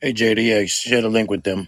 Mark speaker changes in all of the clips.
Speaker 1: Hey, JD, share the link with them.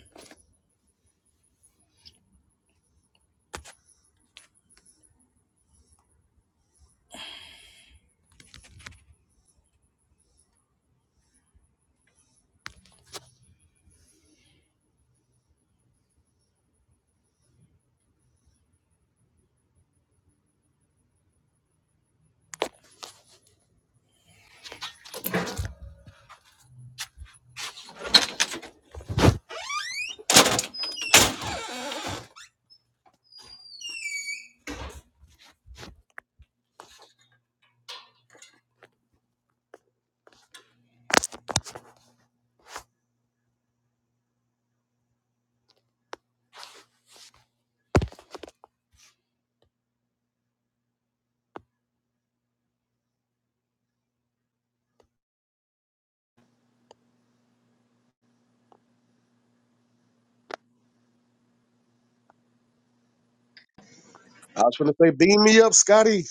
Speaker 2: I was gonna say, beam me up, Scotty.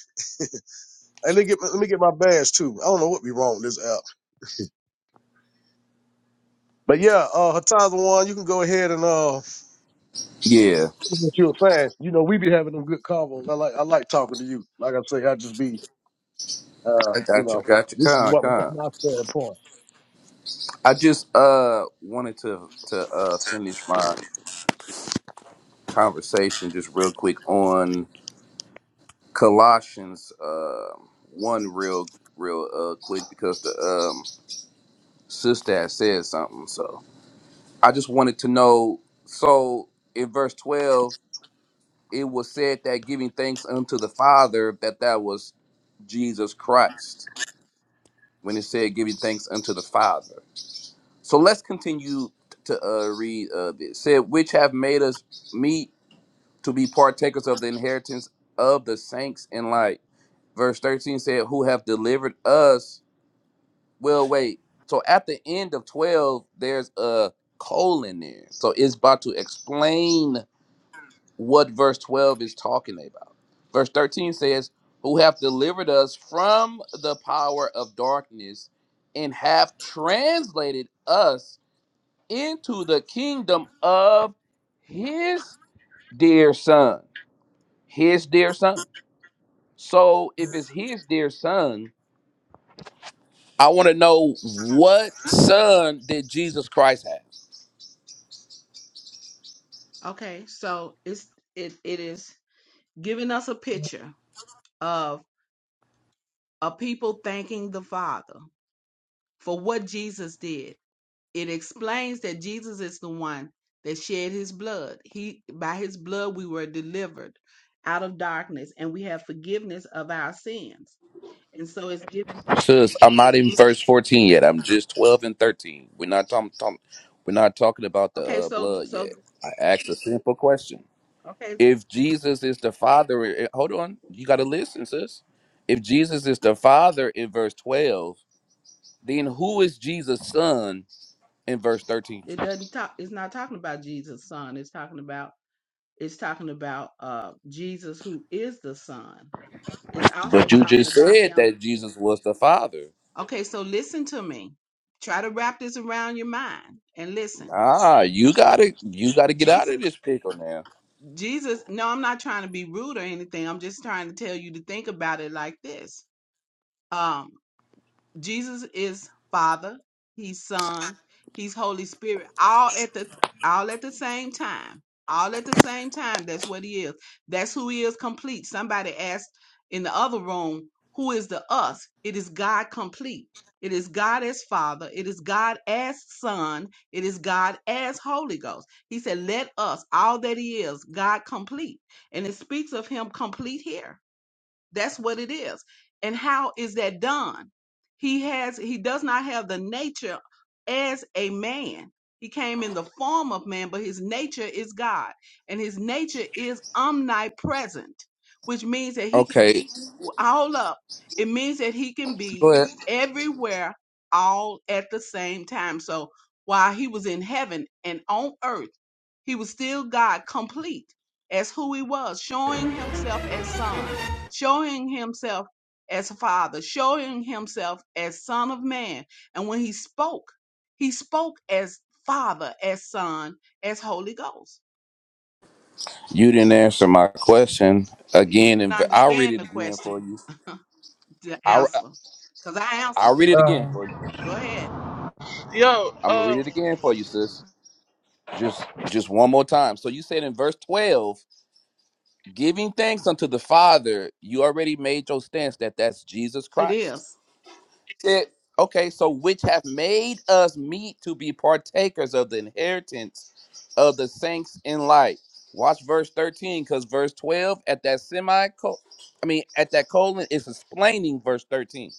Speaker 2: Hey, let me get let me get my badge too. I don't know what be wrong with this app, but yeah, uh, Hataza one, you can go ahead and uh,
Speaker 3: Yeah,
Speaker 2: what you were saying. You know, we be having them good convos. I like I like talking to you. Like I say, I just be uh,
Speaker 3: I
Speaker 2: you
Speaker 3: got you.
Speaker 2: know,
Speaker 3: I got you.
Speaker 2: this is
Speaker 3: Con,
Speaker 2: what this is
Speaker 3: con.
Speaker 2: my standpoint.
Speaker 3: I just uh wanted to to uh finish my conversation just real quick on Colossians uh one real real uh quick because the um sister had said something. So I just wanted to know. So in verse twelve, it was said that giving thanks unto the Father that that was Jesus Christ. When it said giving thanks unto the Father. So let's continue to uh, read uh, this. Said, which have made us meet to be partakers of the inheritance of the saints in light. Verse 13 said, who have delivered us. Well, wait. So at the end of 12, there's a colon there. So it's about to explain what verse 12 is talking about. Verse 13 says, who have delivered us from the power of darkness and have translated us into the kingdom of his dear son. His dear son. So if it's his dear son, I want to know what son did Jesus Christ have?
Speaker 4: Okay, so it's it it is giving us a picture of a people thanking the Father for what Jesus did. It explains that Jesus is the one that shed his blood. He by his blood we were delivered out of darkness and we have forgiveness of our sins. And so it's giving thanks.
Speaker 3: Sis, I'm not in verse 14 yet. I'm just 12 and 13. We're not talking. talking- we're not talking about the
Speaker 4: Okay,
Speaker 3: uh,
Speaker 4: so
Speaker 3: blood
Speaker 4: so
Speaker 3: yet. I asked a simple question.
Speaker 4: okay,
Speaker 3: If Jesus is the Father, eh, eh, hold on, you got to listen, sis. If Jesus is the Father in verse 12, then who is Jesus' son in verse 13.
Speaker 4: it doesn't talk it's not talking about Jesus' son. It's talking about it's talking about uh Jesus who is the son is also
Speaker 3: But you
Speaker 4: talking
Speaker 3: just
Speaker 4: about
Speaker 3: said
Speaker 4: him.
Speaker 3: that Jesus was the Father.
Speaker 4: Okay, so listen to me. Try to wrap this around your mind and listen.
Speaker 3: Ah, you gotta you gotta get out of
Speaker 4: Jesus,
Speaker 3: this pickle now.
Speaker 4: Jesus, no, I'm not trying to be rude or anything. I'm just trying to tell you to think about it like this. Um. Jesus is Father, He's Son, He's Holy Spirit, all at the all at the same time. All at the same time. That's what he is. That's who he is complete. Somebody asked in the other room, who is the us? It is God complete. It is God as Father. It is God as Son. It is God as Holy Ghost. He said, Let us, all that He is, God complete. And it speaks of Him complete here that's what it is. And how is that done? He has he does not have the nature as a man. He came in the form of man, but his nature is God. And his nature is omnipresent, which means that he can
Speaker 3: Okay,
Speaker 4: be all up. It means that he can be
Speaker 3: but
Speaker 4: everywhere all at the same time. So while he was in heaven and on earth, he was still God complete as who he was, showing himself as son showing himself as father, showing himself as son of man. And when he spoke, he spoke as father, as son, as Holy Ghost.
Speaker 3: you didn't answer my question
Speaker 4: You
Speaker 3: again.
Speaker 4: didn't
Speaker 3: And I'll read
Speaker 4: understand
Speaker 3: it
Speaker 4: the
Speaker 3: again
Speaker 4: question,
Speaker 3: for you.
Speaker 4: the
Speaker 3: I'll
Speaker 4: answer, because I
Speaker 3: I'll
Speaker 4: answered it.
Speaker 3: read it again for
Speaker 5: Um,
Speaker 3: you.
Speaker 4: Go ahead.
Speaker 5: yo,
Speaker 3: I'm gonna read
Speaker 5: um,
Speaker 3: it again for you, sis. Just just one more time. So you said in verse 12, giving thanks unto the Father, you already made your stance that that's Jesus
Speaker 4: It
Speaker 3: Christ.
Speaker 4: is
Speaker 3: said, okay, so which have made us meet to be partakers of the inheritance of the saints in light. Watch verse 13, because verse 12 at that semi I mean at that colon is explaining verse 13.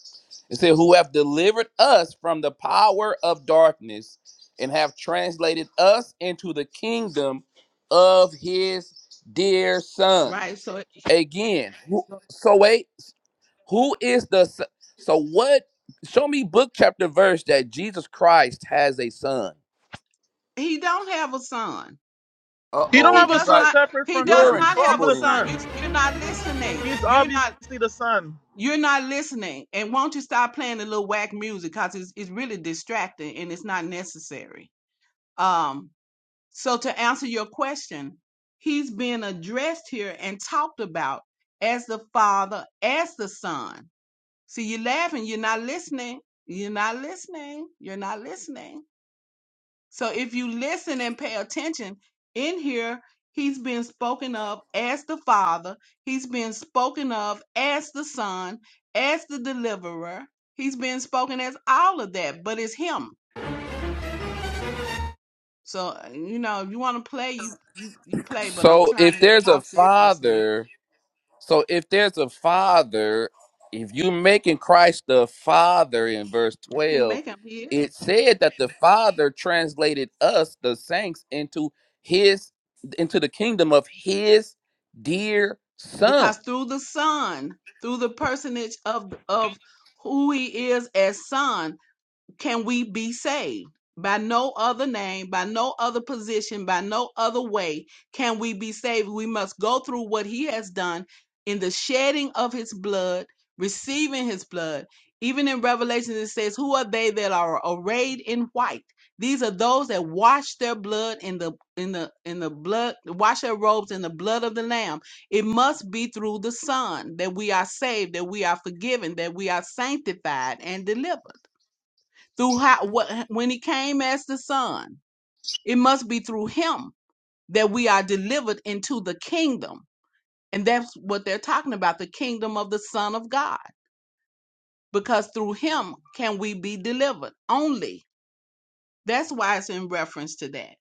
Speaker 3: It said, Who have delivered us from the power of darkness and have translated us into the kingdom of his dear son.
Speaker 4: right. So, it-
Speaker 3: Again, who-
Speaker 4: so
Speaker 3: so wait. Who is the s- so what? Show me book chapter verse that Jesus Christ has a son.
Speaker 4: he don't have a son.
Speaker 3: Uh
Speaker 5: you don't
Speaker 3: oh,
Speaker 4: He
Speaker 5: have a
Speaker 3: you
Speaker 4: does
Speaker 3: got
Speaker 5: son
Speaker 4: not.
Speaker 5: separate
Speaker 4: He
Speaker 5: from
Speaker 4: does
Speaker 3: you're in
Speaker 5: him.
Speaker 4: not have
Speaker 5: He's
Speaker 4: a
Speaker 3: trouble
Speaker 5: the
Speaker 4: son.
Speaker 5: son.
Speaker 4: You
Speaker 3: then.
Speaker 4: you're not listening.
Speaker 5: He's
Speaker 4: You're not.
Speaker 5: obviously the son.
Speaker 4: You're not listening. And won't you stop playing the little whack music because it's, it's really distracting and it's not necessary. Um, so to answer your question, he's being addressed here and talked about as the father, as the son. See, you're laughing, you're not listening. You're not listening. You're not listening. So if you listen and pay attention, in here, he's been spoken of as the Father, He's been spoken of as the Son, as the Deliverer, He's been spoken as all of that, but it's him. So uh, you know, if you want to play, you you you play. But I'm
Speaker 3: So
Speaker 4: trying
Speaker 3: if
Speaker 4: to
Speaker 3: there's a
Speaker 4: talk seriously.
Speaker 3: father, so if there's a father, if you're making Christ the father in verse
Speaker 4: I can't
Speaker 3: 12,
Speaker 4: make him here
Speaker 3: it said that the father translated us, the saints, into his into the kingdom of his dear son.
Speaker 4: because through the Son, through the personage of of who he is as Son, can we be saved? By no other name, by no other position, by no other way can we be saved. We must go through what he has done in the shedding of his blood, receiving his blood. Even in Revelation, it says, Who are they that are arrayed in white? These are those that wash their blood in the in the in the blood, wash their robes in the blood of the Lamb. It must be through the Son that we are saved, that we are forgiven, that we are sanctified and delivered through how what when he came as the son it must be through him that we are delivered into the kingdom and that's what they're talking about the kingdom of the son of god because through him can we be delivered only that's why it's in reference to that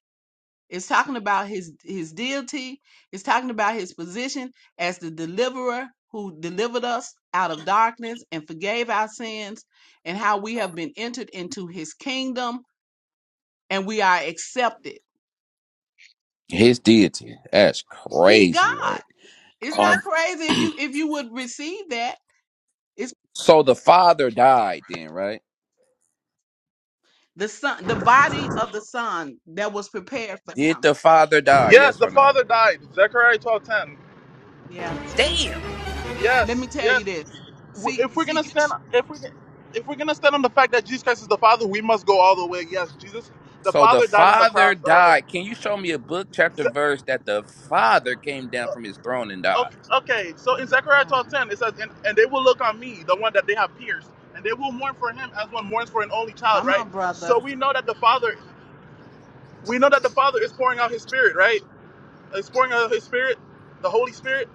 Speaker 4: it's talking about his his deity it's talking about his position as the deliverer who delivered us out of darkness and forgave our sins and how we have been entered into his kingdom and we are accepted
Speaker 3: His deity. That's
Speaker 4: He's
Speaker 3: crazy word.
Speaker 4: God. It's
Speaker 1: Um,
Speaker 4: not crazy if you if you would receive that. It's
Speaker 3: So the father died then, right?
Speaker 4: the son, the body of the son that was prepared for
Speaker 3: Did
Speaker 4: him.
Speaker 3: the father die?
Speaker 5: Yes,
Speaker 3: Yes
Speaker 5: the
Speaker 3: or no?
Speaker 5: father died. Zechariah twelve ten.
Speaker 4: Yeah, yeah. Let me
Speaker 5: Yes,
Speaker 4: tell
Speaker 5: yes.
Speaker 4: you this.
Speaker 5: W-
Speaker 4: See,
Speaker 5: If we're
Speaker 4: see
Speaker 5: gonna
Speaker 4: you.
Speaker 5: stand,
Speaker 4: ch-
Speaker 5: if we if we're gonna stand on the fact that Jesus Christ is the Father, we must go all the way. Yes, Jesus, the
Speaker 3: So the
Speaker 5: Father died on the
Speaker 3: father
Speaker 5: cross. Uh,
Speaker 3: died. Can you show me a book, chapter,
Speaker 5: Ze-
Speaker 3: verse that the father came down
Speaker 5: uh,
Speaker 3: from his throne and died?
Speaker 5: okay, okay, so
Speaker 4: Oh
Speaker 5: in
Speaker 4: my
Speaker 5: Zechariah twelve
Speaker 4: God!
Speaker 5: ten, it says, and, and they will look on me, the one that they have pierced, and they will mourn for him as one mourns for an only child,
Speaker 4: Come
Speaker 5: right?
Speaker 4: on,
Speaker 5: So
Speaker 4: brother.
Speaker 5: we know that the Father we know that the Father is pouring out His Spirit, right? He's pouring out His Spirit, the Holy Spirit,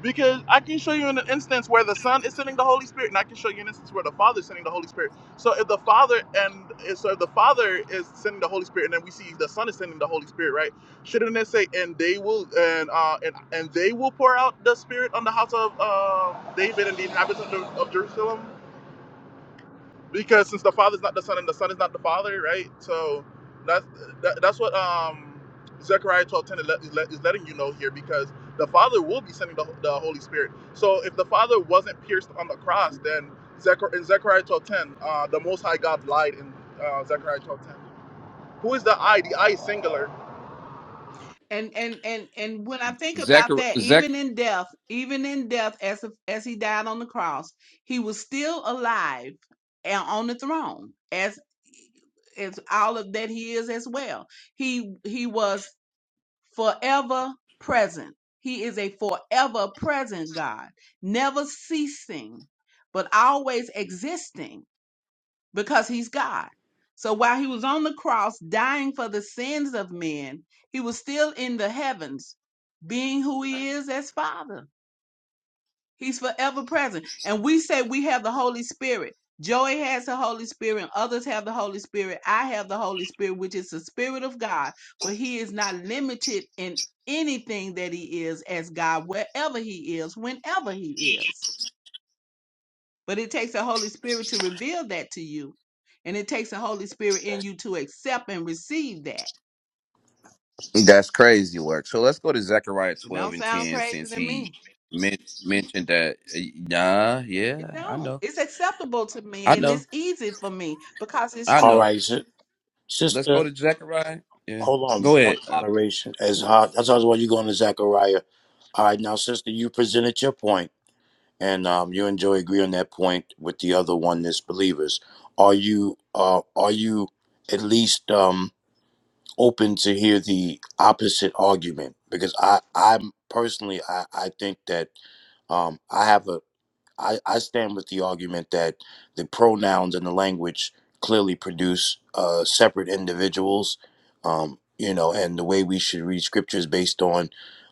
Speaker 5: because I can show you an instance where the Son is sending the Holy Spirit, and I can show you an instance where the Father is sending the Holy Spirit. So if the Father and so if the Father is sending the Holy Spirit, and then we see the Son is sending the Holy Spirit, right? Shouldn't it say, and they will and uh and and they will pour out the Spirit on the house of uh, David and the inhabitants of, of Jerusalem? because since the father's not the son and the son is not the father right so that's that, that's what um zechariah 12 10 is, let, is let- is letting you know here because the father will be sending the, the holy spirit so if the father wasn't pierced on the cross then Zechar- in zechariah 12 10, uh, the most high god lied in uh, zechariah 12 10. who is the i the i is singular
Speaker 4: And and and and when I think about
Speaker 3: Zechariah.
Speaker 4: that,
Speaker 3: Zech-
Speaker 4: even in death, even in death, as as he died on the cross, he was still alive and on the throne as as all of that he is as well. He he was. forever present. He is a forever present God, never ceasing, but always existing because he's God. So while he was on the cross dying for the sins of men, he was still in the heavens being who he is as Father. He's forever present. And we say we have the Holy Spirit. Joey has the Holy Spirit, and others have the Holy Spirit. I have the Holy Spirit, which is the Spirit of God, but He is not limited in anything that He is as God, wherever He is, whenever He is. But it takes the Holy Spirit to reveal that to you, and it takes the Holy Spirit in you to accept and receive that.
Speaker 3: That's crazy work. So let's go to Zechariah
Speaker 4: It
Speaker 3: 12
Speaker 4: don't
Speaker 3: and
Speaker 4: sound
Speaker 3: 10
Speaker 4: crazy
Speaker 3: since
Speaker 4: to
Speaker 3: he
Speaker 4: me.
Speaker 3: men- mentioned that. uh, Nah,
Speaker 4: It
Speaker 3: yeah, I
Speaker 4: don't.
Speaker 3: know.
Speaker 4: It's acceptable to
Speaker 3: I
Speaker 4: me, and
Speaker 3: know.
Speaker 4: it's easy for me because it's
Speaker 3: I
Speaker 1: all
Speaker 4: true.
Speaker 3: know.
Speaker 1: right, si-
Speaker 3: Let's go
Speaker 1: sister,
Speaker 3: to Zechariah. Yeah.
Speaker 1: hold on.
Speaker 3: Go ahead.
Speaker 1: Point of
Speaker 3: Uh,
Speaker 1: moderation. As hard, that's always why you going to Zachariah. All right, now, sister, you presented your point, and um, you and Joey agree on that point with the other oneness believers. Are you uh, are you at least um, open to hear the opposite argument? Because I I'm personally I I think that um, I have a I, I stand with the argument that the pronouns and the language clearly produce uh, separate individuals, um, you know, and the way we should read scripture is based on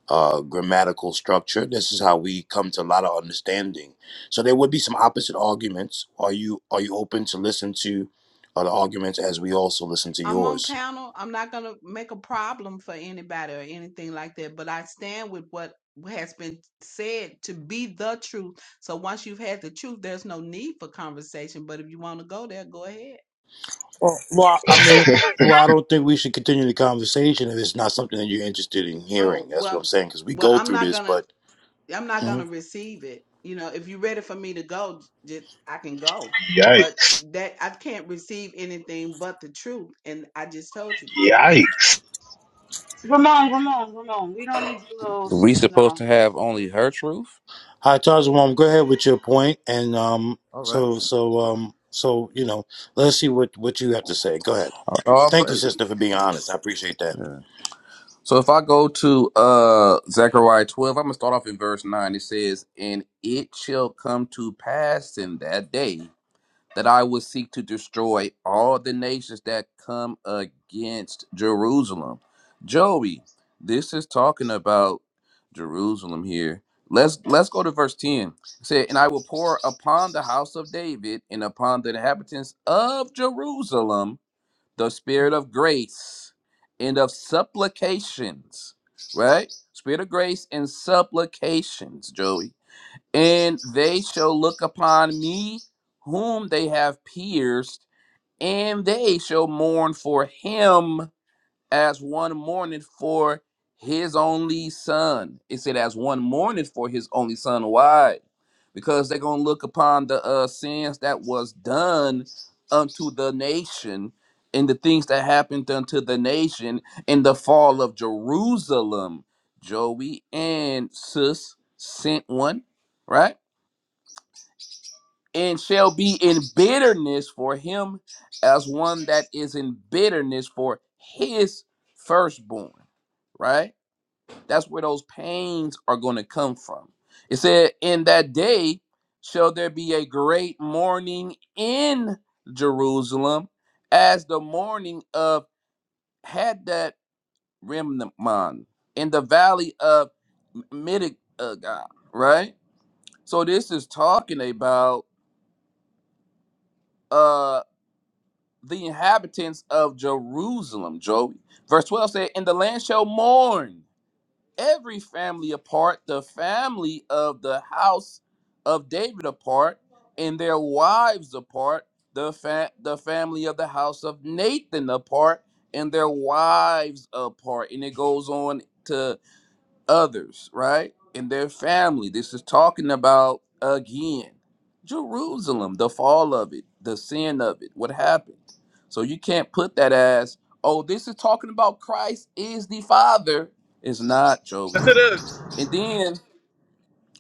Speaker 1: uh, grammatical structure. This is how we come to a lot of understanding. So there would be some opposite arguments. Are you are you open to listen to uh, the arguments as we also listen to
Speaker 4: I'm on
Speaker 1: yours?
Speaker 4: panel. I'm not going to make a problem for anybody or anything like that, but I stand with what has been said to be the truth. So once you've had the truth, there's no need for conversation, but if you want to go there, go ahead.
Speaker 1: Well, well, I mean, well, I don't think we should continue the conversation if it's not something that you're interested in
Speaker 4: Oh,
Speaker 1: hearing. That's what
Speaker 4: well,
Speaker 1: I'm saying because we
Speaker 4: well,
Speaker 1: go
Speaker 4: I'm
Speaker 1: through
Speaker 4: not
Speaker 1: this,
Speaker 4: going to
Speaker 1: but.
Speaker 4: I'm not going to receive it. You know, if you're ready for me to go, j- I can go. But
Speaker 6: Yikes.
Speaker 4: that I can't receive anything but the truth, and I just told you the truth.
Speaker 6: Yikes.
Speaker 7: Ramon, Ramon, Ramon. We don't need to little,
Speaker 3: we
Speaker 7: you
Speaker 3: supposed
Speaker 7: know.
Speaker 3: to have only her truth?
Speaker 1: Hi, Tazawam. Go ahead with your point, and um,
Speaker 3: All right.
Speaker 1: so so um, so you know, let's see what what you have to say. Go ahead.
Speaker 3: All
Speaker 1: Thank you,
Speaker 3: praises.
Speaker 1: sister, for being honest. I appreciate that.
Speaker 3: Yeah. So if I go to uh Zechariah 12, I'm gonna start off in verse 9. It says, And it shall come to pass in that day that I will seek to destroy all the nations that come against Jerusalem. Joey, this is talking about Jerusalem here. Let's let's go to verse 10. It said, And I will pour upon the house of David and upon the inhabitants of Jerusalem the spirit of grace and of supplications, right? Spirit of grace and supplications, Joey. And they shall look upon me whom they have pierced, and they shall mourn for him as one mourning for his only son. It said, as one mourning for his only son. Why? Because they're gonna look upon the uh, sins that was done unto the nation, and the things that happened unto the nation in the fall of Jerusalem. Joey and Sis sent one, right? And shall be in bitterness for him as one that is in bitterness for his firstborn right? That's where those pains are going to come from. It said, In that day shall there be a great mourning in Jerusalem, as the mourning of Hadad Remnant in the valley of Midigah, right? So this is talking about uh the inhabitants of Jerusalem, Joey. Verse 12 said, And the land shall mourn every family apart, the family of the house of David apart, and their wives apart, the fa- the family of the house of Nathan apart, and their wives apart. And it goes on to others, right? And their family. This is talking about again Jerusalem, the fall of it, the sin of it, what happened. So you can't put that as, oh, this is talking about Christ is the Father. It's not, Joey
Speaker 5: yes it is
Speaker 3: and then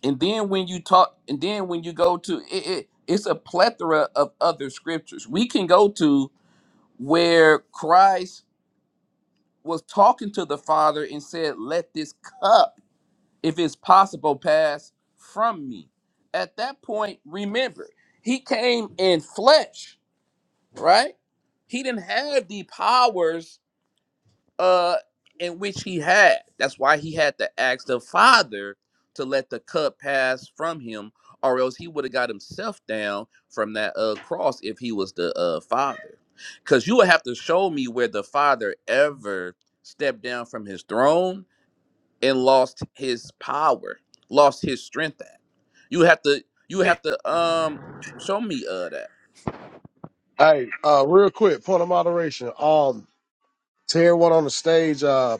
Speaker 3: and then when you talk and then when you go to it, it it's a plethora of other scriptures we can go to where christ was talking to the father and said let this cup if it's possible pass from me at that point remember he came in flesh right he didn't have the powers uh in which he had that's why he had to ask the father to let the cup pass from him or else he would have got himself down from that uh cross if he was the uh father because you would have to show me where the father ever stepped down from his throne and lost his power lost his strength at you have to you
Speaker 5: Hey,
Speaker 3: have to um show me uh that
Speaker 2: Hey, uh, real quick, point of moderation. Um, to everyone on the stage, uh,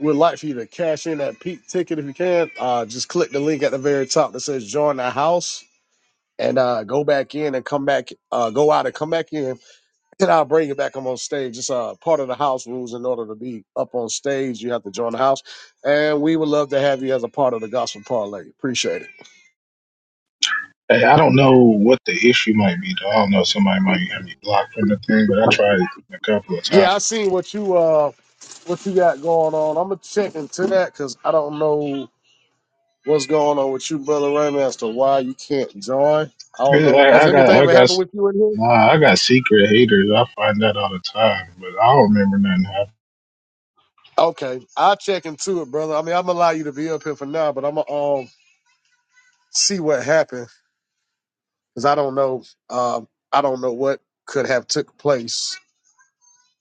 Speaker 2: we'd like for you to cash in that peak ticket if you can. Uh, just click the link at the very top that says join the house and uh go back in and come back. Uh, go out and come back in And I'll bring it back. I'm on stage. It's uh, part of the house rules. In order to be up on stage, you have to join the house. And we would love to have you as a part of the gospel parlay. Appreciate it.
Speaker 6: Hey, I don't know what the issue might be, though. I don't know. Somebody might have me blocked from the thing, but I tried a couple of times.
Speaker 2: Yeah, I seen what you uh what you got going on. I'm gonna check into that because I don't know what's going on with you, brother Raymond, as to why you can't join. I
Speaker 6: I,
Speaker 2: don't know. Has
Speaker 6: I got,
Speaker 2: anything
Speaker 6: I
Speaker 2: ever
Speaker 6: got,
Speaker 2: happened with you in here?
Speaker 6: nah, I got secret haters. I find that all the time, but I don't remember nothing happening.
Speaker 2: Okay, I'll check into it, brother. I mean, I'm gonna allow you to be up here for now, but I'm gonna um see what happened because I don't know. Um, I don't know what could have took place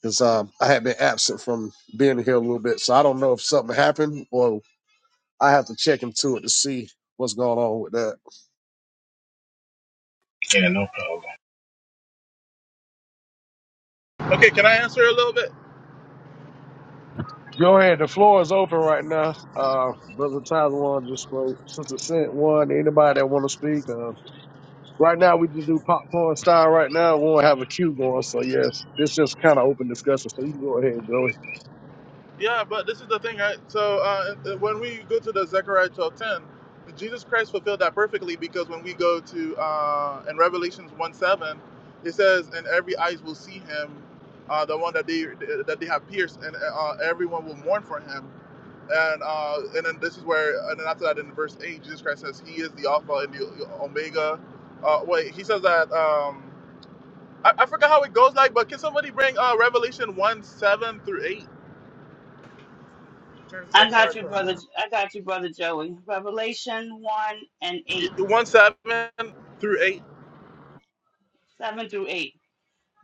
Speaker 2: because um, I had been absent from being here a little bit. So I don't know if something happened or I have to check into it to see what's going on with that.
Speaker 6: Yeah, no problem.
Speaker 5: okay can i answer a little bit
Speaker 2: Go ahead. The floor is open right now. Uh, Brother Tyler one just spoke. Sister Sent one. Anybody that want to speak? Uh, right now we just do popcorn style. Right now we won't have a queue going. So yes, it's just kind of open discussion. So you can go ahead, Joey.
Speaker 5: Yeah, but this is the thing, right? So uh, when we go to the Zechariah 12:10, Jesus Christ fulfilled that perfectly because when we go to uh, in Revelations one seven, it says, "And every eyes will see him, uh, the one that they that they have pierced, and uh, everyone will mourn for him." And uh, and then this is where, and then after that, in verse 8, Jesus Christ says, "He is the Alpha and the Omega." Uh, wait, he says that. Um, I, I forgot how it goes like, but can somebody bring uh, Revelation one seven through 8? Turns to
Speaker 7: I
Speaker 5: Zechariah
Speaker 7: got you, brother. I got you, brother Joey. Revelation 1 and
Speaker 5: Y-
Speaker 7: 8,
Speaker 5: One seven through eight.
Speaker 7: 7 through 8.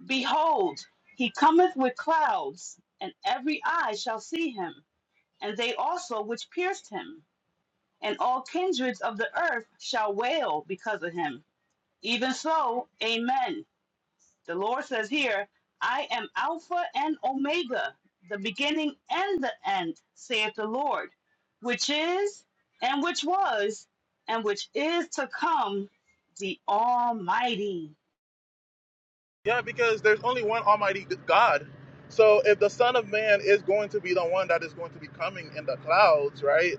Speaker 7: Behold, he cometh with clouds, and every eye shall see him, and they also which pierced him, and all kindreds of the earth shall wail because of him. Even so, amen. The Lord says here, I am Alpha and Omega, the beginning and the end, saith the Lord, which is, and which was, and which is to come, the Almighty.
Speaker 5: Yeah, because there's only one Almighty God. So if the Son of Man is going to be the one that is going to be coming in the clouds, right?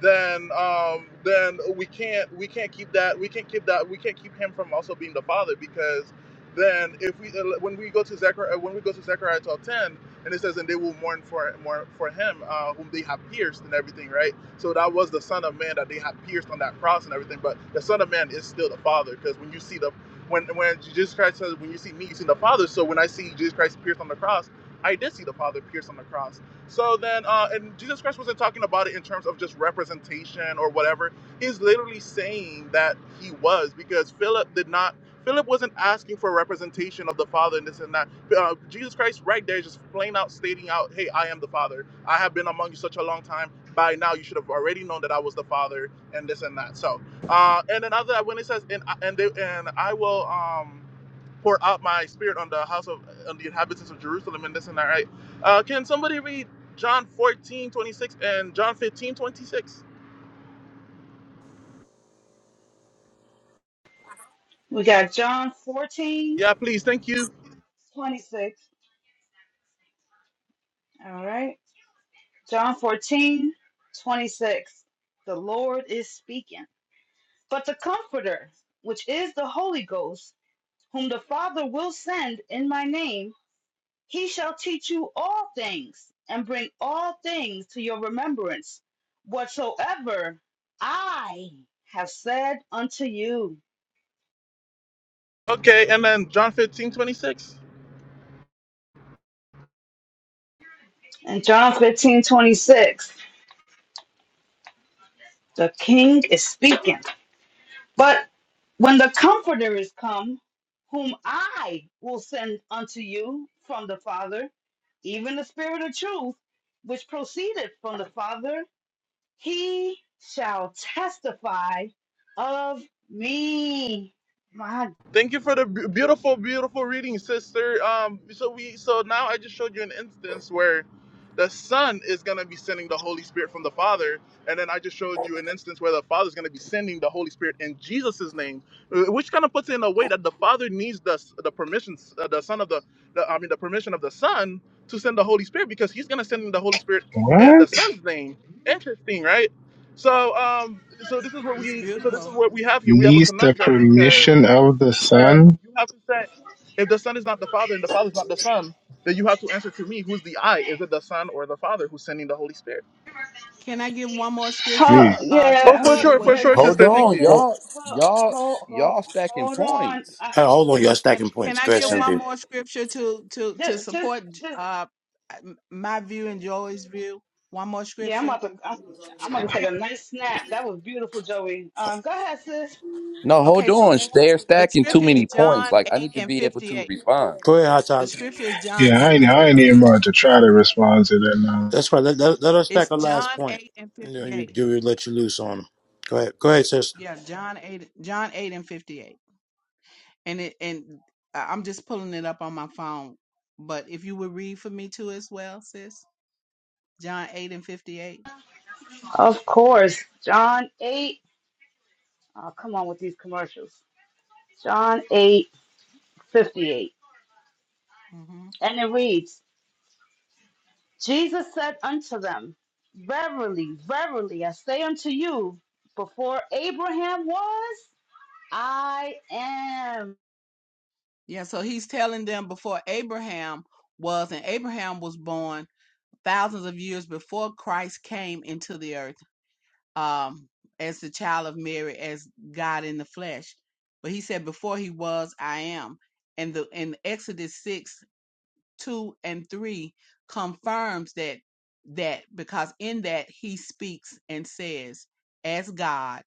Speaker 5: Then, um, then we can't we can't keep that we can't keep that we can't keep him from also being the Father because then if we uh, when we go to Zechariah when we go to Zechariah 12:10 and it says and they will mourn for mourn for him uh, whom they have pierced and everything, right? So that was the Son of Man that they have pierced on that cross and everything. But the Son of Man is still the Father because when you see the when when Jesus Christ says, "When you see me, you see the Father." So when I see Jesus Christ pierced on the cross, I did see the Father pierced on the cross. So then, uh, and Jesus Christ wasn't talking about it in terms of just representation or whatever. He's literally saying that he was because Philip did not. Philip wasn't asking for representation of the Father and this and that. Uh, Jesus Christ, right there, is just plain out stating out, "Hey, I am the Father. I have been among you such a long time. By now, you should have already known that I was the Father and this and that." So. Uh, and another when it says, "and I- and they, and I will um, pour out my spirit on the house of on the inhabitants of Jerusalem," and this and that, right? Uh, can somebody read John 14 26 and John fifteen twenty six
Speaker 7: We got John 14
Speaker 5: Yeah, please. Thank you.
Speaker 7: 26. All right. John 14 26. The Lord is speaking. But the Comforter, which is the Holy Ghost, whom the Father will send in my name, He shall teach you all things and bring all things to your remembrance, whatsoever I have said unto you.
Speaker 5: Okay, and then John 15 26.
Speaker 7: In John 15 26, the king is speaking. But when the Comforter is come, whom I will send unto you from the Father, even the Spirit of truth, which proceedeth from the Father, He shall testify of me. My
Speaker 5: Thank you for the b- beautiful, beautiful reading, sister. Um, so we, so now I just showed you an instance where the Son is gonna be sending the Holy Spirit from the Father, and then I just showed you an instance where the Father is gonna be sending the Holy Spirit in Jesus' name, uh, which kind of puts it in a way that the Father needs the the permission, uh, the Son of the, the, I mean, the permission of the Son to send the Holy Spirit because He's gonna send the Holy Spirit in the
Speaker 6: What?
Speaker 5: Son's name. Interesting, right? So, um, so this is what
Speaker 4: It's
Speaker 5: we, so this is
Speaker 4: beautiful.
Speaker 5: what we have here. We have a
Speaker 6: Needs the
Speaker 5: conundrum because
Speaker 6: permission of the
Speaker 5: then
Speaker 6: son?
Speaker 5: you have to say, if the Son is not the Father and the Father is not the Son, then you have to answer to me, who's the I? Is it the Son or the Father who's sending the Holy Spirit?
Speaker 4: Can I give one more scripture
Speaker 7: God.
Speaker 6: Gee.
Speaker 4: co- uh, to
Speaker 7: Yeah,
Speaker 5: Oh, for
Speaker 7: her,
Speaker 4: prove
Speaker 5: sure,
Speaker 4: what
Speaker 5: for
Speaker 4: he
Speaker 7: yeah,
Speaker 5: sure,
Speaker 4: just
Speaker 7: that,
Speaker 3: Hold
Speaker 5: sister.
Speaker 4: said?
Speaker 5: Thank
Speaker 3: on,
Speaker 5: you.
Speaker 7: just
Speaker 1: Hold,
Speaker 3: y'all,
Speaker 7: hold,
Speaker 3: y'all,
Speaker 7: hold, hold,
Speaker 3: y'all stacking
Speaker 7: on.
Speaker 3: points.
Speaker 7: I,
Speaker 1: hey, hold on, y'all
Speaker 4: Can
Speaker 1: stacking
Speaker 4: Can
Speaker 1: points.
Speaker 4: I
Speaker 1: Go ahead,
Speaker 4: give
Speaker 7: yeah,
Speaker 4: one
Speaker 1: Cynthia.
Speaker 4: more scripture to to to
Speaker 7: just, just,
Speaker 4: support
Speaker 7: just,
Speaker 4: uh m- my view and Joey's view? One more
Speaker 7: yeah, I'm
Speaker 4: scripture.
Speaker 7: about to, I'm, I'm about to take a nice snap. That was beautiful, Joey. Um, go ahead, sis.
Speaker 3: No, hold
Speaker 4: Okay, so
Speaker 3: on.
Speaker 4: that
Speaker 3: They're
Speaker 4: the
Speaker 3: stacking too
Speaker 4: scripture is
Speaker 3: many points.
Speaker 4: John
Speaker 3: Like I
Speaker 4: eight
Speaker 3: need to
Speaker 4: and
Speaker 3: be able
Speaker 4: fifty
Speaker 3: to
Speaker 4: eight.
Speaker 3: respond.
Speaker 1: Go ahead, Hot
Speaker 4: The
Speaker 1: Taz.
Speaker 4: scripture is John
Speaker 6: Yeah, I
Speaker 4: eight
Speaker 6: ain't,
Speaker 4: and
Speaker 6: I ain't
Speaker 4: fifty
Speaker 6: even
Speaker 4: eight.
Speaker 6: about to try to respond to that now.
Speaker 1: That's right. Let, let, let us
Speaker 4: It's
Speaker 1: stack a last
Speaker 4: John
Speaker 1: point.
Speaker 4: eight and
Speaker 1: You know,
Speaker 4: fifty
Speaker 1: you,
Speaker 4: eight.
Speaker 1: you you let you loose on them. Go ahead. Go ahead, sister.
Speaker 4: Yeah, John eight John eight and fifty eight. And it and I- I'm just pulling it up on my phone. But if you would read for me too as well, sis. John 8 and 58.
Speaker 7: Of course, John 8. Oh, come on with these commercials. John eight fifty eight,
Speaker 4: hmm
Speaker 7: And it reads, Jesus said unto them, Verily, verily, I say unto you, before Abraham was, I am.
Speaker 4: Yeah, so he's telling them before Abraham was, and Abraham was born thousands of years before Christ came into the earth um, as the child of Mary, as God in the flesh. But he said, Before he was, I am. And the in Exodus 6 2 and 3 confirms that that because in that he speaks and says as god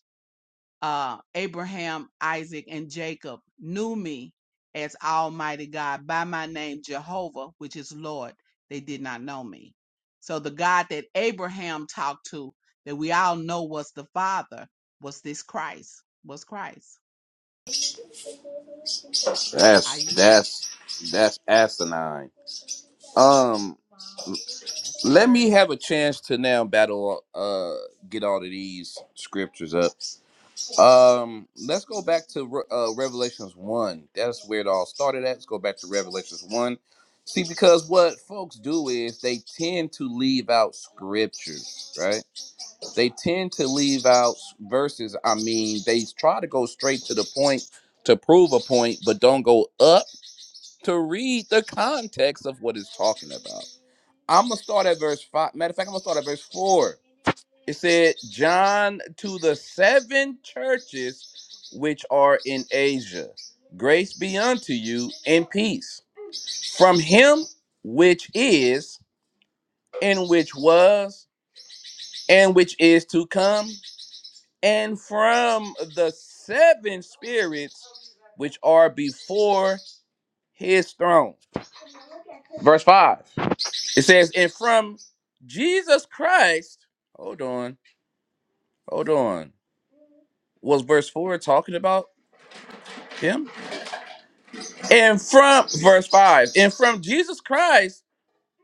Speaker 4: uh abraham isaac and jacob knew me as almighty god by my name jehovah which is lord they did not know me so the god that abraham talked to that we all know was the father was this christ was christ i
Speaker 3: That's
Speaker 4: yield
Speaker 3: that's that's asinine. Um,
Speaker 4: that's the
Speaker 3: let me
Speaker 4: word
Speaker 3: have a chance to now battle. Uh, get all of these scriptures up. Um, let's go back to uh, Revelations one. That's where it all started at. Let's go back to Revelations one. See, because what folks do is they tend to leave out scriptures, right? They tend to leave out verses. I mean, they try to go straight to the point to prove a point, but don't go up to read the context of what it's talking about. I'm gonna start at verse five. Matter of fact, I'm gonna start at verse four. It said, John to the seven churches which are in Asia. Grace be unto you and peace from him which is, and which was, and which is to come, and from the seven spirits which are before his throne. Verse 5. It says, And from Jesus Christ, hold on, hold on. Was verse 4 talking about him? And from verse five, and from Jesus Christ,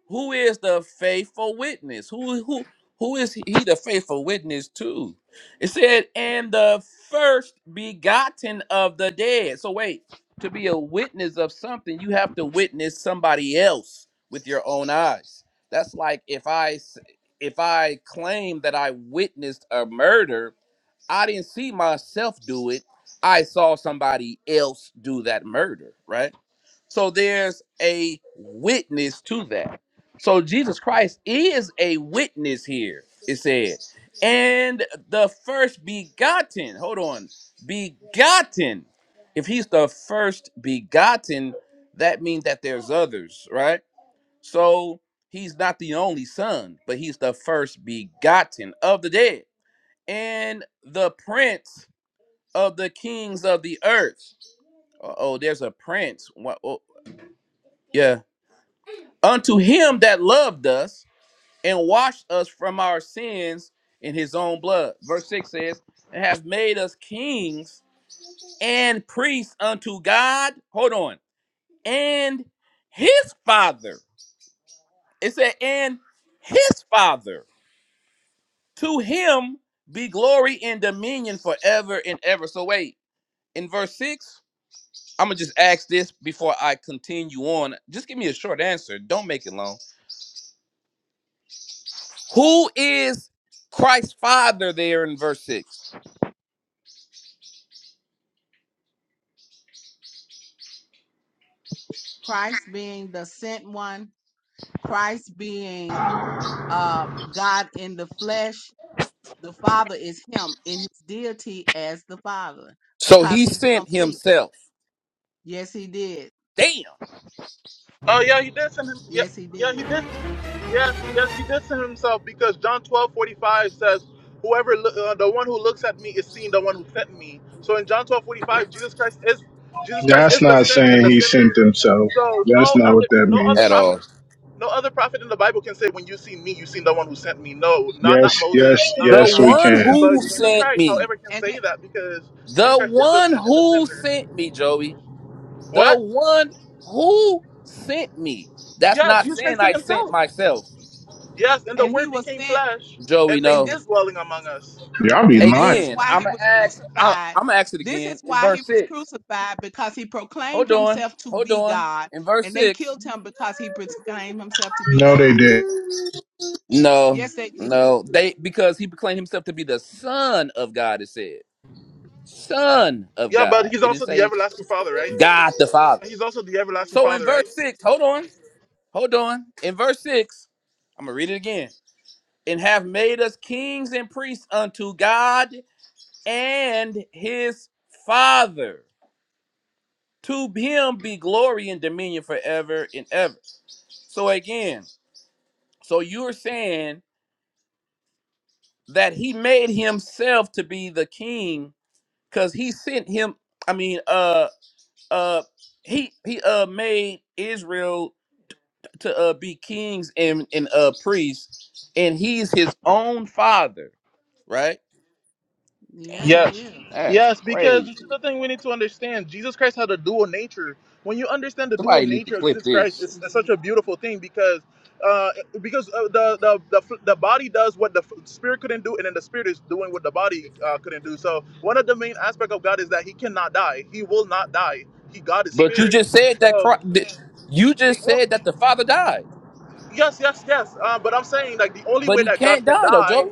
Speaker 3: who is the faithful witness? Who who who is he the faithful witness to? It said, and the first begotten of the dead. So wait, to be a witness of something, you have to witness somebody else with your own eyes. That's like if I s- if I claim that I witnessed a murder, I didn't see myself do it. I saw somebody else do that murder, right? So there's a witness to that. So Jesus Christ is a witness here, it said. And the first begotten, hold on, begotten. If he's the first begotten, that means that there's others, right? So he's not the only son, but he's the first begotten of the dead and the prince of the kings of the earth. Uh Oh, there's a prince. What? Oh, yeah. unto him that loved us and washed us from our sins in his own blood. Verse 6 says, and have made us kings and priests unto God. Hold on. And his father. It said, and his father. To him be glory and dominion forever and ever. So wait, in verse 6, I'm going to just ask this before I continue on. Just give me a short answer. Don't make it long Who is Christ's father there in verse 6?
Speaker 4: christ being the sent one christ being um, God in the flesh, the Father is Him in His deity as the Father
Speaker 3: So
Speaker 4: because
Speaker 3: he
Speaker 4: He's
Speaker 3: sent
Speaker 4: complete.
Speaker 3: himself.
Speaker 4: Yes, He did.
Speaker 3: Damn.
Speaker 5: Oh yeah, he did send him. Yeah,
Speaker 4: Yes, He
Speaker 5: yeah, he
Speaker 4: did.
Speaker 5: did. Yes, yes, he did send himself because John twelve forty five says, "Whoever lo- uh, the one who looks at me is seeing the one who sent me." So in John twelve forty five, Jesus Christ is Jesus Christ
Speaker 6: That's
Speaker 5: is the
Speaker 6: not
Speaker 5: sent and
Speaker 6: saying
Speaker 5: the
Speaker 6: he sent
Speaker 5: sender.
Speaker 6: himself.
Speaker 5: So
Speaker 6: That's
Speaker 5: no
Speaker 6: not
Speaker 5: other
Speaker 6: what that
Speaker 5: no other
Speaker 6: means.
Speaker 3: at all.
Speaker 5: prophet no other prophet in the Bible can say, "When you see me, you seen the one who sent me." No, not not
Speaker 6: Yes,
Speaker 5: Moses,
Speaker 6: yes,
Speaker 5: none of the
Speaker 3: The
Speaker 6: yes, we
Speaker 5: prophets,
Speaker 3: one
Speaker 6: can.
Speaker 3: who
Speaker 5: but Jesus
Speaker 3: sent
Speaker 5: Christ,
Speaker 3: me.
Speaker 5: however, can
Speaker 4: And
Speaker 5: say
Speaker 4: th-
Speaker 5: that because
Speaker 3: The
Speaker 5: Jesus Christ is the
Speaker 3: one
Speaker 5: sent and the
Speaker 3: who
Speaker 5: sender.
Speaker 3: sent me, Joey. The
Speaker 5: What?
Speaker 3: one who sent me. That's
Speaker 5: Yes,
Speaker 3: not
Speaker 5: Jesus
Speaker 3: saying
Speaker 5: Christ sent
Speaker 3: I sent
Speaker 5: himself.
Speaker 3: myself,
Speaker 5: Yes, and the
Speaker 4: and He
Speaker 5: Word
Speaker 4: was
Speaker 5: became
Speaker 4: sent,
Speaker 5: flesh
Speaker 3: Joey.
Speaker 5: and made
Speaker 4: and
Speaker 3: No.
Speaker 5: His
Speaker 4: this
Speaker 5: dwelling among us.
Speaker 6: Y'all be
Speaker 4: and this
Speaker 6: lying.
Speaker 4: is
Speaker 3: Again,
Speaker 4: why
Speaker 3: I'm
Speaker 4: He
Speaker 3: gonna
Speaker 4: was
Speaker 3: ask. I'm
Speaker 4: crucified.
Speaker 3: gonna ask it
Speaker 4: This is
Speaker 3: again in
Speaker 4: why He
Speaker 3: verse
Speaker 4: was
Speaker 3: six.
Speaker 4: crucified because He proclaimed
Speaker 3: Hold on.
Speaker 4: Himself to
Speaker 3: Hold
Speaker 4: be
Speaker 3: on.
Speaker 4: God,
Speaker 3: In verse
Speaker 4: and they
Speaker 3: six.
Speaker 4: killed Him because He proclaimed Himself to be
Speaker 6: No, they
Speaker 4: God.
Speaker 6: did.
Speaker 3: No.
Speaker 4: Yes, they did.
Speaker 3: No. They because he proclaimed himself to be the son of God. It said. Son of
Speaker 5: Yeah, but
Speaker 3: God.
Speaker 5: he's
Speaker 3: It didn't
Speaker 5: also the
Speaker 3: say
Speaker 5: everlasting father, right?
Speaker 3: God the Father.
Speaker 5: He's also the everlasting
Speaker 3: So in
Speaker 5: father, right?
Speaker 3: verse 6, hold on, hold on. In verse 6, I'm going to read it again. And have made us kings and priests unto God and his Father. To him be glory and dominion forever and ever. So again, so you're saying that he made himself to be the king because he sent him, I mean, uh, uh, he he uh made Israel to uh, be kings and and uh, priests, and he's his own father, right?
Speaker 4: Yeah,
Speaker 3: Damn,
Speaker 4: He
Speaker 5: Yes.
Speaker 4: is.
Speaker 3: that's
Speaker 5: Yes, because
Speaker 3: crazy.
Speaker 5: this is the thing we need to understand. Jesus Christ had a dual nature. When you understand the dual
Speaker 3: Somebody need to
Speaker 5: nature of
Speaker 3: clip
Speaker 5: Jesus Christ,
Speaker 3: this.
Speaker 5: it's,
Speaker 4: Yes,
Speaker 5: it's
Speaker 4: he
Speaker 5: such a
Speaker 4: did.
Speaker 5: beautiful thing because uh, because uh, the, the the f- the body does what the f- spirit couldn't do, and then the spirit is doing what the body uh, couldn't do. So one of the main aspect of God is that He cannot die. He will not die. He God is
Speaker 3: But you
Speaker 5: spirit.
Speaker 3: just said that
Speaker 5: So
Speaker 3: Christ, you
Speaker 5: the
Speaker 3: just
Speaker 5: o-
Speaker 3: said that the father died,
Speaker 5: yes, yes, yes. Uh, but I'm saying like the only
Speaker 3: but
Speaker 5: way
Speaker 3: he
Speaker 5: that
Speaker 3: can't
Speaker 5: God can
Speaker 3: die though,
Speaker 5: die
Speaker 3: Joey.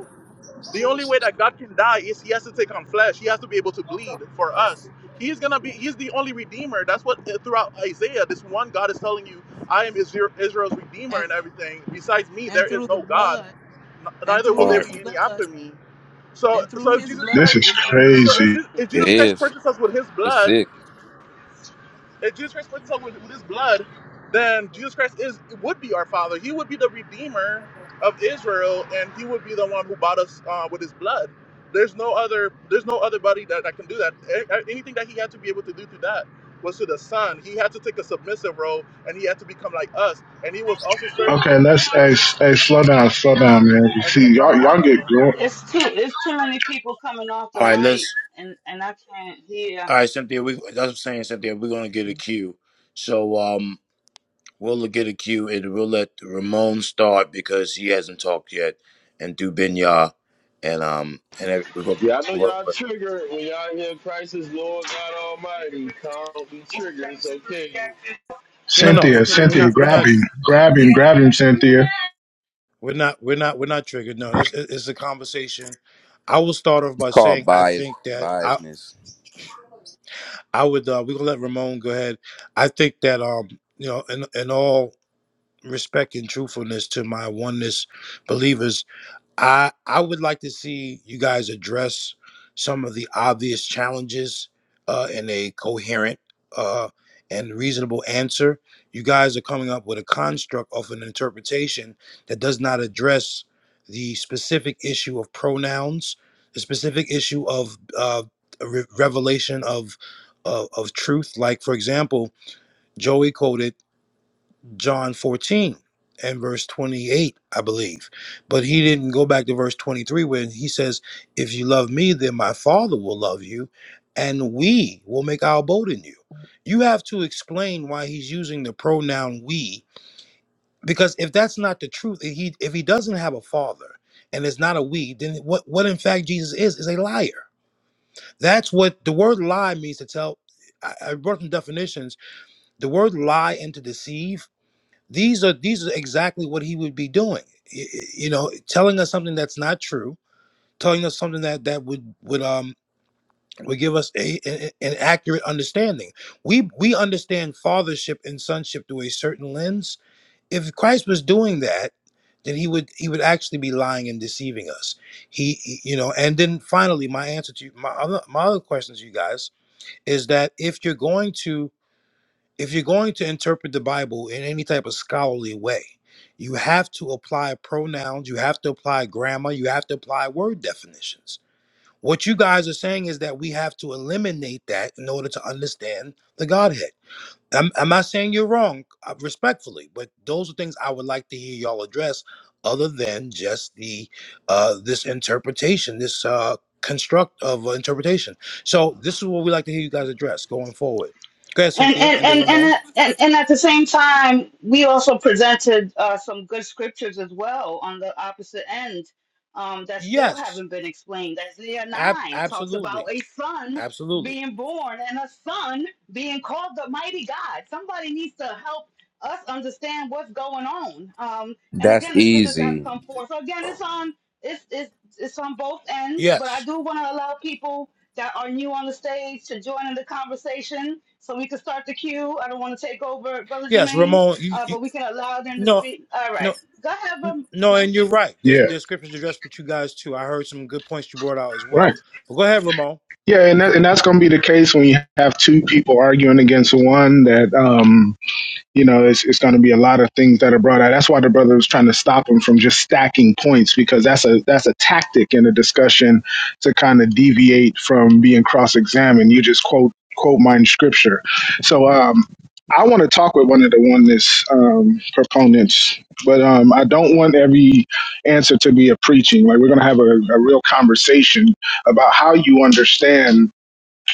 Speaker 5: The only way that God can die is he has to take on flesh. He has to be able to bleed for us. He's gonna be. He's the only redeemer. That's what uh, throughout Isaiah, this one God is telling you, "I am Israel's redeemer and
Speaker 4: And
Speaker 5: everything. Besides me, there
Speaker 4: and
Speaker 5: is
Speaker 4: through the
Speaker 5: no God.
Speaker 4: blood, and
Speaker 5: Neither
Speaker 4: through
Speaker 5: will
Speaker 1: All
Speaker 5: there
Speaker 1: right.
Speaker 4: His
Speaker 5: be any
Speaker 4: blood.
Speaker 5: after me." So,
Speaker 4: And through
Speaker 5: so if
Speaker 4: his
Speaker 5: Jesus
Speaker 4: blood
Speaker 6: This
Speaker 5: Christ,
Speaker 6: is
Speaker 4: is remission
Speaker 5: so
Speaker 4: of
Speaker 5: if,
Speaker 6: crazy.
Speaker 4: sin.
Speaker 5: if
Speaker 3: It
Speaker 5: Jesus Christ
Speaker 3: is.
Speaker 5: purchased us with His
Speaker 3: It's
Speaker 5: blood
Speaker 3: sick.
Speaker 5: if Jesus Christ puts us up with, with his blood, then Jesus Christ is would be our Father. He would be the Redeemer of Israel, and He would be the one who bought us uh, with His blood. There's no other. There's no other body that, that can do that. A- a- Anything that He had to be able to do through that was to the Son. He had to take a submissive role, and He had to become like us. And He was also serving an
Speaker 6: Okay, let's
Speaker 5: example
Speaker 6: hey, s- hey slow down, slow down, man. You
Speaker 5: as an
Speaker 6: see, y'all
Speaker 5: example
Speaker 6: y'all
Speaker 5: unto
Speaker 6: get
Speaker 5: us.
Speaker 6: going.
Speaker 7: It's too it's too many people coming off the
Speaker 1: All right. Let's.
Speaker 7: mic and and I can't hear.
Speaker 1: All right, Cynthia. We that's what I'm saying, Cynthia. We're gonna get a cue. So um, We'll get a cue and we'll let Ramon start because he hasn't talked yet, and do Binya, and um, and every- we're going.
Speaker 8: Yeah, I know
Speaker 1: We're
Speaker 8: y'all
Speaker 1: going
Speaker 8: triggered when y'all hear Christ is Lord God Almighty. Don't be triggered. It's okay.
Speaker 1: no, no,
Speaker 8: Shalom
Speaker 6: Cynthia,
Speaker 1: we're
Speaker 8: to the room.
Speaker 1: we're
Speaker 6: Cynthia,
Speaker 1: not. We're
Speaker 6: grab
Speaker 1: not.
Speaker 6: him, grab him, grab him, Cynthia.
Speaker 1: We're not. We're not. We're not triggered. No, it's it's it's a conversation. I will start off
Speaker 3: It's
Speaker 1: by
Speaker 3: called
Speaker 1: saying I
Speaker 3: bias
Speaker 1: think that I
Speaker 3: biasness.
Speaker 1: I would uh, we're gonna let Ramon go ahead. I think that um you know in in all respect and truthfulness to my oneness believers I I would like to see you guys address some of the obvious challenges uh, in a coherent uh, and reasonable answer. You guys are coming up with a construct of an interpretation that does not address the specific issue of pronouns, the specific issue of uh, re- revelation of, of of truth. Like for example, Joey quoted. John 14 and verse 28, I believe. But he didn't go back to verse 23 when he says, If you love me, then my Father will love you, and we will make our abode in you. You have to explain why he's using the pronoun we, because if that's not the truth, if he, if he doesn't have a father and it's not a we, then what, what in fact Jesus is, is a liar. That's what the word lie means to tell. I, I wrote some definitions. The word lie and to deceive these are these are exactly what he would be doing. Y- y- You know, telling us something that's not true, telling us something that that would would um would give us a, a- an accurate understanding. We we understand fathership and sonship through a certain lens. If Christ was doing that, then he would he would actually be lying and deceiving us. He, he- you know, and then finally, my answer to you, my other my other question to you guys is that if you're going to if you're going to interpret the Bible in any type of scholarly way, you have to apply pronouns, you have to apply grammar, you have to apply word definitions. What you guys are saying is that we have to eliminate that in order to understand the Godhead. I'm, I'm not saying you're wrong, uh, respectfully, but those are things I would like to hear y'all address, other than just the uh, this interpretation, this uh, construct of uh, interpretation. So this is what we like to hear you guys address going forward. Go ahead,
Speaker 7: and
Speaker 1: Cynthia,
Speaker 7: and
Speaker 1: and then
Speaker 7: and
Speaker 1: Ramon.
Speaker 7: and, and, and at the same time, we also presented uh, some good scriptures as well on the opposite end um, that still
Speaker 1: Yes,
Speaker 7: haven't been explained. Isaiah
Speaker 1: ab-
Speaker 7: nine talks about
Speaker 1: absolutely,
Speaker 7: a son
Speaker 1: absolutely.
Speaker 7: being born and a son being called the mighty God. Somebody needs to help us understand what's going on. Um, and
Speaker 3: That's
Speaker 7: again, the scriptures have
Speaker 3: easy.
Speaker 7: come forth. So again, it's on it's it's it's on both ends, but I
Speaker 1: Yes,
Speaker 7: do want to allow people that are new on the stage to join in the conversation so we can start the queue. I don't want to take over, Brother
Speaker 1: yes,
Speaker 7: Jermaine,
Speaker 1: Ramon. You,
Speaker 7: uh,
Speaker 1: you,
Speaker 7: but we can allow them to
Speaker 1: no,
Speaker 7: speak. All right.
Speaker 1: no,
Speaker 7: Go ahead,
Speaker 1: n-
Speaker 7: um,
Speaker 1: no.
Speaker 7: no.
Speaker 1: And you're right. There's
Speaker 6: Yeah,
Speaker 1: there's scriptures addressed with you guys too. I heard some good points you brought out as well.
Speaker 6: right.
Speaker 1: But go ahead, Ramon.
Speaker 6: Yeah, and that, and that's gonna be the case when you have two people arguing against one that um you know, it's, it's going to be a lot of things that are brought out. That's why the brother was trying to stop him from just stacking points because that's a that's a tactic in a discussion to kind of deviate from being cross examined. You just quote quote mine scripture. So um, I want to talk with one of the oneness um, proponents, but um, I don't want every answer to be a preaching. Like we're going to have a, a real conversation about how you understand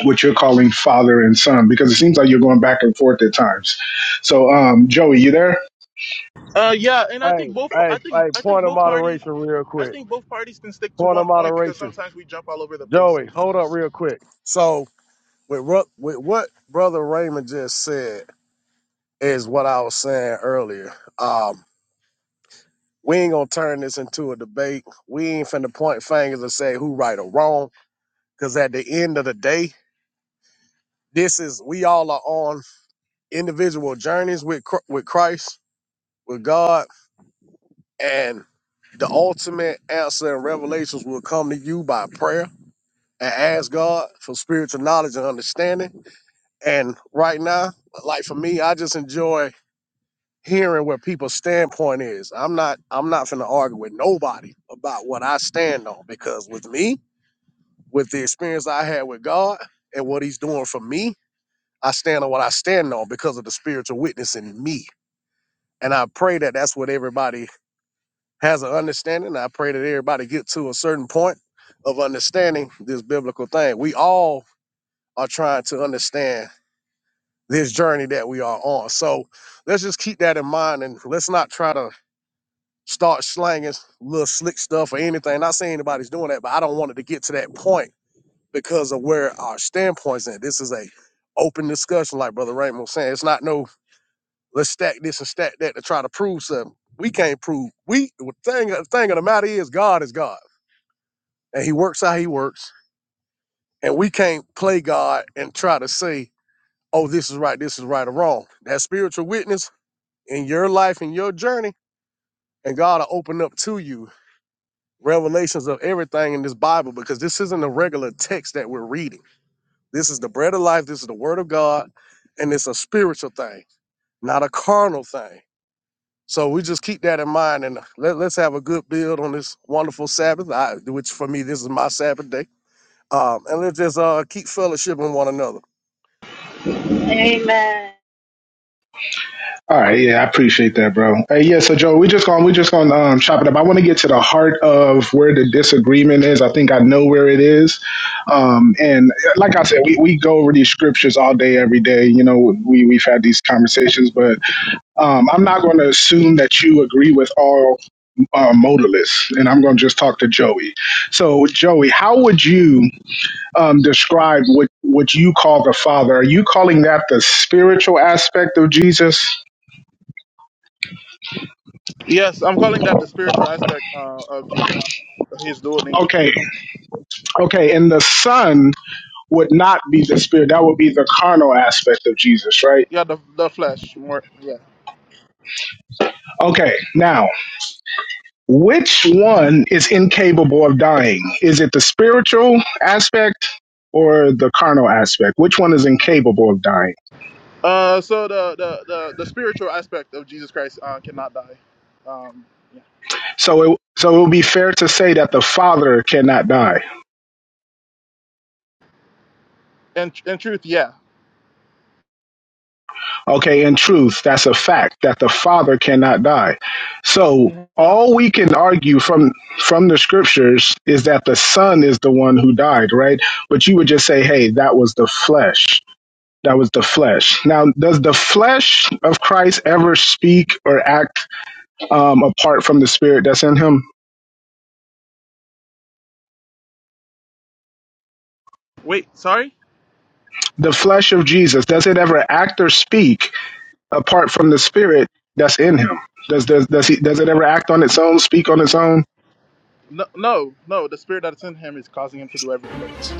Speaker 6: what you're calling father and son because it seems like you're going back and forth at times. So, um, Joey, you there?
Speaker 5: Uh, yeah, and I
Speaker 2: Hey,
Speaker 5: think both.
Speaker 2: hey,
Speaker 5: I think
Speaker 2: hey.
Speaker 5: I think
Speaker 2: Point of
Speaker 5: both parties.
Speaker 2: moderation, real
Speaker 5: I
Speaker 2: quick.
Speaker 5: think both parties can stick to
Speaker 2: Point of
Speaker 5: one point because
Speaker 2: moderation,
Speaker 5: sometimes we jump all over the place.
Speaker 2: Joey. Hold up,
Speaker 5: Sometimes.
Speaker 2: real quick. So. with what with what brother Raymond just said is what I was saying earlier. Um, we ain't gonna turn this into a debate. We ain't finna point fingers and say who right or wrong. Cause at the end of the day, this is we all are on individual journeys with Chr- with Christ, with God, and the ultimate answer and revelations will come to you by prayer and ask God for spiritual knowledge and understanding. And right now, like for me, I just enjoy hearing what people's standpoint is. I'm not I'm not finna argue with nobody about what I stand on because with me, with the experience I had with God and what he's doing for me, I stand on what I stand on because of the spiritual witness in me. And I pray that that's what everybody has an understanding. I pray that everybody get to a certain point of understanding this biblical thing. We all are trying to understand this journey that we are on. So let's just keep that in mind and let's not try to start slanging little slick stuff or anything. Not saying anybody's doing that, but I don't want it to get to that point because of where our standpoints at. This is a open discussion, like Brother Raymond was saying. It's not no let's stack this and stack that to try to prove something. We can't prove. We the thing the thing of the matter is God is God. And he works how he works. And we can't play God and try to say, oh, this is right, this is right or wrong. That spiritual witness in your life and your journey, and God will open up to you revelations of everything in this Bible because this isn't a regular text that we're reading. This is the bread of life, this is the word of God, and it's a spiritual thing, not a carnal thing. So we just keep that in mind and let, let's have a good build on this wonderful Sabbath, I, which for me, this is my Sabbath day. Um, and let's just uh, keep fellowshipping one another.
Speaker 7: Amen.
Speaker 6: All right, yeah, I appreciate that, bro. Hey, yeah, so Joey, we just going we just going to um, chop it up. I want to get to the heart of where the disagreement is. I think I know where it is. Um, and uh, like I said, we, we go over these scriptures all day, every day. You know, we we've had these conversations, but um, I'm not going to assume that you agree with all uh, modalists, and I'm going to just talk to Joey. So, Joey, how would you? um, describe what what you call the Father. Are you calling that the spiritual aspect of Jesus?
Speaker 5: Yes, I'm calling that the spiritual aspect uh, of Jesus, his dual nature.
Speaker 6: Okay, okay, and the Son would not be the spirit. That would be the carnal aspect of Jesus, right?
Speaker 5: Yeah, the, the flesh more. Yeah.
Speaker 6: Okay, now which one is incapable of dying? Is it the spiritual aspect or the carnal aspect? Which one is incapable of dying?
Speaker 5: Uh, so the, the the the spiritual aspect of Jesus Christ uh, cannot die. Um,
Speaker 6: So it so it would be fair to say that the Father cannot die.
Speaker 5: yeah. In in truth, yeah.
Speaker 6: Okay, in truth, that's a fact that the Father cannot die. So
Speaker 5: Mhm.
Speaker 6: all we can argue from from the scriptures is that the Son is the one who died, right? But you would just say, hey, that was the flesh. That was the flesh. Now, does the flesh of Christ ever speak or act um, apart from the Spirit that's in him?
Speaker 5: Wait, sorry?
Speaker 6: The flesh of Jesus, does it ever act or speak apart from the Spirit that's in him? Does, does, does, he, does it ever act on its own, speak on its own?
Speaker 5: No, no, no. The spirit that's in him is causing him to do everything that he's doing.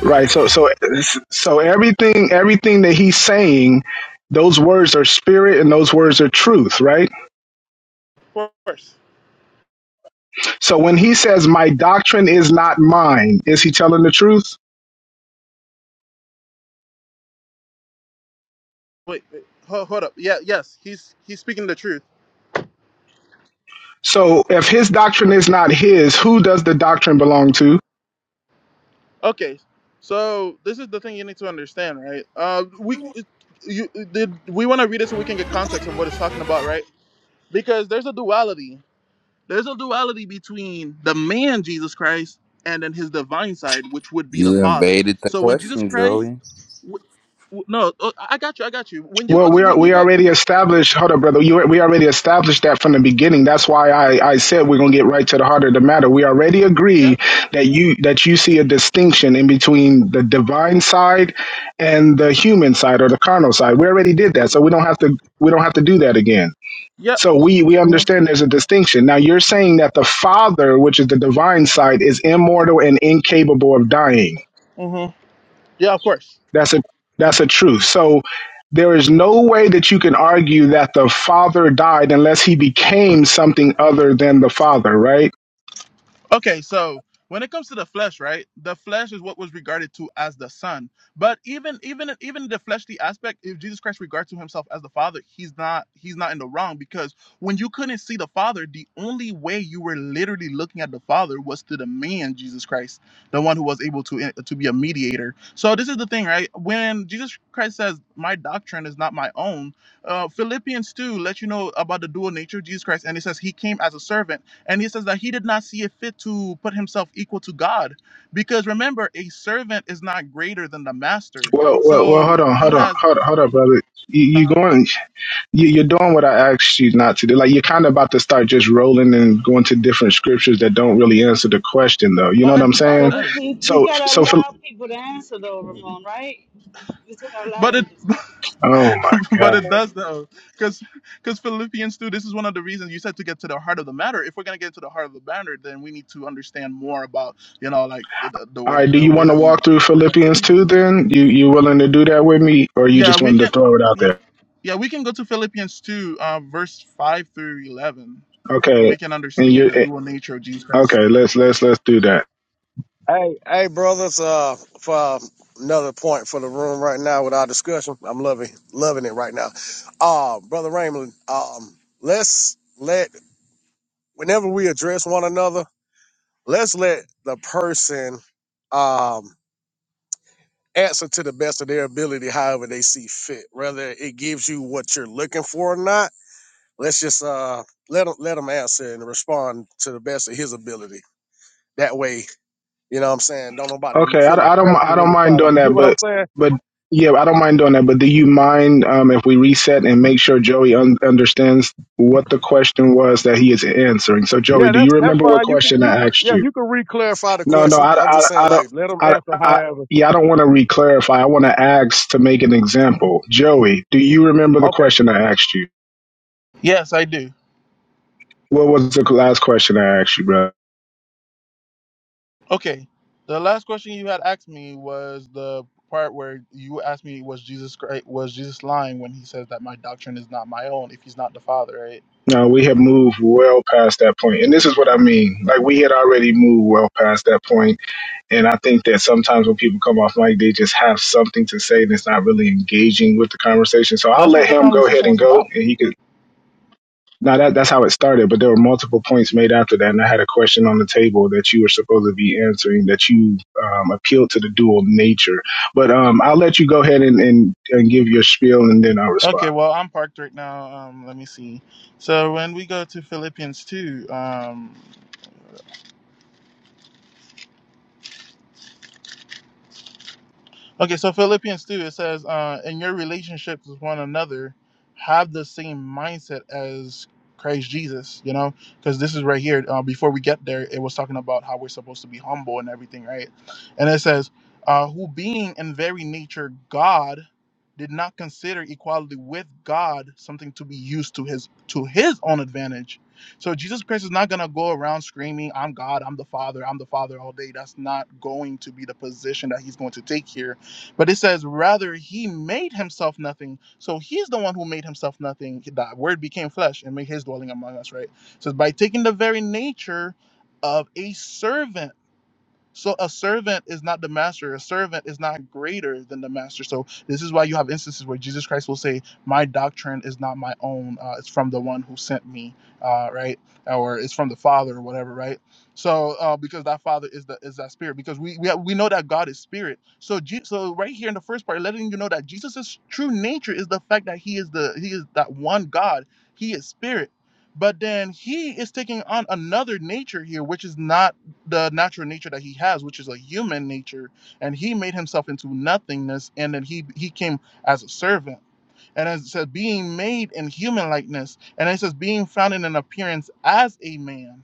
Speaker 6: Right. So so so everything everything that he's saying, those words are spirit and those words are truth, right?
Speaker 5: Of course.
Speaker 6: So when he says my doctrine is not mine, is he telling the truth?
Speaker 5: Wait, wait. Hold, hold up. Yeah, yes. He's he's speaking the truth.
Speaker 6: So if his doctrine is not his, who does the doctrine belong to?
Speaker 5: Okay, so this is the thing you need to understand, right? Uh, we it- you did we want to read it so we can get context of what it's talking about, right? Because there's a duality. There's a duality between the man Jesus Christ and then his divine side, which would be the
Speaker 3: You
Speaker 5: Father.
Speaker 3: invaded the
Speaker 5: So when Jesus
Speaker 3: question,
Speaker 5: Christ,
Speaker 3: Joey.
Speaker 5: w- w- no, oh, I I got you, I got you. When you
Speaker 6: Well,
Speaker 5: go to
Speaker 6: we are
Speaker 5: when
Speaker 6: we
Speaker 5: you go,
Speaker 6: already established. Hold up, brother. You, we already established that from the beginning. That's why I, I said we're gonna get right to the heart of the matter. We already
Speaker 5: yeah,
Speaker 6: agree that you that you see a distinction in between the divine side and the human side or the carnal side. We already did that, so we don't have to we don't have to do that again.
Speaker 5: yeah,
Speaker 6: So we we understand there's a distinction. Now you're saying that the Father, which is the divine side, is immortal and incapable of dying.
Speaker 5: mm-hmm. yeah, of course.
Speaker 6: That's a that's a truth. So there is no way that you can argue that the father died unless he became something other than the father, right?
Speaker 5: Okay, so when it comes to the flesh, right? The flesh is what was regarded to as the son. But even even even the fleshly aspect, if Jesus Christ regards to himself as the Father, he's not he's not in the wrong because when you couldn't see the Father, the only way you were literally looking at the Father was to the man Jesus Christ, the one who was able to eh, to be a mediator. So this is the thing, right? When Jesus Christ says, "My doctrine is not my own," uh, Philippians two let you know about the dual nature of Jesus Christ, and it says he came as a servant and he says that he did not see it fit to put himself equal to God. Because remember, a servant is not greater than the master.
Speaker 6: Well, well, well
Speaker 5: So
Speaker 6: hold on,
Speaker 5: he
Speaker 6: hold on,
Speaker 5: has.
Speaker 6: hold on, hold on, brother. You, you
Speaker 5: uh
Speaker 6: going? You, you're doing what I asked you not to do. Like you're kind of about to start just rolling and going to different scriptures that don't really answer the question, though. You know
Speaker 5: Oh,
Speaker 6: what
Speaker 5: it,
Speaker 6: I'm
Speaker 5: oh, it
Speaker 7: But
Speaker 6: saying?
Speaker 7: we,
Speaker 5: does.
Speaker 7: we, we
Speaker 6: So,
Speaker 7: got to
Speaker 6: so for
Speaker 7: allow people to answer, though, Ramon, right? We, we still got to allow
Speaker 5: But it,
Speaker 7: them to.
Speaker 6: oh my
Speaker 7: Yeah.
Speaker 5: but
Speaker 6: god!
Speaker 5: it does though, because because Philippians two. This is one of the reasons you said to get to the heart of the matter. If we're gonna get to the heart of the matter, then we need to understand more about you know like the, the the
Speaker 6: All
Speaker 5: way
Speaker 6: right, do
Speaker 5: the
Speaker 6: you
Speaker 5: way
Speaker 6: want to
Speaker 5: that we.
Speaker 6: walk through Philippians two? Then you you willing to do that with me, or you
Speaker 5: Yeah,
Speaker 6: just
Speaker 5: we
Speaker 6: wanted to
Speaker 5: can.
Speaker 6: throw it out there?
Speaker 5: yeah, Yeah, we can go to Philippians 2, uh, verse 5 through 11, and
Speaker 6: Okay,
Speaker 5: we can
Speaker 6: and
Speaker 5: understand
Speaker 6: you
Speaker 5: the
Speaker 6: eh,
Speaker 5: dual nature of Jesus Christ.
Speaker 6: okay? Let's let's let's do that.
Speaker 2: Hey, hey, brothers, uh, for uh, another point for the room right now with our discussion, I'm loving loving it right now. Uh, Brother Raymond, um, let's let whenever we address one another, let's let the person um, answer to the best of their ability, however they see fit. Whether it gives you what you're looking for or not, let's just uh, let them let them answer and respond to the best of his ability. That way, you know what I'm saying. Don't nobody be
Speaker 6: Okay,
Speaker 2: feeling
Speaker 6: I, I don't
Speaker 2: pressured
Speaker 6: I don't
Speaker 2: into try
Speaker 6: mind
Speaker 2: to.
Speaker 6: doing
Speaker 2: You get
Speaker 6: that,
Speaker 2: what I'm
Speaker 6: but
Speaker 2: saying?
Speaker 6: but yeah, I don't mind doing that. But do you mind um, if we reset and make sure Joey un- understands what the question was that he is answering? So Joey,
Speaker 2: Yeah,
Speaker 6: do you
Speaker 2: that's that's
Speaker 6: remember what
Speaker 2: fine. You could
Speaker 6: question
Speaker 2: you
Speaker 6: I
Speaker 2: could
Speaker 6: asked
Speaker 2: yeah
Speaker 6: you?
Speaker 2: you could re-clarify the
Speaker 6: No, no,
Speaker 2: question.
Speaker 6: I
Speaker 2: I'm
Speaker 6: I,
Speaker 2: just saying
Speaker 6: I don't
Speaker 2: like let them
Speaker 6: I.
Speaker 2: answer
Speaker 6: I
Speaker 2: however.
Speaker 6: yeah, I don't want to re-clarify. I want to ask to make an example. Joey, do you remember the
Speaker 2: Okay.
Speaker 6: question I asked you?
Speaker 5: Yes, I do.
Speaker 6: What was the last question I asked you, bro?
Speaker 5: Okay. The last question you had asked me was the part where you asked me was Jesus Christ was Jesus lying when he says that my doctrine is not my own if he's not the Father, right?
Speaker 6: No, we have moved well past that point. And this is what I mean. Like we had already moved well past that point. And I think that sometimes when people come off mic, they just have something to say that's not really engaging with the conversation. So I'll
Speaker 5: That's
Speaker 6: let
Speaker 5: what the
Speaker 6: him go ahead
Speaker 5: conversation
Speaker 6: and
Speaker 5: was
Speaker 6: go
Speaker 5: about.
Speaker 6: and he could now that that's how it started, but there were multiple points made after that, and I had a question on the table that you were supposed to be answering that you um, appealed to the dual nature. But um, I'll let you go ahead and, and, and give your spiel, and then I'll respond.
Speaker 5: Okay, well, I'm parked right now. Um, let me see. So when we go to Philippians 2, um, Okay, so Philippians 2, it says, uh, in your relationships with one another, have the same mindset as Christ Jesus, you know? Because this is right here. Uh, before we get there, it was talking about how we're supposed to be humble and everything, right? And it says, uh, who being in very nature God, did not consider equality with God something to be used to his to his own advantage. So Jesus Christ is not gonna go around screaming, "I'm God, I'm the Father, I'm the Father" all day. That's not going to be the position that he's going to take here but it says, rather, he made himself nothing. So he's the one who made himself nothing. That word became flesh and made his dwelling among us, right? So by taking the very nature of a servant so a servant is not the master. A servant is not greater than the master. So this is why you have instances where Jesus Christ will say, "My doctrine is not my own. Uh, it's from the one who sent me, uh, right? Or it's from the Father, or whatever, right? So uh, because that Father is the is that Spirit. Because we we, have, we know that God is Spirit. So Je- so right here in the first part, letting you know that Jesus' true nature is the fact that he is the he is that one God. He is Spirit. But then he is taking on another nature here, which is not the natural nature that he has, which is a human nature, and he made himself into nothingness, and then he he came as a servant. And as it says, being made in human likeness, and it says being found in an appearance as a man.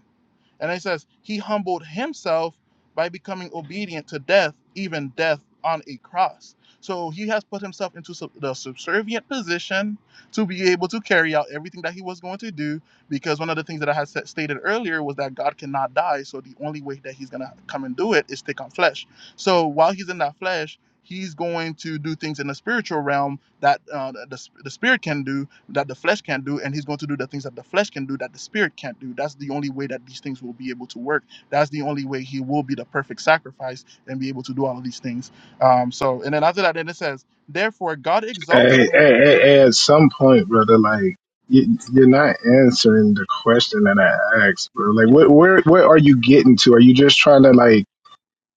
Speaker 5: And it says, He humbled himself by becoming obedient to death, even death on a cross. So he has put himself into sub- the subservient position to be able to carry out everything that he was going to do. Because one of the things that I had sa- stated earlier was that God cannot die. So the only way that he's going to come and do it is take on flesh. So while he's in that flesh, he's going to do things in the spiritual realm that uh, the, the spirit can do that the flesh can't do and he's going to do the things that the flesh can do that the spirit can't do that's the only way that these things will be able to work that's the only way he will be the perfect sacrifice and be able to do all of these things um so and then after that then it says therefore god
Speaker 6: Hey,
Speaker 5: exalted
Speaker 6: hey,
Speaker 5: him
Speaker 6: hey, hey, hey, at some point, brother, like you, you're not answering the question that I asked, bro. Like, what, where, where are you getting to? Are you just trying to like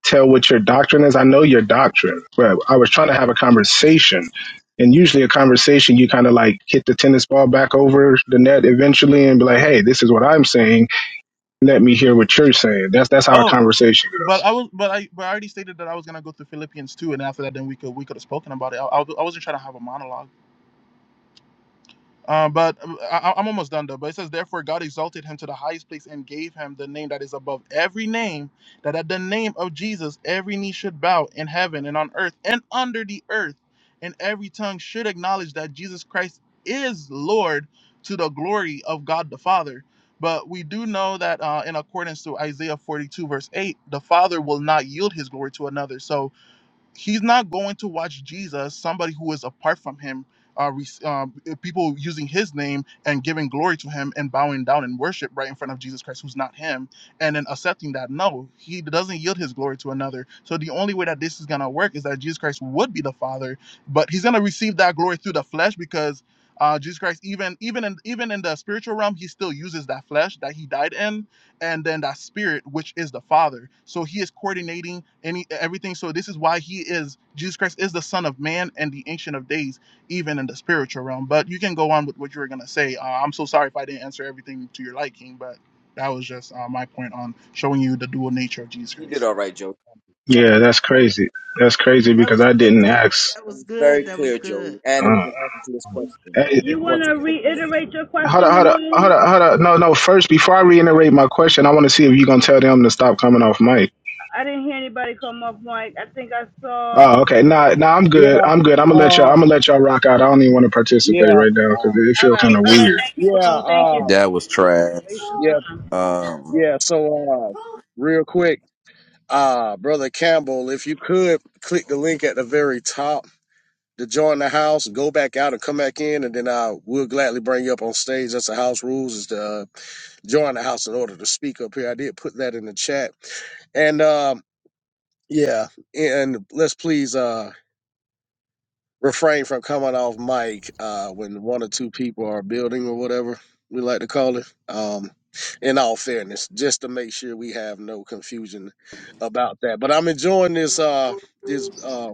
Speaker 6: tell what your doctrine is? I know your doctrine, but I was trying to have a conversation, and usually a conversation, you kind of like hit the tennis ball back over the net eventually, and be like, hey, this is what I'm saying. Let me hear what you're saying. That's that's how a
Speaker 5: oh
Speaker 6: conversation
Speaker 5: but
Speaker 6: goes.
Speaker 5: i was but i but i already stated that i was going to go through philippians 2 and after that then we could we could have spoken about it i, I, was- I wasn't trying to have a monologue Um, but uh, I, I'm almost done though. But it says, therefore, God exalted him to the highest place and gave him the name that is above every name, that at the name of Jesus every knee should bow in heaven and on earth and under the earth, and every tongue should acknowledge that Jesus Christ is Lord to the glory of God the Father. But we do know that uh, in accordance to Isaiah 42 verse 8, the Father will not yield his glory to another. So he's not going to watch Jesus, somebody who is apart from him, uh, re- um, eh, people using his name and giving glory to him and bowing down in worship right in front of Jesus Christ, who's not him, and then accepting that. No, he doesn't yield his glory to another. So the only way that this is going to work is that Jesus Christ would be the Father, but he's going to receive that glory through the flesh because. Uh, Jesus Christ, even even in even in the spiritual realm, he still uses that flesh that he died in, and then that spirit which is the father so he is coordinating any everything so this is why he is jesus christ is the son of man and the ancient of days even in the spiritual realm but you can go on with what you were going to say uh, i'm so sorry if i didn't answer everything to your liking but that was just uh, my point on showing you the dual nature of jesus
Speaker 9: You did
Speaker 5: christ
Speaker 9: all right, Joey.
Speaker 6: Yeah, that's crazy. That's crazy
Speaker 4: That
Speaker 6: because
Speaker 4: was
Speaker 6: I
Speaker 4: good,
Speaker 6: didn't
Speaker 4: Joey.
Speaker 6: ask.
Speaker 4: That
Speaker 9: It
Speaker 4: was
Speaker 9: was very
Speaker 4: good. That
Speaker 9: clear,
Speaker 4: was
Speaker 9: Joey,
Speaker 4: good.
Speaker 9: and it was an answer to his
Speaker 6: Uh,
Speaker 9: question. He
Speaker 7: You
Speaker 9: just
Speaker 7: want
Speaker 9: wants to
Speaker 7: to
Speaker 9: be complete.
Speaker 7: reiterate your
Speaker 6: Hold
Speaker 7: question,
Speaker 6: up, hold up, hold
Speaker 7: Ramon?
Speaker 6: up, hold up. No, no. First, before I reiterate my question, I want to see if you gonna tell them to stop coming off mic.
Speaker 7: I didn't hear anybody come off mic. I think I saw.
Speaker 6: Oh,
Speaker 7: All
Speaker 6: okay. Nah, nah. I'm
Speaker 2: Yeah.
Speaker 6: good. I'm good. I'm gonna let y'all.
Speaker 2: Uh.
Speaker 6: I'm gonna let y'all rock out. I don't even want to participate
Speaker 2: Yeah.
Speaker 6: right now because it,
Speaker 9: Wow.
Speaker 6: it feels kind
Speaker 7: right.
Speaker 6: of
Speaker 7: All right.
Speaker 6: weird.
Speaker 7: Thank you,
Speaker 2: Yeah.
Speaker 7: Ramon. Thank you.
Speaker 2: Uh.
Speaker 3: That was trash.
Speaker 2: Yeah.
Speaker 3: Um,
Speaker 2: Yeah, so uh real quick, uh brother Campbell, if you could click the link at the very top to join the house, go back out and come back in and then I will gladly bring you up on stage. That's the house rules is to uh, join the house in order to speak up here. I did put that in the chat. And um yeah, and let's please uh refrain from coming off mic uh, when one or two people are building or whatever we like to call it. Um, in all fairness, just to make sure we have no confusion about that. But I'm enjoying this uh, this uh,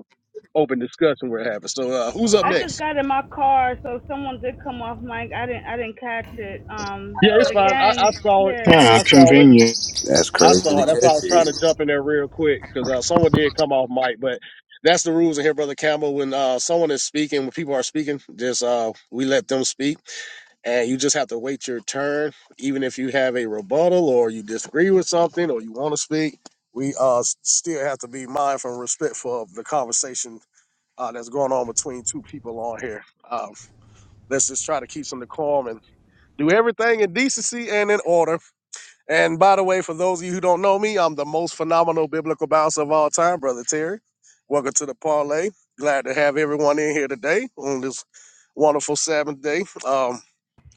Speaker 2: open discussion we're having. So uh, who's up
Speaker 1: Um,
Speaker 7: I just
Speaker 2: next?
Speaker 7: got in my car, so someone did come off mic. I didn't I didn't catch
Speaker 9: I don't
Speaker 7: it.
Speaker 9: know.
Speaker 7: Um,
Speaker 2: Yeah,
Speaker 7: but
Speaker 2: it's fine. I, I
Speaker 7: again,
Speaker 2: saw it.
Speaker 7: yeah,
Speaker 6: Ah,
Speaker 2: I saw it.
Speaker 6: convenient.
Speaker 3: that's
Speaker 2: I
Speaker 3: crazy
Speaker 2: saw
Speaker 3: to
Speaker 2: it. That's
Speaker 1: um,
Speaker 2: why I
Speaker 3: catch
Speaker 2: was
Speaker 3: it.
Speaker 2: trying to jump in there real quick because uh, someone did come off mic, but that's the rules in here, brother Campbell. When uh, someone is speaking, when people are speaking, just uh, we let them speak and you just have to wait your turn. Even if you have a rebuttal or you disagree with something or you want to speak, we uh still have to be mindful and respectful of the conversation uh, that's going on between two people on here. Um, let's just try to keep some decorum and do everything in decency and in order. And by the way, for those of you who don't know me, I'm the most phenomenal biblical bouncer of all time, Brother Terry. Welcome to the parlay. Glad to have everyone in here today on this wonderful Sabbath day. Um,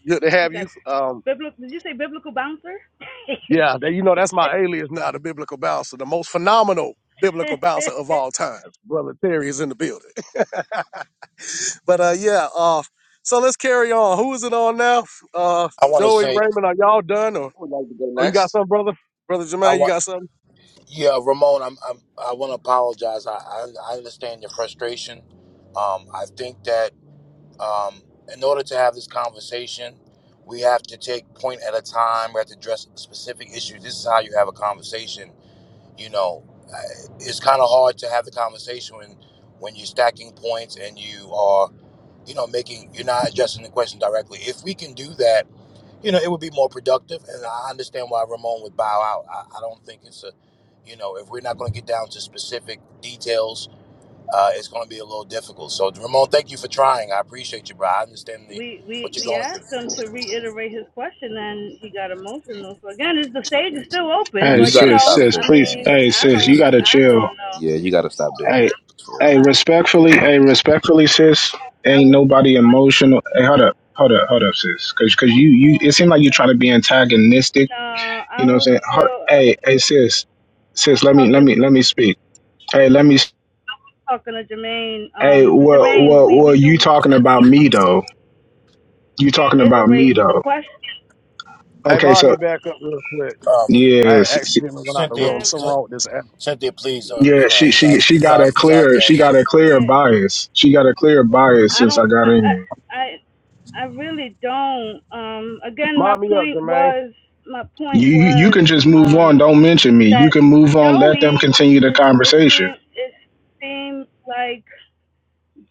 Speaker 2: good to
Speaker 7: he
Speaker 2: have
Speaker 7: said
Speaker 2: you. Um,
Speaker 7: biblical. Did you say biblical bouncer?
Speaker 2: Yeah, that, you know that's my alias now, the biblical bouncer, the most phenomenal biblical bouncer of all time. Brother Terry is in the building. But uh, yeah, uh, so let's carry on. Who is it on now? Uh,
Speaker 1: I want to
Speaker 2: Joey
Speaker 1: say,
Speaker 2: Raymond, are y'all done or?
Speaker 9: Who would like to go
Speaker 2: Oh, you got
Speaker 9: next?
Speaker 2: something, brother? Brother
Speaker 1: I
Speaker 2: Jermaine, you
Speaker 1: want,
Speaker 2: got something?
Speaker 1: yeah, Ramon, I'm, I'm I want to apologize. I, I, I understand your frustration. Um, I think that um, in order to have this conversation, we have to take point at a time. We have to address specific issues. This is how you have a conversation you know, uh, it's kind of hard to have the conversation when when you're stacking points and you are, you know, making you're not addressing the question directly. If we can do that, you know, it would be more productive. And I understand why Ramon would bow out. I, I don't think it's a, you know, if we're not going to get down to specific details, uh, it's going to be a little difficult. So Ramon, thank you for trying. I appreciate you, bro. I understand the
Speaker 7: We
Speaker 1: what
Speaker 7: we
Speaker 1: you're
Speaker 7: we
Speaker 1: going
Speaker 7: asked
Speaker 1: through.
Speaker 7: him to reiterate his question, and he got emotional. So again, it's, the stage is still open,
Speaker 6: Hey,
Speaker 3: You
Speaker 7: but you
Speaker 3: gotta
Speaker 6: sis,
Speaker 3: stop
Speaker 7: know,
Speaker 6: sis,
Speaker 7: I
Speaker 3: saying
Speaker 6: please.
Speaker 3: that.
Speaker 7: mean,
Speaker 6: Hey,
Speaker 7: I
Speaker 6: sis, you
Speaker 7: don't
Speaker 3: Chris.
Speaker 6: gotta
Speaker 7: I
Speaker 6: chill.
Speaker 7: don't know.
Speaker 3: Yeah, Yeah, you gotta stop doing
Speaker 6: Hey,
Speaker 3: that.
Speaker 6: hey,
Speaker 3: Yeah.
Speaker 6: respectfully. Hey, respectfully, sis.
Speaker 7: I
Speaker 6: Ain't
Speaker 7: would
Speaker 6: nobody emotional. Hey, hold up, hold up, hold up, sis. Because, because you, you. It seems like you're trying to be antagonistic
Speaker 7: uh
Speaker 6: You
Speaker 7: I
Speaker 6: know what I'm
Speaker 7: would
Speaker 6: saying? Ho-
Speaker 7: still I
Speaker 6: Hey,
Speaker 7: was
Speaker 6: hey, sis, sis, let me, let
Speaker 7: talking
Speaker 6: me, let me speak. Hey, let me. s-
Speaker 7: talking to Jermaine.
Speaker 6: Hey,
Speaker 7: Um,
Speaker 6: well,
Speaker 7: Jermaine,
Speaker 6: well,
Speaker 7: we we
Speaker 6: well, you
Speaker 7: do
Speaker 6: talking about me though? You talking about me
Speaker 7: reiterate the
Speaker 6: though?
Speaker 7: question.
Speaker 2: Hey,
Speaker 6: Okay,
Speaker 2: mod
Speaker 6: so
Speaker 2: me back up real quick.
Speaker 1: Um,
Speaker 2: I
Speaker 6: yes, s-
Speaker 2: accidentally went out the
Speaker 1: Cynthia,
Speaker 2: room.
Speaker 7: Yeah,
Speaker 2: Something wrong with this app.
Speaker 1: Cynthia, please, uh,
Speaker 6: yeah,
Speaker 1: you know,
Speaker 6: she,
Speaker 1: he's
Speaker 7: yeah,
Speaker 1: our
Speaker 6: she, she
Speaker 1: he's
Speaker 6: got
Speaker 1: our
Speaker 6: a
Speaker 1: he's our
Speaker 6: clear, she got
Speaker 1: guest.
Speaker 6: a clear
Speaker 7: yeah.
Speaker 6: bias. She got a clear bias
Speaker 7: I
Speaker 6: since
Speaker 7: don't.
Speaker 6: I got in here.
Speaker 7: I, I. I really don't. Um. Again, my
Speaker 2: Mod me up,
Speaker 7: point
Speaker 2: Jermaine.
Speaker 7: was. My point
Speaker 6: You, you you
Speaker 7: was.
Speaker 6: can just move on.
Speaker 7: Um.
Speaker 6: Don't mention me.
Speaker 7: That
Speaker 6: You can move on. Let them
Speaker 7: Joey
Speaker 6: continue the
Speaker 7: It It
Speaker 6: conversation.
Speaker 7: seemed. It seemed like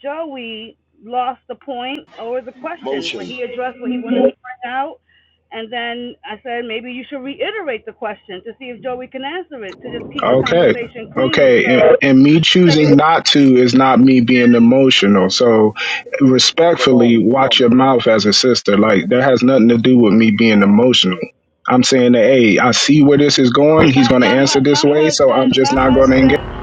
Speaker 7: Joey lost the point or the question, but
Speaker 8: motion.
Speaker 7: he addressed what he wanted to bring out. And then I said maybe you should reiterate the question to see if Joey can answer it to just keep the
Speaker 6: Okay.
Speaker 7: conversation clean.
Speaker 6: Okay. And,
Speaker 7: So
Speaker 6: and me
Speaker 7: that you,
Speaker 6: choosing not to is not me being emotional. So respectfully,
Speaker 9: Ramon, come on,
Speaker 6: watch your
Speaker 9: man.
Speaker 6: mouth as a sister.
Speaker 9: Like,
Speaker 6: Like
Speaker 9: let's
Speaker 6: that
Speaker 9: do it.
Speaker 6: has nothing to do with
Speaker 9: Let's
Speaker 6: me
Speaker 9: do
Speaker 6: being emotional. I'm saying that, hey, I see where this is going. He's
Speaker 7: my
Speaker 6: going to
Speaker 7: my
Speaker 6: answer this
Speaker 7: my
Speaker 6: way. So I'm
Speaker 7: husband,
Speaker 6: just
Speaker 7: my
Speaker 6: not going to engage.
Speaker 7: husband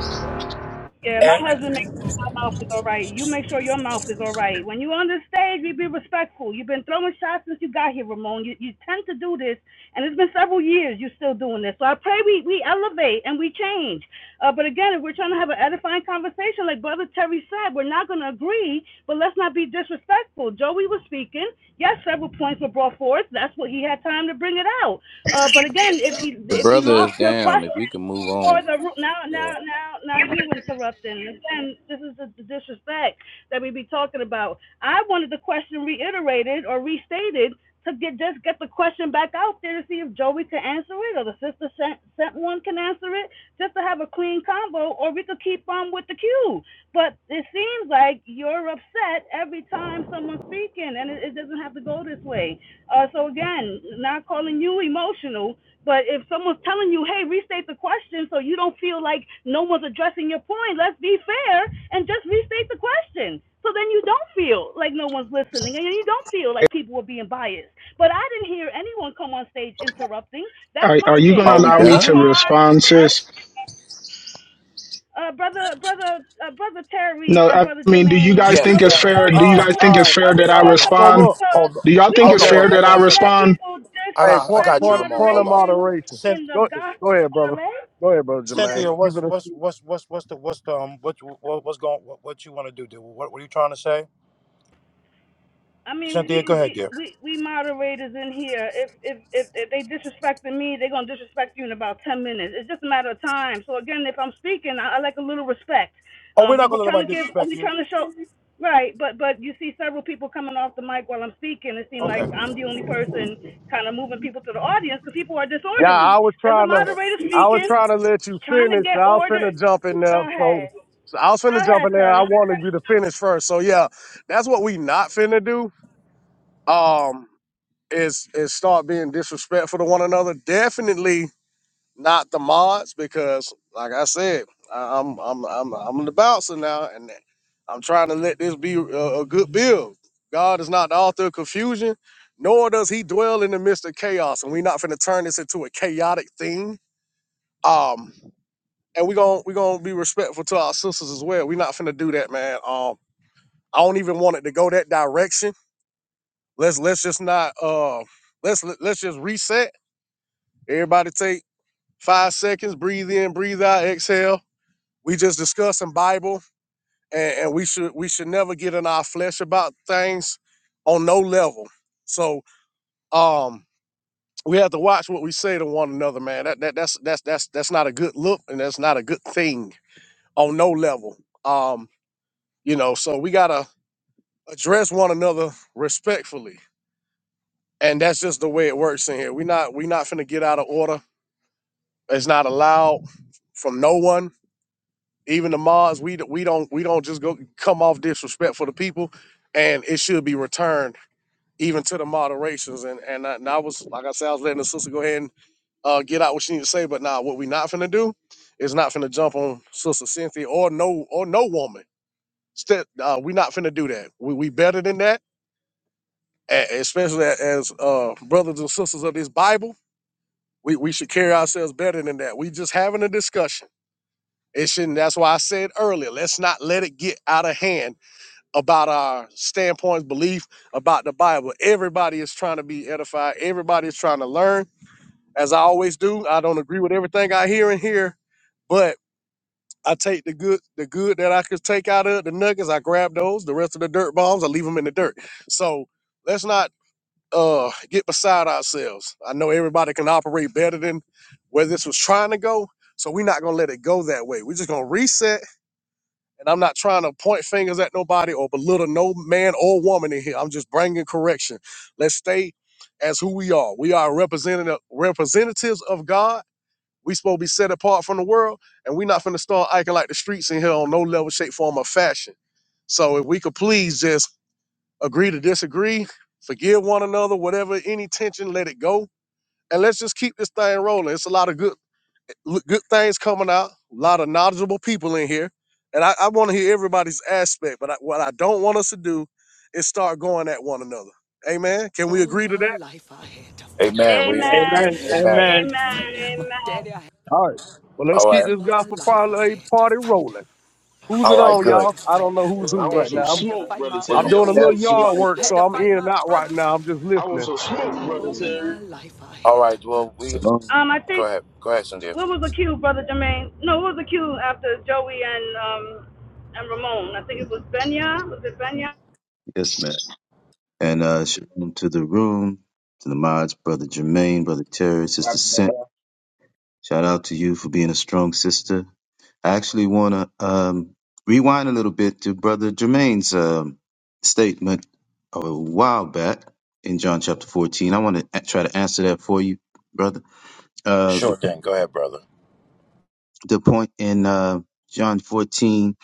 Speaker 7: Yeah, my
Speaker 1: And,
Speaker 7: husband makes sure my mouth is all right. You make sure your mouth is all right. When you are on the stage, you be respectful. You've been throwing shots since you got here, Ramon. You you tend to do this, and it's been several years you're still doing this. So I pray we we elevate and we change. Uh, but again, if we're trying to have an edifying conversation, like Brother Terry said, we're not going to agree, but let's not be disrespectful. Joey was speaking. Yes, several points were brought forth. That's what he had time to bring it out. Uh, but again, if he
Speaker 3: The
Speaker 7: if he
Speaker 3: brother is
Speaker 7: lost your
Speaker 3: down. If
Speaker 7: question
Speaker 3: we can move
Speaker 7: or
Speaker 3: on.
Speaker 7: the now
Speaker 3: Yeah.
Speaker 7: now now now you interrupting and this is the, the disrespect that we be talking about. I wanted the question reiterated or restated to get just get the question back out there to see if Joey can answer it or the sister sent, sent one can answer it just to have a clean combo or we could keep on with the cue. But it seems like you're upset every time someone's speaking happen, and it, it doesn't have to go this way. Uh, so again, not calling you emotional, but if someone's telling you, "Hey, restate the question," so you don't feel like no one's addressing your point, let's be fair and just restate the question. So then you don't feel like no one's listening, and you don't feel like people are being biased. But I didn't hear anyone come on stage interrupting. That's
Speaker 6: Are,
Speaker 7: my
Speaker 6: are you
Speaker 7: thing.
Speaker 6: going to
Speaker 7: I
Speaker 3: Are we
Speaker 6: allow
Speaker 7: turned
Speaker 6: me
Speaker 7: my
Speaker 6: to
Speaker 3: done?
Speaker 7: car.
Speaker 6: respond, sis?
Speaker 7: I uh, brother, brother, uh, brother Terry
Speaker 6: No,
Speaker 7: and
Speaker 6: I
Speaker 7: brother
Speaker 6: mean, do you
Speaker 7: Jermaine,
Speaker 6: guys
Speaker 1: yeah.
Speaker 6: think
Speaker 7: are we
Speaker 6: it's fair?
Speaker 7: supposed to
Speaker 6: Do you
Speaker 2: All right,
Speaker 7: just
Speaker 6: guys
Speaker 2: all
Speaker 7: let?
Speaker 6: think it's
Speaker 2: right,
Speaker 7: Are
Speaker 6: fair
Speaker 7: we
Speaker 6: that I
Speaker 2: all
Speaker 7: just
Speaker 2: right. So
Speaker 6: respond?
Speaker 7: supposed
Speaker 2: look,
Speaker 7: to?
Speaker 1: Hold
Speaker 6: Do y'all
Speaker 7: We
Speaker 6: think
Speaker 1: hold
Speaker 6: it's
Speaker 7: we
Speaker 1: on one
Speaker 2: okay.
Speaker 6: fair
Speaker 7: just
Speaker 6: that I
Speaker 7: gonna let
Speaker 1: second.
Speaker 6: respond?
Speaker 7: people
Speaker 1: I
Speaker 2: Hey,
Speaker 1: got I
Speaker 2: point,
Speaker 7: disrespect
Speaker 1: got you,
Speaker 2: point,
Speaker 1: Ramon.
Speaker 2: point of
Speaker 1: Hold on.
Speaker 7: moderation
Speaker 2: moderation.
Speaker 1: Cyn-
Speaker 7: in the
Speaker 2: Go,
Speaker 7: gospel?
Speaker 2: go ahead,
Speaker 7: of
Speaker 2: brother.
Speaker 7: LA?
Speaker 2: Go ahead, brother
Speaker 7: We
Speaker 2: Jermaine.
Speaker 1: Cynthia,
Speaker 7: just
Speaker 2: You
Speaker 1: what's
Speaker 2: finna
Speaker 1: what's what's what's what's the what's the um what you- what what's going what, what you want to do, dude? What what are you trying to say,
Speaker 7: I mean, we,
Speaker 1: Cynthia? Go ahead,
Speaker 7: we
Speaker 1: dear.
Speaker 7: we moderators in here. If if if, if they disrespecting me, they're gonna disrespect you in about ten minutes. It's just a matter of time. So again, if I'm speaking, I, I like a little respect.
Speaker 1: Oh, we're
Speaker 7: Um, we
Speaker 1: not
Speaker 7: were
Speaker 1: gonna let
Speaker 7: trying
Speaker 1: nobody
Speaker 7: to give,
Speaker 1: disrespect
Speaker 7: we
Speaker 1: you.
Speaker 7: trying to show, right? But but you see several people coming off the mic while I'm speaking. It seems like
Speaker 1: Okay,
Speaker 7: I'm the only person kind of moving people to the audience because people are
Speaker 2: Yeah, I
Speaker 7: disorderly.
Speaker 2: was
Speaker 7: There's a
Speaker 2: trying to,
Speaker 1: okay.
Speaker 7: moderator
Speaker 2: I was
Speaker 7: speaking,
Speaker 2: trying to let you
Speaker 7: trying to
Speaker 2: finish.
Speaker 7: get
Speaker 2: I was
Speaker 7: order.
Speaker 2: finna jump in there,
Speaker 7: Go
Speaker 2: so,
Speaker 7: ahead,
Speaker 2: so I was
Speaker 7: go
Speaker 2: finna jump
Speaker 7: ahead,
Speaker 2: in there. I
Speaker 7: Terry.
Speaker 2: wanted you to finish first. So yeah, that's what we not finna do. Um, is is start being disrespectful to one another. Definitely not the mods because, like I said, I, I'm I'm I'm I'm the bouncer now, and I'm trying to let this be a, a good build. God is not the author of confusion, nor does He dwell in the midst of chaos, and we not finna turn this into a chaotic thing um, and we're gonna we're gonna be respectful to our sisters as well. We're not finna do that, man. Um, I don't even want it to go that direction. Let's let's just not uh let's let's just reset. Everybody take five seconds, breathe in, breathe out, exhale. We just discussing Bible and, and we should we should never get in our flesh about things on no level. So um we have to watch what we say to one another, man. That, that that's that's that's that's not a good look and that's not a good thing on no level. Um. You know, so we gotta address one another respectfully. And that's just the way it works in here. We not we not finna get out of order. It's not allowed from no one, even the mods. We d- we don't we don't just go come off disrespectful to people, and it should be returned even to the moderations. And and I, and I was like I said, I was letting the sister go ahead and uh, get out what she need to say. But now what we not finna do is not finna jump on sister Cynthia or no or no woman. Ste- uh, we not finna do that. We we better than that a- especially a- as uh, brothers and sisters of this Bible, we, we should carry ourselves better than that. We just having a discussion. It shouldn't. That's why I said earlier, let's not let it get out of hand about our standpoints, belief about the Bible. Everybody is trying to be edified. Everybody is trying to learn. As I always do, I don't agree with everything I hear and hear, but I take the good, the good that I could take out of it, the nuggets. I grab those. The rest of the dirt bombs, I leave them in the dirt. So let's not uh, get beside ourselves. I know everybody can operate better than where this was trying to go, so we're not gonna let it go that way. We're just gonna reset. And I'm not trying to point fingers at nobody or belittle no man or woman in here. I'm just bringing correction. Let's stay as who we are. We are representative representatives of God. We supposed to be set apart from the world, and we're not finna start acting like the streets in here on no level, shape, form, or fashion. So if we could please just agree to disagree, forgive one another, whatever any tension, let it go, and let's just keep this thing rolling. It's a lot of good good things coming out, a lot of knowledgeable people in here, and I, I want to hear everybody's aspect. But I, what I don't want us to do is start going at one another. Amen. Can we
Speaker 10: All
Speaker 2: agree to
Speaker 10: my
Speaker 2: that?
Speaker 10: life I had to fight.
Speaker 9: it.
Speaker 1: Amen. We
Speaker 9: Ramon,
Speaker 11: Amen.
Speaker 7: Amen.
Speaker 9: Ramon,
Speaker 10: I
Speaker 1: amen.
Speaker 10: had
Speaker 11: Amen.
Speaker 10: to
Speaker 7: Amen.
Speaker 10: fight.
Speaker 9: Ramon.
Speaker 10: My
Speaker 7: Amen.
Speaker 10: daddy, I had.
Speaker 2: All right. Well, let's
Speaker 1: All
Speaker 2: keep
Speaker 1: right,
Speaker 10: All
Speaker 2: this
Speaker 10: my
Speaker 2: gospel
Speaker 10: life I
Speaker 2: parlay
Speaker 10: had to
Speaker 2: party
Speaker 10: fight.
Speaker 2: rolling. Who's
Speaker 1: all
Speaker 2: it
Speaker 1: right.
Speaker 2: on,
Speaker 10: I had
Speaker 1: Good.
Speaker 2: y'all?
Speaker 10: to
Speaker 2: I
Speaker 10: fight
Speaker 2: don't know
Speaker 8: Man,
Speaker 2: who's
Speaker 10: my
Speaker 8: I
Speaker 2: who
Speaker 8: want
Speaker 2: right
Speaker 10: daddy.
Speaker 8: some
Speaker 2: now.
Speaker 10: I
Speaker 2: I'm,
Speaker 10: had to
Speaker 9: Can
Speaker 8: smoke,
Speaker 10: fight
Speaker 8: brother
Speaker 10: my
Speaker 1: We're
Speaker 2: I'm
Speaker 1: going.
Speaker 8: Terry. I
Speaker 2: doing a
Speaker 10: uncles.
Speaker 8: want
Speaker 2: little
Speaker 8: some
Speaker 11: That's
Speaker 2: yard
Speaker 8: smoke.
Speaker 2: work,
Speaker 10: I
Speaker 11: Elijah.
Speaker 10: had
Speaker 2: so
Speaker 10: to
Speaker 2: I'm
Speaker 10: fight
Speaker 2: in and
Speaker 10: my
Speaker 2: out right
Speaker 10: brothers.
Speaker 2: now. I'm just
Speaker 8: I want
Speaker 2: listening.
Speaker 8: some smoke,
Speaker 9: I
Speaker 8: brother
Speaker 9: say
Speaker 10: All
Speaker 9: something?
Speaker 8: Terry.
Speaker 10: my life I
Speaker 1: All
Speaker 10: had to.
Speaker 1: right. Well, we
Speaker 12: Shalom.
Speaker 7: Um, I
Speaker 1: go
Speaker 7: think
Speaker 1: ahead. Go ahead, Cynthia.
Speaker 7: what was the accused, brother Jermaine? No, what was the accused after Joey and um and Ramon? I think it was Benya. Was it Benya?
Speaker 12: Yes, man. And uh, shalom to the room, to the mods, Brother Jermaine, Brother Terry,
Speaker 9: Right,
Speaker 12: Sister Sent.
Speaker 9: Ramon,
Speaker 12: Shout out to you for being a strong sister. I actually want to um, rewind a little bit to Brother Jermaine's um, statement a while back in John chapter 14. I want to try to answer that for you, brother. Uh,
Speaker 1: Sure
Speaker 12: the,
Speaker 1: thing. Go ahead, brother.
Speaker 12: the point in uh, John 14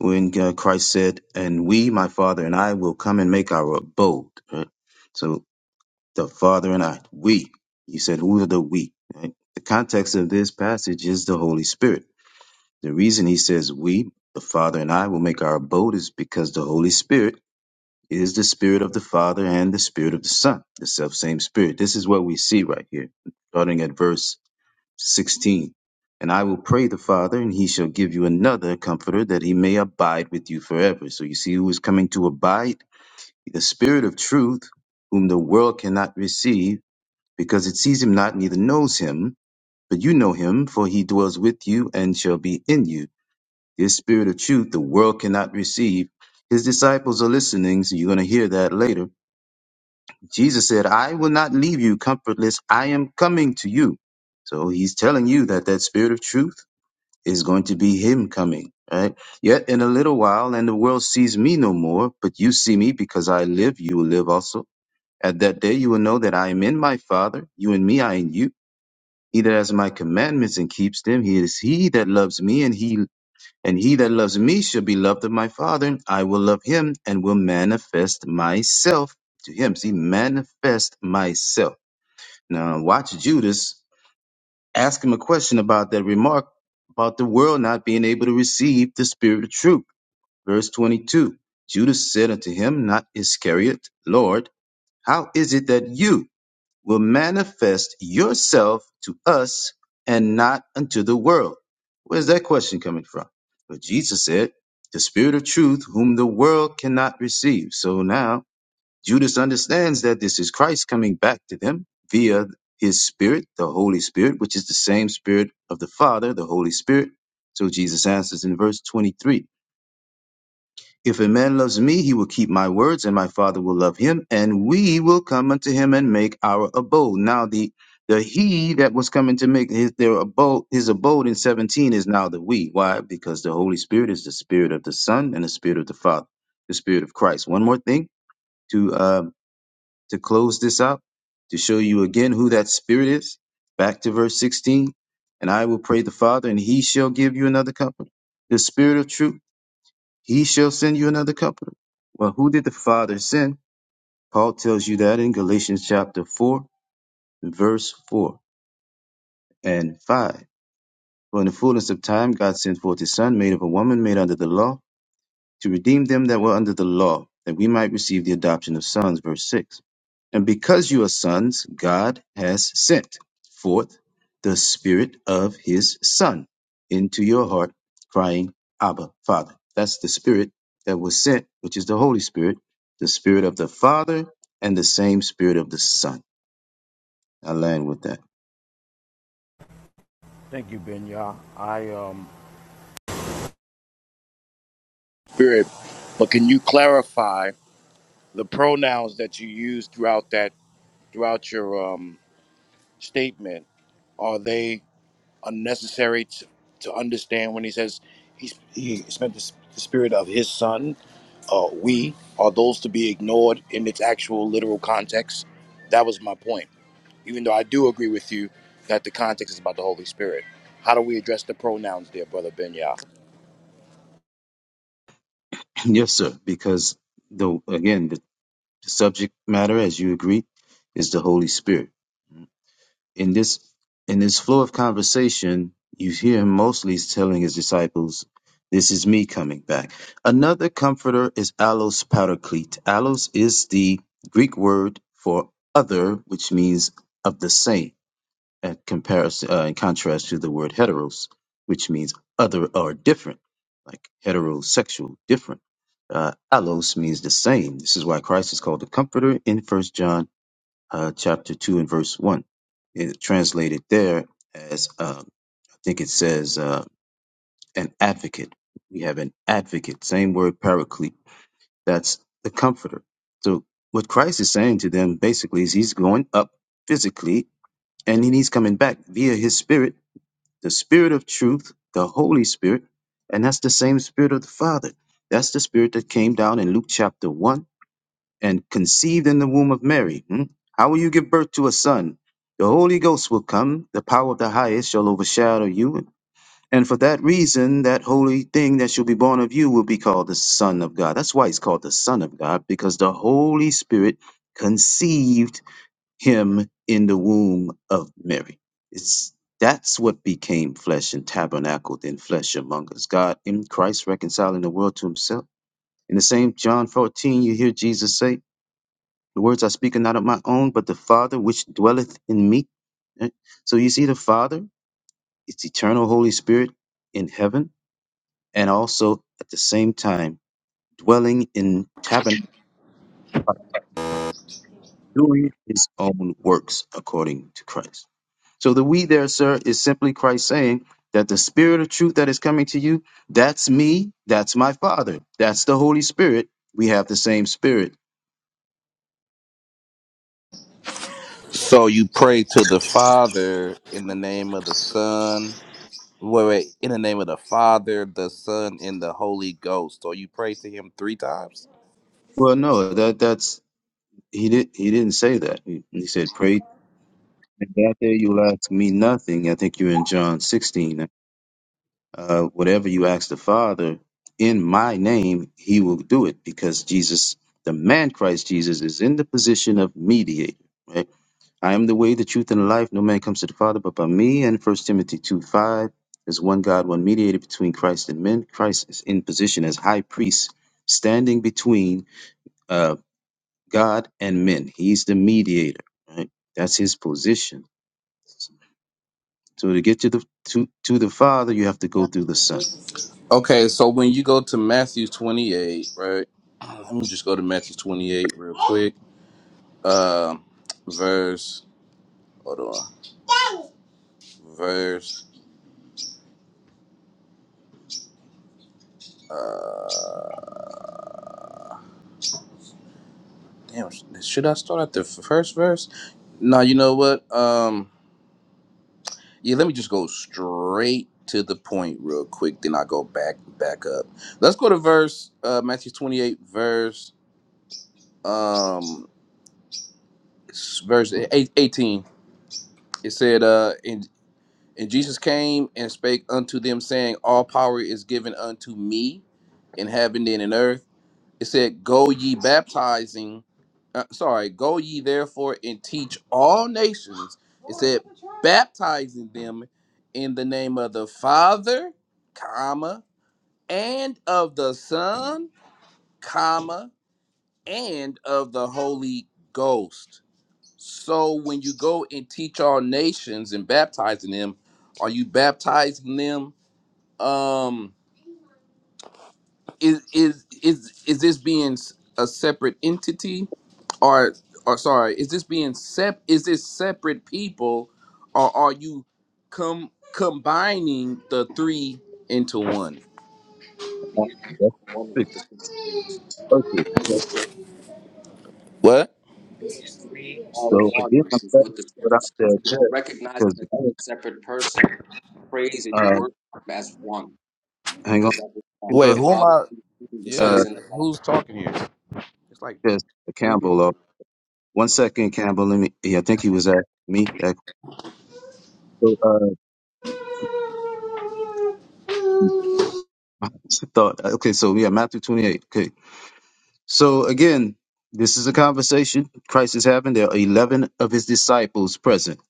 Speaker 12: when uh, Christ said, And we, my Father, and I will come and make our abode. Right? So the Father and I. We. He said, Who are the we? Right? The context of this passage is the Holy Spirit. The reason he says we, the Father and I, will make our abode is because the Holy Spirit is the Spirit of the Father and the Spirit of the Son, the self same Spirit. This is what we see right here, starting at verse 16. And I will pray the Father, and he shall give you another comforter that he may abide with you forever. So you see who is coming to abide? The Spirit of truth, whom the world cannot receive because it sees him not, neither knows him. But you know him, for he dwells with you and shall be in you. This spirit of truth the world cannot receive. His disciples are listening, so you're going to hear that later. Jesus said, I will not leave you comfortless. I am coming to you. So he's telling you that that spirit of truth is going to be him coming, right? Yet in a little while, and the world sees me no more, but you see me because I live, you will live also. At that day, you will know that I am in my Father, you and me, I in you he that has my commandments and keeps them, he is he that loves me, and he and he that loves me shall be loved of my Father. and I will love him and will manifest myself to him. See, manifest myself. Now watch Judas ask him a question about that remark about the world not being able to receive the spirit of truth. Verse 22. Judas said unto him, not Iscariot, Lord, how is it that you will manifest yourself to us and not unto the world. Where's that question coming from? But Jesus said, the spirit of truth whom the world cannot receive. So now Judas understands that this is Christ coming back to them via his spirit, the Holy Spirit, which is the same spirit of the Father, the Holy Spirit. So Jesus answers in verse 23. If a man loves me, he will keep my words, and my Father will love him, and we will come unto him and make our abode. Now the the he that was coming to make his their abode his abode in 17 is now the we. Why? Because the Holy Spirit is the spirit of the Son and the spirit of the Father, the spirit of Christ. One more thing to um to close this out, to show you again who that spirit is. Back to verse 16. And I will pray the Father, and he shall give you another Comforter, the spirit of truth he shall send you another comforter. Well, who did the Father send? Paul tells you that in Galatians chapter 4, verse 4 and 5. For in the fullness of time, God sent forth his Son, made of a woman, made under the law to redeem them that were under the law, that we might receive the adoption of sons. Verse 6. And because you are sons, God has sent forth the Spirit of His Son into your heart, crying, Abba, Father. That's the Spirit that was sent, which is the Holy Spirit, the Spirit of the Father, and the same Spirit of the Son. I land with that.
Speaker 1: Thank you, Benya. I um Spirit, but can you clarify the pronouns that you use throughout that throughout your um? statement are they unnecessary to, to understand when he says he's, he spent the, s- the spirit of his son uh, we are those to be ignored in its actual literal context that was my point even though i do agree with you that the context is about the holy spirit how do we nouns there brother benya
Speaker 12: yes, sir, because the again, the subject matter, as you agree, is the Holy Spirit. in this in this flow of conversation, you hear him mostly telling his disciples, "This is me coming back." Another comforter is allos paraclete. Allos is the Greek word for other, which means of the same, at comparison uh, in contrast to the word heteros, which means other or different, like heterosexual, different. Uh, allos means the same. This is why Christ is called the comforter in First John uh, chapter 2 and verse 1. It translated there as, uh, I think it says, uh, an advocate. We have an advocate, same word, paraclete. That's the comforter. So what Christ is saying to them basically is he's going up physically and then he's coming back via his spirit, the spirit of truth, the Holy Spirit. And that's the same spirit of the Father. That's the spirit that came down in Luke chapter 1 and conceived in the womb of Mary. hmm? How will you give birth to a son? The Holy Ghost will come, the power of the highest shall overshadow you. And for that reason, that holy thing that shall be born of you will be called the Son of God. That's why he's called the Son of God, because the Holy Spirit conceived him in the womb of Mary. It's that's what became flesh and tabernacled in flesh among us. God in Christ reconciling the world to himself. In the same John 14, you hear Jesus say, the words I speak are not of my own, but the Father which dwelleth in me. Right? So you see the Father, it's eternal Holy Spirit in heaven, and also at the same time dwelling in tabernacle, by doing his own works according to Christ. So the we there, sir, is simply Christ saying that the spirit of truth that is coming to you, that's me, that's my Father, that's the Holy Spirit. We have the same spirit.
Speaker 3: So you pray to the Father in the name of the Son. Wait, wait. In the name of the Father, the Son, and the Holy Ghost. So you pray to Him three times.
Speaker 12: Well, no, that that's he did he didn't say that. He, he said pray And that day you will ask me nothing. I think you're in John 16. Uh, whatever you ask the Father in my name, he will do it because Jesus, the man Christ Jesus, is in the position of mediator. Right? I am the way, the truth, and the life. No man comes to the Father but by me. And First Timothy 2 5, there's one God, one mediator between Christ and men. Christ is in position as high priest, standing between uh, God and men. He's the mediator. Right? That's his position. So to get to the to, to the Father, you have to go through the Son.
Speaker 3: Okay. So when you go to Matthew twenty-eight, right? Let me just go to Matthew twenty-eight real quick. Um, verse. Hold on. Verse. Uh, damn, should I start at the first verse? No, you know what? Um, yeah, let me just go straight to the point real quick. Then I go back back up. Let's go to verse uh, Matthew twenty eight verse um s- verse eight, eighteen. It said, "Uh, and and Jesus came and spake unto them, saying, All power is given unto me in heaven and in earth. It said, "Go ye baptizing." Uh, sorry, go ye therefore and teach all nations. It said, baptizing them in the name of the Father, comma, and of the Son, comma, and of the Holy Ghost. So when you go and teach all nations and baptizing them, are you baptizing them? Um, is is is is this being s- a separate entity or or sorry is this being sep is this separate people or are you com combining the three into one
Speaker 9: These three
Speaker 12: That's
Speaker 9: are one with
Speaker 12: perfect.
Speaker 9: the scripture says.
Speaker 12: Perfect. So
Speaker 3: what
Speaker 9: These three are
Speaker 12: so
Speaker 9: one
Speaker 12: again, I'm
Speaker 9: is
Speaker 12: glad you
Speaker 9: what the
Speaker 12: brought
Speaker 9: scripture
Speaker 12: out
Speaker 9: says.
Speaker 12: that
Speaker 9: If You don't recognize
Speaker 12: text
Speaker 9: them as a
Speaker 12: because
Speaker 9: separate person. You praise and you
Speaker 12: uh,
Speaker 9: worship as one
Speaker 12: hang on,
Speaker 9: because that's what you are.
Speaker 3: wait
Speaker 12: bro.
Speaker 9: the
Speaker 3: who am
Speaker 9: Father,
Speaker 3: i
Speaker 9: is in the Son
Speaker 3: yeah
Speaker 12: Uh,
Speaker 9: is in the
Speaker 3: like
Speaker 9: Father.
Speaker 3: who's talking here it's like
Speaker 12: because
Speaker 3: three people
Speaker 12: Campbell. Uh, one second, Campbell. Let me. Yeah, I think he was at me. That so, uh, thought. Okay, so yeah, Matthew 28. Okay, so again, this is a conversation Christ is having. There are 11 of his disciples present.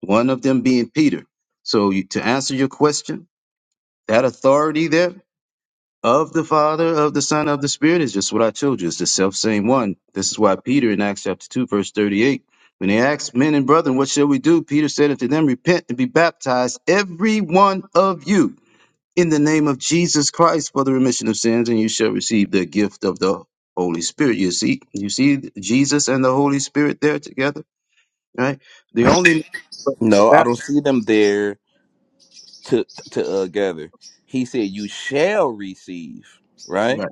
Speaker 12: One of them being Peter. So you, to answer your question, that authority there. of the Father, of the Son, of the Spirit is just what I told you. It's the self same one. This is why Peter in Acts chapter 2, verse 38, when they asked men and brethren, what shall we do? Peter said unto them, repent and be baptized, every one of you, in the name of Jesus Christ for the remission of sins, and you shall receive the gift of the Holy Spirit. You see, you see Jesus and the Holy Spirit there together, right? The only
Speaker 3: no i don't see them there to to uh, gather. He said, "You shall receive." Right.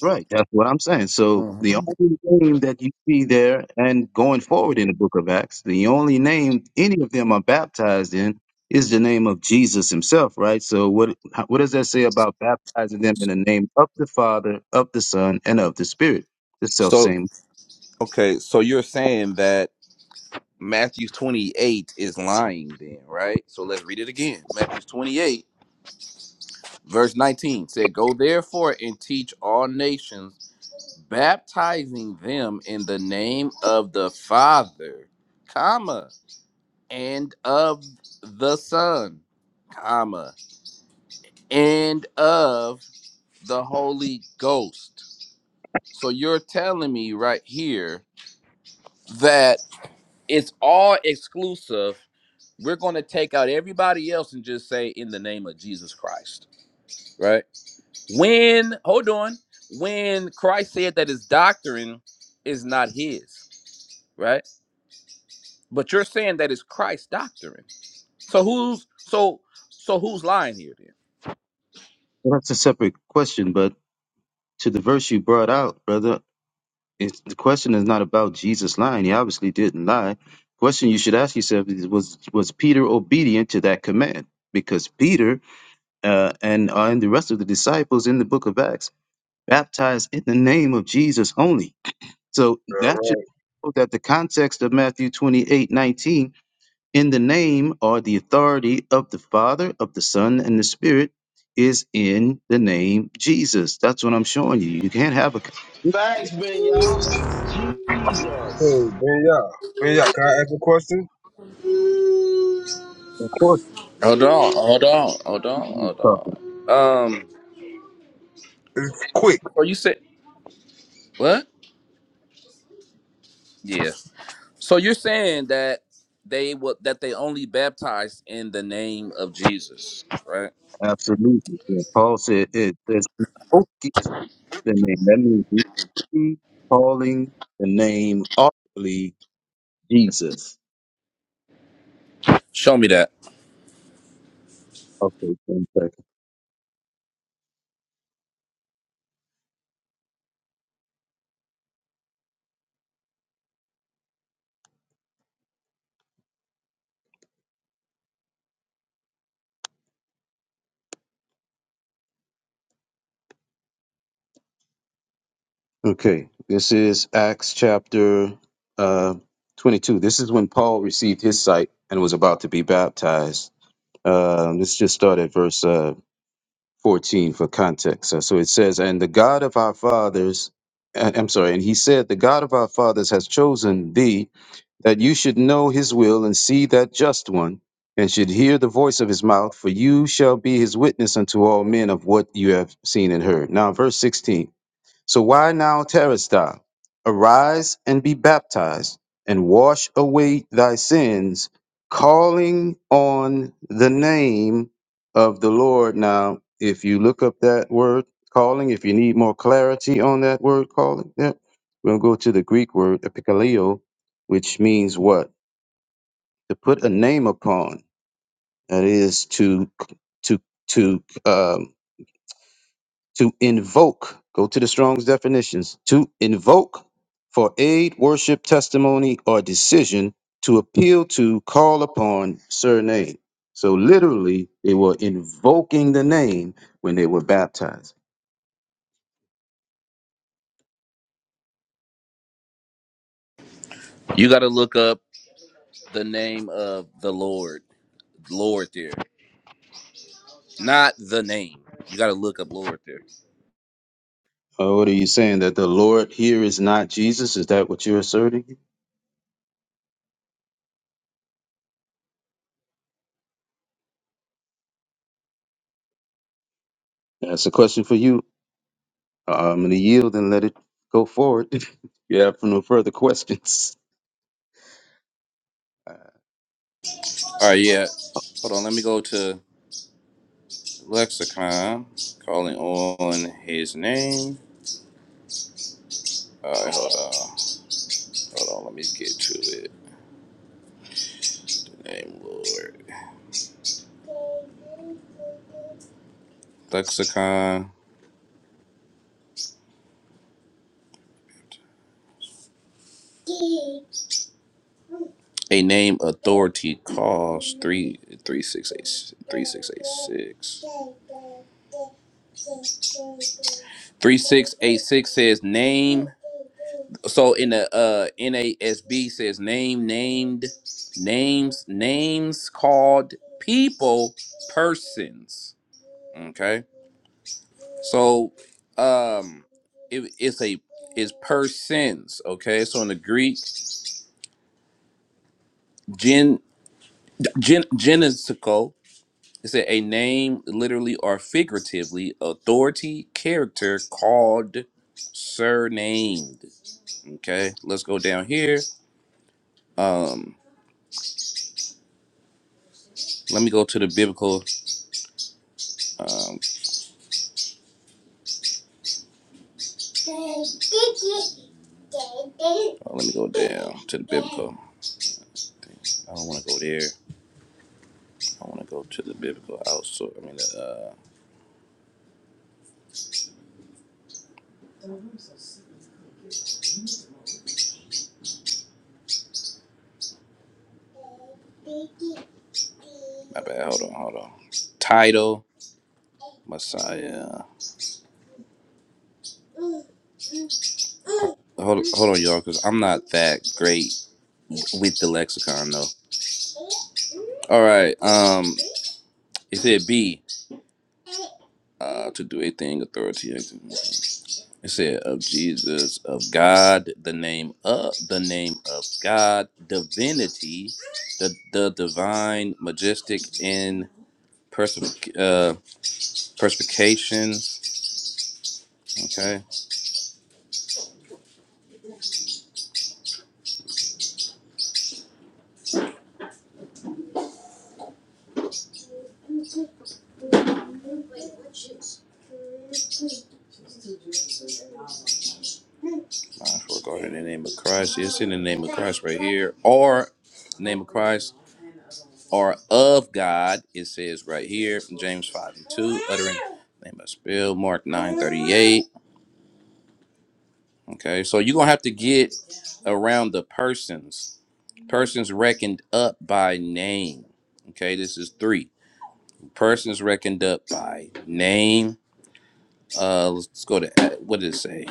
Speaker 12: Right. That's what I'm saying. So the
Speaker 3: hmm
Speaker 12: only name that you see there and going forward in the book of Acts, the only name any of them are baptized in is the name of Jesus himself, right? So what how- what does that say about baptizing them in the name of the Father, of the Son, and of the Spirit? The self
Speaker 3: So
Speaker 12: same.
Speaker 3: okay, so you're saying that Matthew 28 is lying, then, right? So let's read it again. Matthew 28, verse 19 said, "Go therefore and teach all nations, baptizing them in the name of the Father, comma, and of the Son, comma, and of the Holy Ghost." So you're telling me right here that it's all exclusive. We're going to take out everybody else and just say in the name of Jesus Christ, right? When, hold on, when Christ said that his doctrine is not his, right? But you're saying that it's Christ's doctrine. So who's so so who's lying here then?
Speaker 12: Well, that's a separate question, but to the verse you brought out, brother, It's, the question is not about Jesus lying. He obviously didn't lie. Question you should ask yourself is was was Peter obedient to that command? Because Peter uh, and uh, and the rest of the disciples in the book of Acts baptized in the name of Jesus only. So
Speaker 13: All
Speaker 12: that should
Speaker 13: right.
Speaker 12: show that the context of Matthew 28 19 in the name or the authority of the Father, of the Son, and the Spirit is in the name Jesus. That's what I'm showing you. You can't have a
Speaker 8: Facts, Ben, y'all.
Speaker 13: Hey,
Speaker 8: Jesus.
Speaker 13: Ben Yah. Ben Yah, can I ask a question?
Speaker 12: of
Speaker 3: Hold on, hold on, hold on, hold
Speaker 12: course.
Speaker 3: on. Um,
Speaker 13: It's quick.
Speaker 3: or you said what? Yeah. So you're saying that they would that they only baptized in the name of Jesus, right?
Speaker 12: Absolutely. Yeah. Paul said it says he spoke the name. That means he was calling the name audibly Jesus.
Speaker 3: Show me that.
Speaker 12: Okay, one second. Okay. This is Acts chapter uh twenty two. This is when Paul received his sight and was about to be baptized. Um, let's just start at verse uh, 14 for context. Uh, so it says, And the God of our fathers, uh, I'm sorry, and he said, The God of our fathers has chosen thee that you should know his will and see that just one, and should hear the voice of his mouth, for you shall be his witness unto all men of what you have seen and heard. Now, verse 16. So why now terrorist thou? Arise and be baptized, and wash away thy sins, calling on the name of the Lord. Now, if you look up that word calling, if you need more clarity on that word calling, yeah, we'll go to the Greek word epikaleo, which means what? To put a name upon. That is to to to um, to invoke go to the strong's definitions to invoke for aid worship testimony or decision to appeal to call upon surname so literally they were invoking the name when they were baptized
Speaker 3: You got to look up the name of the Lord, Lord there, not the name. You got to look up Lord there.
Speaker 12: oh, what are you saying that the lord here is not jesus is that what you're asserting that's a question for you Uh, i'm going to yield and let it go forward If you have no further questions
Speaker 3: All right, yeah. Hold on, let me go to lexicon, calling on His name. All right, hold on, hold on. Let me get to it. Name Lord. Lexicon. A name authority calls three three six eight three six eight six. Three six eight six says name. So in the uh NASB says name named names names called people persons. Okay. So um it, it's a is persons, okay? So in the Greek gen gen It said a name literally or figuratively, authority, character called, surnamed. Okay, let's go down here. Um, let me go to the biblical. Um, oh, let me go down to the biblical. I don't want to go there. I want to go to the biblical outsource. I mean, uh, my bad. Hold on, hold on. Title, Messiah. Hold hold on, y'all, because I'm not that great with the lexicon though. All right. Um, it said B. Uh, to do a thing authority. It said of Jesus, of God, the name of the name of God, divinity, the the divine, majestic in perspic- uh, perspications. Okay. for God in the name of Christ. It's in the name of Christ right here. Or name of Christ or of God. It says right here, James 5 and 2, uttering name of spill, Mark 9 38. Okay, so you're gonna have to get around the persons. Persons reckoned up by name. Okay, this is three. Persons reckoned up by name. Uh let's go to uh, what did it say?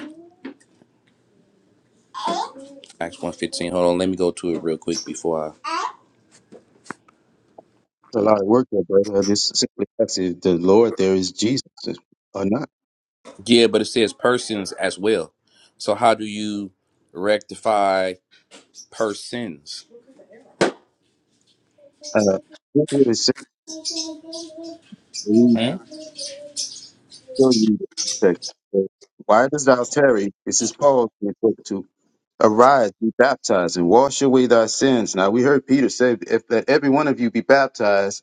Speaker 3: Acts 115. Hold on, let me go to it real quick before I
Speaker 12: It's a lot of work there, brother. I just simply ask if the Lord there is Jesus or not.
Speaker 3: Yeah, but it says persons as well. So how do you rectify persons?
Speaker 12: Uh, look what would it says. Let
Speaker 3: Hmm?
Speaker 12: show you the text. Why does thou tarry? This is Paul being talked to. Arise, be baptized, and wash away thy sins. Now we heard Peter say, "If let every one of you be baptized."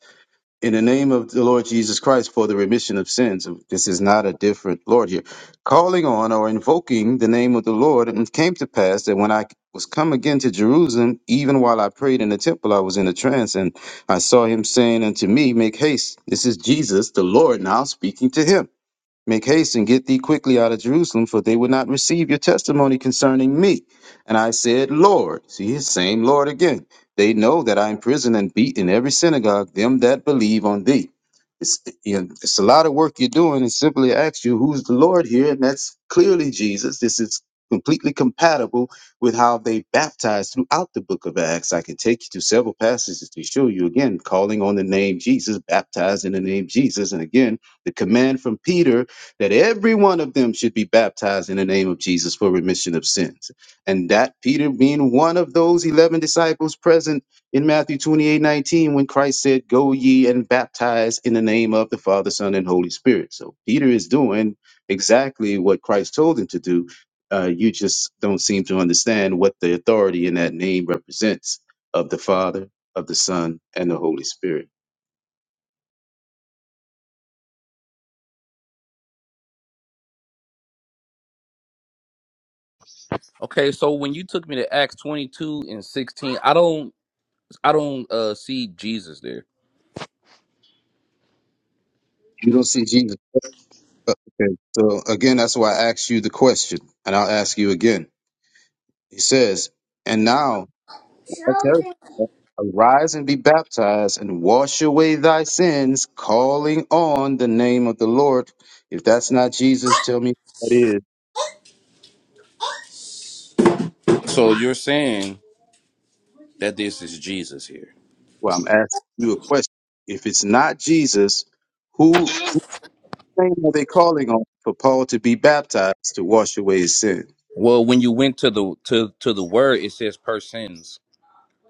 Speaker 12: in the name of the Lord Jesus Christ for the remission of sins. This is not a different Lord here. Calling on or invoking the name of the Lord, and it came to pass that when I was come again to Jerusalem, even while I prayed in the temple, I was in a trance, and I saw him saying unto me, Make haste. This is Jesus, the Lord, now speaking to him. Make haste and get thee quickly out of Jerusalem, for they would not receive your testimony concerning me. And I said, Lord, see his same Lord again. They know that I imprison and beat in every synagogue them that believe on thee. It's, you know, it's a lot of work you're doing, and simply ask you, who's the Lord here? And that's clearly Jesus. This is completely compatible with how they baptized throughout the book of Acts. I can take you to several passages to show you again, calling on the name Jesus, baptized in the name Jesus. And again, the command from Peter that every one of them should be baptized in the name of Jesus for remission of sins. And that Peter being one of those 11 disciples present in Matthew 28 19, when Christ said, Go ye and baptize in the name of the Father, Son, and Holy Spirit. So Peter is doing exactly what Christ told him to do. Uh, you just don't seem to understand what the authority in that name represents of the Father, of the Son, and the Holy Spirit.
Speaker 3: Okay, so when you took me to Acts 22 and 16, I don't I don't uh see Jesus there.
Speaker 12: You don't see Jesus. Okay. So again, that's why I asked you the question, and I'll ask you again. He says, "And now I tell you, arise and be baptized, and wash away thy sins, calling on the name of the Lord." If that's not Jesus, tell me what it is.
Speaker 3: So you're saying that this is Jesus here.
Speaker 12: Well, I'm asking you a question. If it's not Jesus, who whose name are they calling on for Paul to be baptized to wash away his sins?
Speaker 3: Well, when you went to the to to the word, it says persons.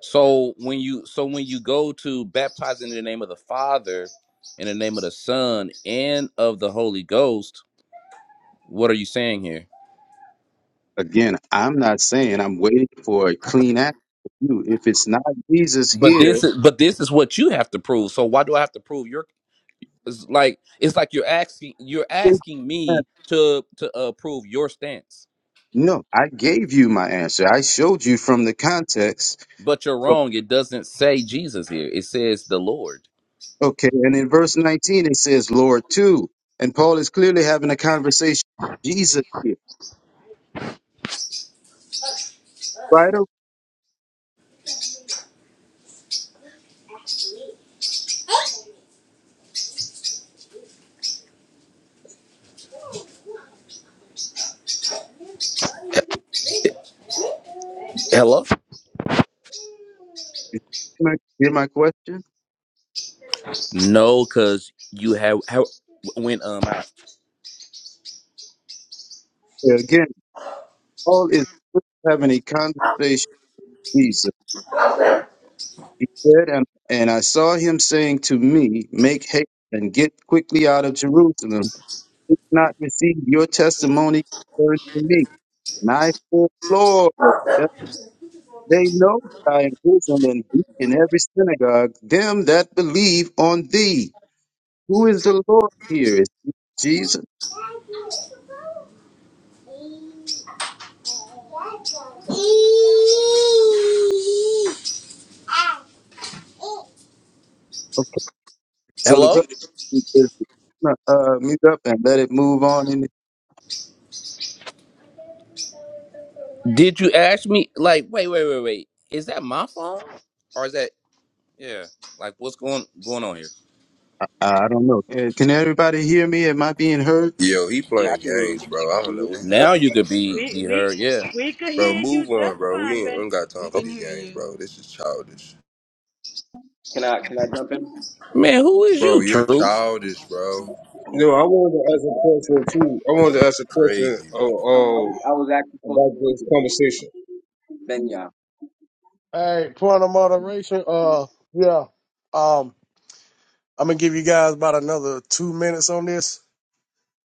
Speaker 3: So when you so when you go to baptize in the name of the Father, in the name of the Son, and of the Holy Ghost, what are you saying here?
Speaker 12: Again, I'm not saying I'm waiting for a clean answer from you. If it's not Jesus
Speaker 3: But
Speaker 12: here,
Speaker 3: this is but this is what you have to prove. So why do I have to prove your? It's like it's like you're asking you're asking me to to uh, prove your stance,
Speaker 12: no, I gave you my answer. I showed you from the context.
Speaker 3: but you're
Speaker 12: From,
Speaker 3: wrong. It doesn't say Jesus here. It says the Lord.
Speaker 12: okay, and in verse 19 it says, Lord, too. And Paul is clearly having a conversation with Jesus here. Right over,
Speaker 3: Hello.
Speaker 12: my- hear my question?
Speaker 3: No, because you have how when um I,
Speaker 12: Again, Paul is having a conversation with Jesus. He said, and, and I saw him saying to me, Make haste and get quickly out of Jerusalem did not receive your testimony concerning me. And I fear, Lord, that they know that I am imprisoned and beat in every synagogue them that believe on thee. Who is the Lord here? Is it Jesus? Okay, so the
Speaker 3: Hello?
Speaker 12: brother is uh, mute up and let it move on. In
Speaker 3: Did you ask me like wait, wait, wait, wait. Is that my phone? Or is that yeah. Like what's going going on here?
Speaker 12: I don't know. Uh, Can everybody hear me? Am I being heard?
Speaker 14: Yo, he
Speaker 9: Yeah, I
Speaker 14: playing
Speaker 9: can.
Speaker 14: games,
Speaker 9: hear
Speaker 14: bro. I don't know
Speaker 9: you.
Speaker 14: what he
Speaker 3: Now
Speaker 14: got going
Speaker 3: you could
Speaker 14: on, bro.
Speaker 3: be
Speaker 7: We
Speaker 3: be
Speaker 7: we
Speaker 3: heard, yeah.
Speaker 7: we could
Speaker 14: Bro,
Speaker 7: hear you
Speaker 14: move on,
Speaker 7: just
Speaker 14: bro. We
Speaker 7: fine,
Speaker 14: ain't, we
Speaker 7: Ben.
Speaker 14: ain't got
Speaker 4: We
Speaker 14: time for
Speaker 12: Oh,
Speaker 4: can
Speaker 14: these
Speaker 4: hear
Speaker 14: games,
Speaker 4: you.
Speaker 14: bro. This is childish.
Speaker 9: Can I can I jump in?
Speaker 3: Man, who is
Speaker 14: Bro,
Speaker 3: you,
Speaker 14: you're
Speaker 3: Truth?
Speaker 14: childish, bro.
Speaker 13: No, I wanted to ask a question too. I wanted
Speaker 14: This
Speaker 13: to
Speaker 14: is
Speaker 13: ask a question
Speaker 14: crazy, bro.
Speaker 13: uh,
Speaker 9: I, I
Speaker 13: um,
Speaker 9: was I was actually supposed
Speaker 13: about
Speaker 9: to
Speaker 13: this
Speaker 9: answer them.
Speaker 13: conversation.
Speaker 9: Benya,
Speaker 2: Hey, point of moderation. Uh, yeah. Um, I'm gonna give you guys about another two minutes on this,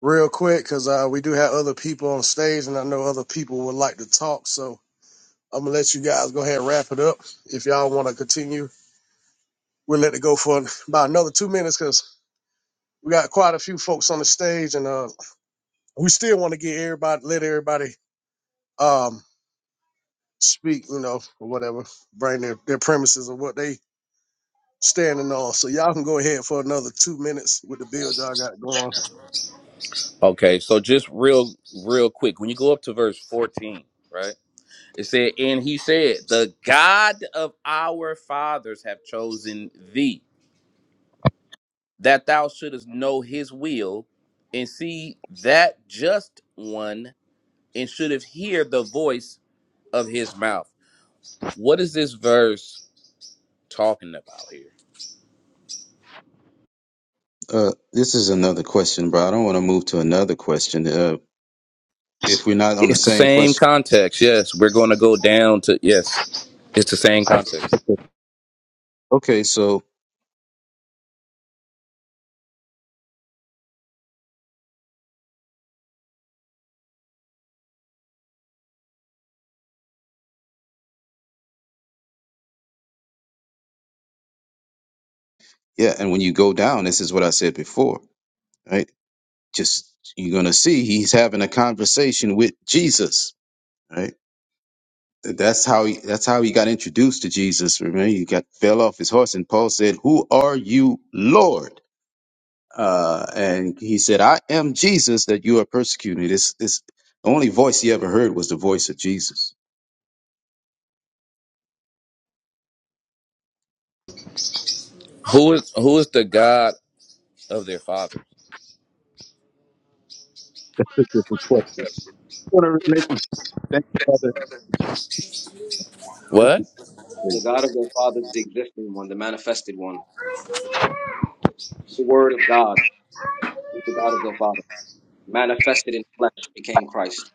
Speaker 2: real quick, because uh, we do have other people on stage, and I know other people would like to talk. So I'm gonna let you guys go ahead and wrap it up. If y'all want to continue, we'll let it go for an- about another two minutes, because we got quite a few folks on the stage, and uh, we still want to get everybody, let everybody um speak, you know, or whatever, bring their, their premises or what they standing on. So y'all can go ahead for another two minutes with the build y'all got going.
Speaker 3: Okay, so just real real quick, when you go up to verse 14, right? It said, and he said, The God of our fathers have chosen thee. that thou shouldest know his will and see that just one and shouldest hear the voice of his mouth. What is this verse talking about here?
Speaker 12: uh, this is another question, bro. I don't want to move to another question. Uh, if we're not on the
Speaker 3: It's the
Speaker 12: same
Speaker 3: same
Speaker 12: question.
Speaker 3: context. Yes, we're going to go down to yes. It's the same context.
Speaker 12: Okay. Okay. So Yeah, and when you go down, this is what I said before, right? Just you're gonna see he's having a conversation with Jesus, right? Th- That's how he, that's how he got introduced to Jesus. Remember, he got fell off his horse, and Paul said, "Who are you, Lord?" Uh, and he said, "I am Jesus that you are persecuting." This this the only voice he ever heard was the voice of Jesus.
Speaker 3: Who is who is the God of their father?
Speaker 12: That's a different question. I wanna make a- Thank you, Father. Thank
Speaker 3: What?
Speaker 12: you.
Speaker 9: the God of their fathers, the existing one, the manifested one, the Word of God is the God of their father, manifested in flesh, became Christ.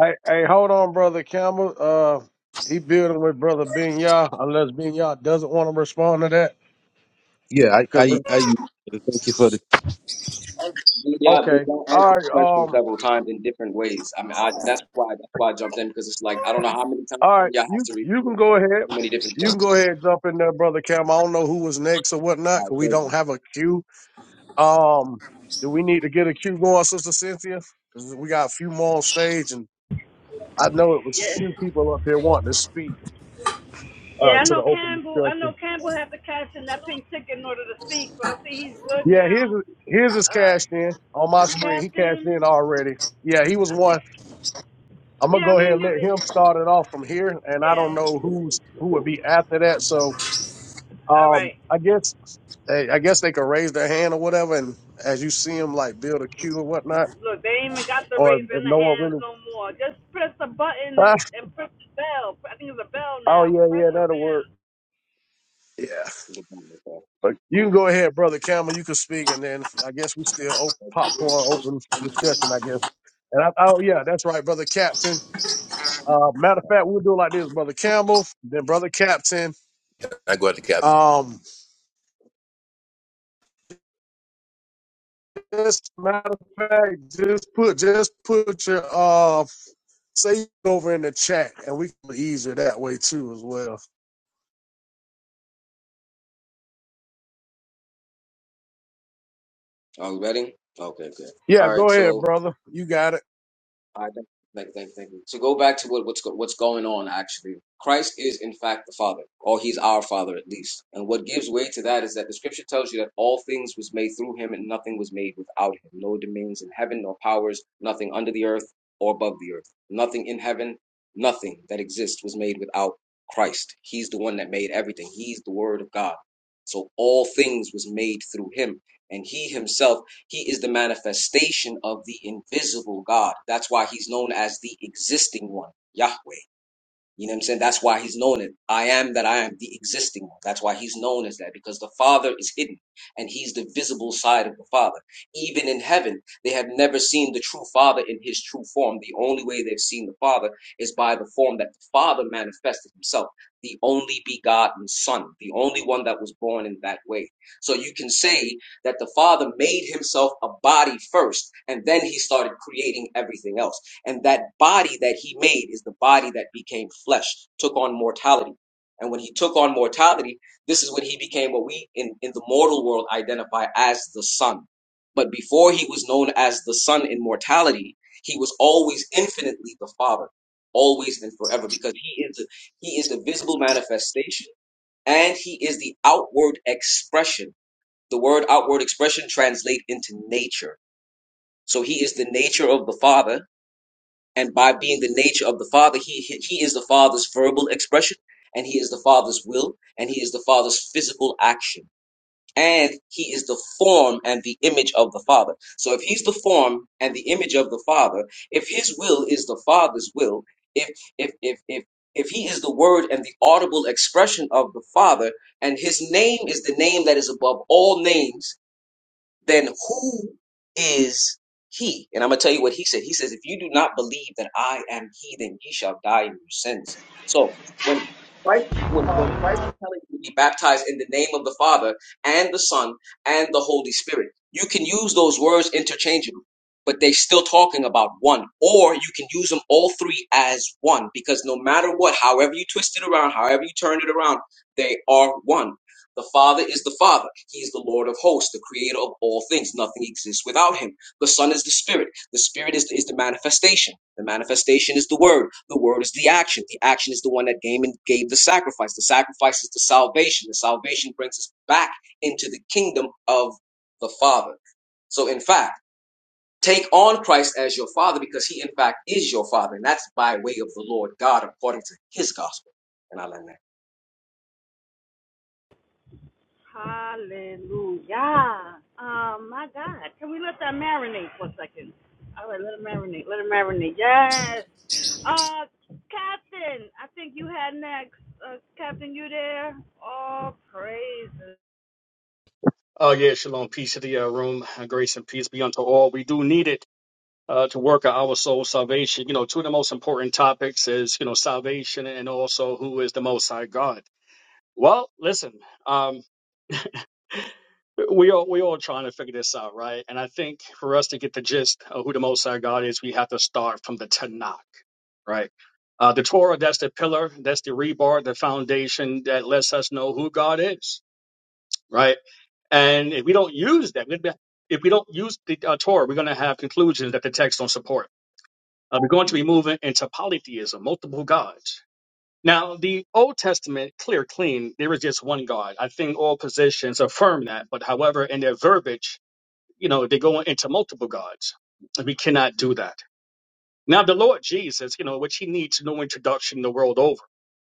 Speaker 2: Hey, hey, hold on, brother Campbell. Uh, he building with brother Ben unless Ben doesn't want to respond to that.
Speaker 12: Yeah, I
Speaker 2: Cause
Speaker 12: I, I thank you for this.
Speaker 9: Yeah, but
Speaker 2: okay,
Speaker 9: that
Speaker 2: all
Speaker 9: answered the
Speaker 2: right,
Speaker 9: question
Speaker 2: um,
Speaker 9: several times in different ways. I mean, I, that's why that's why I jumped in because it's like I don't know how many times
Speaker 2: all right,
Speaker 9: Benya has
Speaker 2: you
Speaker 9: to repeat
Speaker 2: you can
Speaker 9: it,
Speaker 2: go
Speaker 9: but
Speaker 2: ahead.
Speaker 9: so many different
Speaker 2: You
Speaker 9: forms.
Speaker 2: can go ahead and jump in there, brother Cam. I don't know who was next or
Speaker 9: All
Speaker 2: whatnot,
Speaker 9: right,
Speaker 2: cause we
Speaker 9: thank
Speaker 2: don't
Speaker 9: you.
Speaker 2: have a queue. Um, do we need to get a queue going, Sister Cynthia? 'Cause we got a few more on stage, and I know it was
Speaker 7: Yes.
Speaker 2: few people up here wanting to speak. uh,
Speaker 7: Yeah, I
Speaker 2: to the
Speaker 7: know
Speaker 2: open
Speaker 7: Campbell. I know
Speaker 2: discussion.
Speaker 7: Campbell had to cash in that pink ticket in order to speak, so I see he's good
Speaker 2: Yeah, here's
Speaker 7: now.
Speaker 2: here's his
Speaker 7: Uh,
Speaker 2: cash in on my screen. He cashed in
Speaker 7: Captain,
Speaker 2: already. Yeah, he was
Speaker 7: I think.
Speaker 2: one. I'm gonna
Speaker 7: Yeah, I
Speaker 2: go ahead
Speaker 7: mean,
Speaker 2: and
Speaker 7: it,
Speaker 2: let him
Speaker 7: was-
Speaker 2: start it off from here, and I don't know
Speaker 7: yeah.
Speaker 2: who's who would be after that. So,
Speaker 7: All
Speaker 2: um,
Speaker 7: right.
Speaker 2: I guess they, I guess they could raise their hand or whatever, and as you see him like build a queue or whatnot,
Speaker 7: Look, they ain't even got the
Speaker 2: or if,
Speaker 7: razor in
Speaker 2: if
Speaker 7: the
Speaker 2: no one
Speaker 7: hands
Speaker 2: really.
Speaker 7: no more. Just press the button and, and press the bell. I think it's a bell
Speaker 2: oh
Speaker 7: now.
Speaker 2: yeah,
Speaker 7: Press
Speaker 2: yeah,
Speaker 7: the bell.
Speaker 2: that'll work. Yeah.
Speaker 9: Good point, okay.
Speaker 2: But you can
Speaker 9: Cool.
Speaker 2: go ahead, brother Campbell. You can speak, and then I guess we
Speaker 9: Thank
Speaker 2: still
Speaker 9: you.
Speaker 2: open,
Speaker 9: Thank you.
Speaker 2: popcorn open discussion. I guess. And I, oh yeah, that's right, brother Captain. Uh, matter of fact, we'll do it like this, brother Campbell, then brother Captain.
Speaker 14: I go at the captain.
Speaker 2: Um, just matter of fact, just put just put your uh say over in the chat, and we can be easier that way too as well.
Speaker 9: Are we ready? Okay, good.
Speaker 2: Yeah,
Speaker 9: All right,
Speaker 2: go ahead,
Speaker 9: so.
Speaker 2: brother. You got it.
Speaker 9: I thank, thank, thank, thank you. To go back to what, what's go, what's going on, actually, Christ is in fact the Father, or He's our Father at least. And what gives way to that is that the Scripture tells you that all things was made through Him, and nothing was made without Him. No domains in heaven, nor powers, nothing under the earth or above the earth, nothing in heaven, nothing that exists was made without Christ. He's the one that made everything. He's the Word of God. So all things was made through Him, and He Himself he is the manifestation of the invisible God. That's why he's known as the existing one, Yahweh. You know what I'm saying? That's why he's known it. I am that I am, the existing one. That's why he's known as that, because the Father is hidden and he's the visible side of the Father. Even in heaven, they have never seen the true Father in his true form. The only way they've seen the Father is by the form that the Father manifested himself, the only begotten Son, the only one that was born in that way. So you can say that the Father made himself a body first, and then he started creating everything else. And that body that he made is the body that became flesh, took on mortality. And when he took on mortality, this is when he became what we in, in the mortal world identify as the Son. But before he was known as the Son in mortality, he was always infinitely the Father, always and forever, because he is the, he is the visible manifestation and he is the outward expression. The word outward expression translate into nature. So he is the nature of the Father and by being the nature of the father he he is the father's verbal expression and he is the father's will and he is the father's physical action and he is the form and the image of the father so if he's the form and the image of the father if his will is the father's will if if if if if he is the word and the audible expression of the father and his name is the name that is above all names then who is he? And I'm gonna tell you what he said. He says, if you do not believe that I am he, then ye shall die in your sins. So when Christ, when, when Christ is telling you to be baptized in the name of the Father and the Son and the Holy Spirit, you can use those words interchangeably, but they're still talking about one. Or you can use them all three as one, because no matter what, however you twist it around, however you turn it around, they are one. The Father is the Father. He is the Lord of hosts, the creator of all things. Nothing exists without him. The Son is the Spirit. The Spirit is, is the manifestation. The manifestation is the Word. The Word is the action. The action is the one that gave and gave the sacrifice. The sacrifice is the salvation. The salvation brings us back into the kingdom of the Father. So, in fact, take on Christ as your Father because he, in fact, is your Father. And that's by way of the Lord God according to his gospel. And I learned that.
Speaker 7: Hallelujah. Um, my God. Can we let that marinate for a second? All right, let it marinate. Let it marinate. Yes. Uh, Captain, I think you had next. Uh, Captain, you there? Oh, praise
Speaker 11: Oh, yeah, shalom. Peace to the uh, room. and Grace and peace be unto all. We do need it uh, to work on our soul salvation. You know, two of the most important topics is, you know, salvation and also who is the Most High God. Well, listen, um, we all we all trying to figure this out, right? And I think for us to get the gist of who the Most High God is, we have to start from the Tanakh, right? Uh, the Torah, that's the pillar, that's the rebar, the foundation that lets us know who God is, right? And if we don't use that, we're gonna be- if we don't use the uh, Torah, we're going to have conclusions that the text don't support. Uh, we're going to be moving into polytheism, multiple gods. Now, the Old Testament, clear, clean, there is just one God. I think all positions affirm that. But however, in their verbiage, you know, they go into multiple gods. We cannot do that. Now, the Lord Jesus, you know, which he needs no introduction the world over.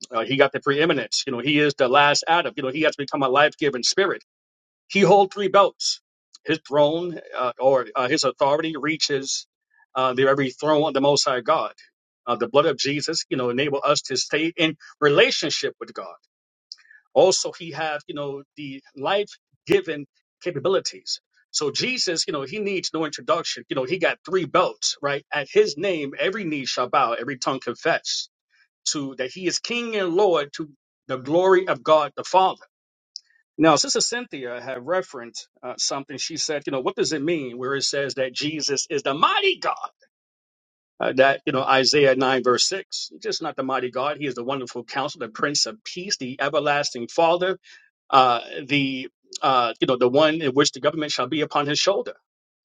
Speaker 11: Uh, he got the preeminence. You know, he is the last Adam. You know, he has become a life giving spirit he holds three belts. His throne uh, or uh, his authority reaches uh, the very throne of the Most High God. Uh, the blood of Jesus, you know, enable us to stay in relationship with God. Also, he have you know the life given capabilities. So Jesus, you know, he needs no introduction. You know, he got three belts, right? At his name, every knee shall bow, every tongue confess to that he is King and Lord to the glory of God the Father. Now, Sister Cynthia had referenced uh, something. She said, you know, what does it mean where it says that Jesus is the mighty God? Uh, that, you know, Isaiah 9, verse 6, just not the mighty God. He is the wonderful counselor, the prince of peace, the everlasting father, uh, the, uh, you know, the one in which the government shall be upon his shoulder.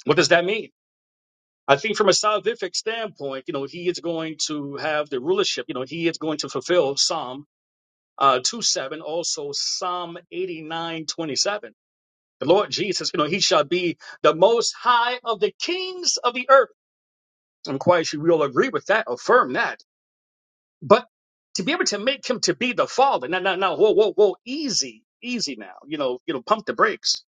Speaker 11: What does that mean? I think from a salvific standpoint, you know, he is going to have the rulership. You know, he is going to fulfill Psalm uh, 2 7, also Psalm eighty nine twenty seven. The Lord Jesus, you know, he shall be the most high of the kings of the earth. I'm quite sure we all agree with that, affirm that. But to be able to make him to be the father, now, now, now, whoa, whoa, whoa, easy, easy now, you know, you know, pump the brakes.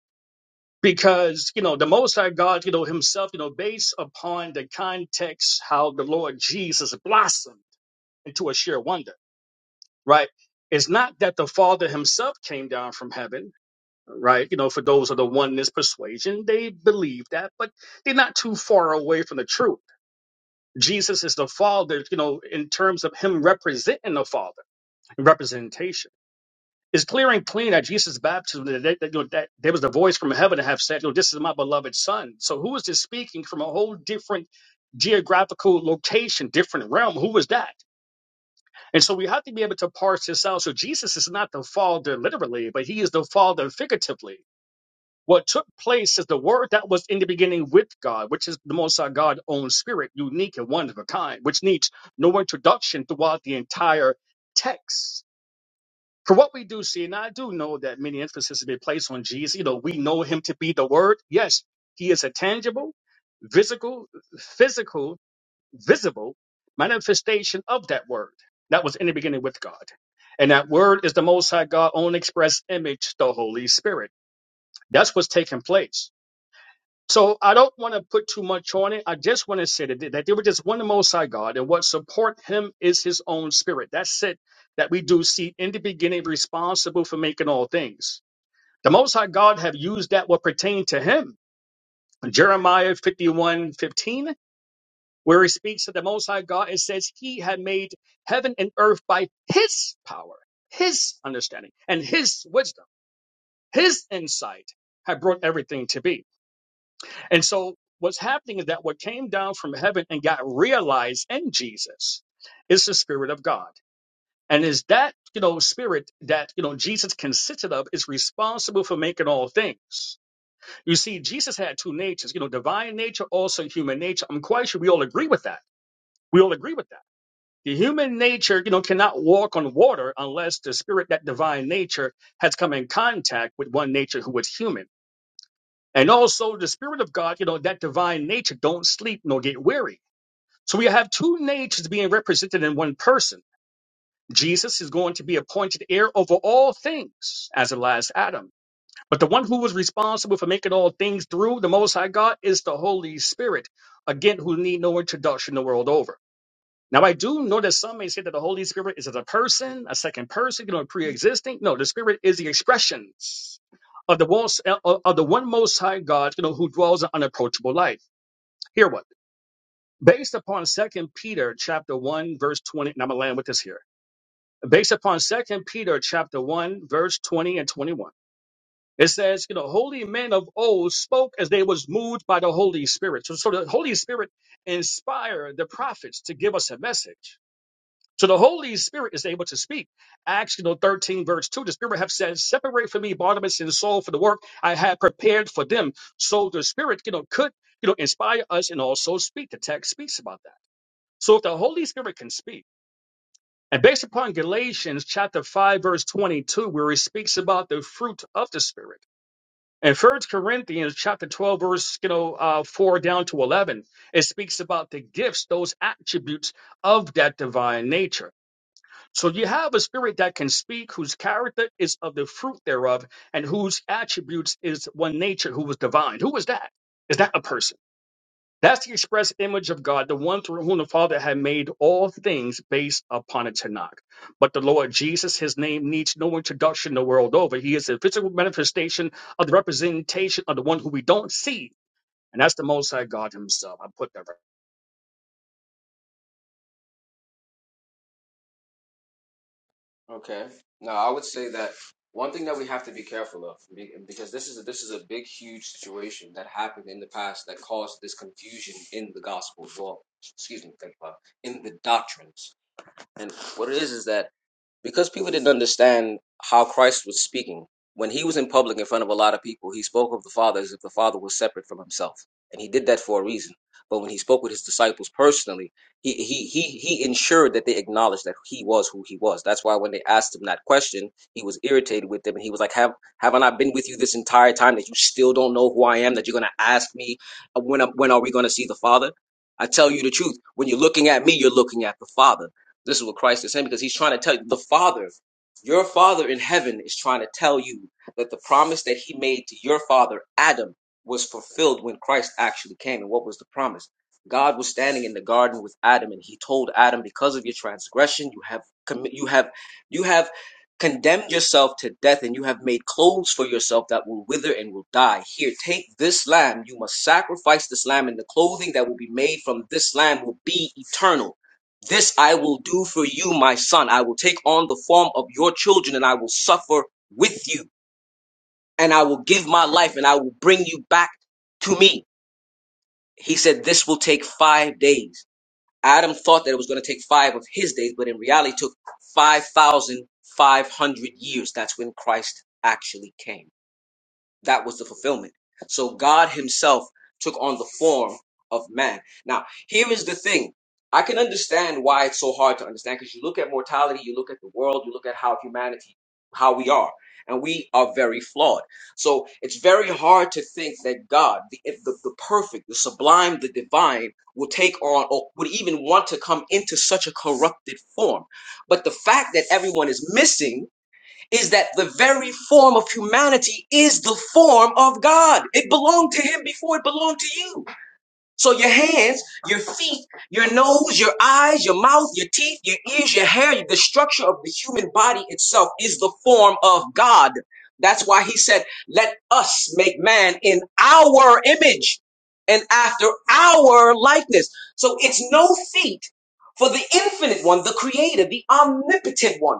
Speaker 11: Because, you know, the Most High God, you know, himself, you know, based upon the context how the Lord Jesus blossomed into a sheer wonder, right? It's not that the Father himself came down from heaven right? You know, for those of the oneness persuasion, they believe that, but they're not too far away from the truth. Jesus is the Father, you know, in terms of Him representing the Father, representation. It's clear and clean that Jesus' baptism, that, that, that, you know, that there was a voice from heaven that have said, you know, this is my beloved Son. So who is this speaking from a whole different geographical location, different realm? Who was that? And so we have to be able to parse this out. So Jesus is not the Father literally, but He is the Father figuratively What took place is the word that was in the beginning with God, which is the Most High God's own spirit, unique and one of a kind, which needs no introduction throughout the entire text. For what we do see, and I do know that many emphasis has been placed on Jesus, you know, we know him to be the word. Yes, he is a tangible, physical, physical, visible manifestation of that word that was in the beginning with God. And that word is the Most High God's own express image, the Holy Spirit. That's what's taking place. So I don't want to put too much on it. I just want to say that, that there was just one Most High God, and what support Him is His own Spirit. That's it. That we do see in the beginning responsible for making all things. The Most High God have used that what pertain to Him. Jeremiah 51 15, where He speaks of the Most High God, it says He had made heaven and earth by His power, His understanding, and His wisdom, His insight had brought everything to be. And so what's happening is that what came down from heaven and got realized in Jesus is the Spirit of God. And is that, you know, spirit that, you know, Jesus consisted of is responsible for making all things. You see, Jesus had two natures, you know, divine nature, also human nature. I'm quite sure we all agree with that. We all agree with that. The human nature, you know, cannot walk on water unless the spirit, that divine nature, has come in contact with one nature who was human. And also the spirit of God, you know, that divine nature don't sleep nor get weary. So we have two natures being represented in one person. Jesus is going to be appointed heir over all things as the last Adam. But the one who was responsible for making all things through the Most High God is the Holy Spirit, again, who need no introduction the world over. Now, I do know that some may say that the Holy Spirit is as a person, a second person, you know, pre-existing. No, the Spirit is the expressions of the most, of of the one Most High God, you know, who dwells in unapproachable light. Hear what? Based upon Second Peter chapter one verse twenty, and I'm gonna land with this here. Based upon Second Peter chapter one verse twenty and twenty-one, it says, you know, holy men of old spoke as they was moved by the Holy Spirit. So, so the Holy Spirit inspired the prophets to give us a message. So the Holy Spirit is able to speak. Acts you know, 13, verse 2, the Spirit have said, Separate for me Barnabas and Saul for the work I had prepared for them. So the Spirit, you know, could, you know, inspire us and also speak. The text speaks about that. So if the Holy Spirit can speak, and based upon Galatians chapter 5, verse 22, where it speaks about the fruit of the Spirit, and First Corinthians chapter 12, verse you know, uh, 4 down to 11, it speaks about the gifts, those attributes of that divine nature. So you have a spirit that can speak, whose character is of the fruit thereof, and whose attributes is one nature, who was divine. Who was that? Is that a person? That's the express image of God, the one through whom the Father had made all things based upon a Tanakh. But the Lord Jesus, his name needs no introduction the world over. He is a physical manifestation of the representation of the one who we don't see, and that's the Most High God himself. I put that right.
Speaker 9: Okay. Now, I would say that one thing that we have to be careful of, be- because this is a, this is a big, huge situation that happened in the past that caused this confusion in the gospel well. Excuse me, think about it, in the doctrines. And what it is is that because people didn't understand how Christ was speaking. When he was in public in front of a lot of people, he spoke of the Father as if the Father was separate from himself, and he did that for a reason. But when he spoke with his disciples personally, he he he he ensured that they acknowledged that he was who he was. That's why when they asked him that question, he was irritated with them, and he was like, "Have have I not been with you this entire time that you still don't know who I am? That you're gonna ask me uh, when when are we gonna see the Father?" I tell you the truth. When you're looking at me, you're looking at the Father. This is what Christ is saying because he's trying to tell you the Father, your Father in heaven is trying to tell you that the promise that he made to your father Adam was fulfilled when Christ actually came. And what was the promise? God was standing in the garden with Adam and he told Adam because of your transgression you have commi- you have you have condemned yourself to death and you have made clothes for yourself that will wither and will die. Here take this lamb, you must sacrifice this lamb and the clothing that will be made from this lamb will be eternal this I will do for you, my son. I will take on the form of your children and I will suffer with you and I will give my life and I will bring you back to me. He said, This will take five days. Adam thought that it was going to take five of his days, but in reality, it took 5,500 years. That's when Christ actually came. That was the fulfillment. So God himself took on the form of man. Now, here is the thing. I can understand why it's so hard to understand because you look at mortality, you look at the world, you look at how humanity, how we are, and we are very flawed. So it's very hard to think that God, the, if the, the perfect, the sublime, the divine, will take on or would even want to come into such a corrupted form. But the fact that everyone is missing is that the very form of humanity is the form of God. It belonged to him before it belonged to you. So your hands, your feet, your nose, your eyes, your mouth, your teeth, your ears, your hair, the structure of the human body itself is the form of God. That's why he said, let us make man in our image and after our likeness. So it's no feat for the infinite one, the creator, the omnipotent one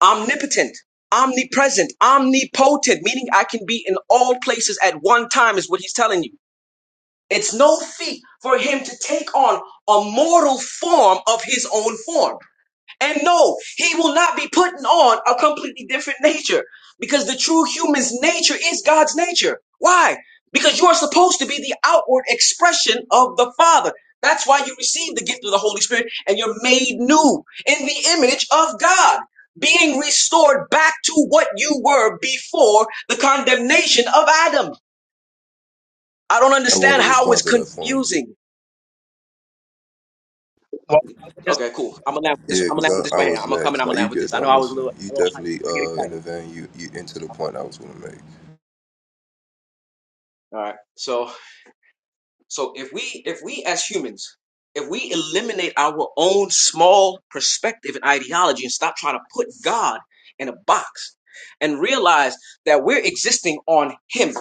Speaker 9: omnipotent, omnipresent, omnipotent, meaning I can be in all places at one time, is what he's telling you. It's no feat for him to take on a mortal form of his own form. And no, he will not be putting on a completely different nature because the true human's nature is God's nature. Why? Because you are supposed to be the outward expression of the Father. That's why you receive the gift of the Holy Spirit and you're made new in the image of God, being restored back to what you were before the condemnation of Adam. I don't
Speaker 14: I want
Speaker 9: understand
Speaker 14: to
Speaker 9: how it's
Speaker 14: respond to that point.
Speaker 9: confusing.
Speaker 11: Well,
Speaker 9: Okay, cool. I'm gonna land with this.
Speaker 14: Yeah,
Speaker 9: I'm gonna
Speaker 14: because
Speaker 9: land with this
Speaker 14: I, I
Speaker 9: right here.
Speaker 14: was
Speaker 9: I'm gonna come and
Speaker 14: next.
Speaker 9: I'm
Speaker 14: Now
Speaker 9: gonna
Speaker 14: you
Speaker 9: land with this.
Speaker 14: good.
Speaker 9: I know
Speaker 14: I'm
Speaker 9: I was a
Speaker 14: listening.
Speaker 9: little,
Speaker 14: You
Speaker 9: a little hyped.
Speaker 14: definitely
Speaker 9: I get
Speaker 14: uh in
Speaker 9: excited.
Speaker 14: the vein. You you into the point I was gonna make.
Speaker 9: All right. So so if we if we as humans, if we eliminate our own small perspective and ideology and stop trying to put God in a box and realize that we're existing on him.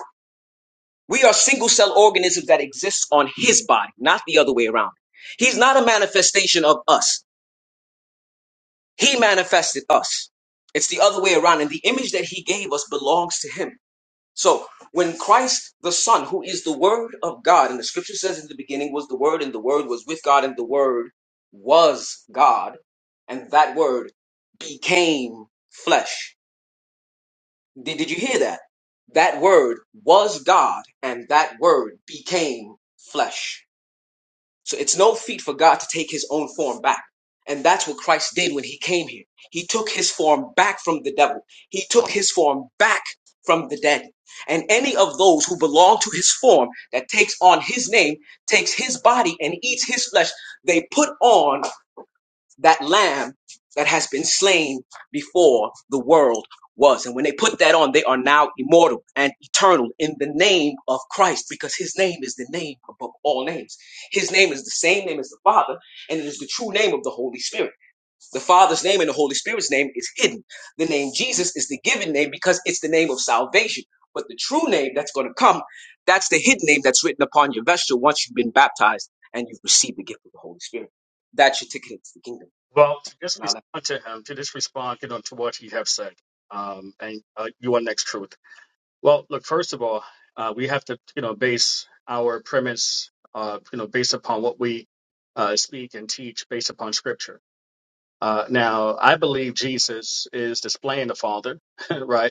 Speaker 9: We are single cell organisms that exist on his body, not the other way around. He's not a manifestation of us. He manifested us. It's the other way around and the image that he gave us belongs to him. So when Christ the Son, who is the Word of God, and the scripture says in the beginning was the Word, and the Word was with God, and the Word was God, and that Word became flesh. Did, did you hear that? That Word was God, and that Word became flesh. So it's no feat for God to take his own form back. And that's what Christ did when he came here. He took his form back from the devil. He took his form back from the dead. And any of those who belong to his form that takes on his name, takes his body and eats his flesh, they put on that lamb that has been slain before the world was. And when they put that on, they are now immortal and eternal in the name of Christ because his name is the name above all names. His name is the same name as the Father, and it is the true name of the Holy Spirit. The Father's name and the Holy Spirit's name is hidden. The name Jesus is the given name because it's the name of salvation. But the true name that's going to come, that's the hidden name that's written upon your vesture once you've been baptized and you've received the gift of the Holy Spirit. That's your ticket into the kingdom
Speaker 11: Well, to just
Speaker 9: and I'll-
Speaker 11: respond to him, to just respond you know, to what he have said, um, and uh, your next truth. Well, look, first of all, uh, we have to you know base our premise, uh, you know, based upon what we uh, speak and teach, based upon Scripture. Uh, now, I believe Jesus is displaying the Father, right?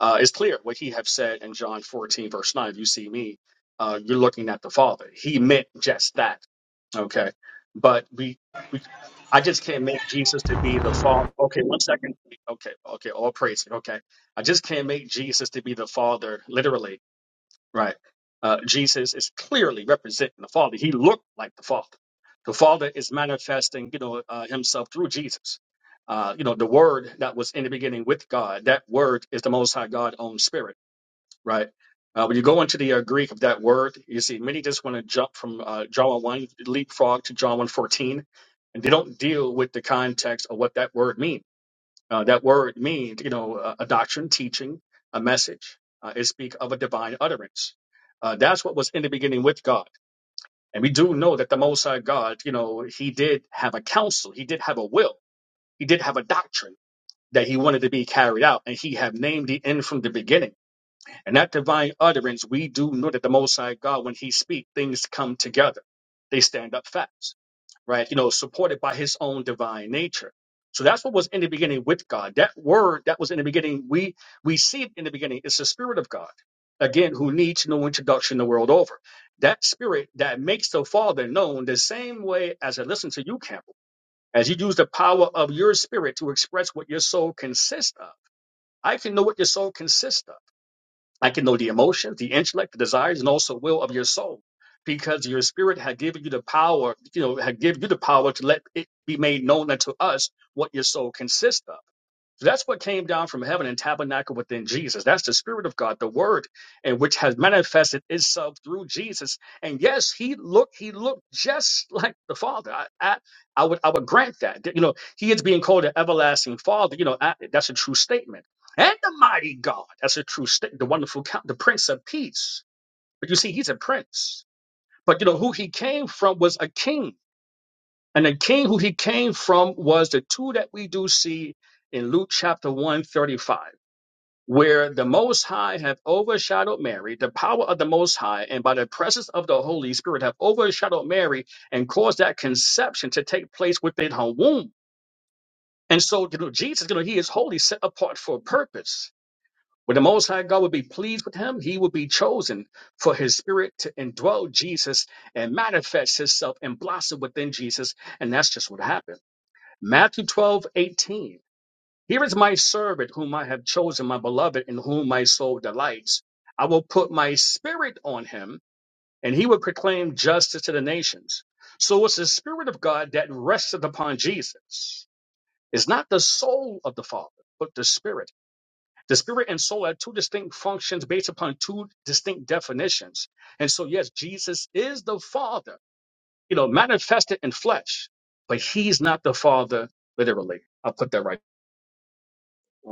Speaker 11: uh, it's clear what he have said in John 14, verse 9. If You see me, uh, you're looking at the Father. He meant just that. Okay. But we, we, I just can't make Jesus to be the Father. Okay, one second. Okay, okay, all praise. Okay. I just can't make Jesus to be the Father literally right? Uh, Jesus is clearly representing the Father. He looked like the Father. The Father is manifesting, you know, uh, Himself through Jesus. Uh, you know, the Word that was in the beginning with God. That Word is the Most High God own Spirit, right? Uh, when you go into the uh, Greek of that word, you see many just want to jump from uh, John 1 leapfrog to John one fourteen, and they don't deal with the context of what that word means uh, that word means, you know, a, a doctrine, teaching, a message. Uh, it speaks of a divine utterance. Uh, that's what was in the beginning with God. And we do know that the Most High God, you know, he did have a counsel, he did have a will, he did have a doctrine that he wanted to be carried out, and he had named the end from the beginning. And that divine utterance, we do know that the Most High God, when He speaks, things come together. They stand up fast, right? You know, supported by His own divine nature. So that's what was in the beginning with God. That word that was in the beginning, we we see it in the beginning. It's the Spirit of God, again, who needs no introduction the world over. That Spirit that makes the Father known the same way as I listen to you, Campbell, as you use the power of your Spirit to express what your soul consists of. I can know what your soul consists of. I can know the emotions, the intellect, the desires, and also will of your soul, because your spirit had given you the power, you know, had given you the power to let it be made known unto us what your soul consists of. So that's what came down from heaven and tabernacled within Jesus. That's the Spirit of God, the Word, and which has manifested itself through Jesus. And yes, he looked, he looked just like the Father. I, I, I would, I would grant that. You know, he is being called an everlasting Father. You know, I, that's a true statement and the mighty God. That's a true state. The wonderful count, the Prince of Peace. But you see, he's a prince. But you know who he came from was a king, and the king who he came from was the two that we do see in Luke chapter one thirty-five, where the Most High have overshadowed Mary, the power of the Most High, and by the presence of the Holy Spirit have overshadowed Mary and caused that conception to take place within her womb. And so, you know, Jesus, you know, he is holy, set apart for a purpose. When the Most High God would be pleased with him, he would be chosen for his spirit to indwell Jesus and manifest himself and blossom within Jesus. And that's just what happened. Matthew 12 18. Here is my servant whom I have chosen, my beloved, in whom my soul delights. I will put my spirit on him, and he will proclaim justice to the nations. So it's the spirit of God that rested upon Jesus. It's not the soul of the Father, but the spirit. The spirit and soul have two distinct functions based upon two distinct definitions. And so, yes, Jesus is the Father, you know, manifested in flesh, but he's not the Father literally. I'll put that right.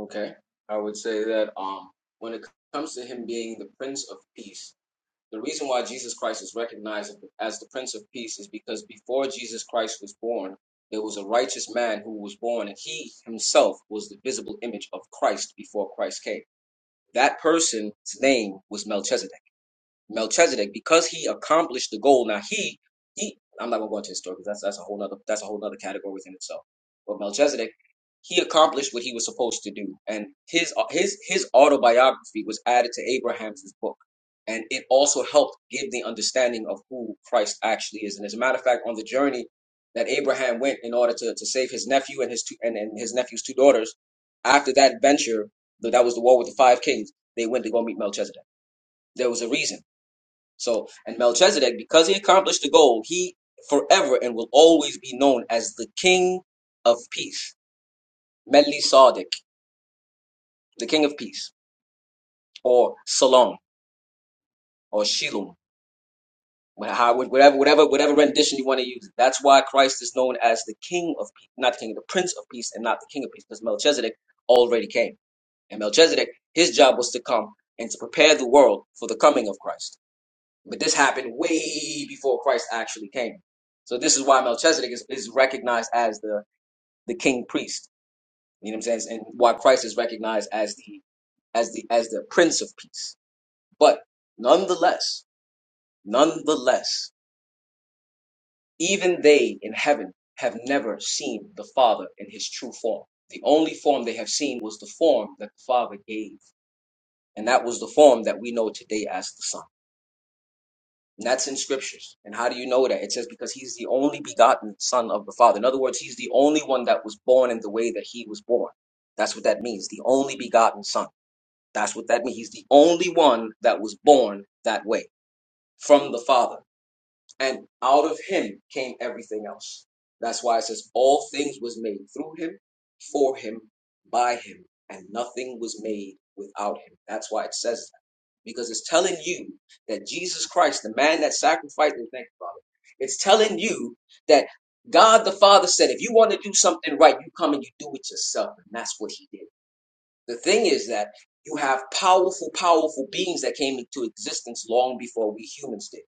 Speaker 9: Okay. I would say that um, when it comes to him being the Prince of Peace, the reason why Jesus Christ is recognized as the Prince of Peace is because before Jesus Christ was born, there was a righteous man who was born, and he himself was the visible image of Christ before Christ came. That person's name was Melchizedek. Melchizedek, because he accomplished the goal. Now he he I'm not gonna go into his story because that's that's a whole other that's a whole other category within itself. But Melchizedek, he accomplished what he was supposed to do, and his his his autobiography was added to Abraham's book, and it also helped give the understanding of who Christ actually is. And as a matter of fact, on the journey that Abraham went in order to, to save his nephew and his two and, and his nephew's two daughters, after that venture, that was the war with the five kings, they went to go meet Melchizedek. There was a reason so, and Melchizedek, because he accomplished the goal, he forever and will always be known as the King of Peace, Melchizedek, the King of Peace, or Salom, or Shilom, whatever, whatever, whatever rendition you want to use. That's why Christ is known as the King of Peace, not the King, the Prince of Peace, and not the King of Peace, because Melchizedek already came, and Melchizedek, his job was to come and to prepare the world for the coming of Christ. But this happened way before Christ actually came. So this is why Melchizedek is, is recognized as the, the king priest. You know what I'm saying? And why Christ is recognized as the as the as the prince of peace. But nonetheless, nonetheless, even they in heaven have never seen the Father in his true form. The only form they have seen was the form that the Father gave. And that was the form that we know today as the Son. And that's in scriptures. And how do you know that? It says because he's the only begotten son of the Father. In other words, he's the only one that was born in the way that he was born. That's what that means. The only begotten son. That's what that means. He's the only one that was born that way from the Father. And out of him came everything else. That's why it says all things was made through him, for him, by him, and nothing was made without him. That's why it says because it's telling you that Jesus Christ, the man that sacrificed, and thank you, Father, it's telling you that God the Father said, if you want to do something right, you come and you do it yourself. And that's what he did. The thing is that you have powerful, powerful beings that came into existence long before we humans did.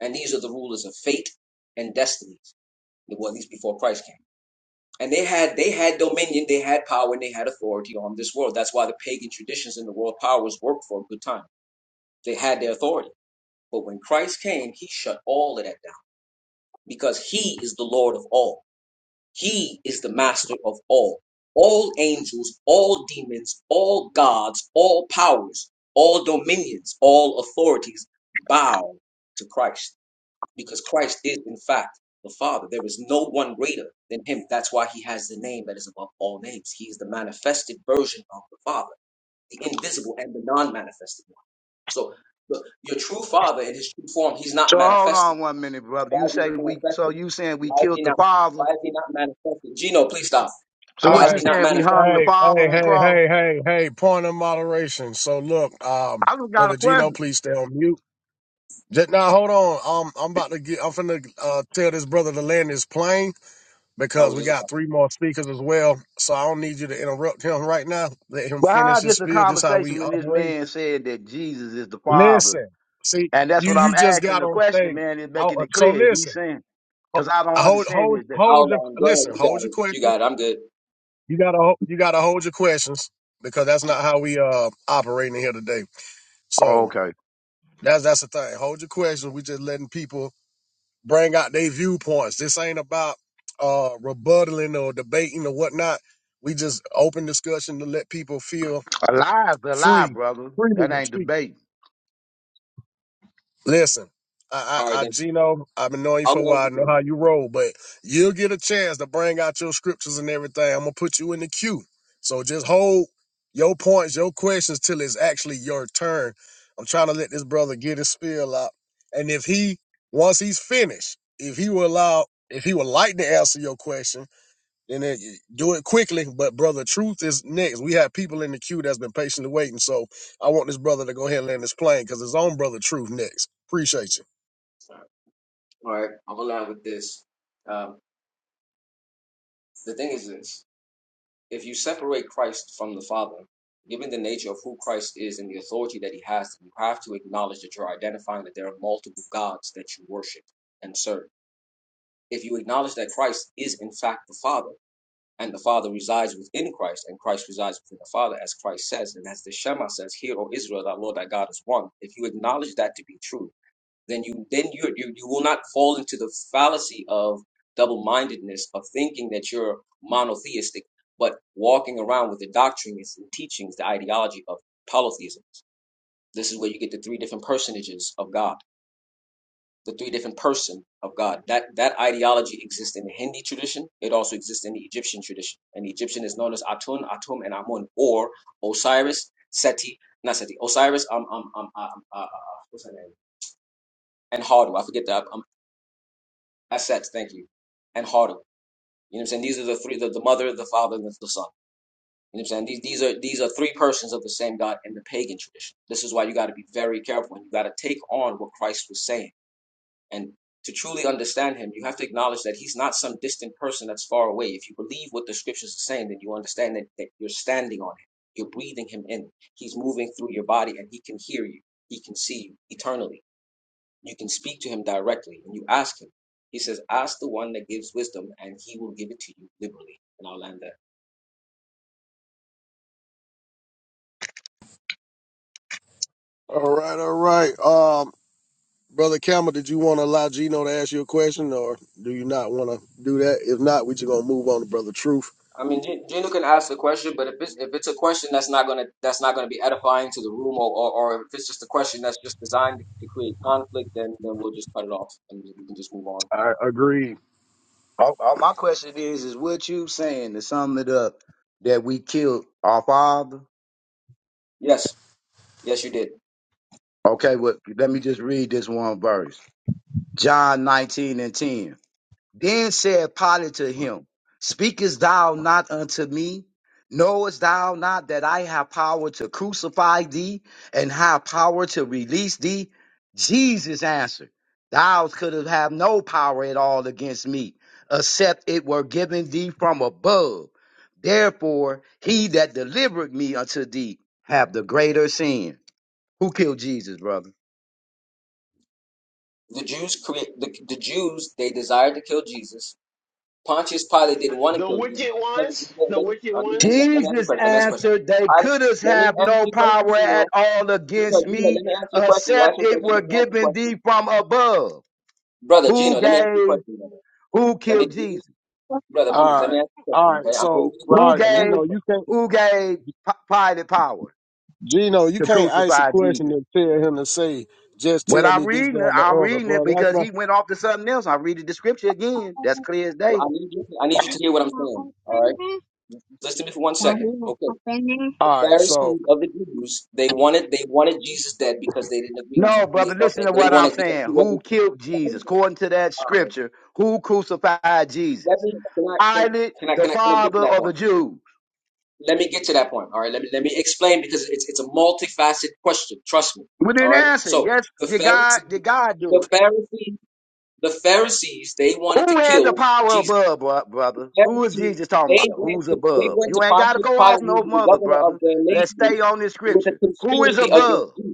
Speaker 9: And these are the rulers of fate and destinies. Well, at least before Christ came. And they had they had dominion, they had power, and they had authority on this world. That's why the pagan traditions in the world powers worked for a good time. They had their authority but when Christ came, he shut all of that down because he is the Lord of all. He is the master of all. All angels, all demons, all gods, all powers, all dominions, all authorities bow to Christ because Christ is, in fact, the Father. There is no one greater than him. That's why he has the name that is above all names. He is the manifested version of the Father, the invisible and the non manifested one. So the, your true Father in his true form, he's not
Speaker 15: So hold
Speaker 9: manifested
Speaker 15: on one minute, brother.
Speaker 9: why
Speaker 15: You
Speaker 9: is he
Speaker 15: say
Speaker 9: not
Speaker 15: we so
Speaker 9: manifested?
Speaker 15: you saying we
Speaker 9: Why is he
Speaker 15: killed the
Speaker 9: not?
Speaker 15: father.
Speaker 9: Why is he not manifested? Gino, please stop.
Speaker 15: So
Speaker 9: Why
Speaker 2: All
Speaker 15: what
Speaker 9: is
Speaker 15: you
Speaker 9: he
Speaker 2: right.
Speaker 9: not
Speaker 15: saying we
Speaker 9: manifested?
Speaker 15: hung the
Speaker 2: Hey,
Speaker 15: father
Speaker 2: hey,
Speaker 15: on the
Speaker 2: hey,
Speaker 15: cross?
Speaker 2: hey, hey, hey, point of moderation. So look, um,
Speaker 15: I just got a
Speaker 2: brother Gino,
Speaker 15: question.
Speaker 2: please stay on mute. Just now, hold on. Um, I'm about to get. I'm finna uh, tell this brother to land his plane
Speaker 9: I
Speaker 2: because
Speaker 9: was
Speaker 2: we
Speaker 9: just about
Speaker 2: got three more speakers as well. So I don't need you to interrupt him right now. Let him
Speaker 15: But how
Speaker 2: finish
Speaker 15: is
Speaker 2: his
Speaker 15: this a
Speaker 2: spiel. This how
Speaker 15: conversation
Speaker 2: we
Speaker 15: when this
Speaker 2: operate.
Speaker 15: man said that Jesus is the father?
Speaker 2: Listen, see,
Speaker 15: And that's
Speaker 2: you
Speaker 15: what I'm
Speaker 2: you just
Speaker 15: asking
Speaker 2: got
Speaker 15: the
Speaker 2: on
Speaker 15: question,
Speaker 2: stage.
Speaker 15: man, is
Speaker 2: Oh,
Speaker 15: making it
Speaker 2: so
Speaker 15: clear. Is he
Speaker 2: listen.
Speaker 15: saying?
Speaker 2: Ho-
Speaker 15: Because I don't
Speaker 2: Hold
Speaker 15: understand
Speaker 2: hold
Speaker 15: this. That,
Speaker 9: i
Speaker 2: hold your
Speaker 9: outline. Go ahead,
Speaker 2: listen.
Speaker 9: you got
Speaker 2: Hold your
Speaker 9: it. You
Speaker 2: questions.
Speaker 9: got it. I'm good.
Speaker 2: You gotta ho- you gotta hold your questions because that's not how we uh operating here today. So
Speaker 15: okay.
Speaker 2: that's that's the thing. Hold your questions. We just letting people bring out their viewpoints. This ain't about uh rebuttaling or debating or whatnot. We just open discussion to let people feel
Speaker 15: A lie is a lie,
Speaker 2: free,
Speaker 15: brother.
Speaker 2: freely
Speaker 15: That
Speaker 2: to
Speaker 15: ain't
Speaker 2: speak.
Speaker 15: debate.
Speaker 2: Listen, I,
Speaker 9: All right,
Speaker 2: I, I,
Speaker 9: then
Speaker 2: Gino, I've been knowing you
Speaker 9: I'll
Speaker 2: for a
Speaker 9: land
Speaker 2: while. I
Speaker 9: with
Speaker 2: know
Speaker 9: this.
Speaker 2: how you roll, but you'll get a chance to bring out your scriptures and everything. I'm gonna put you in the queue, so just hold your points, your questions till it's actually your turn. I'm trying to let this brother get his spiel out, and if he once he's finished, if he will allow, if he would like to answer your question and Then do it quickly. But brother, truth is next. We have people in the queue that's been patiently waiting. So I want this brother to go ahead and land this plane because his own brother, truth next. Appreciate you,
Speaker 9: All right, I'll land with this. Um, the thing is this: if you separate Christ from the Father, given the nature of who Christ is and the authority that He has, you have to acknowledge that you're identifying that there are multiple gods that you worship and serve. If you acknowledge that Christ is in fact the Father and the Father resides within Christ, and Christ resides within the Father, as Christ says, and as the Shema says, "Hear, O Israel, that Lord, thy God is one." If you acknowledge that to be true, then you then you you, you will not fall into the fallacy of double-mindedness of thinking that you're monotheistic, but walking around with the doctrines and teachings, the ideology of polytheism. This is where you get the three different personages of God the three different person of God. That that ideology exists in the Hindi tradition. It also exists in the Egyptian tradition. And the Egyptian is known as Atun, Atum, and Amun, or Osiris, Seti, not Seti, Osiris, um, um, um, um uh, um, uh, what's her name? And Hardu. I forget that. Um, Aset, thank you. And Hardu. You know what I'm saying? These are the three: the, the mother, the father, and the son. You know what I'm saying? These these are these are three persons of the same God in the pagan tradition. This is why you got to be very careful and you got to take on what Christ was saying And to truly understand him, you have to acknowledge that he's not some distant person that's far away. If you believe what the scriptures are saying, then you understand that, that you're standing on him. You're breathing him in. He's moving through your body and he can hear you. He can see you eternally. You can speak to him directly and you ask him. He says, Ask the one that gives wisdom and he will give it to you liberally. And I'll land there.
Speaker 2: All right, all right. Um, brother Campbell, did you want to allow Gino to ask you a question, or do you not want to do that? If not, we just gonna move on to brother Truth.
Speaker 9: I mean, Gino Gino can ask the question, but if it's if it's a question that's not gonna that's not gonna be edifying to the room, or, or or if it's just a question that's just designed to create conflict, then then we'll just cut it off and we can just move on.
Speaker 2: I agree.
Speaker 15: Oh, oh, my question is, is what you saying to sum it up that we killed our father?
Speaker 9: Yes, yes, you did.
Speaker 15: Okay, well, let me just read this one verse. John 19 and 10. Then said Pilate to him, Speakest thou not unto me? Knowest thou not that I have power to crucify thee and have power to release thee? Jesus answered, Thou couldst have no power at all against me, except it were given thee from above. Therefore, he that delivered me unto thee have the greater sin. Who killed Jesus, brother?
Speaker 9: The Jews create the the Jews. They desired to kill Jesus. Pontius Pilate didn't want to
Speaker 8: The
Speaker 9: kill Jesus.
Speaker 8: wicked
Speaker 9: Let me,
Speaker 8: ones.
Speaker 9: uh,
Speaker 8: The
Speaker 9: let me,
Speaker 8: wicked
Speaker 9: let me, let me
Speaker 8: ones.
Speaker 9: ask you a
Speaker 15: Jesus
Speaker 9: question. Let me ask you a question.
Speaker 15: answered, They
Speaker 9: I,
Speaker 15: could
Speaker 9: let me
Speaker 15: have
Speaker 9: answer
Speaker 15: no
Speaker 9: your question.
Speaker 15: power
Speaker 9: You know,
Speaker 15: at all
Speaker 9: Gino,
Speaker 15: against
Speaker 9: Gino,
Speaker 15: me,
Speaker 9: let me answer your question. You asked
Speaker 15: except
Speaker 9: your
Speaker 15: it
Speaker 9: question.
Speaker 15: were
Speaker 9: Let me answer a
Speaker 15: given
Speaker 9: question,
Speaker 15: thee from above.
Speaker 9: brother
Speaker 15: Who
Speaker 9: Gino. Let me ask you a
Speaker 15: gave,
Speaker 9: question. brother.
Speaker 15: who
Speaker 9: Let
Speaker 15: killed
Speaker 9: me.
Speaker 15: Jesus?
Speaker 9: brother, please let
Speaker 2: All
Speaker 9: me
Speaker 2: right,
Speaker 9: ask you a
Speaker 2: all
Speaker 9: question,
Speaker 2: right.
Speaker 9: okay? I'm giving
Speaker 2: So
Speaker 9: you the ground.
Speaker 15: Who
Speaker 2: all right,
Speaker 9: Let me ask
Speaker 15: gave,
Speaker 2: Gino,
Speaker 9: you a
Speaker 2: you
Speaker 9: question.
Speaker 2: can't.
Speaker 15: who gave P- Pilate power
Speaker 2: Gino, you
Speaker 15: to
Speaker 2: can't ask a
Speaker 15: crucify
Speaker 2: question
Speaker 15: Jesus?
Speaker 2: and tell him to say, "Just
Speaker 15: When
Speaker 2: tell
Speaker 15: I'm
Speaker 2: me this, that,
Speaker 15: reading it,
Speaker 2: and the
Speaker 15: I'm
Speaker 2: other,"
Speaker 15: reading it
Speaker 2: bro. That's
Speaker 15: because he went off to something else. I read the scripture again. That's clear as
Speaker 9: Well,
Speaker 15: day.
Speaker 9: I need you. I need you to hear what I'm saying.
Speaker 2: not.
Speaker 9: All right, listen to me for one second. Okay, the
Speaker 2: All right, so
Speaker 9: Pharisees of the Jews they wanted they wanted Jesus dead because they didn't agree with
Speaker 2: Yeah.
Speaker 9: him.
Speaker 15: No,
Speaker 9: They
Speaker 15: brother,
Speaker 9: thought
Speaker 15: listen
Speaker 9: that
Speaker 15: to
Speaker 9: they
Speaker 15: what I'm
Speaker 9: wanted because he
Speaker 15: saying. Who
Speaker 9: wasn't.
Speaker 15: killed Jesus? According to that
Speaker 9: All right,
Speaker 15: scripture, who crucified Jesus?
Speaker 9: let me can I can,
Speaker 15: Pilate
Speaker 9: can I
Speaker 15: the
Speaker 9: can I can I get to
Speaker 15: father
Speaker 9: that
Speaker 15: of the
Speaker 9: point?
Speaker 15: Jews?
Speaker 9: Let me get to that point. All right, let me let me explain because it's it's a multifaceted question. Trust me.
Speaker 15: We
Speaker 9: All
Speaker 15: didn't
Speaker 9: right,
Speaker 15: answer.
Speaker 9: so
Speaker 15: Yes,
Speaker 9: the
Speaker 15: did God
Speaker 9: Pharisees
Speaker 15: did God do
Speaker 9: the
Speaker 15: it?
Speaker 9: Pharisees the Pharisees they wanted
Speaker 15: Who
Speaker 9: to
Speaker 15: had the
Speaker 9: kill
Speaker 15: power
Speaker 9: Jesus
Speaker 15: above, bro- brother? Who is
Speaker 9: Pharisees,
Speaker 15: Jesus talking
Speaker 9: they
Speaker 15: about?
Speaker 9: went
Speaker 15: Who's
Speaker 9: to they
Speaker 15: above?
Speaker 9: went to
Speaker 15: You ain't got to
Speaker 9: Pontius
Speaker 15: go off
Speaker 9: Pilate, who
Speaker 15: no
Speaker 9: was the
Speaker 15: mother,
Speaker 9: governor of
Speaker 15: brother.
Speaker 9: their
Speaker 15: Let's
Speaker 9: nation,
Speaker 15: stay on this
Speaker 9: with a
Speaker 15: scripture. Who is
Speaker 9: conspiracy against
Speaker 15: above?
Speaker 9: Jesus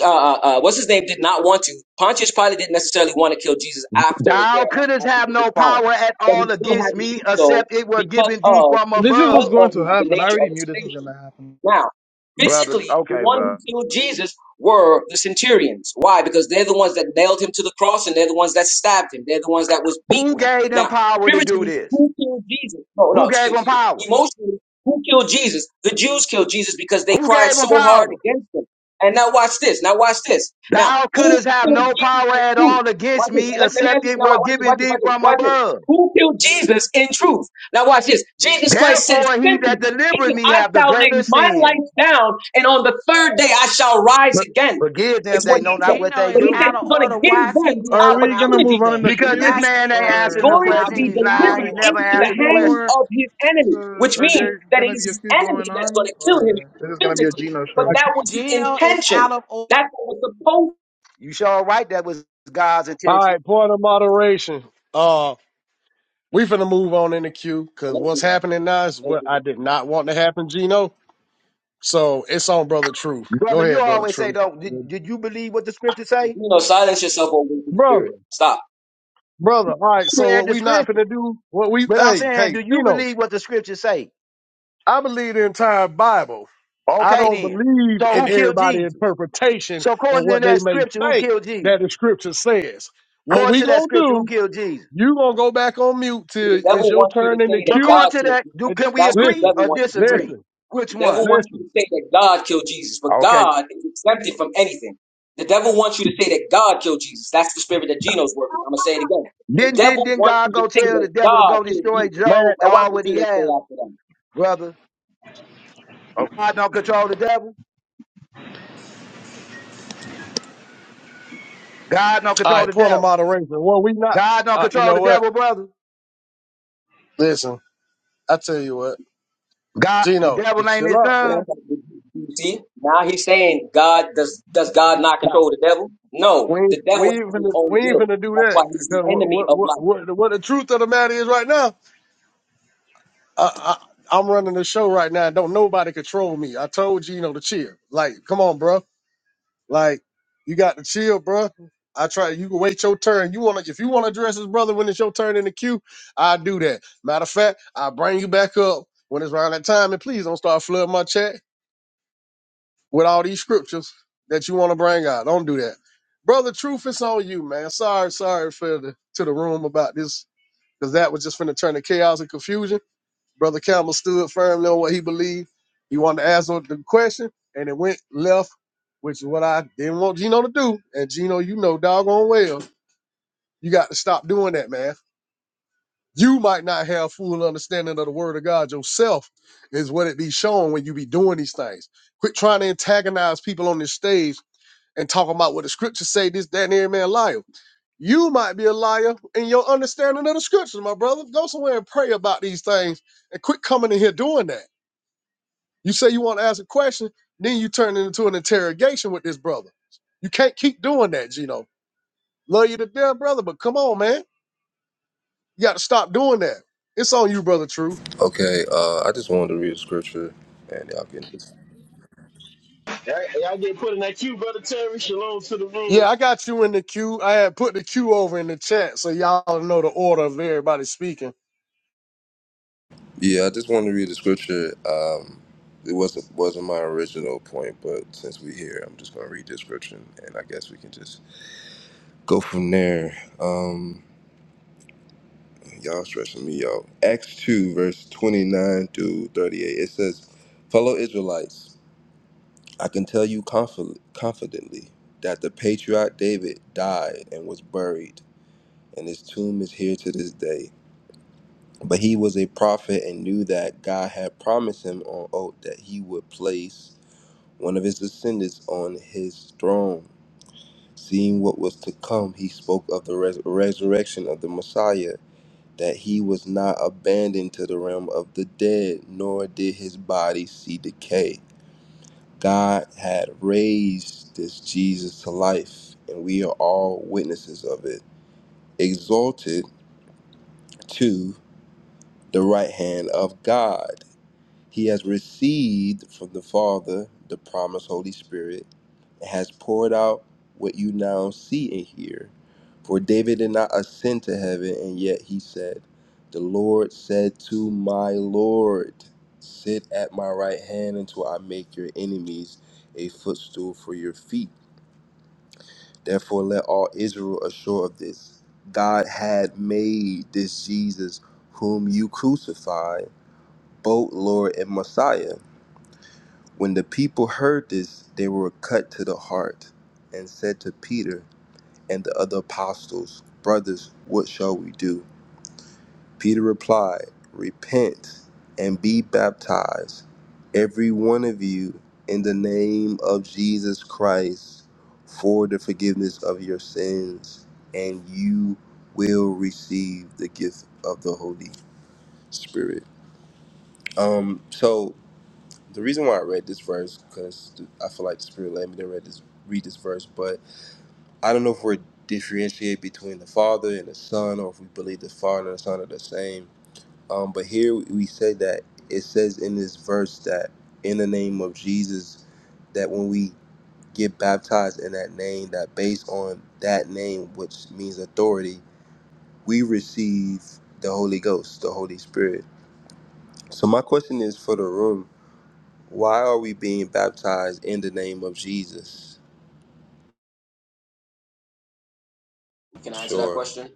Speaker 9: uh, uh, uh, what's his name did not want to. Pontius Pilate didn't necessarily want to kill Jesus after
Speaker 15: Thou
Speaker 9: their um,
Speaker 15: couldst
Speaker 9: after
Speaker 15: have
Speaker 9: the
Speaker 15: no
Speaker 9: trial,
Speaker 15: power at
Speaker 9: but he
Speaker 15: all
Speaker 9: still had
Speaker 15: against
Speaker 9: to
Speaker 15: me,
Speaker 9: do so
Speaker 15: except it were
Speaker 9: because
Speaker 15: given thee
Speaker 9: of
Speaker 15: from
Speaker 5: This is what's
Speaker 9: because
Speaker 15: above,
Speaker 9: of
Speaker 5: going to
Speaker 9: the
Speaker 5: happen. I
Speaker 9: nature
Speaker 5: already
Speaker 9: of his
Speaker 5: knew this was going to
Speaker 9: station.
Speaker 5: happen.
Speaker 9: Now,
Speaker 15: brother.
Speaker 9: physically, the
Speaker 15: Okay,
Speaker 9: ones who
Speaker 15: bro.
Speaker 9: killed Jesus were the centurions. Why? Because they're the ones that nailed him to the cross, and they're the ones that stabbed him. They're the ones that was
Speaker 15: Who
Speaker 9: beating him.
Speaker 15: gave them
Speaker 9: Now,
Speaker 15: power to do
Speaker 9: spiritually,
Speaker 15: this?
Speaker 9: who killed Jesus? No, no,
Speaker 15: Who gave
Speaker 9: excuse
Speaker 15: them
Speaker 9: me.
Speaker 15: power?
Speaker 9: Emotionally, who killed Jesus? The Jews killed Jesus because they
Speaker 15: Who
Speaker 9: cried
Speaker 15: gave them
Speaker 9: so hard
Speaker 15: power?
Speaker 9: against him. And now watch this. Now watch this. Now,
Speaker 15: Thou
Speaker 9: who
Speaker 15: couldst have
Speaker 9: killed
Speaker 15: no
Speaker 9: Jesus
Speaker 15: power
Speaker 9: in
Speaker 15: at
Speaker 9: truth?
Speaker 15: all
Speaker 9: Watch
Speaker 15: against
Speaker 9: this. Now,
Speaker 15: me,
Speaker 9: Let, let me ask
Speaker 15: except
Speaker 9: you.
Speaker 15: it
Speaker 9: Now,
Speaker 15: were
Speaker 9: watch this.
Speaker 15: given
Speaker 9: Watch this.
Speaker 15: thee
Speaker 9: Watch this.
Speaker 15: from
Speaker 9: Watch this.
Speaker 15: above.
Speaker 9: Who killed Jesus in truth? Now, watch this. Jesus Christ said
Speaker 15: Therefore, he
Speaker 9: simply,
Speaker 15: that
Speaker 9: He
Speaker 15: delivered
Speaker 9: said,
Speaker 15: me
Speaker 9: I
Speaker 15: have the
Speaker 9: shall lay
Speaker 15: greater
Speaker 9: my life
Speaker 15: sins.
Speaker 9: down, and on the third day I shall rise
Speaker 15: But
Speaker 9: again.
Speaker 15: forgive them,
Speaker 9: It's
Speaker 15: they
Speaker 9: what
Speaker 15: know
Speaker 9: He
Speaker 15: not
Speaker 9: said.
Speaker 15: what
Speaker 4: Gino
Speaker 15: they
Speaker 9: But
Speaker 4: is
Speaker 9: He
Speaker 15: do.
Speaker 9: said
Speaker 4: out of
Speaker 9: He's going to
Speaker 4: order.
Speaker 9: give
Speaker 4: Why is
Speaker 9: them
Speaker 4: he
Speaker 9: the
Speaker 4: being
Speaker 5: Are we going
Speaker 4: allowed
Speaker 5: to
Speaker 4: to
Speaker 5: move
Speaker 4: do
Speaker 9: opportunity.
Speaker 5: on in
Speaker 4: that?
Speaker 5: the
Speaker 9: He's
Speaker 15: Because
Speaker 9: going to
Speaker 15: this
Speaker 9: be
Speaker 4: Why
Speaker 5: queue?
Speaker 4: is
Speaker 15: man ain't
Speaker 4: Gino
Speaker 9: He's
Speaker 15: answering
Speaker 4: being
Speaker 5: Or
Speaker 15: the
Speaker 9: going
Speaker 5: there's,
Speaker 9: to
Speaker 4: allowed
Speaker 15: question.
Speaker 4: to
Speaker 9: be
Speaker 15: He's
Speaker 4: be out of
Speaker 15: lying. He
Speaker 9: delivered
Speaker 15: never
Speaker 4: order?
Speaker 9: into the
Speaker 5: there's
Speaker 15: answered the
Speaker 5: no
Speaker 9: hands
Speaker 15: question.
Speaker 5: more?
Speaker 9: of his enemy,
Speaker 5: So,
Speaker 9: which
Speaker 5: are
Speaker 9: means
Speaker 5: there
Speaker 9: that it
Speaker 5: going to
Speaker 9: is
Speaker 5: be a
Speaker 9: his
Speaker 5: queue
Speaker 9: enemy
Speaker 5: going
Speaker 9: that's going
Speaker 5: on?
Speaker 9: to kill him
Speaker 5: Or is this going to be a
Speaker 9: physically.
Speaker 5: Gino
Speaker 9: But
Speaker 5: show?
Speaker 9: that was the
Speaker 4: Gino is
Speaker 9: intention.
Speaker 4: out of order.
Speaker 9: That's what was supposed
Speaker 15: You sure right that was God's
Speaker 2: all
Speaker 15: intention.
Speaker 2: right, point of moderation. Uh, we finna move on in the queue because
Speaker 9: to be.
Speaker 2: what's happening now is what I did not want to happen, Gino. So it's on brother Truth. Go
Speaker 15: Brother, you
Speaker 2: ahead, brother
Speaker 15: always say,
Speaker 2: Truth.
Speaker 15: though, did, did you believe what the scripture say?
Speaker 9: You know, silence yourself or wicked
Speaker 2: Brother,
Speaker 9: spirit. Stop.
Speaker 2: brother. All right, so
Speaker 15: Read
Speaker 2: what
Speaker 15: the
Speaker 2: we not
Speaker 15: scripture.
Speaker 2: finna do? What we?
Speaker 15: But I'm
Speaker 2: Hey,
Speaker 15: saying,
Speaker 2: hey,
Speaker 15: do you
Speaker 2: Gino.
Speaker 15: believe what the scripture say?
Speaker 2: I believe the entire Bible. I
Speaker 15: Okay,
Speaker 2: don't
Speaker 15: then.
Speaker 2: believe
Speaker 15: So
Speaker 2: in
Speaker 15: who killed
Speaker 2: everybody's
Speaker 15: Jesus?
Speaker 2: interpretation
Speaker 15: So
Speaker 2: or
Speaker 15: according to
Speaker 2: what they
Speaker 15: that
Speaker 2: may
Speaker 15: scripture, who
Speaker 2: think
Speaker 15: killed Jesus?
Speaker 2: that the scripture says. What
Speaker 15: According
Speaker 2: we
Speaker 15: to that
Speaker 2: gonna
Speaker 15: scripture, who
Speaker 2: do?
Speaker 15: killed Jesus?
Speaker 2: You gonna go back on mute
Speaker 9: The
Speaker 2: till it's
Speaker 9: devil
Speaker 2: your
Speaker 9: wants you to
Speaker 2: turn in the
Speaker 9: say that
Speaker 15: But
Speaker 2: queue.
Speaker 15: according
Speaker 9: God
Speaker 15: to
Speaker 9: killed
Speaker 15: that, do
Speaker 9: Jesus.
Speaker 2: And
Speaker 15: can we
Speaker 9: That's what the
Speaker 15: agree
Speaker 2: listen,
Speaker 9: devil
Speaker 15: or
Speaker 9: wants you to say.
Speaker 15: disagree?
Speaker 2: listen,
Speaker 15: Which
Speaker 9: The devil
Speaker 15: one?
Speaker 9: wants you
Speaker 2: listen,
Speaker 9: to say that God killed Jesus, but
Speaker 15: Okay.
Speaker 9: God is exempted from anything. The devil wants you to say that God killed Jesus. That's the spirit that Geno's working. with. I'm gonna say it again. The
Speaker 15: Didn't didn't
Speaker 9: devil
Speaker 15: didn't
Speaker 9: wants
Speaker 15: God
Speaker 9: you to
Speaker 15: go
Speaker 9: say
Speaker 15: tell the
Speaker 9: that
Speaker 15: devil to
Speaker 9: God
Speaker 15: go
Speaker 9: killed
Speaker 15: destroy
Speaker 9: Jesus.
Speaker 2: man.
Speaker 15: Job
Speaker 9: Now watch
Speaker 15: all
Speaker 9: what
Speaker 15: what he
Speaker 9: Gino say
Speaker 15: has,
Speaker 9: after that.
Speaker 15: brother? Oh. God don't control the devil. God don't
Speaker 2: All
Speaker 15: control
Speaker 2: right,
Speaker 15: the
Speaker 2: point of
Speaker 15: devil.
Speaker 2: moderation. Well, we not.
Speaker 15: God don't
Speaker 2: Uh, you
Speaker 15: control
Speaker 2: know
Speaker 15: the
Speaker 2: what?
Speaker 15: devil, brother.
Speaker 2: Listen, I tell you what,
Speaker 15: God, the
Speaker 2: Gino,
Speaker 15: devil
Speaker 2: just
Speaker 15: ain't
Speaker 2: chill
Speaker 15: his
Speaker 2: out,
Speaker 15: son.
Speaker 2: man.
Speaker 9: You see, now he's saying God does does God not
Speaker 2: Nah,
Speaker 9: control the devil? No,
Speaker 2: we ain't,
Speaker 9: the devil
Speaker 2: we ain't
Speaker 9: has his
Speaker 2: finna
Speaker 9: own
Speaker 2: we ain't
Speaker 9: will.
Speaker 2: finna do
Speaker 9: That's
Speaker 2: that.
Speaker 9: why he's
Speaker 2: 'Cause
Speaker 9: the
Speaker 2: What
Speaker 9: enemy
Speaker 2: what
Speaker 9: of
Speaker 2: what
Speaker 9: light.
Speaker 2: what what the truth of the matter is right now? I, I I'm running the show right now. Don't nobody control me. I told Gino to chill. Like, come on, bro. Like, you got to chill, bro. I try. You can wait your turn. You wanna if you wanna address his brother when it's your turn in the queue, I do that. Matter of fact, I bring you back up when it's around that time, and please don't start flooding my chat with all these scriptures that you want to bring out. Don't do that, brother. Truth is on you, man. Sorry, sorry for the to the room about this because that was just finna turn to chaos and confusion. Brother Campbell stood firmly on what he believed. He wanted to ask the question, and it went left, which is what I didn't want Gino to do. And Gino, you know doggone well, you got to stop doing that, man. You might not have full understanding of the word of God yourself, is what it be showing when you be doing these things. Quit trying to antagonize people on this stage and talking about what the scriptures say, this, that, and every man liar. You might be a liar in your understanding of the scriptures, my brother. Go somewhere and pray about these things and quit coming in here doing that. You say you want to ask a question, then you turn it into an interrogation with this brother. You can't keep doing that, Gino. Love you to death, brother, but come on, man. You got to stop doing that. It's on you, brother. True.
Speaker 14: Okay. Uh, I just wanted to read a scripture, and y'all can.
Speaker 8: Y'all y'all get put in that queue, brother Terry. Shalom to the
Speaker 2: Yeah,
Speaker 8: room.
Speaker 2: I got you in the queue. I had put the queue over in the chat so y'all know the order of everybody speaking.
Speaker 14: Yeah, I just wanted to read the scripture. Um, it wasn't wasn't my original point, but since we're here, I'm just gonna read the scripture, and I guess we can just go from there. Um, y'all stressing me out. Acts two, verse twenty nine to thirty eight. It says, "Fellow Israelites, I can tell you confid- confidently that the patriarch David died and was buried, and his tomb is here to this day." But he was a prophet and knew that God had promised him on oath that he would place one of his descendants on his throne. Seeing what was to come, he spoke of the res- resurrection of the Messiah, that he was not abandoned to the realm of the dead, nor did his body see decay. God had raised this Jesus to life, and we are all witnesses of it. Exalted to the right hand of God, he has received from the Father the promised Holy Spirit has poured out what you now see and hear. For David did not ascend to heaven, and yet he said, The Lord said to my Lord, Sit at my right hand until I make your enemies a footstool for your feet. Therefore, let all Israel assure of this God had made this Jesus, whom you crucified, both Lord and Messiah. When the people heard this, they were cut to the heart and said to Peter, and the other apostles, Brothers, what shall we do? Peter replied, Repent and be baptized, every one of you, in the name of Jesus Christ, for the forgiveness of your sins, and you will receive the gift of the Holy Spirit. Um, so the reason why I read this verse, because I feel like the Spirit led me to read this, read this verse, but I don't know if we're differentiate between the Father and the Son, or if we believe the Father and the Son are the same. Um, but here we say that it says in this verse that in the name of Jesus, that when we get baptized in that name, that based on that name, which means authority, we receive the Holy Ghost, the Holy Spirit. So my question is for the room: Why are we being baptized in the name of Jesus?
Speaker 9: Can I answer that
Speaker 14: Sure.
Speaker 9: question?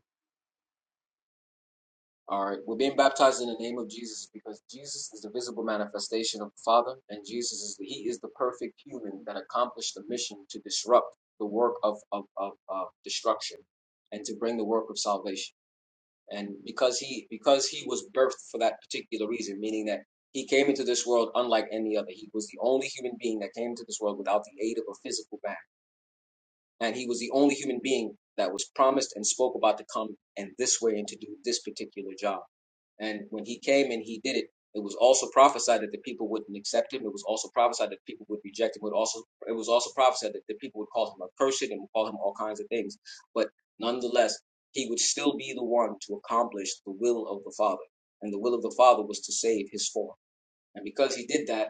Speaker 9: All right, we're being baptized in the name of Jesus because Jesus is the visible manifestation of the Father, and Jesus is he is the perfect human that accomplished the mission to disrupt the work of of, of, of destruction and to bring the work of salvation. and because he because he was birthed for that particular reason meaning that he came into this world unlike any other he was the only human being that came into this world without the aid of a physical man and he was the only human being that was promised and spoke about to come and this way and to do this particular job and when he came and he did it, it was also prophesied that the people wouldn't accept him. It was also prophesied that people would reject him. It, would also, it was also prophesied that the people would call him accursed and would call him all kinds of things. But nonetheless, he would still be the one to accomplish the will of the Father. And the will of the Father was to save his form. And because he did that,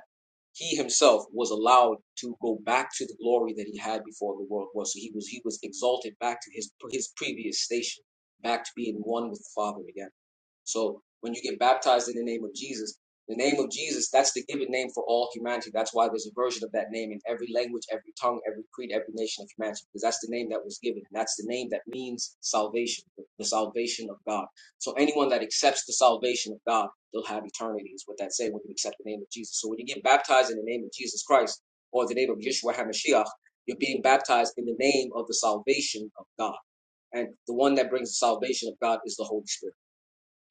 Speaker 9: he himself was allowed to go back to the glory that he had before the world was. So he was he was exalted back to his his previous station, back to being one with the Father again. So when you get baptized in the name of Jesus, the name of Jesus, that's the given name for all humanity. That's why there's a version of that name in every language, every tongue, every creed, every nation of humanity, because that's the name that was given. And that's the name that means salvation, the salvation of God. So anyone that accepts the salvation of God, they'll have eternity, is what that's saying when you accept the name of Jesus. So when you get baptized in the name of Jesus Christ or the name of Yeshua HaMashiach, you're being baptized in the name of the salvation of God. And the one that brings the salvation of God is the Holy Spirit.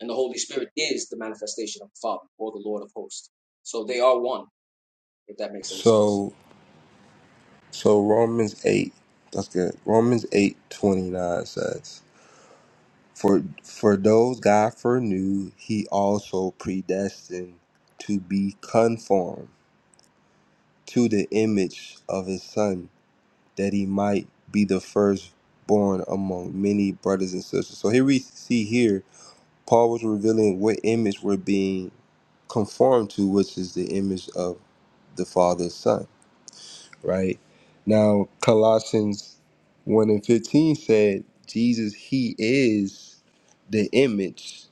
Speaker 9: And the Holy Spirit is the manifestation of the Father or the Lord of hosts. So they are one, if that makes any sense.
Speaker 14: So So Romans eight, that's good. Romans eight twenty nine says, "For for those God foreknew, He also predestined to be conformed to the image of His Son, that He might be the firstborn among many brothers and sisters." So here we see here Paul was revealing what image we're being conformed to, which is the image of the Father's Son. right? Now, Colossians 1 and 15 said, Jesus, He is the image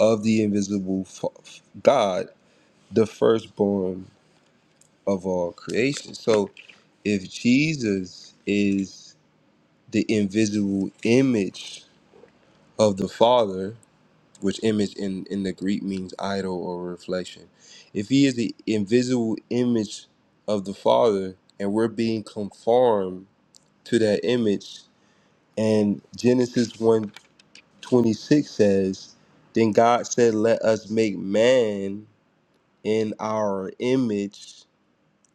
Speaker 14: of the invisible f- God, the firstborn of all creation. So, if Jesus is the invisible image of the Father, which image in, in the Greek means idol or reflection, if He is the invisible image of the Father and we're being conformed to that image, And Genesis one twenty six says, Then God said, Let us make man in our image,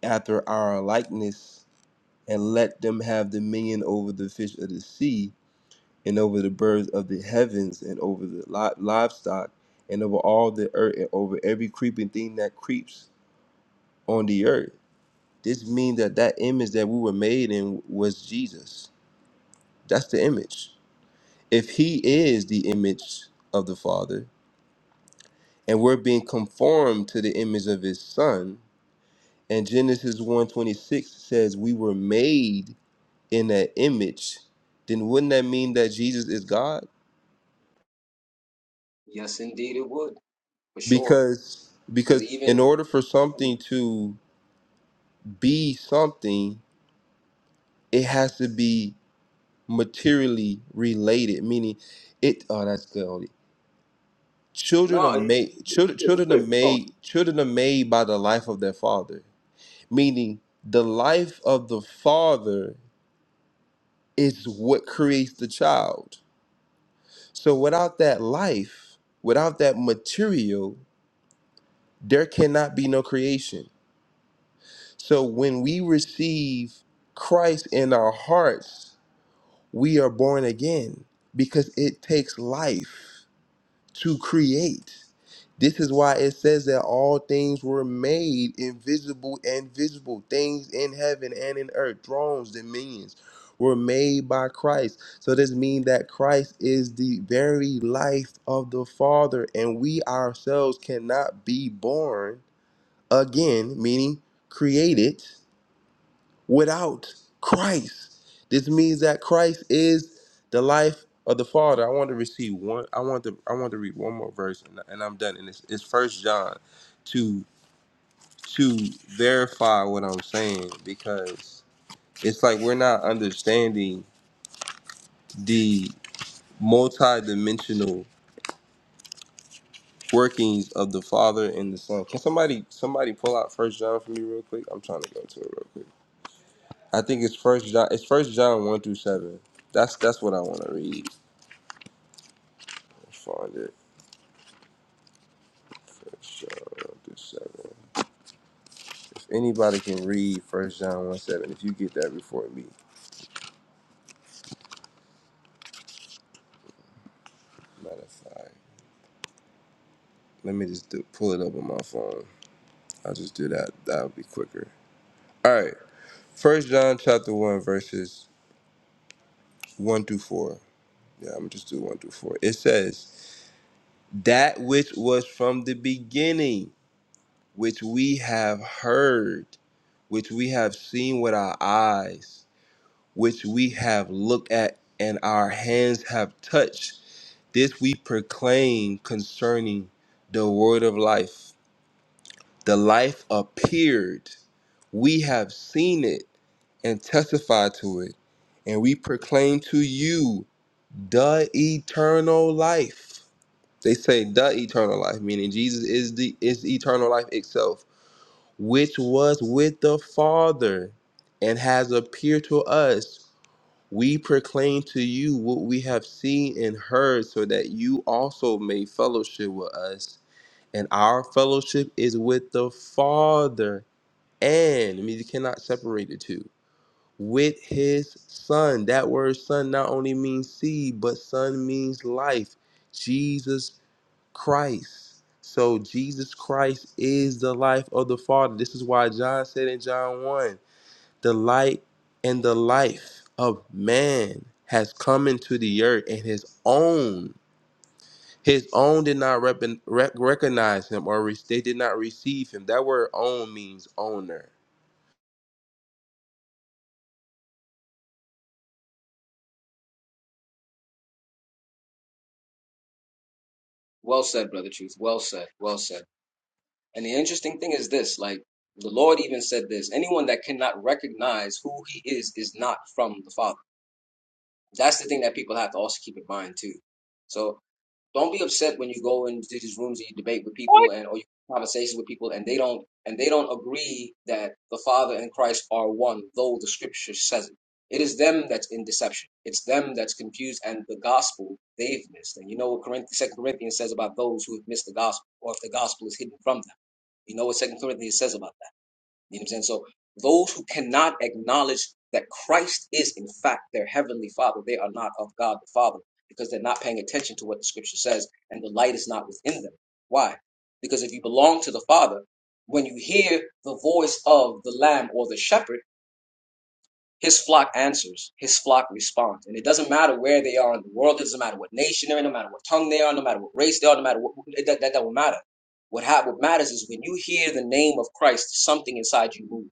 Speaker 14: after our likeness, and let them have dominion over the fish of the sea, and over the birds of the heavens, and over the li- livestock, and over all the earth, and over every creeping thing that creeps on the earth. This means that that image that we were made in was Jesus. That's the image. If he is the image of the Father, and we're being conformed to the image of his son and genesis one twenty six says we were made in that image then wouldn't that mean that jesus is god
Speaker 9: Yes, indeed, it would, for sure.
Speaker 14: because
Speaker 9: Because
Speaker 14: because in
Speaker 9: even,
Speaker 14: order for something to be something it has to be materially related meaning it oh that's good Oli. children are
Speaker 9: no, you
Speaker 14: made
Speaker 9: good,
Speaker 14: children children are made children are made by the life of their father meaning the life of the father Is what creates the child. So without that life, without that material, there cannot be no creation. So when we receive Christ in our hearts, we are born again because it takes life. to create. This is why it says that all things were made invisible and visible, things in heaven and in earth, thrones, dominions were made by Christ. So this means that Christ is the very life of the Father, and we ourselves cannot be born again, meaning created without Christ. This means that Christ is the life of the Father. I want to receive one. I want to. I want to read one more verse, and, and I'm done. And it's, it's First John to to verify what I'm saying because it's like we're not understanding the multi-dimensional workings of the Father and the Son. Can somebody somebody pull out First John for me real quick? I'm trying to go to it real quick. I think it's First John. It's First John one through seven. That's that's what I want to read. Find it. First John one seven. If anybody can read First John one seven, if you get that before me, matter of fact, let me just do, pull it up on my phone. I'll just do that. That'll be quicker. All right. First John chapter one verses one through four. Yeah, I'm gonna just do one through four. It says that which was from the beginning, which we have heard, which we have seen with our eyes, which we have looked at and our hands have touched This we proclaim concerning the word of life. The life appeared. We have seen it and testify to it. And we proclaim to you the eternal life. They say the eternal life, meaning Jesus is the is eternal life itself, which was with the Father and has appeared to us. We proclaim to you what we have seen and heard, so that you also may fellowship with us. And our fellowship is with the Father, and I mean you cannot separate the two. With His Son. That word "Son" not only means seed, but "Son" means life. Jesus Christ. So Jesus Christ is the life of the Father. This is why John said in John one the light and the life of man has come into the earth and his own his own did not rep- rec- recognize him or re- they did not receive him that word own means owner
Speaker 9: well said, Brother Truth. Well said, well said. And the interesting thing is this like, the Lord even said this anyone that cannot recognize who he is is not from the Father. That's the thing that people have to also keep in mind, too. So don't be upset when you go into these rooms and you debate with people and or you have conversations with people and they don't and they don't agree that the Father and Christ are one, though the Scripture says it. It is them that's in deception. It's them that's confused, and the gospel they've missed. And you know what Second Corinthians says about those who have missed the gospel, or if the gospel is hidden from them. You know what Second Corinthians says about. that. You know what I'm saying? So those who cannot acknowledge that Christ is in fact their heavenly Father, they are not of God the Father because they're not paying attention to what the Scripture says, and the light is not within them. Why? Because if you belong to the Father, when you hear the voice of the Lamb or the Shepherd, his flock answers, his flock responds, and it doesn't matter where they are in the world. It doesn't matter what nation they're in, no matter what tongue they are, no matter what race they are, no matter what it, that that, that don't matter. What hap- what matters is when you hear the name of Christ, something inside you moves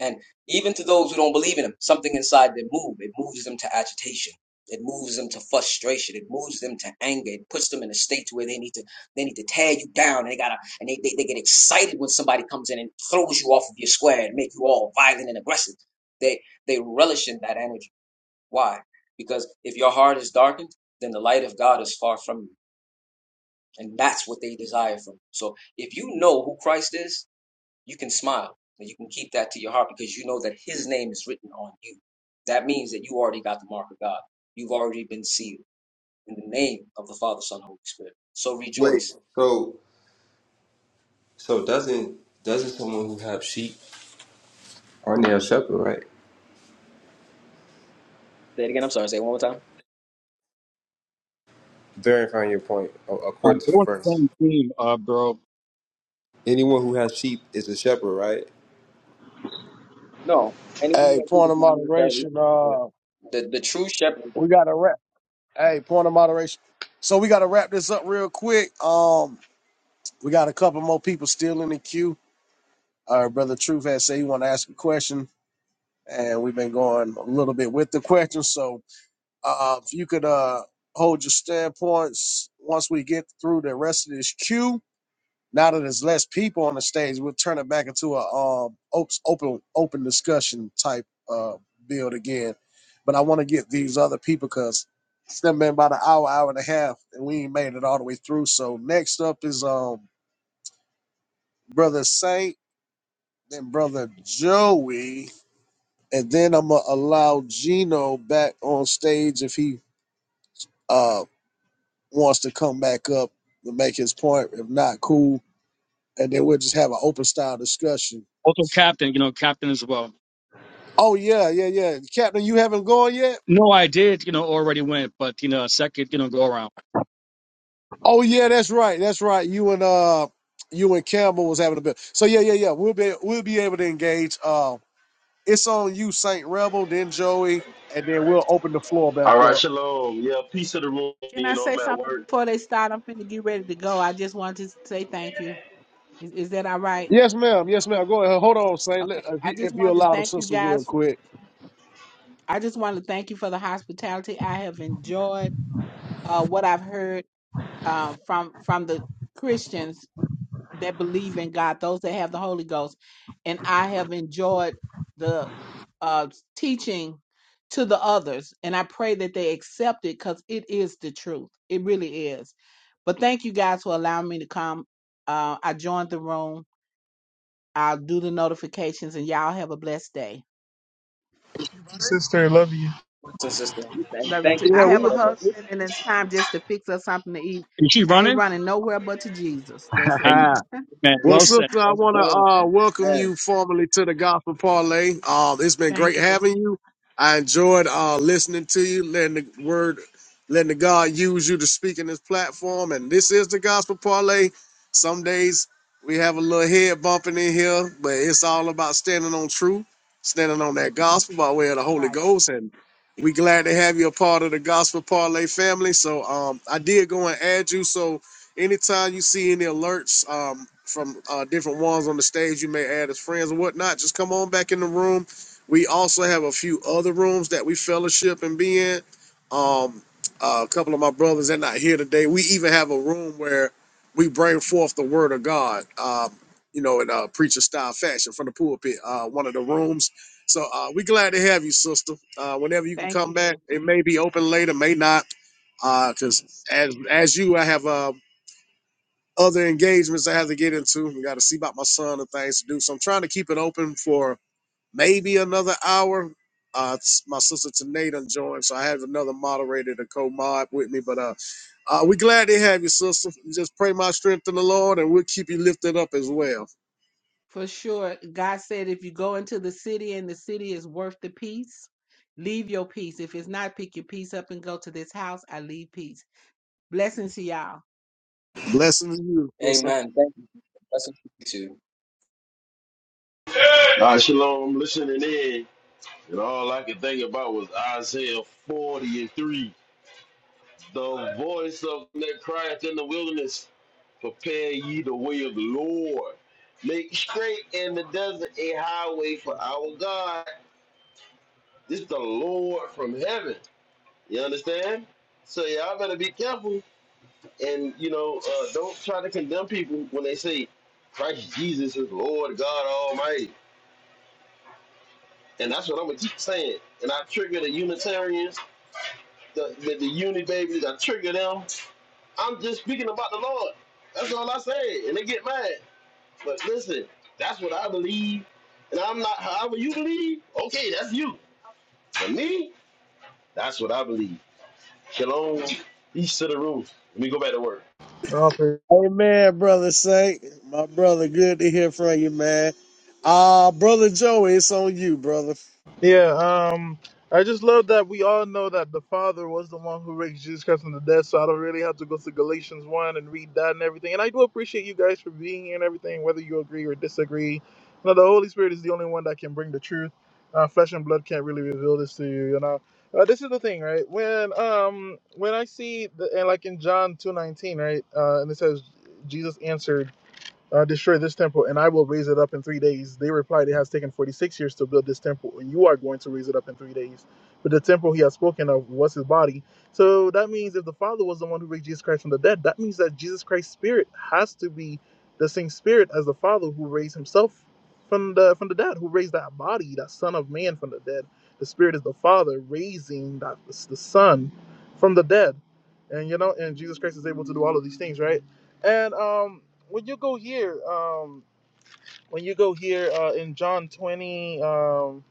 Speaker 9: and even to those who don't believe in him, something inside them moves. It moves them to agitation. It moves them to frustration. It moves them to anger. It puts them in a state where they need to they need to tear you down. And they gotta and they, they, they get excited when somebody comes in and throws you off of your square and make you all violent and aggressive. They they relish in that energy. Why? Because if your heart is darkened, then the light of God is far from you. And that's what they desire from. you. So if you know who Christ is, you can smile and you can keep that to your heart because you know that his name is written on you. That means that you already got the mark of God. You've already been sealed in the name of the Father, Son, and Holy Spirit. So
Speaker 14: wait
Speaker 9: rejoice.
Speaker 14: so so doesn't doesn't someone who have sheep aren't they a shepherd right
Speaker 9: What time?
Speaker 14: verifying your point a- according
Speaker 11: Um,
Speaker 14: to
Speaker 11: they're
Speaker 14: the
Speaker 11: on the
Speaker 14: verse
Speaker 11: same team, uh, bro.
Speaker 14: anyone who has sheep is a shepherd right
Speaker 9: Anyone who
Speaker 2: Hey,
Speaker 9: has food
Speaker 2: point
Speaker 9: is
Speaker 2: of
Speaker 9: not necessarily
Speaker 2: moderation. Uh,
Speaker 9: the, the true shepherd,
Speaker 2: we got to wrap. Hey, point of moderation. So we got to wrap this up real quick. Um, we got a couple more people still in the queue. Our brother Truth has said he want to ask a question. and we've been going a little bit with the questions. So uh, if you could uh, hold your standpoints once we get through the rest of this queue. Now that there's less people on the stage, we'll turn it back into a um, op- open open discussion type uh, build again. But I want to get these other people because it's done been about an hour, hour and a half, and we ain't made it all the way through. So next up is um, brother Saint, then brother Joey, and then I'm gonna allow Gino back on stage if he uh wants to come back up to make his point. If not, cool. And then we'll just have an open style discussion.
Speaker 11: Also, captain, you know, captain as well.
Speaker 2: Oh yeah, yeah, yeah. Captain, you haven't gone yet?
Speaker 11: No, I did, you know, already went, but you know, second, you know, go around.
Speaker 2: Oh yeah, that's right. That's right. You and uh you and Campbell was having a bit. So yeah, yeah, yeah. We'll be we'll be able to engage. Uh it's on you, Saint Rebel, then Joey, and then we'll open the floor
Speaker 8: All
Speaker 2: back
Speaker 8: right,
Speaker 2: up.
Speaker 8: shalom. Yeah, peace to the room.
Speaker 4: Can
Speaker 8: You
Speaker 4: I
Speaker 8: know, I'm
Speaker 4: say
Speaker 8: at
Speaker 4: something
Speaker 8: work.
Speaker 4: before they start? I'm finna get ready to go. I just wanted to say thank you. Is, is that all right?
Speaker 2: Yes, ma'am. Yes, ma'am. Go ahead. Hold on, Saint. Let,
Speaker 4: Okay.
Speaker 2: if
Speaker 4: I
Speaker 2: you
Speaker 4: just
Speaker 2: if you
Speaker 4: wanted to
Speaker 2: allow the
Speaker 4: thank you
Speaker 2: sister real
Speaker 4: guys. For,
Speaker 2: quick.
Speaker 4: I just wanted to thank you for the hospitality. I have enjoyed uh, what I've heard uh, from from the Christians that believe in God, those that have the Holy Ghost. And I have enjoyed the uh, teaching to the others. And I pray that they accept it because it is the truth. It really is. But thank you guys for allowing me to come. Uh, I joined the room. I'll do the notifications and y'all have a blessed day.
Speaker 5: sister. Love you.
Speaker 9: brothers and sisters, and
Speaker 4: Love you
Speaker 9: thank
Speaker 4: too.
Speaker 9: you for
Speaker 2: Yeah,
Speaker 4: I
Speaker 9: being
Speaker 4: have
Speaker 9: a
Speaker 2: we
Speaker 4: a
Speaker 9: lover of
Speaker 4: husband and it's time just to fix us something to eat.
Speaker 11: Is she
Speaker 4: I ain't
Speaker 11: running?
Speaker 4: running nowhere but to Jesus. That's
Speaker 11: Hey,
Speaker 4: it.
Speaker 11: man,
Speaker 2: well,
Speaker 11: well said,
Speaker 2: sister, I
Speaker 11: well
Speaker 2: want
Speaker 11: said.
Speaker 2: to
Speaker 9: Amen.
Speaker 2: uh, welcome
Speaker 9: Amen.
Speaker 2: you formally to the Gospel Parlay. Um, it's been great
Speaker 4: Thank you.
Speaker 2: having you. I enjoyed uh, listening to you, letting the word, letting the God use you to speak in this platform. And this is the Gospel Parlay. Some days we have a little head bumping in here, but it's all about standing on truth, standing on that gospel by way of the Holy
Speaker 4: Right.
Speaker 2: Ghost. And we glad to have you a part of the Gospel Parlay family. So um, I did go and add you. So Anytime you see any alerts um, from uh, different ones on the stage, you may add as friends or whatnot. Just come on back in the room. We also have a few other rooms that we fellowship and be in. Um, uh, a couple of my brothers are not here today. We even have a room where we bring forth the word of God, um, you know, in a preacher style fashion from the pulpit, uh, one of the rooms. So uh, we glad to have you, sister. Uh, whenever you can
Speaker 4: Thank
Speaker 2: come
Speaker 4: you.
Speaker 2: back, it may be open later, may not because as as you, I have uh, other engagements I have to get into. We got to see about my son and things to do. So I'm trying to keep it open for maybe another hour. Uh, my sister Tanay done joined, so I have another moderator to co-mod with me. But uh, uh, we glad to have you, sister. Just pray my strength in the Lord, and we'll keep you lifted up as well.
Speaker 4: For sure. God said, if you go into the city and the city is worth the peace, leave your peace. If it's not, pick your peace up and go to this house. I leave peace. Blessings to y'all.
Speaker 2: Blessings to you, sister.
Speaker 9: Amen. Thank you. Blessings to you too.
Speaker 8: All right, shalom. I'm listening in. And all I could think about was Isaiah 40 and 3. The voice of that crieth in the wilderness, prepare ye the way of the Lord. Make straight in the desert a highway for our God. This is the Lord from heaven. You understand? So y'all better be careful and you know, uh, don't try to condemn people when they say Christ Jesus is Lord God Almighty. And that's what I'm gonna keep saying. And I trigger the Unitarians the, the, the uni babies, I trigger them. I'm just speaking about the Lord. That's all I say. And they get mad. But listen, that's what I believe. And I'm not however you believe, okay, that's you. For me, that's what I believe. Shalom, peace to the room. Let me go back to work.
Speaker 5: Oh, praise-
Speaker 2: Amen, brother Saint. My brother, good to hear from you, man. Uh, brother Joey, it's on you, brother.
Speaker 5: Yeah. Um, I just love that we all know that the Father was the one who raised Jesus Christ from the dead. So I don't really have to go to Galatians one and read that and everything. And I do appreciate you guys for being here and everything, whether you agree or disagree. Now the Holy Spirit is the only one that can bring the truth. Uh, flesh and blood can't really reveal this to you. You know. Uh, this is the thing, right? When um when I see the and like in John two nineteen, right? Uh, and it says Jesus answered. uh, destroy this temple, and I will raise it up in three days. They replied, It has taken 46 years to build this temple, and you are going to raise it up in three days. But the temple he has spoken of was his body. So that means if the Father was the one who raised Jesus Christ from the dead, that means that Jesus Christ's spirit has to be the same spirit as the Father who raised himself from the from the dead, who raised that body, that Son of Man from the dead. The Spirit is the Father raising that the Son from the dead. And you know, and Jesus Christ is able to do all of these things, right? And um, when you go here, um, when you go here uh, in John 20, um,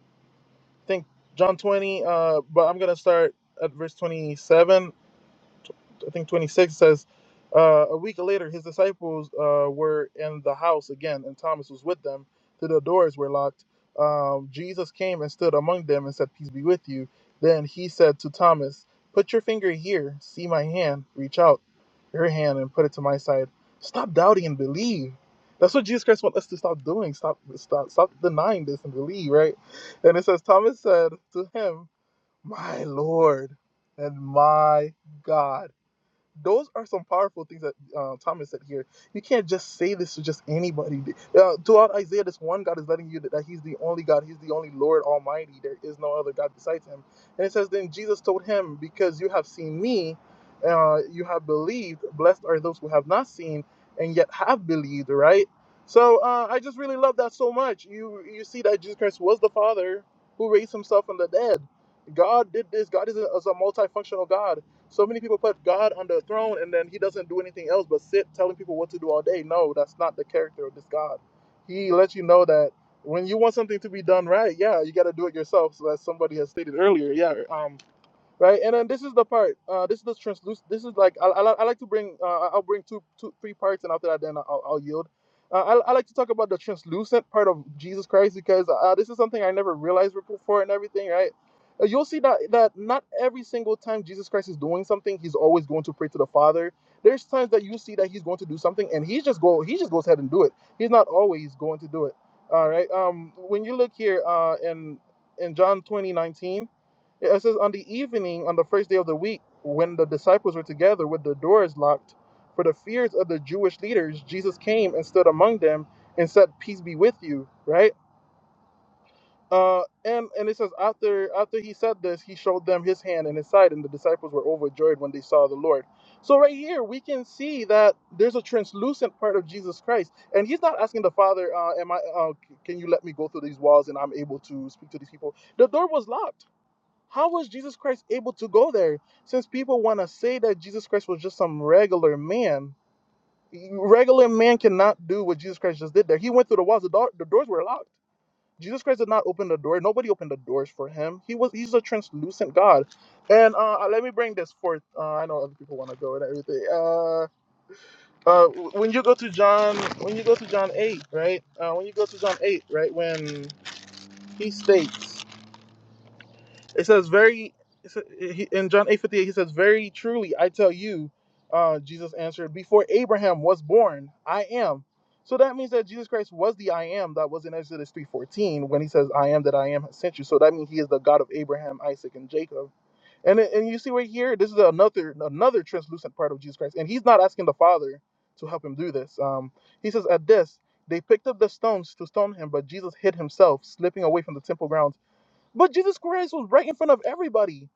Speaker 5: I think John 20, uh, but I'm going to start at verse 27. I think 26 says, uh, a week later, his disciples uh, were in the house again, and Thomas was with them. till The doors were locked. Um, Jesus came and stood among them and said, Peace be with you. Then he said to Thomas, Put your finger here. See my hand. Reach out your hand and put it to my side. Stop doubting and believe. That's what Jesus Christ wants us to stop doing. Stop, stop, stop denying this and believe, right? And it says, Thomas said to him, My Lord and my God those are some powerful things that uh, Thomas said here. You can't just say this to just anybody. Uh, throughout Isaiah, this one God is letting you that, that He's the only God, He's the only Lord Almighty. There is no other God besides Him. And it says, Then Jesus told him, Because you have seen me, uh, you have believed. Blessed are those who have not seen and yet have believed, right? So uh, I just really love that so much. You you see that Jesus Christ was the Father who raised Himself from the dead. God did this. God is a, is a multifunctional God so many people put God on the throne and then he doesn't do anything else but sit telling people what to do all day. No, that's not the character of this God. He lets you know that when you want something to be done right, yeah, you got to do it yourself. So as somebody has stated earlier, yeah, um, right? And then this is the part. Uh, this is the translucent. This is like I, I, I like to bring. Uh, I'll bring two, two, three parts, and after that, then I'll, I'll yield. Uh, I, I like to talk about the translucent part of Jesus Christ because uh, this is something I never realized before and everything, right? Uh, You'll see that that not every single time Jesus Christ is doing something, he's always going to pray to the Father. There's times that you see that he's going to do something, and he just go he just goes ahead and do it. He's not always going to do it. All right. Um, when you look here uh, in in John 20 19. Yeah, It says, On the evening, on the first day of the week, when the disciples were together with the doors locked, for the fears of the Jewish leaders, Jesus came and stood among them and said, Peace be with you, right? Uh, and and it says after after he said this, he showed them his hand and his side, and the disciples were overjoyed when they saw the Lord. So right here we can see that there's a translucent part of Jesus Christ, and he's not asking the Father, uh, "Am I? Uh, can you let me go through these walls and I'm able to speak to these people?" The door was locked how was Jesus Christ able to go there? Since people want to say that Jesus Christ was just some regular man, regular man cannot do what Jesus Christ just did there. He went through the walls; the, door, the doors were locked. Jesus Christ did not open the door. Nobody opened the doors for him. He was he's a translucent God. And uh, uh, let me bring this forth. Uh, I know other people want to go and everything. Uh, uh, when you go to John, when you go to John eight, right? Uh, when you go to John eight, right? When he states. It says very it sa- he- in John eight fifty eight. He says, "Very truly I tell you," uh, Jesus answered, "Before Abraham was born, I am." So that means that Jesus Christ was the I am that was in Exodus three fourteen when he says, "I am that I am has sent you." So that means he is the God of Abraham, Isaac, and Jacob. And it- and you see right here, this is another another translucent part of Jesus Christ, and he's not asking the Father to help him do this. Um, he says, "At this." They picked up the stones to stone him, but Jesus hid himself, slipping away from the temple grounds. But Jesus Christ was right in front of everybody.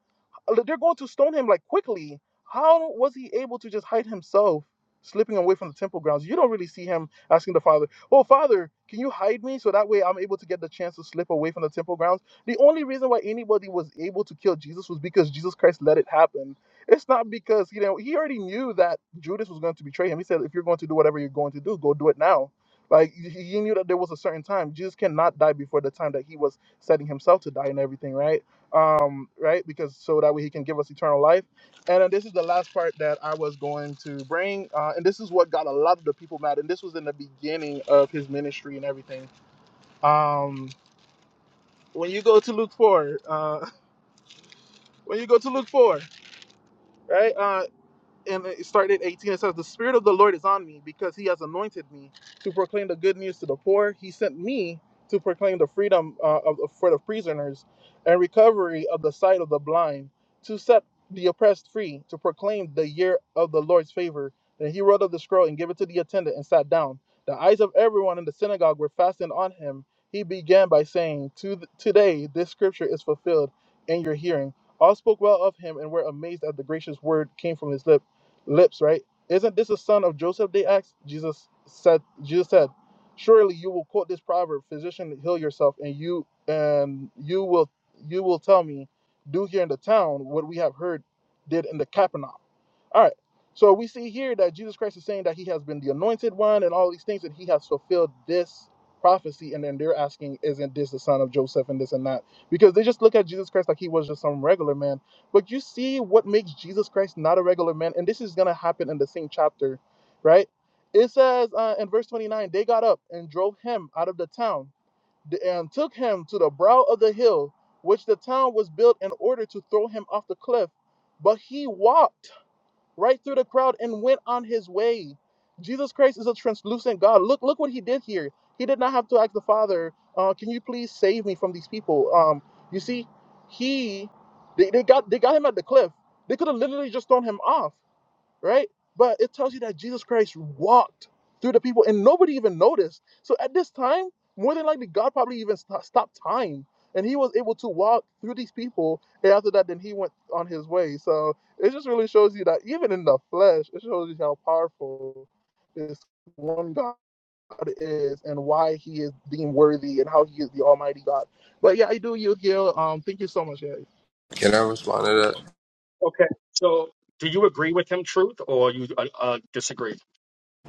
Speaker 5: Uh, They're going to stone him like quickly. How was he able to just hide himself, slipping away from the temple grounds? You don't really see him asking the father, "Oh, father, can you hide me so that way I'm able to get the chance to slip away from the temple grounds?" The only reason why anybody was able to kill Jesus was because Jesus Christ let it happen. It's not because you know he already knew that Judas was going to betray him. He said, "If you're going to do whatever you're going to do, go do it now." Like he knew that there was a certain time. Jesus cannot die before the time that he was setting himself to die and everything, right? um, right? Because so that way he can give us eternal life. And then this is the last part that I was going to bring, uh, and this is what got a lot of the people mad. And this was in the beginning of his ministry and everything. Um, when you go to Luke four, uh, when you go to Luke four, right? Uh, and it started at 18 it says the spirit of the lord is on me because he has anointed me to proclaim the good news to the poor he sent me to proclaim the freedom uh, of- for the prisoners and recovery of the sight of the blind to set the oppressed free to proclaim the year of the lord's favor then he rolled up the scroll and gave it to the attendant and sat down the eyes of everyone in the synagogue were fastened on him he began by saying to th- today this scripture is fulfilled in your hearing all spoke well of him and were amazed at the gracious word came from his lips lips, right? Isn't this a son of Joseph? They asked. Jesus said, Jesus said, Surely you will quote this proverb, physician, heal yourself, and you and you will you will tell me, do here in the town what we have heard did in the Capernaum. All right. So we see here that Jesus Christ is saying that he has been the anointed one and all these things, and he has fulfilled this prophecy. And then they're asking, isn't this the son of Joseph and this and that? Because they just look at Jesus Christ like he was just some regular man. But you see what makes Jesus Christ not a regular man. And this is going to happen in the same chapter, right? It says uh, in verse 29 they got up and drove him out of the town and took him to the brow of the hill, which the town was built in order to throw him off the cliff. But he walked right through the crowd and went on his way. Jesus Christ is a translucent God. Look, look what he did here. He did not have to ask the Father, uh, "Can you please save me from these people?" Um, you see, he, they, they got they got him at the cliff. They could have literally just thrown him off right? But it tells you that Jesus Christ walked through the people and nobody even noticed. So at this time, more than likely, God probably even sto- stopped time and he was able to walk through these people. And after that, then he went on his way. So it just really shows you that even in the flesh, it shows you how powerful this one God is and why he is deemed worthy and how he is the Almighty God. But yeah, I do, you, Gil. Um, thank you so much. yeah.
Speaker 14: Can I respond to that?
Speaker 11: Okay. So, do you agree with him, truth, or you uh, uh, disagree?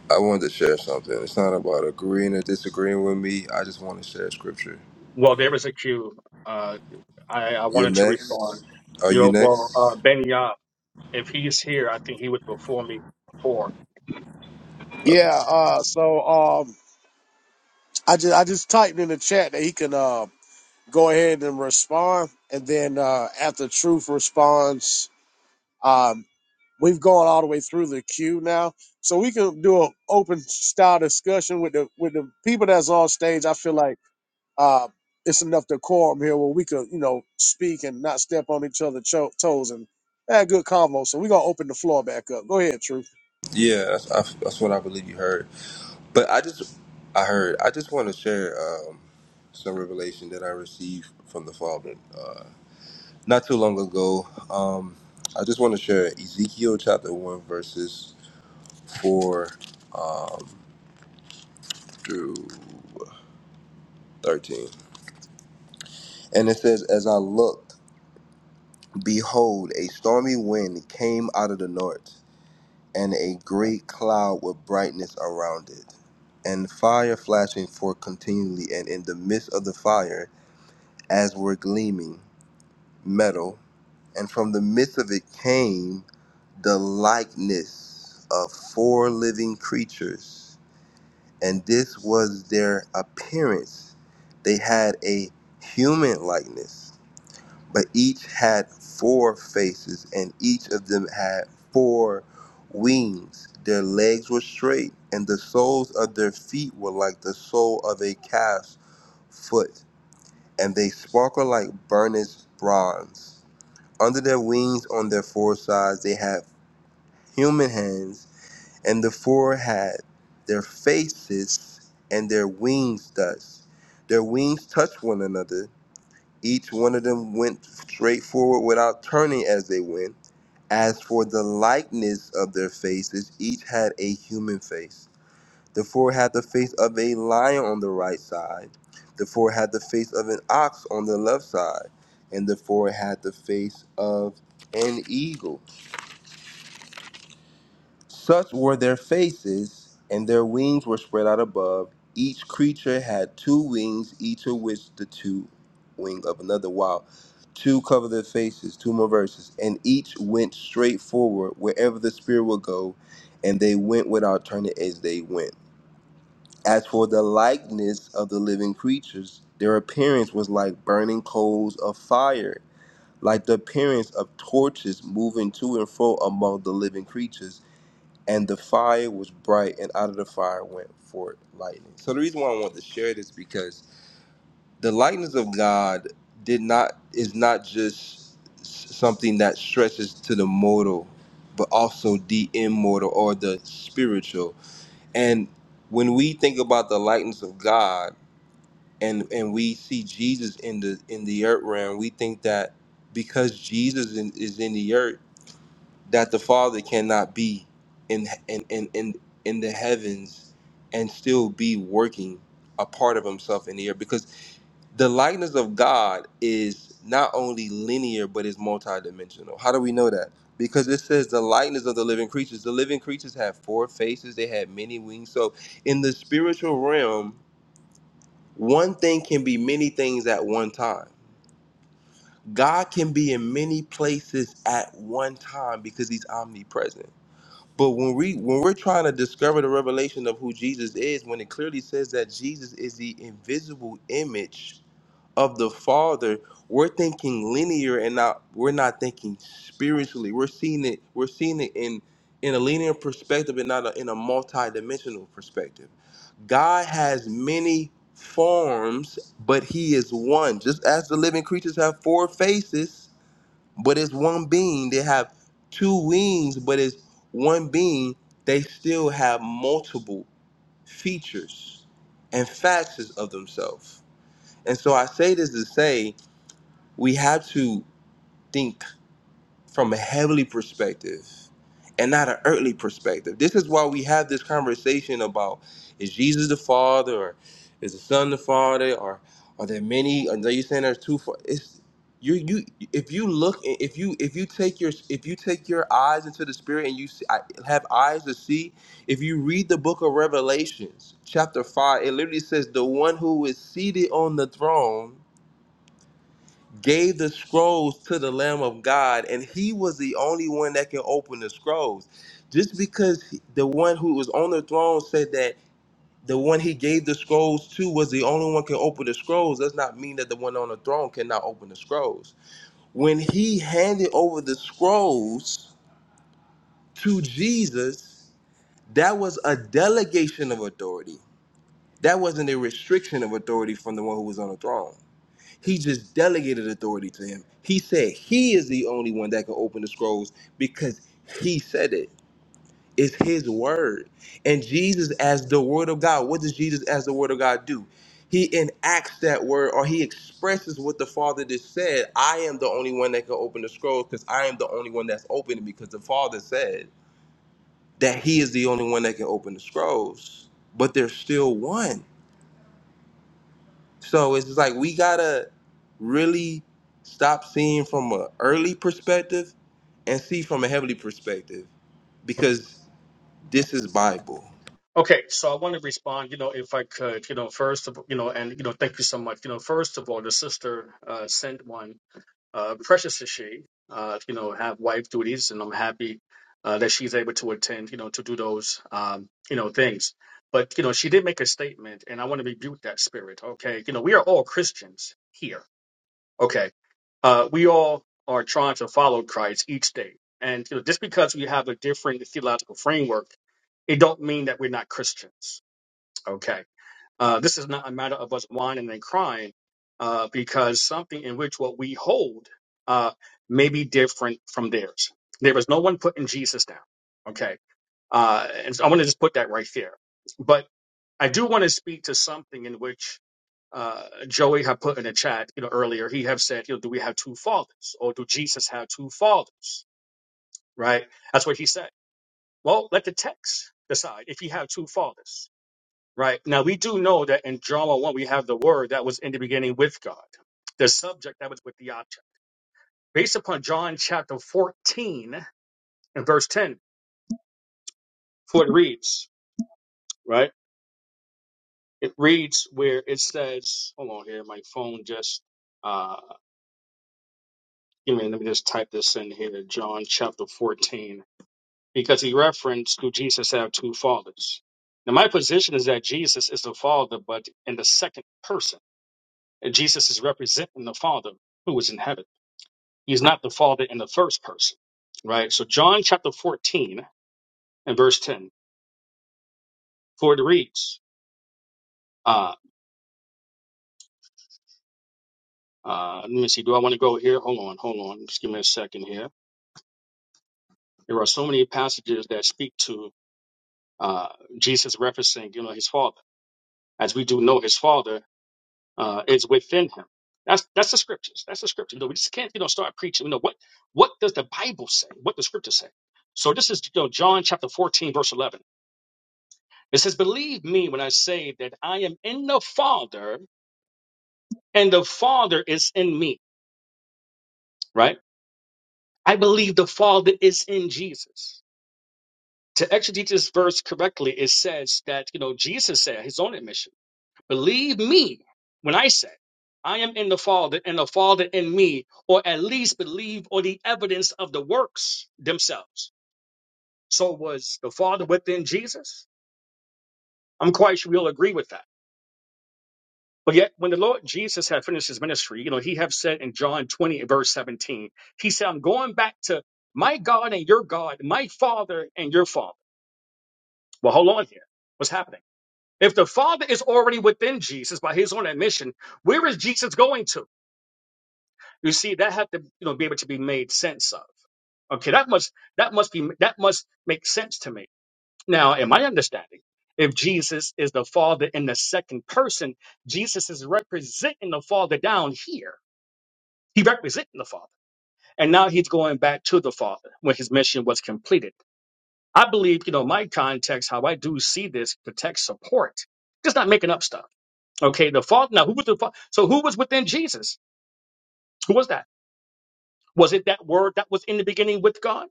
Speaker 14: I wanted to share something. It's not about agreeing or disagreeing with me. I just want to share scripture.
Speaker 11: Well, there was a cue. Uh, I, I
Speaker 14: You're
Speaker 11: wanted to respond.
Speaker 14: next. Are
Speaker 11: You
Speaker 14: you
Speaker 11: know, well, uh,
Speaker 14: next?
Speaker 11: Ben Yap, if he's here, I think he would before me before.
Speaker 14: Okay.
Speaker 2: Yeah. Uh, so um, I just I just typed in the chat that he can uh, go ahead and respond, and then uh, after Truth responds, um, we've gone all the way through the queue now, so we can do an open style discussion with the with the people that's on stage. I feel like uh, it's enough decorum here where we could you know speak and not step on each other's cho- toes and have a good convo. So we're gonna open the floor back up. Go ahead, Truth.
Speaker 14: Yeah, that's, I, that's what I believe you heard. But I just, I heard. I just want to share um, some revelation that I received from the Father uh, not too long ago. Um, I just want to share Ezekiel chapter one verses four um, through thirteen, and it says, "As I looked, behold, a stormy wind came out of the north." and a great cloud with brightness around it, and fire flashing forth continually, and in the midst of the fire, as were gleaming metal, and from the midst of it came the likeness of four living creatures, and this was their appearance. They had a human likeness but each had four faces, and each of them had four wings. Their legs were straight, and the soles of their feet were like the sole of a calf's foot, and they sparkled like burnished bronze. Under their wings, on their four sides, they had human hands, and the four had their faces and their wings touched. Their wings touched one another each one of them went straight forward without turning as they went. As for the likeness of their faces, each had a human face. The four had the face of a lion on the right side, the four had the face of an ox on the left side, and the four had the face of an eagle. Such were their faces, and their wings were spread out above. Each creature had two wings, each of which the two wing of another. Wow. Two cover their faces, two more verses. And each went straight forward wherever the Spirit would go, and they went without turning as they went. As for the likeness of the living creatures, their appearance was like burning coals of fire, like the appearance of torches moving to and fro among the living creatures and the fire was bright, and out of the fire went forth lightning. So the reason why I want to share this because the lightness of God did not is not just s- something that stretches to the mortal, but also the immortal or the spiritual. And when we think about the lightness of God and and we see Jesus in the in the earth realm, we think that because Jesus in, is in the earth that the Father cannot be in in in in, in the heavens and still be working a part of himself in the earth because the likeness of God is not only linear but is multidimensional. How do we know that? Because it says the likeness of the living creatures. The living creatures have four faces, they have many wings. So in the spiritual realm, one thing can be many things at one time. God can be in many places at one time because he's omnipresent but when we when we're trying to discover the revelation of who Jesus is, when it clearly says that Jesus is the invisible image of the Father, we're thinking linear and not we're not thinking spiritually. We're seeing it we're seeing it in in a linear perspective and not a, in a multidimensional perspective. God has many forms, but he is one. Just as the living creatures have four faces, but it's one being. They have two wings, but it's one being. They still have multiple features and facets of themselves. And so I say this to say we have to think from a heavenly perspective and not an earthly perspective. This is why we have this conversation about is Jesus the Father or is the Son the Father or are there many? Are you saying there's two? fa- It's you. You if you look if you if you take your if you take your eyes into the Spirit and you see, I have eyes to see. If you read the book of Revelations chapter five, it literally says the one who is seated on the throne gave the scrolls to the Lamb of God, and he was the only one that can open the scrolls. Just because the one who was on the throne said that the one he gave the scrolls to was the only one can open the scrolls does not mean that the one on the throne cannot open the scrolls. When he handed over the scrolls to Jesus, that was a delegation of authority. That wasn't a restriction of authority from the one who was on the throne. He just delegated authority to him. He said he is the only one that can open the scrolls because he said it. It's his word. And Jesus, as the word of God, what does Jesus, as the word of God, do? He enacts that word or he expresses what the Father just said. I am the only one that can open the scrolls because I am the only one that's opening because the Father said that he is the only one that can open the scrolls. But there's still one. So it's just like we gotta really stop seeing from a early perspective and see from a heavenly perspective because this is Bible.
Speaker 11: Okay, so I want to respond, you know, if I could, you know, first of, you know, and, you know, thank you so much. You know, first of all, the sister uh, sent one, uh, precious is she, uh, you know, have wife duties, and I'm happy uh, that she's able to attend, you know, to do those, um, you know, things. But, you know, she did make a statement, and I want to rebuke that spirit, okay? You know, we are all Christians here Okay. Uh, we all are trying to follow Christ each day. And you know, just because we have a different theological framework, it don't mean that we're not Christians. Okay. Uh, this is not a matter of us whining and crying uh, because something in which what we hold uh, may be different from theirs. There is no one putting Jesus down. Okay. Uh, and so I want to just put that right there. But I do want to speak to something in which uh, Joey had put in the chat, you know, earlier. He have said, you know, do we have two fathers, or do Jesus have two fathers? Right? That's what he said. Well, let the text decide if he had two fathers. Right? Now we do know that in John one we have the word that was in the beginning with God, the subject that was with the object. Based upon John chapter fourteen and verse ten, for it reads, right? It reads where it says, hold on here, my phone just uh, Give me, let me just type this in here, John chapter 14, because he referenced to Jesus have two fathers. Now, my position is that Jesus is the Father, but in the second person. And Jesus is representing the Father who is in heaven. He's not the Father in the first person, right? So, John chapter 14 and verse 10, for it reads, uh, uh, let me see, do I want to go here? Hold on, hold on. Just give me a second here. There are so many passages that speak to uh, Jesus referencing, you know, his Father. as we do know his father uh, is within him. That's that's the scriptures. That's the scripture. You know, we just can't you know start preaching. You know what what does the Bible say? What the scripture say? So this is you know, John chapter fourteen verse eleven. It says, "Believe me when I say that I am in the Father and the Father is in me." Right? I believe the Father is in Jesus. To exegete this verse correctly, it says that you know Jesus said his own admission. Believe me when I say, I am in the Father, and the Father in me, or at least believe on the evidence of the works themselves. So was the Father within Jesus? I'm quite sure we'll agree with that. But yet, when the Lord Jesus had finished his ministry, you know, he have said in John 20, and verse 17, he said, I'm going back to my God and your God, my Father and your Father. Well, hold on here. What's happening? If the Father is already within Jesus by his own admission, where is Jesus going to? You see, that had to, you know, be able to be made sense of. Okay, that must that must be that must make sense to me. Now, in my understanding, if Jesus is the Father in the second person, Jesus is representing the Father down here. He representing the Father, and now he's going back to the Father when his mission was completed. I believe, you know, my context, how I do see this, the text support, just not making up stuff. Okay, the Father. Now, who was the Father? So, who was within Jesus? Who was that? Was it that Word that was in the beginning with God?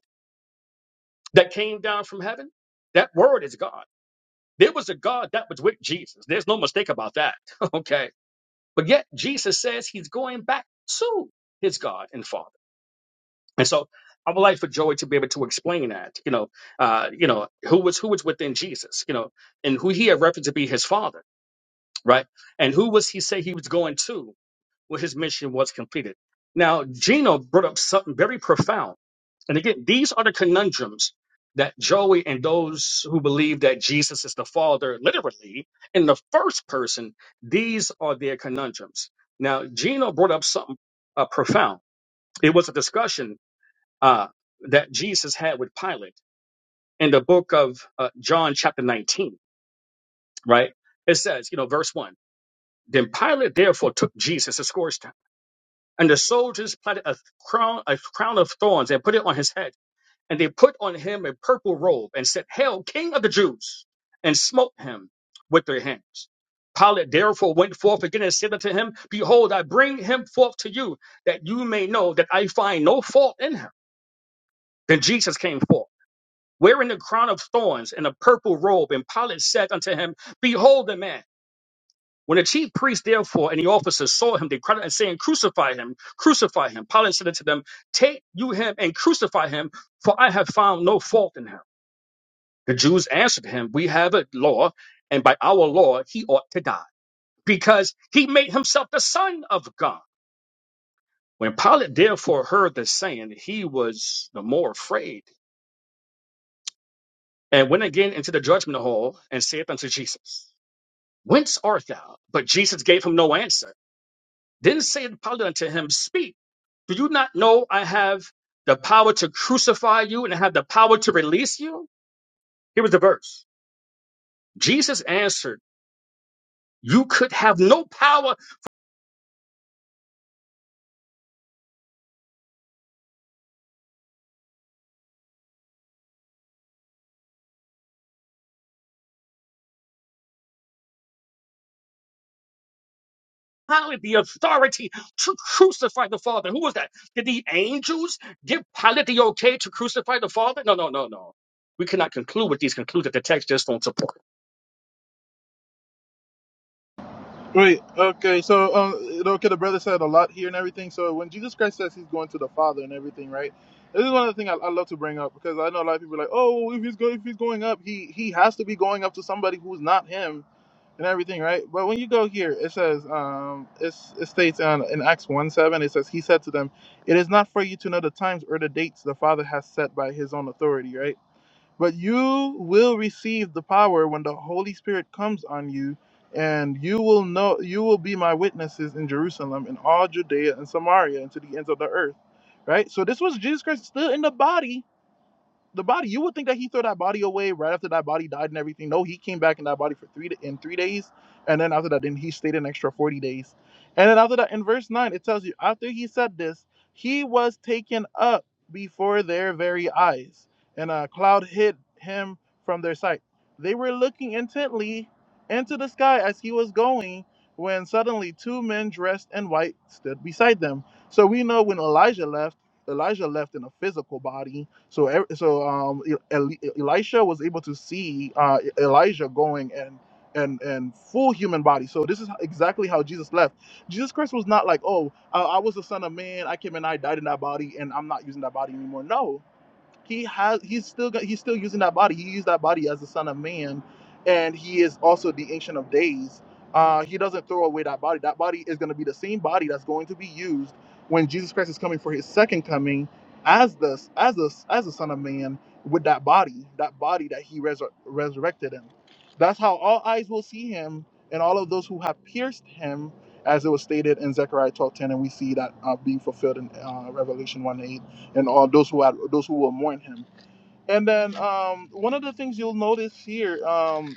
Speaker 11: that came down from heaven, that word is God. There was a God that was with Jesus. There's no mistake about that. okay. But yet Jesus says he's going back to his God and Father. And so I would like for Joey to be able to explain that, you know, uh, you know, who was who was within Jesus, you know, and who he had referenced to be his father, right? And who was he say he was going to? When his mission was completed. Now, Gino brought up something very profound. And again, these are the conundrums that Joey and those who believe that Jesus is the Father, literally, in the first person, these are their conundrums. Now, Gino brought up something uh, profound. It was a discussion uh, that Jesus had with Pilate in the book of uh, John, chapter 19, right? It says, you know, verse 1 Then Pilate therefore took Jesus to scourge him And the soldiers planted a crown, a crown of thorns and put it on his head. And they put on him a purple robe and said, Hail, King of the Jews! And smote him with their hands. Pilate therefore went forth again and said unto him, Behold, I bring him forth to you, that you may know that I find no fault in him. Then Jesus came forth, wearing the crown of thorns and a purple robe. And Pilate said unto him, Behold the man. When the chief priests, therefore, and the officers saw him, they cried out and saying, Crucify him, crucify him. Pilate said unto them, Take you him and crucify him, for I have found no fault in him. The Jews answered him, We have a law, and by our law he ought to die, because he made himself the Son of God. When Pilate therefore heard this saying, he was the more afraid, and went again into the judgment hall, and saith unto Jesus, Whence art thou? But Jesus gave him no answer. Then said Pilate unto him, Speak, do you not know I have the power to crucify you and I have the power to release you? Here was the verse. Jesus answered, You could have no power, Pilate, the authority to crucify the Father. Who was that? Did the angels give Pilate the okay to crucify the Father? No, no, no, no. We cannot conclude with these conclusions that the text just do not support.
Speaker 5: Wait, okay, so um, okay, the brother said a lot here and everything. So when Jesus Christ says he's going to the Father and everything, right? This is one of the things I, I love to bring up because I know a lot of people are like, oh, if he's going, if he's going up, he he has to be going up to somebody who's not him and everything, right? But when you go here, it says, um, it's, it states on, in Acts one seven, it says he said to them, it is not for you to know the times or the dates the Father has set by his own authority, right? But you will receive the power when the Holy Spirit comes on you, and you will know you will be my witnesses in Jerusalem in all Judea and Samaria and to the ends of the earth. Right? So this was Jesus Christ still in the body the body. You would think that he threw that body away right after that body died and everything. No, he came back in that body for three in three days, and then after that, then he stayed an extra forty days, and then after that, in verse nine, it tells you after he said this, he was taken up before their very eyes, and a cloud hid him from their sight. They were looking intently into the sky as he was going. When suddenly two men dressed in white stood beside them. So we know when Elijah left, Elijah left in a physical body so ev- so um, E- Eli- Elisha was able to see uh, E- Elijah going and and and full human body. So this is exactly how Jesus left. Jesus Christ was not like, oh, I, I was the Son of Man. I came and I died in that body, and I'm not using that body anymore. No, he has he's still got he's still using that body. He used that body as the son of man, and he is also the ancient of days. Uh, he doesn't throw away that body. That body is going to be the same body that's going to be used when Jesus Christ is coming for his second coming as the as the as the son of man with that body, that body that he resur- resurrected him. That's how all eyes will see him, and all of those who have pierced him, as it was stated in Zechariah 12:10, and we see that uh, being fulfilled in uh, Revelation one eight and all those who had those who will mourn him. And then um, one of the things you'll notice here um,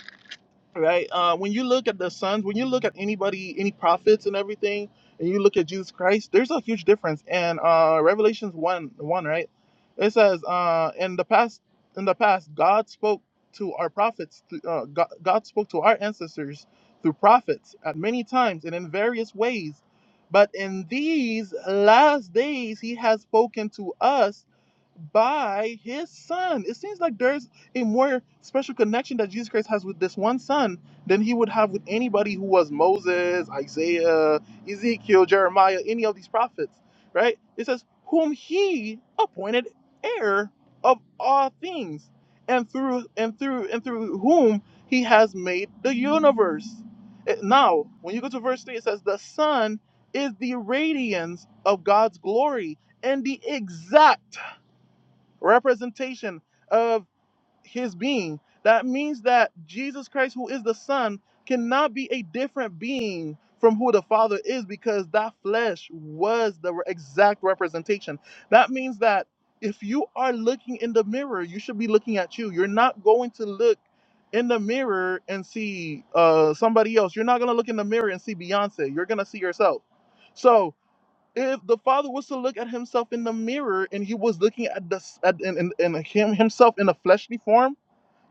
Speaker 5: right? Uh, when you look at the sons, when you look at anybody, any prophets and everything, and you look at Jesus Christ, there's a huge difference. And uh, Revelations one one, right? It says, uh, in the past, in the past, God spoke to our prophets. th- Uh, God, God spoke to our ancestors through prophets at many times and in various ways. But in these last days, He has spoken to us by His Son. It seems like there's a more special connection that Jesus Christ has with this one son than he would have with anybody who was Moses, Isaiah, Ezekiel, Jeremiah, any of these prophets, right? It says, whom he appointed heir of all things, and through and through and through whom he has made the universe. It- Now, when you go to verse 3, it says, The Son is the radiance of God's glory and the exact representation of." his being. That means that Jesus Christ, who is the Son, cannot be a different being from who the Father is because that flesh was the re- exact representation. That means that if you are looking in the mirror, you should be looking at you. You're not going to look in the mirror and see uh, somebody else. You're not going to look in the mirror and see Beyonce. You're going to see yourself. So, if the father was to look at himself in the mirror and he was looking at the s- at in, in, in him himself in a fleshly form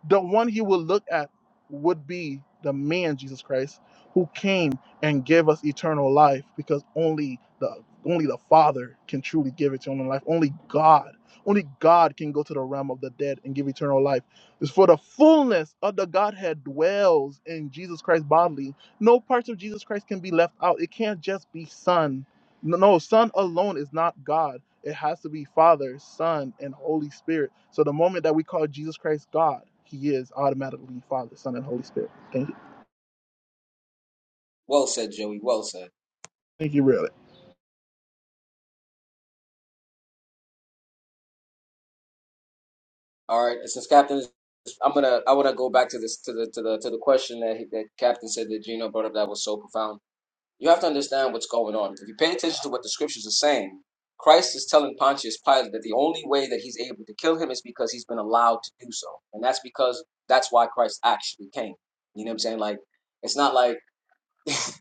Speaker 5: the one he would look at would be the man Jesus Christ who came and gave us eternal life because only the only the Father can truly give eternal life. Only God, only God can go to the realm of the dead and give eternal life. It's for the fullness of the Godhead dwells in Jesus Christ bodily. No parts of Jesus Christ can be left out. It can't just be Son. No, no, Son alone is not God. It has to be Father, Son, and Holy Spirit. So the moment that we call Jesus Christ God, He is automatically Father, Son, and Holy Spirit. Thank you.
Speaker 9: Well said, Joey. Well said.
Speaker 5: Thank you, really.
Speaker 9: All right. Since Captain I'm gonna I wanna go back to this to the to the to the question that that Captain said that Gino brought up that was so profound You have to understand what's going on. If you pay attention to what the scriptures are saying, Christ is telling Pontius Pilate that the only way that he's able to kill him is because he's been allowed to do so. And that's because that's why Christ actually came. You know what I'm saying? Like, it's not like, it's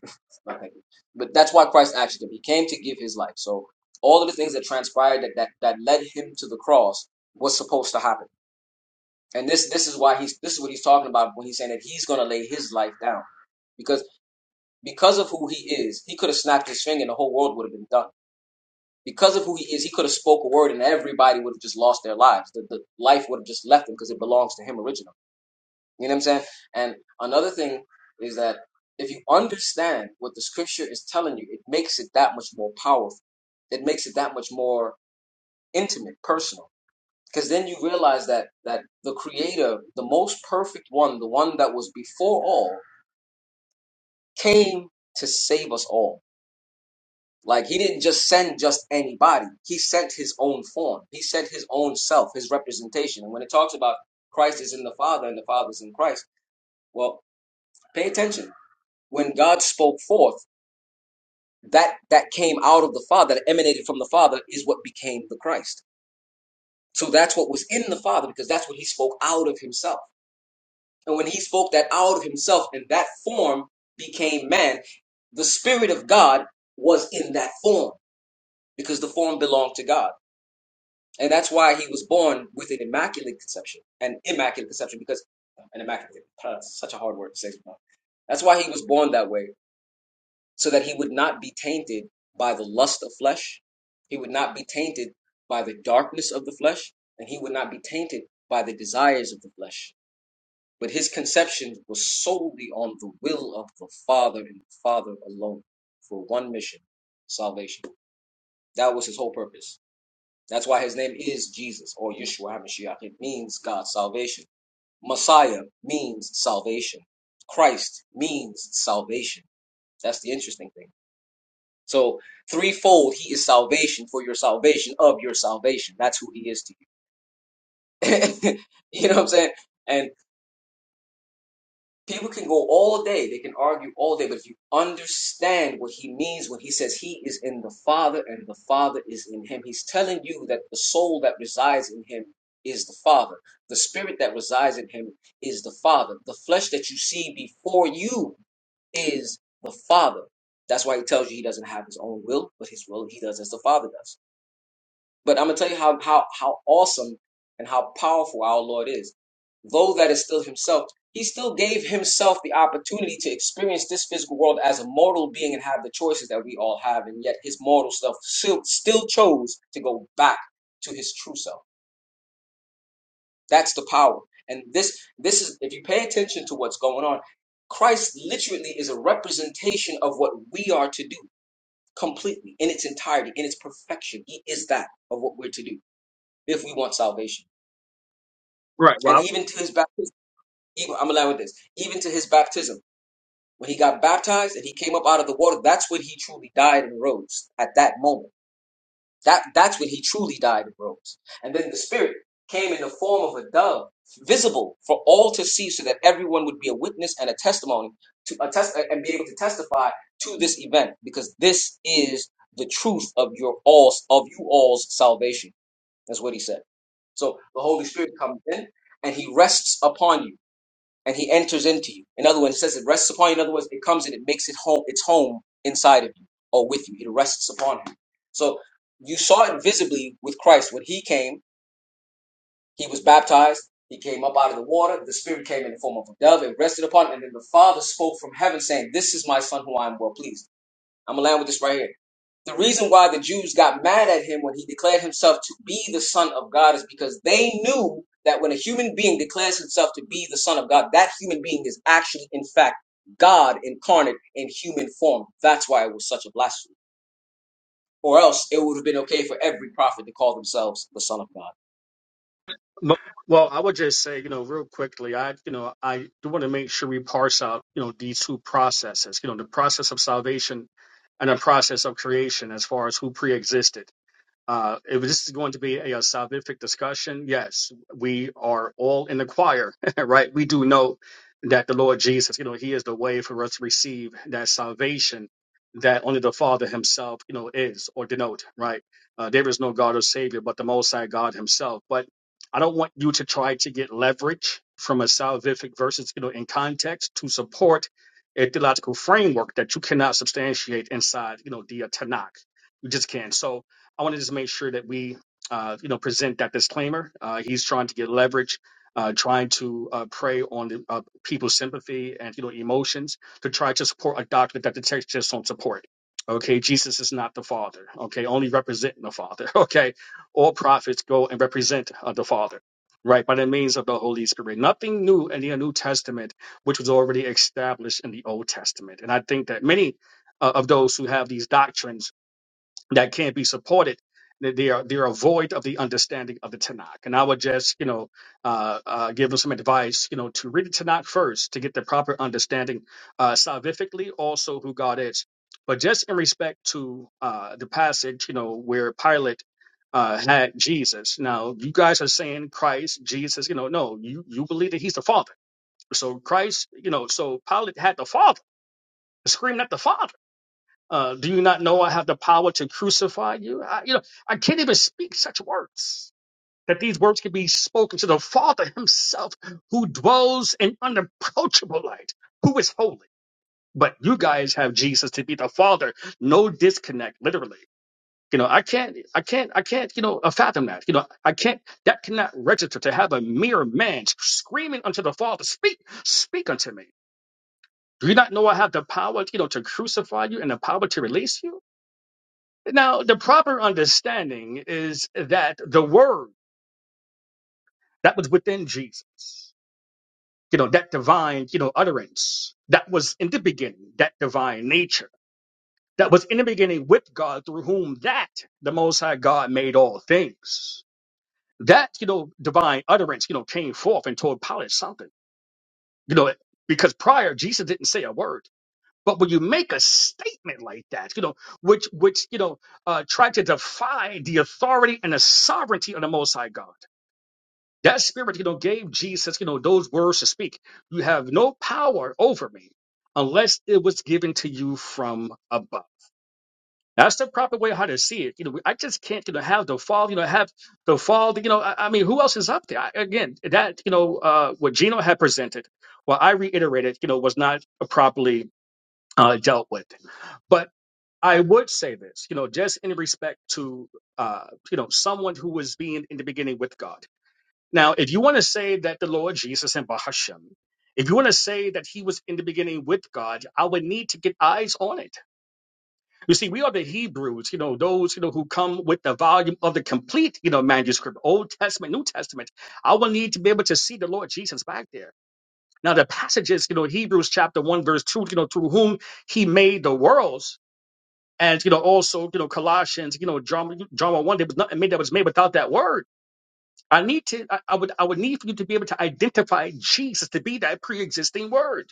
Speaker 9: not like but that's why Christ actually came. He came to give his life. So all of the things that transpired that, that, that led him to the cross was supposed to happen. And this this is why he's this is what he's talking about when he's saying that he's gonna lay his life down because because of who he is, he could have snapped his finger and the whole world would have been done. Because of who he is, he could have spoke a word and everybody would have just lost their lives. The, the life would have just left him because it belongs to him originally. You know what I'm saying? And another thing is that if you understand what the scripture is telling you, it makes it that much more powerful. It makes it that much more intimate, personal. Because then you realize that that the creator, the most perfect one, the one that was before all, came to save us all Like he didn't just send just anybody. He sent his own form. He sent his own self, his representation. And when it talks about Christ is in the Father and the Father is in Christ, well, pay attention. When God spoke forth, that that came out of the Father, that emanated from the Father, is what became the Christ. So that's what was in the Father because that's what he spoke out of himself. And when he spoke that out of himself and that form became man, the Spirit of God was in that form because the form belonged to God. And that's why he was born with an immaculate conception, an immaculate conception, because an immaculate, uh, such a hard word to say. That's why he was born that way, so that he would not be tainted by the lust of flesh. He would not be tainted by the darkness of the flesh, and he would not be tainted by the desires of the flesh. But his conception was solely on the will of the Father and the Father alone for one mission salvation. That was his whole purpose. That's why his name is Jesus or Yeshua HaMashiach. It means God's salvation. Messiah means salvation. Christ means salvation. That's the interesting thing. So, threefold, he is salvation for your salvation of your salvation. That's who he is to you. you know what I'm saying? And. People can go all day, they can argue all day, but if you understand what he means when he says he is in the Father and the Father is in him, he's telling you that the soul that resides in him is the Father. The spirit that resides in him is the Father. The flesh that you see before you is the Father. That's why he tells you he doesn't have his own will, but his will he does as the Father does. But I'm gonna tell you how how how awesome and how powerful our Lord is. Though that is still Himself, He still gave Himself the opportunity to experience this physical world as a mortal being and have the choices that we all have, and yet His mortal self still, still chose to go back to His true self. That's the power. And this this is if you pay attention to what's going on, Christ literally is a representation of what we are to do completely in its entirety, in its perfection. He is that of what we're to do if we want salvation.
Speaker 11: Right, Rob.
Speaker 9: And even to his baptism, even, I'm allowed with this, even to his baptism, when he got baptized and he came up out of the water, that's when he truly died and rose at that moment. That that's when he truly died and rose. And then the Spirit came in the form of a dove, visible for all to see, so that everyone would be a witness and a testimony to a test and be able to testify to this event, because this is the truth of your all's of you all's salvation. That's what he said. So the Holy Spirit comes in and he rests upon you and he enters into you. In other words, it says it rests upon you. In other words, it comes and it makes it home its home inside of you or with you. It rests upon him. So you saw it visibly with Christ. When he came, he was baptized, he came up out of the water, the spirit came in the form of a dove, it rested upon him, and then the Father spoke from heaven saying, This is my son who I am well pleased. I'm gonna land with this right here. The reason why the Jews got mad at him when he declared himself to be the Son of God is because they knew that when a human being declares himself to be the Son of God, that human being is actually, in fact, God incarnate in human form. That's why it was such a blasphemy. Or else it would have been okay for every prophet to call themselves the Son of God.
Speaker 11: Mo- Well, I would just say, you know, real quickly, I, you know, I do want to make sure we parse out, you know, these two processes, you know, the process of salvation and the process of creation as far as who preexisted. Uh, if this is going to be a, a salvific discussion, yes, we are all in the choir, right? We do know that the Lord Jesus, you know, He is the way for us to receive that salvation that only the Father Himself, you know, is or denote, right? Uh, there is no God or Savior but the Most High God Himself. But I don't want you to try to get leverage from a salvific versus, you know, in context to support a theological framework that you cannot substantiate inside, you know, the uh, Tanakh. You just can't. So, I want to just make sure that we, uh, you know, present that disclaimer. Uh, he's trying to get leverage, uh, trying to uh, prey on the, uh, people's sympathy and you know emotions to try to support a doctrine that the text just don't support. Okay, Jesus is not the Father. Okay, only representing the Father. Okay, all prophets go and represent uh, the Father. Right, by the means of the Holy Spirit. Nothing new in the New Testament, which was already established in the Old Testament. And I think that many uh, of those who have these doctrines that can't be supported. They they are they are void of the understanding of the Tanakh. And I would just you know uh, uh, give them some advice you know to read the Tanakh first to get the proper understanding uh, salvifically also who God is. But just in respect to uh, the passage you know where Pilate. Uh, had Jesus. Now you guys are saying Christ, Jesus. You know, no, you you believe that he's the Father. So Christ, you know, so Pilate had the Father, screamed at the Father. Uh, do you not know I have the power to crucify you? I, you know, I can't even speak such words. That these words can be spoken to the Father Himself, who dwells in unapproachable light, who is holy. But you guys have Jesus to be the Father. No disconnect, literally. You know, I can't, I can't, I can't, you know, uh, fathom that. You know, I can't, that cannot register to have a mere man screaming unto the Father, speak, speak unto me. Do you not know I have the power, you know, to crucify you and the power to release you? Now, the proper understanding is that the word that was within Jesus, you know, that divine, you know, utterance that was in the beginning, that divine nature that was in the beginning with God through whom that the Most High God made all things. That, you know, divine utterance, you know, came forth and told Pilate something, you know, because prior Jesus didn't say a word. But when you make a statement like that, you know, which which you know, uh, try to defy the authority and the sovereignty of the Most High God, that spirit, you know, gave Jesus, you know, those words to speak. You have no power over me unless it was given to you from above. That's the proper way how to see it. You know, I just can't, you know, have the fall. You know, have the fall. You know, I, I mean, who else is up there? I, again, that you know, uh, what Gino had presented, what I reiterated, you know, was not properly uh, dealt with. But I would say this, you know, just in respect to, uh, you know, someone who was being in the beginning with God. Now, if you want to say that the Lord Jesus and Bahashem, if you want to say that he was in the beginning with God, I would need to get eyes on it. You see, we are the Hebrews, you know, those, you know, who come with the volume of the complete, you know, manuscript, Old Testament, New Testament. I will need to be able to see the Lord Jesus back there. Now, the passages, you know, Hebrews chapter 1, verse 2, you know, through whom he made the worlds, and you know, also you know, Colossians, you know, drama, drama one. There was nothing made that was made without that word. I need to, I, I would, I would need for you to be able to identify Jesus to be that pre-existing word.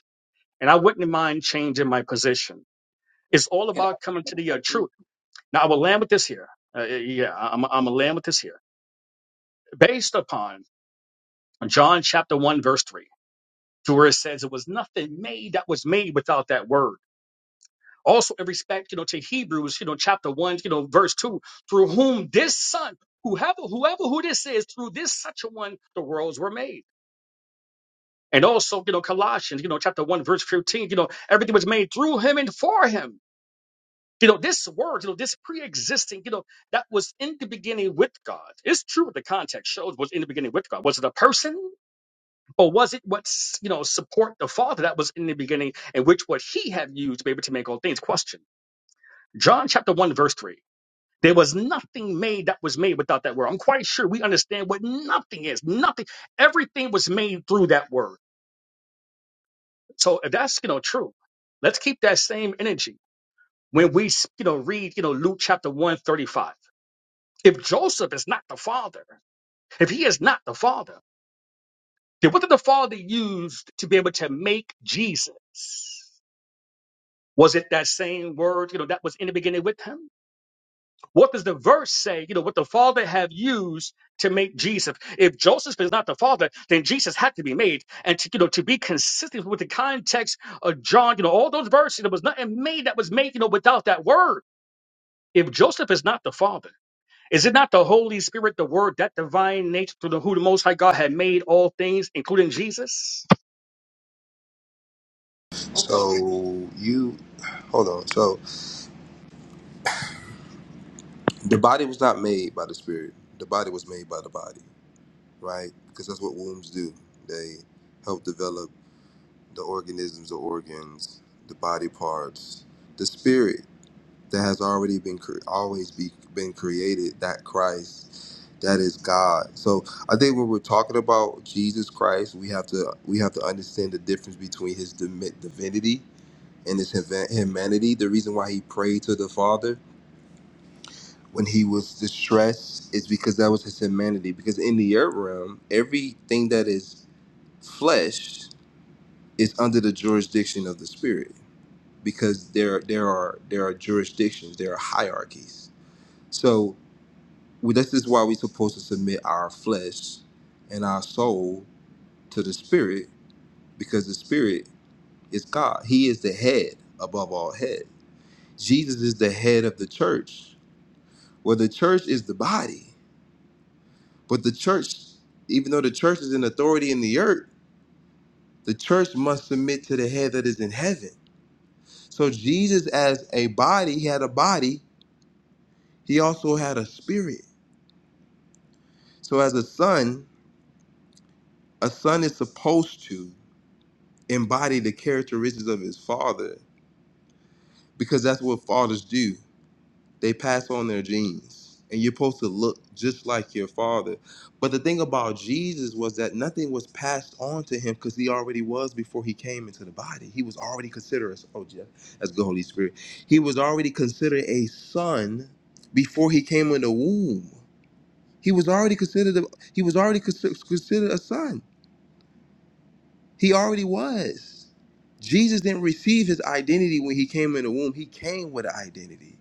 Speaker 11: And I wouldn't mind changing my position. It's all
Speaker 9: Can I ask
Speaker 11: about coming
Speaker 9: you
Speaker 11: to the
Speaker 9: a
Speaker 11: uh,
Speaker 9: question?
Speaker 11: truth. Now I will land with this here. Uh, yeah, I'm, I'm gonna land with this here. Based upon John chapter one verse three, to where it says it was nothing made that was made without that word. also in respect, you know, to Hebrews, you know, chapter one, you know, verse two, through whom this son, whoever, whoever who this is, through this such a one, the worlds were made. And also, you know, Colossians, you know, chapter one, verse 15, you know, everything was made through him and for him. You know, this word, you know, this pre-existing, you know, that was in the beginning with God. It's true what the context shows was in the beginning with God. Was it a person or was it what's, you know, support the Father that was in the beginning and which what he had used to be able to make all things? Question. John chapter one, verse three. There was nothing made that was made without that word. I'm quite sure we understand what nothing is. Nothing. Everything was made through that word. So if that's you know true, let's keep that same energy when we you know read you know Luke chapter 135. If Joseph is not the father, if he is not the father, then what did the father use to be able to make Jesus? Was it that same word, you know, that was in the beginning with him? What does the verse say? You know, what the Father have used to make Jesus. If Joseph is not the Father, then Jesus had to be made. And to, you know, to be consistent with the context of John, you know, all those verses, there was nothing made that was made, you know, without that word. If Joseph is not the Father, is it not the Holy Spirit, the Word, that divine nature through the who the Most High God had made all things, including Jesus?
Speaker 9: Okay.
Speaker 14: So you, hold on. So the body was not made by the spirit. The body was made by the body, right? Because that's what wombs do. They help develop the organisms, the organs, the body parts, the spirit. that has already been cre- always be, been created that christ that is god so i think when we're talking about jesus christ we have to we have to understand the difference between his dimi- divinity and his huma- humanity the reason why he prayed to the father when he was distressed is because that was his humanity because in the earth realm everything that is flesh is under the jurisdiction of the spirit because there there are there are jurisdictions there are hierarchies so we, this is why we're supposed to submit our flesh and our soul to the spirit because the spirit is god he is the head above all head jesus is the head of the church well the church is the body but the church even though the church is in authority in the earth the church must submit to the head that is in heaven so jesus as a body he had a body he also had a spirit so as a son a son is supposed to embody the characteristics of his father because that's what fathers do. They pass on their genes, and you're supposed to look just like your father. But the thing about Jesus was that nothing was passed on to him because he already was before he came into the body. He was already considered, oh, yeah, that's good, Holy Spirit. He was already considered a son before he came in the womb. He was already considered a, he was already consi- considered a son. He already was. Jesus didn't receive his identity when he came in the womb. He came with an identity.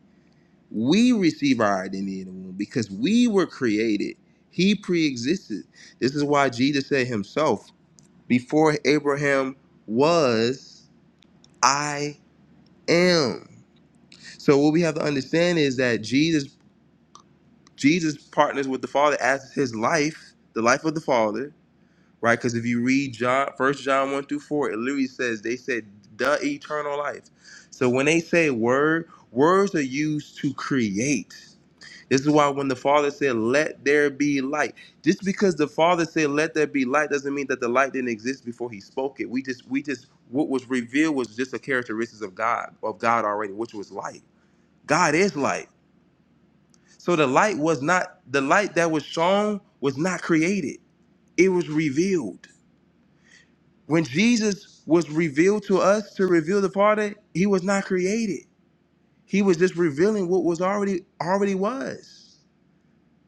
Speaker 14: We receive our identity in the womb because we were created. He pre-existed. This is why Jesus said himself, before Abraham was, I am. So what we have to understand is that Jesus Jesus partners with the Father as his life, the life of the Father, right? Because if you read John, First John one through four, it literally says they said the eternal life. So when they say word, words are used to create. This is why when the Father said, "Let there be light," just because the Father said, "Let there be light," doesn't mean that the light didn't exist before He spoke it. We just, we just, what was revealed was just a characteristics of God, of God already, which was light. God is light. So the light was not the light that was shown was not created. It was revealed. When Jesus was revealed to us to reveal the Father, he was not created. He was just revealing what was already already was.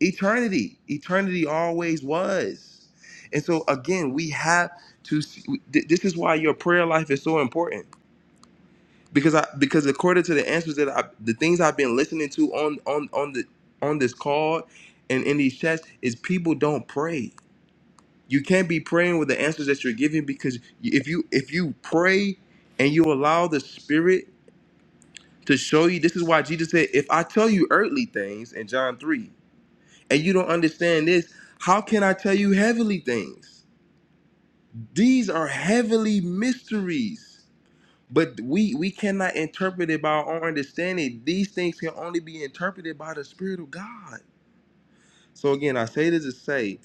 Speaker 14: Eternity. Eternity always was. And so again, we have to see, th- this is why your prayer life is so important because I because according to the answers that I the things I've been listening to on on on the on this call and in these chats is people don't pray you can't be praying with the answers that you're giving because if you if you pray and you allow the spirit to show you this is why jesus said if i tell you earthly things in john 3 and you don't understand this how can i tell you heavenly things these are heavenly mysteries but we we cannot interpret it by our own understanding these things can only be interpreted by the spirit of god so again i say this to say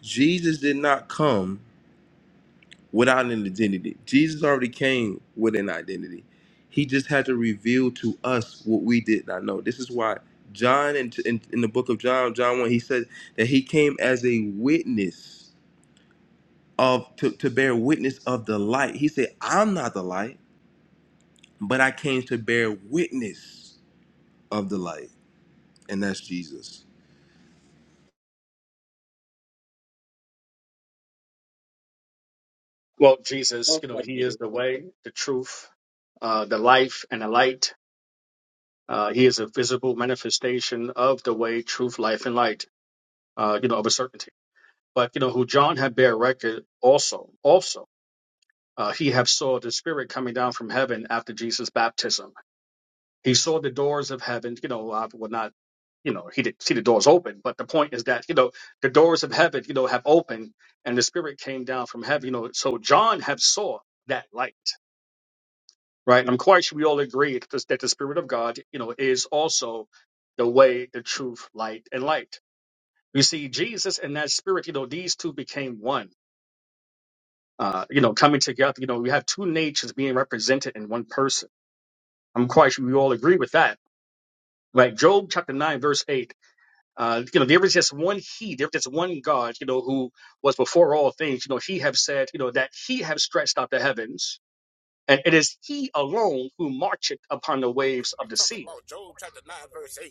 Speaker 14: jesus did not come without an identity. Jesus already came with an identity. He just had to reveal to us what we did not know. This is why John, in, in, in the book of John, John 1, he said that he came as a witness of, to, to bear witness of the light. He said, I'm not the light, but I came to bear witness of the light. And that's Jesus.
Speaker 11: Well, Jesus,
Speaker 9: Well
Speaker 11: you know, He is the way, the truth, uh, the life, and the light. Uh, he is a visible manifestation of the way, truth, life, and light, uh, you know, of a certainty. But, you know, who John had bear record also, also, uh, he have saw the spirit coming down from heaven after Jesus' baptism. He saw the doors of heaven, you know, uh, well, not, you know, he didn't see the doors open, but the point is that, you know, the doors of heaven, you know, have opened and the spirit came down from heaven, you know, so John have saw that light right? And I'm quite sure we all agree that this- that the Spirit of God, you know, is also the way, the truth, light, and light. You see, Jesus and that Spirit, you know, these two became one. Uh, you know, coming together, you know, we have two natures being represented in one person. I'm quite sure we all agree with that, right? Job chapter nine, verse eight. Uh, you know, there is just one He, there is just one God, you know, who was before all things. You know, He have said, you know, that He have stretched out the heavens, and it is He alone who marcheth upon the waves of the
Speaker 16: Talk
Speaker 11: sea
Speaker 16: about Job chapter 9, verse 8,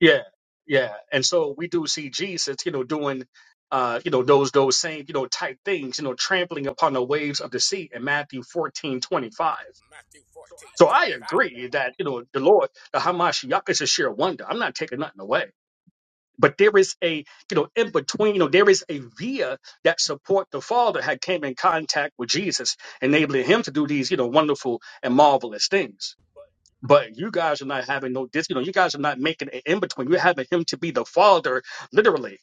Speaker 11: Yeah, yeah. And so we do see Jesus, you know, doing uh, you know, those those same, you know, type things, you know, trampling upon the waves of the sea in Matthew 14 25.
Speaker 16: Matthew 14
Speaker 11: So I
Speaker 16: 25.
Speaker 11: agree that, you know, the Lord, the Hamashiach is a sheer wonder. I'm not taking nothing away. But there is a, you know, in between, you know, there is a via that support the Father had came in contact with Jesus, enabling him to do these, you know, wonderful and marvelous things. But you guys are not having no dis, you know, you guys are not making an in between. You're having him to be the father, literally.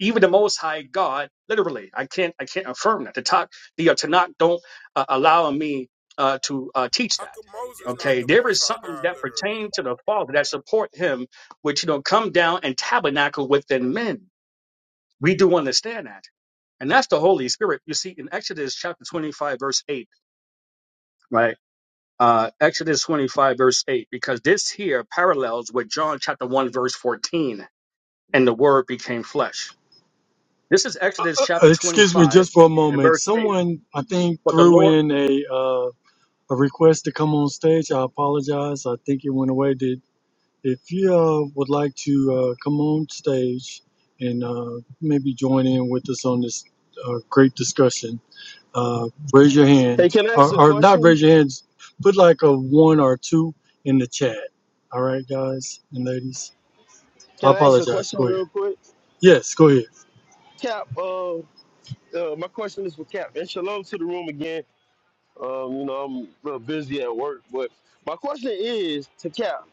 Speaker 11: Even the Most High God, literally. I can't, I can't affirm that. The talk, the uh, Tanakh don't uh, allow me uh, to uh, teach
Speaker 16: How
Speaker 11: that.
Speaker 16: come Moses not
Speaker 11: Okay,
Speaker 16: the
Speaker 11: there
Speaker 16: most
Speaker 11: is
Speaker 16: high
Speaker 11: something
Speaker 16: God,
Speaker 11: that
Speaker 16: literally?
Speaker 11: pertains to the Father that support Him, which you know come down and tabernacle within men. We do understand that, and that's the Holy Spirit. You see in Exodus chapter twenty-five, verse eight, right? uh, Exodus 25, verse 8, because this here parallels with John chapter 1, verse 14, and the word became flesh. This is Exodus
Speaker 17: Uh,
Speaker 11: chapter
Speaker 17: Excuse me
Speaker 11: 25
Speaker 17: just for a
Speaker 11: and
Speaker 17: moment.
Speaker 11: verse 8.
Speaker 17: Someone, I think,
Speaker 11: For the
Speaker 17: threw
Speaker 11: Lord,
Speaker 17: in a uh, a request to come on stage. I apologize. I think it went away. Did if you uh, would like to uh, come on stage and uh, maybe join in with us on this uh, great discussion, uh, raise your hand
Speaker 8: Hey, can I
Speaker 17: or,
Speaker 8: ask a
Speaker 17: or not
Speaker 8: question?
Speaker 17: raise your hands. Put like a one or two in the chat. All right, guys and ladies. I
Speaker 8: Can I ask a
Speaker 17: apologize.
Speaker 8: question
Speaker 17: Go ahead.
Speaker 8: real quick?
Speaker 17: Yes, go ahead.
Speaker 8: Cap, uh, uh, my question is for Cap. And shalom to the room again. Um, you know, I'm real busy at work, but my question is to Cap.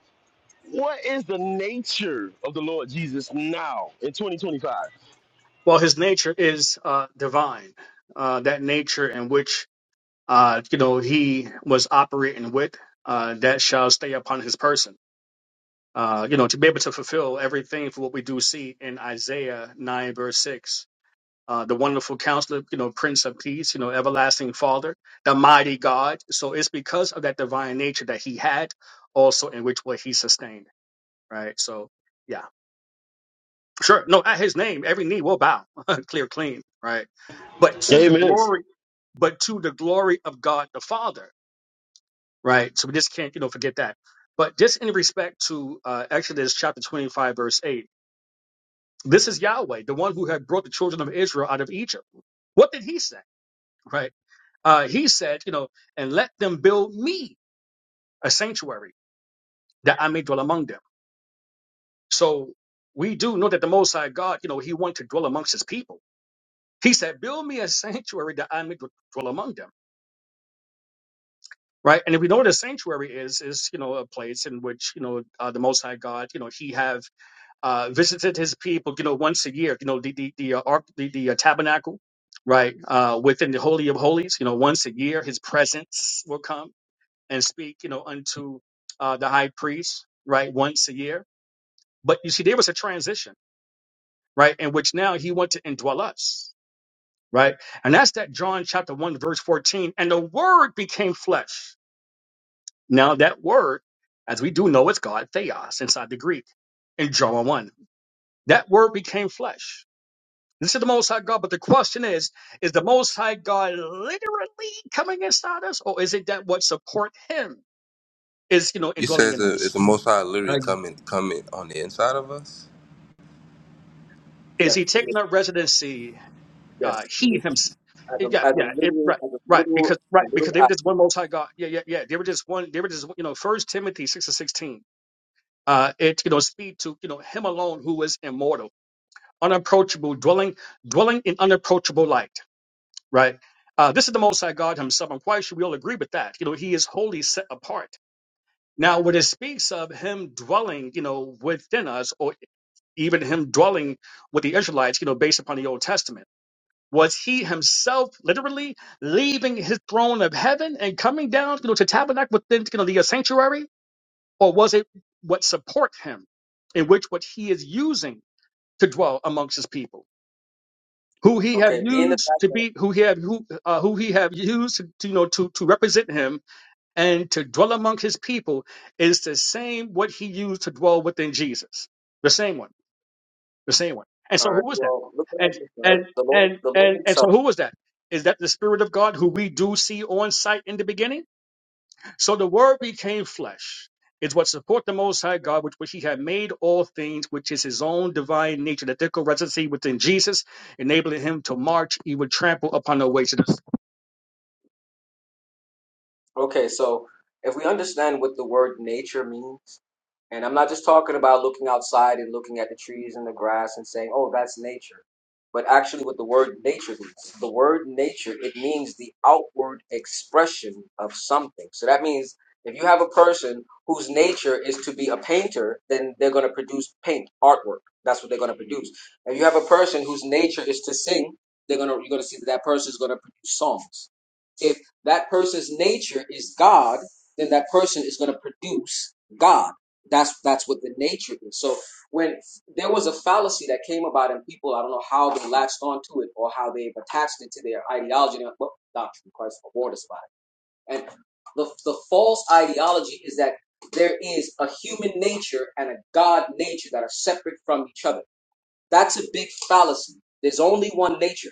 Speaker 8: What is the nature of the Lord Jesus now in 2025?
Speaker 11: well, his nature is uh, divine, uh, that nature in which, uh, you know, he was operating with, uh, that shall stay upon his person. Uh, you know, to be able to fulfill everything for what we do see in Isaiah 9, verse 6 uh, the wonderful counselor, you know, Prince of Peace, you know, everlasting Father, the mighty God. So it's because of that divine nature that he had, also in which way he sustained, right? So, yeah, sure. No, at his name, every knee will bow, clear, clean, right? But to the
Speaker 8: Amen.
Speaker 11: glory, but to the glory of God the Father, right? So we just can't, you know, forget that. But just in respect to uh, Exodus chapter 25, verse 8, this is Yahweh, the one who had brought the children of Israel out of Egypt. What did he say? right? Uh, he said, you know, and let them build me a sanctuary that I may dwell among them. So we do know that the Most High God, you know, he wanted to dwell amongst his people. He said, build me a sanctuary that I may dw- dwell among them. Right. And if we know what a sanctuary is, is, you know, a place in which, you know, uh, the Most High God, you know, he have uh, visited his people, you know, once a year, you know, the, the, the, uh, ark, the, the uh, tabernacle, right. Uh, within the Holy of Holies, you know, once a year, his presence will come and speak, you know, unto uh, the high priest, right, once a year. But you see, there was a transition, right, in which now he went to indwell us, right? And that's that John chapter 1, verse 14. And the word became flesh. Now, that word, as we do know, it's God, theos, inside the Greek, in John 1. That word became flesh. This is the Most High God, but the question is, is the Most High God literally coming inside us, or is it that what support Him is, you know,
Speaker 14: You said
Speaker 11: indwelling
Speaker 14: it's
Speaker 11: in
Speaker 14: a it's
Speaker 11: us?
Speaker 14: the Most High literally coming, coming on the inside of us?
Speaker 11: is
Speaker 9: Yes,
Speaker 11: he
Speaker 9: he is.
Speaker 11: taking up residency? Uh,
Speaker 9: Yes, he
Speaker 11: he
Speaker 9: is.
Speaker 11: himself.
Speaker 9: As
Speaker 11: Yeah,
Speaker 9: a, as a
Speaker 11: yeah, it,
Speaker 9: literal,
Speaker 11: right,
Speaker 9: as a
Speaker 11: right.
Speaker 9: literal,
Speaker 11: Because
Speaker 9: a
Speaker 11: right,
Speaker 9: literal
Speaker 11: because they were just
Speaker 9: actor.
Speaker 11: one Most High God. Yeah, yeah, yeah. They were just one. They were just you know. First Timothy six and sixteen. Uh, it you know speak to you know him alone who is immortal, unapproachable, dwelling dwelling in unapproachable light. Right. Uh, this is the Most High God Himself. I'm quite sure we all agree with that. You know, He is wholly set apart. Now, when it speaks of Him dwelling, you know, within us, or even Him dwelling with the Israelites, you know, based upon the Old Testament. was he himself literally leaving his throne of heaven and coming down, you know, to tabernacle within you know, the sanctuary, or was it what support him, in which what he is using to dwell amongst his people, who he have
Speaker 9: Okay, being the
Speaker 11: used
Speaker 9: fact
Speaker 11: to
Speaker 9: that
Speaker 11: be, who he have who uh, who he have used to you know to to represent him and to dwell among his people is the same what he used to dwell within Jesus, the same one the same one. And
Speaker 9: All
Speaker 11: so
Speaker 9: right.
Speaker 11: who was that?
Speaker 9: Well, look at it
Speaker 11: And
Speaker 9: this, right?
Speaker 11: and
Speaker 9: The Lord,
Speaker 11: and
Speaker 9: the Lord
Speaker 11: and and so
Speaker 9: Himself.
Speaker 11: who was that? Is that the Spirit of God who we do see on sight in the beginning? So the Word became flesh. Is what support the Most High God, which, which He had made all things, which is His own divine nature, the ethical residency within Jesus, enabling Him to march. He would trample upon the ways of the.
Speaker 9: Okay, so if we understand what the word nature means, And I'm not just talking about looking outside and looking at the trees and the grass and saying, oh, that's nature. But actually, what the word nature means the word nature, it means the outward expression of something. So that means if you have a person whose nature is to be a painter, then they're going to produce paint, artwork. That's what they're going to produce. If you have a person whose nature is to sing, they're going to, you're going to see that that person is going to produce songs. If that person's nature is God, then that person is going to produce God that's that's what the nature is. So when there was a fallacy that came about, and people, I don't know how they latched onto it or how they've attached it to their ideology. And, well, doctrine, Christ reward us by it. And the the false ideology is that there is a human nature and a God nature that are separate from each other. That's a big fallacy. There's only one nature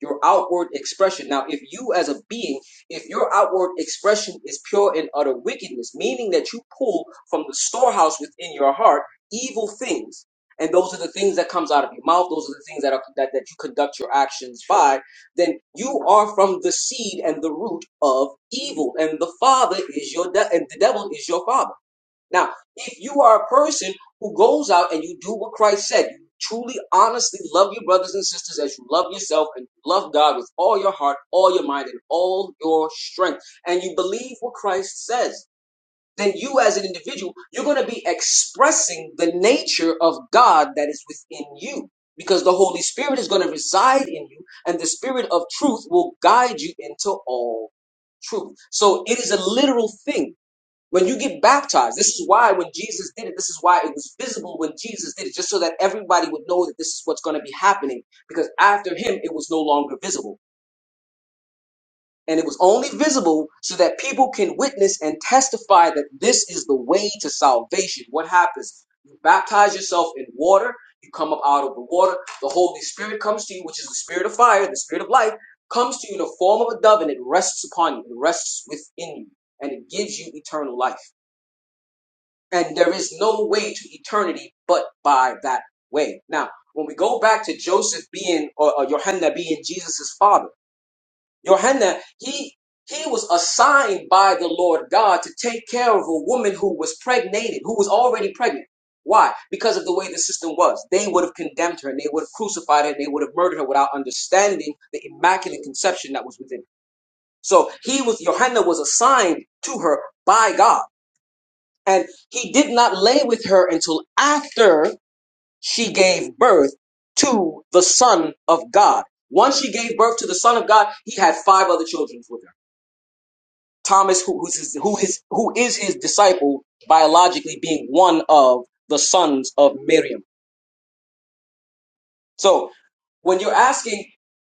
Speaker 9: your outward expression. Now, if you as a being, if your outward expression is pure and utter wickedness, meaning that you pull from the storehouse within your heart evil things, and those are the things that comes out of your mouth, those are the things that are that, that you conduct your actions by, then you are from the seed and the root of evil, and the father is your de- and the devil is your father. Now, if you are a person who goes out and you do what Christ said, you truly, honestly love your brothers and sisters as you love yourself and you love God with all your heart, all your mind, and all your strength, and you believe what Christ says, then you as an individual, you're going to be expressing the nature of God that is within you. Because the Holy Spirit is going to reside in you, and the Spirit of truth will guide you into all truth. So it is a literal thing when you get baptized, this is why when Jesus did it, this is why it was visible when Jesus did it, just so that everybody would know that this is what's going to be happening. Because after him, it was no longer visible. And it was only visible so that people can witness and testify that this is the way to salvation. What happens? You baptize yourself in water, you come up out of the water, the Holy Spirit comes to you, which is the spirit of fire, the spirit of life, comes to you in the form of a dove and it rests upon you, it rests within you, and it gives you eternal life. And there is no way to eternity but by that way. Now, when we go back to Joseph being, or, or Yohanan being Jesus' father, Yohanan, he, he was assigned by the Lord God to take care of a woman who was pregnated, who was already pregnant. Why? Because of the way the system was. They would have condemned her and they would have crucified her and they would have murdered her without understanding the immaculate conception that was within her. So he was, Yohanan was assigned to her by God and he did not lay with her until after she gave birth to the Son of God. Once she gave birth to the Son of God, he had five other children with her. Thomas, who, who's his, who, his, who is his disciple biologically, being one of the sons of Miriam. So when you're asking,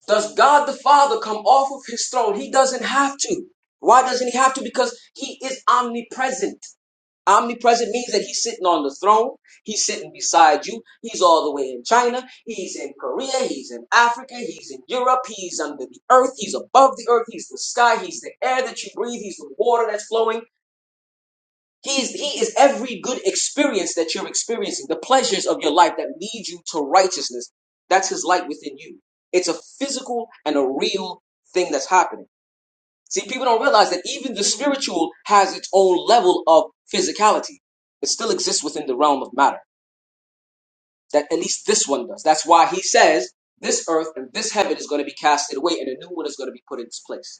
Speaker 9: does God the Father come off of his throne? He doesn't have to. Why doesn't he have to? Because he is omnipresent. Omnipresent means that he's sitting on the throne. He's sitting beside you. He's all the way in China. He's in Korea. He's in Africa. He's in Europe. He's under the earth. He's above the earth. He's the sky. He's the air that you breathe. He's the water that's flowing. He's, he is every good experience that you're experiencing, the pleasures of your life that lead you to righteousness. That's his light within you. It's a physical and a real thing that's happening. See, people don't realize that even the spiritual has its own level of physicality. It still exists within the realm of matter. That at least this one does. That's why he says this earth and this heaven is going to be casted away and a new one is going to be put in its place.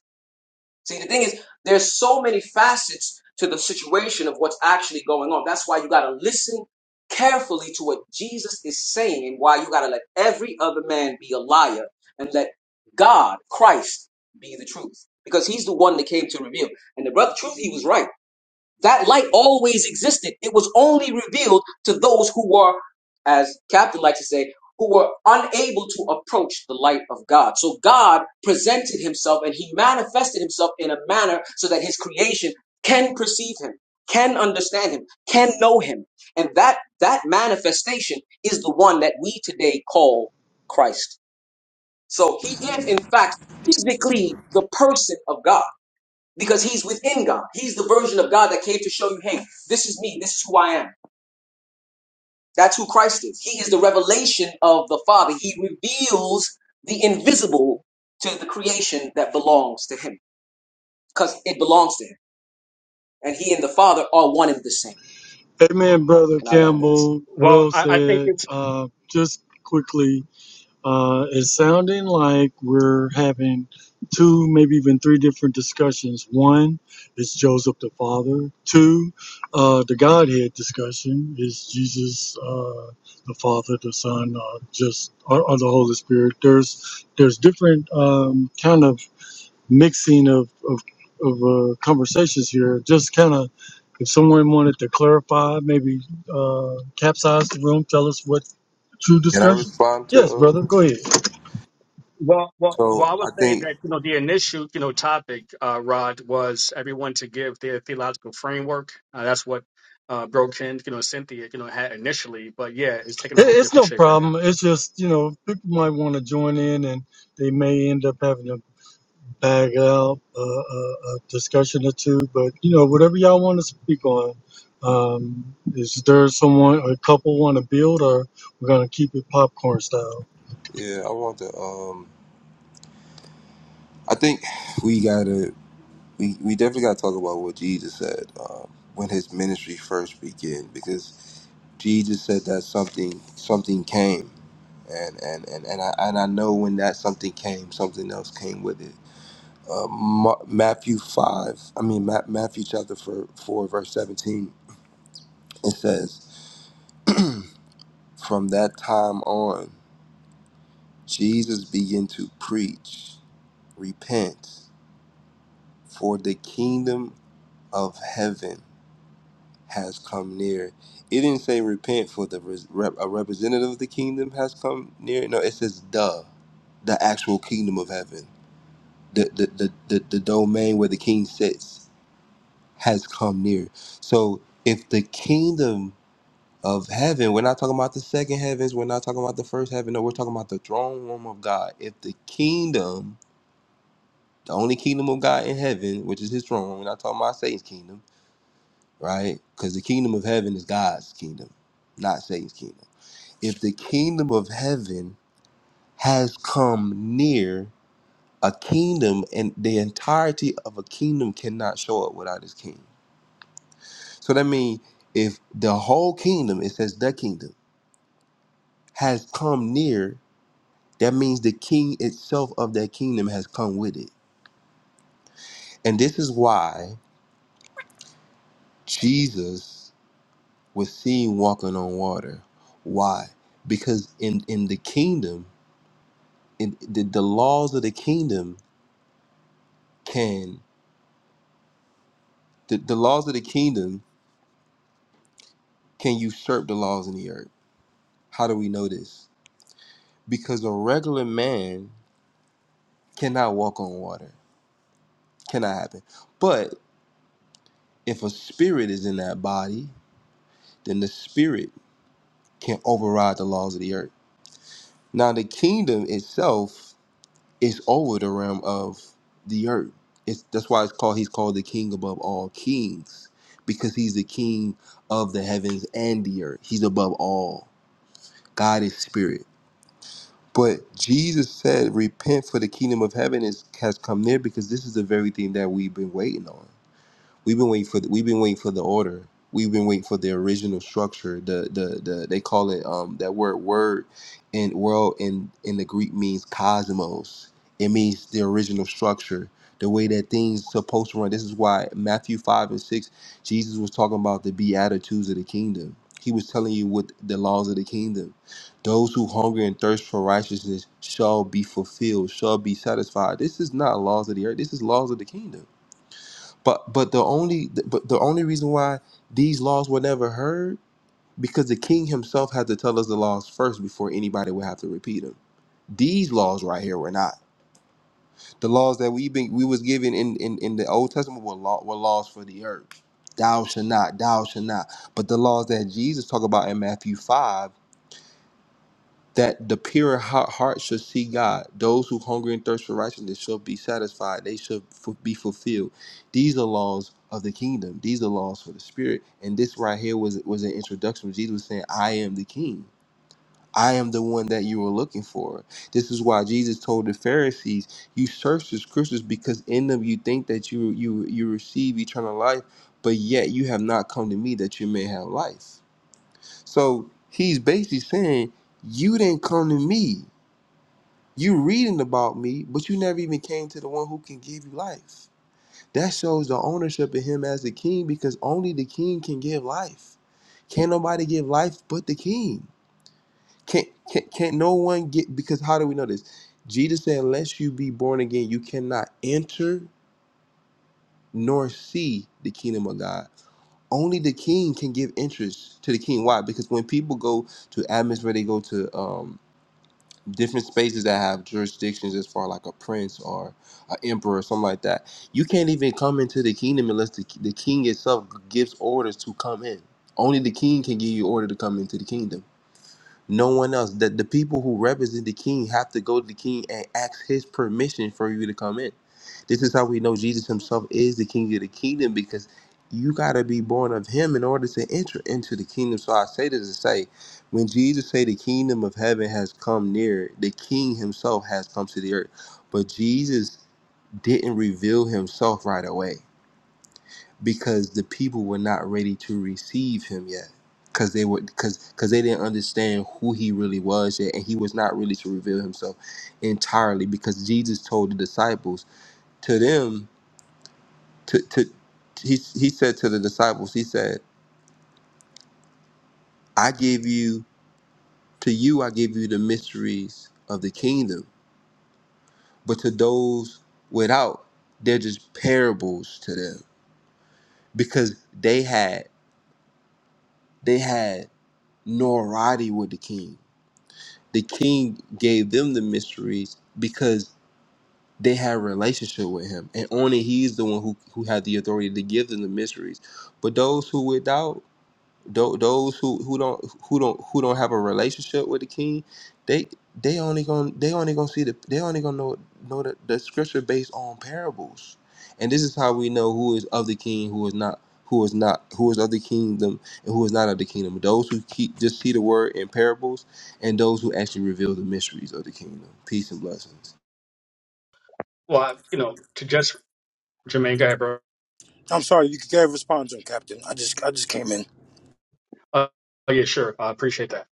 Speaker 9: See, the thing is, there's so many facets to the situation of what's actually going on. That's why you got to listen carefully to what Jesus is saying and why you got to let every other man be a liar and let God, Christ, be the truth. Because he's the one that came to reveal. And the brother, truth, he was right. That light always existed. It was only revealed to those who were, as Captain likes to say, who were unable to approach the light of God. So God presented himself and he manifested himself in a manner so that his creation can perceive him, can understand him, can know him. And that that manifestation is the one that we today call Christ. So he is in fact physically the person of God because he's within God. He's the version of God that came to show you, hey, this is me, this is who I am. That's who Christ is. He is the revelation of the Father. He reveals the invisible to the creation that belongs to him because it belongs to him. And he and the Father are one and the same.
Speaker 17: Amen, Brother
Speaker 9: And I land there.
Speaker 17: Campbell.
Speaker 11: Well,
Speaker 17: Well
Speaker 11: I, I think
Speaker 17: said.
Speaker 11: it's
Speaker 17: Uh, just quickly, uh, it's sounding like we're having two, maybe even three different discussions. One is Joseph the Father. Two, uh, the Godhead discussion is Jesus uh, the Father, the Son, uh, just or, or the Holy Spirit. There's there's different um, kind of mixing of of, of uh, conversations here. Just kind of, if someone wanted to clarify, maybe uh, capsize the room, tell us what true
Speaker 14: Can I
Speaker 17: discussion.
Speaker 14: respond to,
Speaker 17: Yes,
Speaker 14: uh,
Speaker 17: brother, go
Speaker 14: what's up?
Speaker 17: ahead. It,
Speaker 11: Well, well, well, I would say that, you know, the initial, you know, topic, uh, Rod, was everyone to give their theological framework. Uh, that's what uh, Broken, you know, Cynthia, you know, had initially. But yeah, it's taking a whole
Speaker 17: it's
Speaker 11: different
Speaker 17: no
Speaker 11: shape right now.
Speaker 17: problem. It's just you know people might want to join in, and they may end up having to bag out uh, a, a discussion or two. But you know whatever y'all want to speak on. Um, is there someone, a couple want to build, or we're gonna keep it popcorn style?
Speaker 14: yeah, I want to, um, I think we gotta we, we definitely gotta talk about what Jesus said um, when his ministry first began because Jesus said that something something came and and and and I, and I know when that something came something else came with it. Uh, Ma- Matthew five, I mean Ma- Matthew chapter four, four verse seventeen, it says, "From that time on, Jesus began to preach, repent, for the kingdom of heaven." has come near. It didn't say repent for the res- rep- a representative of the kingdom has come near. No, it says the, the actual kingdom of heaven, the the the the, the domain where the king sits has come near. So if the kingdom of heaven, we're not talking about the second heavens, we're not talking about the first heaven. No, we're talking about the throne room of God. If the kingdom, the only kingdom of God in heaven, which is His throne, we're not talking about Satan's kingdom right? Because the kingdom of heaven is God's kingdom, not Satan's kingdom. If the kingdom of heaven has come near a kingdom, and the entirety of a kingdom cannot show up without its king. So that means if the whole kingdom, it says the kingdom, has come near, that means the king itself of that kingdom has come with it. And this is why Jesus was seen walking on water. Why? Because in, in the kingdom, and the, the laws of the kingdom can the, the laws of the kingdom can usurp the laws in the earth how do we know this because a regular man cannot walk on water cannot happen but if a spirit is in that body then the spirit can override the laws of the earth now the kingdom itself it's over the realm of the earth. It's that's why it's called he's called the king above all kings because he's the king of the heavens and the earth. He's above all. God is spirit. But Jesus said, "Repent, for the kingdom of heaven is has come near." Because this is the very thing that we've been waiting on. We've been waiting for the, we've been waiting for the order. We've been waiting for the original structure. The the the they call it um that word word and world in in the Greek means cosmos. It means the original structure, the way that things supposed to run. This is why Matthew five and six, Jesus was talking about the beatitudes of the kingdom. He was telling you what the laws of the kingdom. Those who hunger and thirst for righteousness shall be fulfilled, shall be satisfied. This is not laws of the earth. This is laws of the kingdom but but the only but the only reason why these laws were never heard because the king himself had to tell us the laws first before anybody would have to repeat them. These laws right here were not the laws that we been we was given in in, in the Old Testament were law, were laws for the earth. Thou shall not, thou shall not. But the laws that Jesus talked about in Matthew five that the pure ha- heart shall see God. Those who hunger and thirst for righteousness shall be satisfied. They shall fu- be fulfilled. These are laws of the kingdom. These are laws for the spirit. And this right here was was an introduction. Jesus was saying, "I am the King. I am the one that you were looking for." This is why Jesus told the Pharisees, "You search the scriptures because in them you think that you you you receive eternal life, but yet you have not come to me that you may have life." So he's basically saying, "You didn't come to me." You reading about me, but you never even came to the one who can give you life. That shows the ownership of him as the king because only the king can give life. Can't nobody give life but the king. Can't, can't, can't no one get, because how do we know this? Jesus said, unless you be born again, you cannot enter nor see the kingdom of God. Only the king can give interest to the king. Why? Because when people go to atmosphere, they go to um, different spaces that have jurisdictions as far like a prince or an emperor or something like that. You can't even come into the kingdom unless the, the king itself gives orders to come in. Only the king can give you order to come into the kingdom no one else. That the people who represent the king have to go to the king and ask his permission for you to come in. This is how we know Jesus himself is the king of the kingdom because you got to be born of him in order to enter into the kingdom. So I say this to say, when Jesus say the kingdom of heaven has come near, the king himself has come to the earth. But Jesus didn't reveal himself right away because the people were not ready to receive him yet because they were because because they didn't understand who he really was yet and he was not really to reveal himself entirely because jesus told the disciples to them to to he, he said to the disciples he said i give you to you i give you the mysteries of the kingdom but to those without they're just parables to them because they had they had no already with the king the king gave them the mysteries because they had a relationship with him and only he's the one who, who had the authority to give them the mysteries but those who without tho- those who, who don't who don't who don't have a relationship with the king, they they only gonna they only gonna see the they only gonna know know the, the scripture based on parables, and this is how we know who is of the king, who is not, who is not, who is of the kingdom, and who is not of the kingdom. Those who keep just see the word in parables, and those who actually reveal the mysteries of the kingdom. Peace and blessings.
Speaker 11: Well, I, you know, to just Jermaine, go ahead, bro.
Speaker 1: I'm sorry, you can't respond to him, Captain. I just I just came in.
Speaker 11: Uh, oh, yeah, sure. I appreciate that.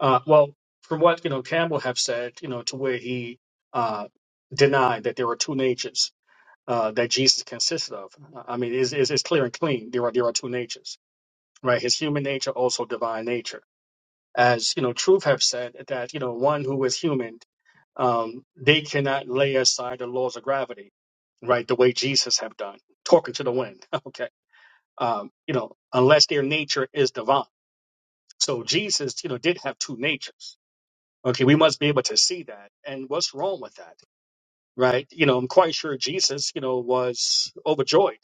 Speaker 11: Uh, well, from what, you know, Campbell have said, you know, to where he uh, denied that there are two natures uh, that Jesus consisted of. I mean, it's, it's, it's clear and clean. There are, there are two natures right? His human nature, also divine nature. As you know, truth have said that you know one who is human, um, they cannot lay aside the laws of gravity, right? The way Jesus have done, talking to the wind. Okay, um, you know, unless their nature is divine. So Jesus, you know, did have two natures. Okay, we must be able to see that. And what's wrong with that, right? You know, I'm quite sure Jesus, you know, was overjoyed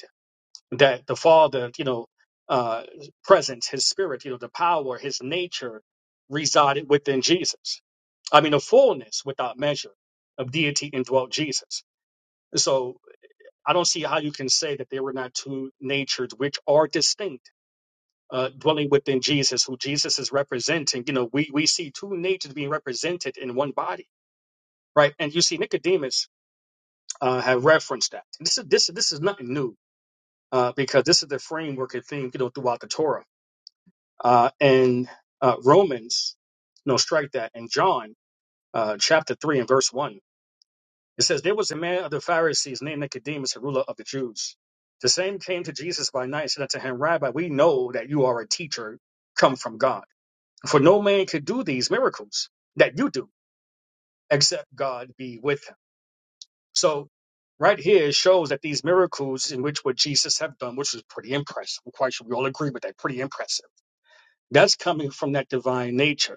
Speaker 11: that the Father, you know, uh, presence, His Spirit, you know, the power, His nature resided within Jesus. I mean, the fullness without measure of deity indwelt Jesus. So I don't see how you can say that there were not two natures which are distinct. Uh, dwelling within Jesus, who Jesus is representing, you know, we, we see two natures being represented in one body, right? And you see Nicodemus uh, have referenced that. This is this this is nothing new uh, because this is the framework of thing, you know, throughout the Torah Uh, and uh, Romans, no, strike that. And John, uh, chapter 3 and verse 1, it says, There was a man of the Pharisees named Nicodemus, a ruler of the Jews. The same came to Jesus by night and said unto him, Rabbi, we know that you are a teacher come from God. For no man could do these miracles that you do except God be with him. So, right here shows that these miracles in which what Jesus have done, which was pretty impressive. I'm quite sure we all agree with that, pretty impressive. That's coming from that divine nature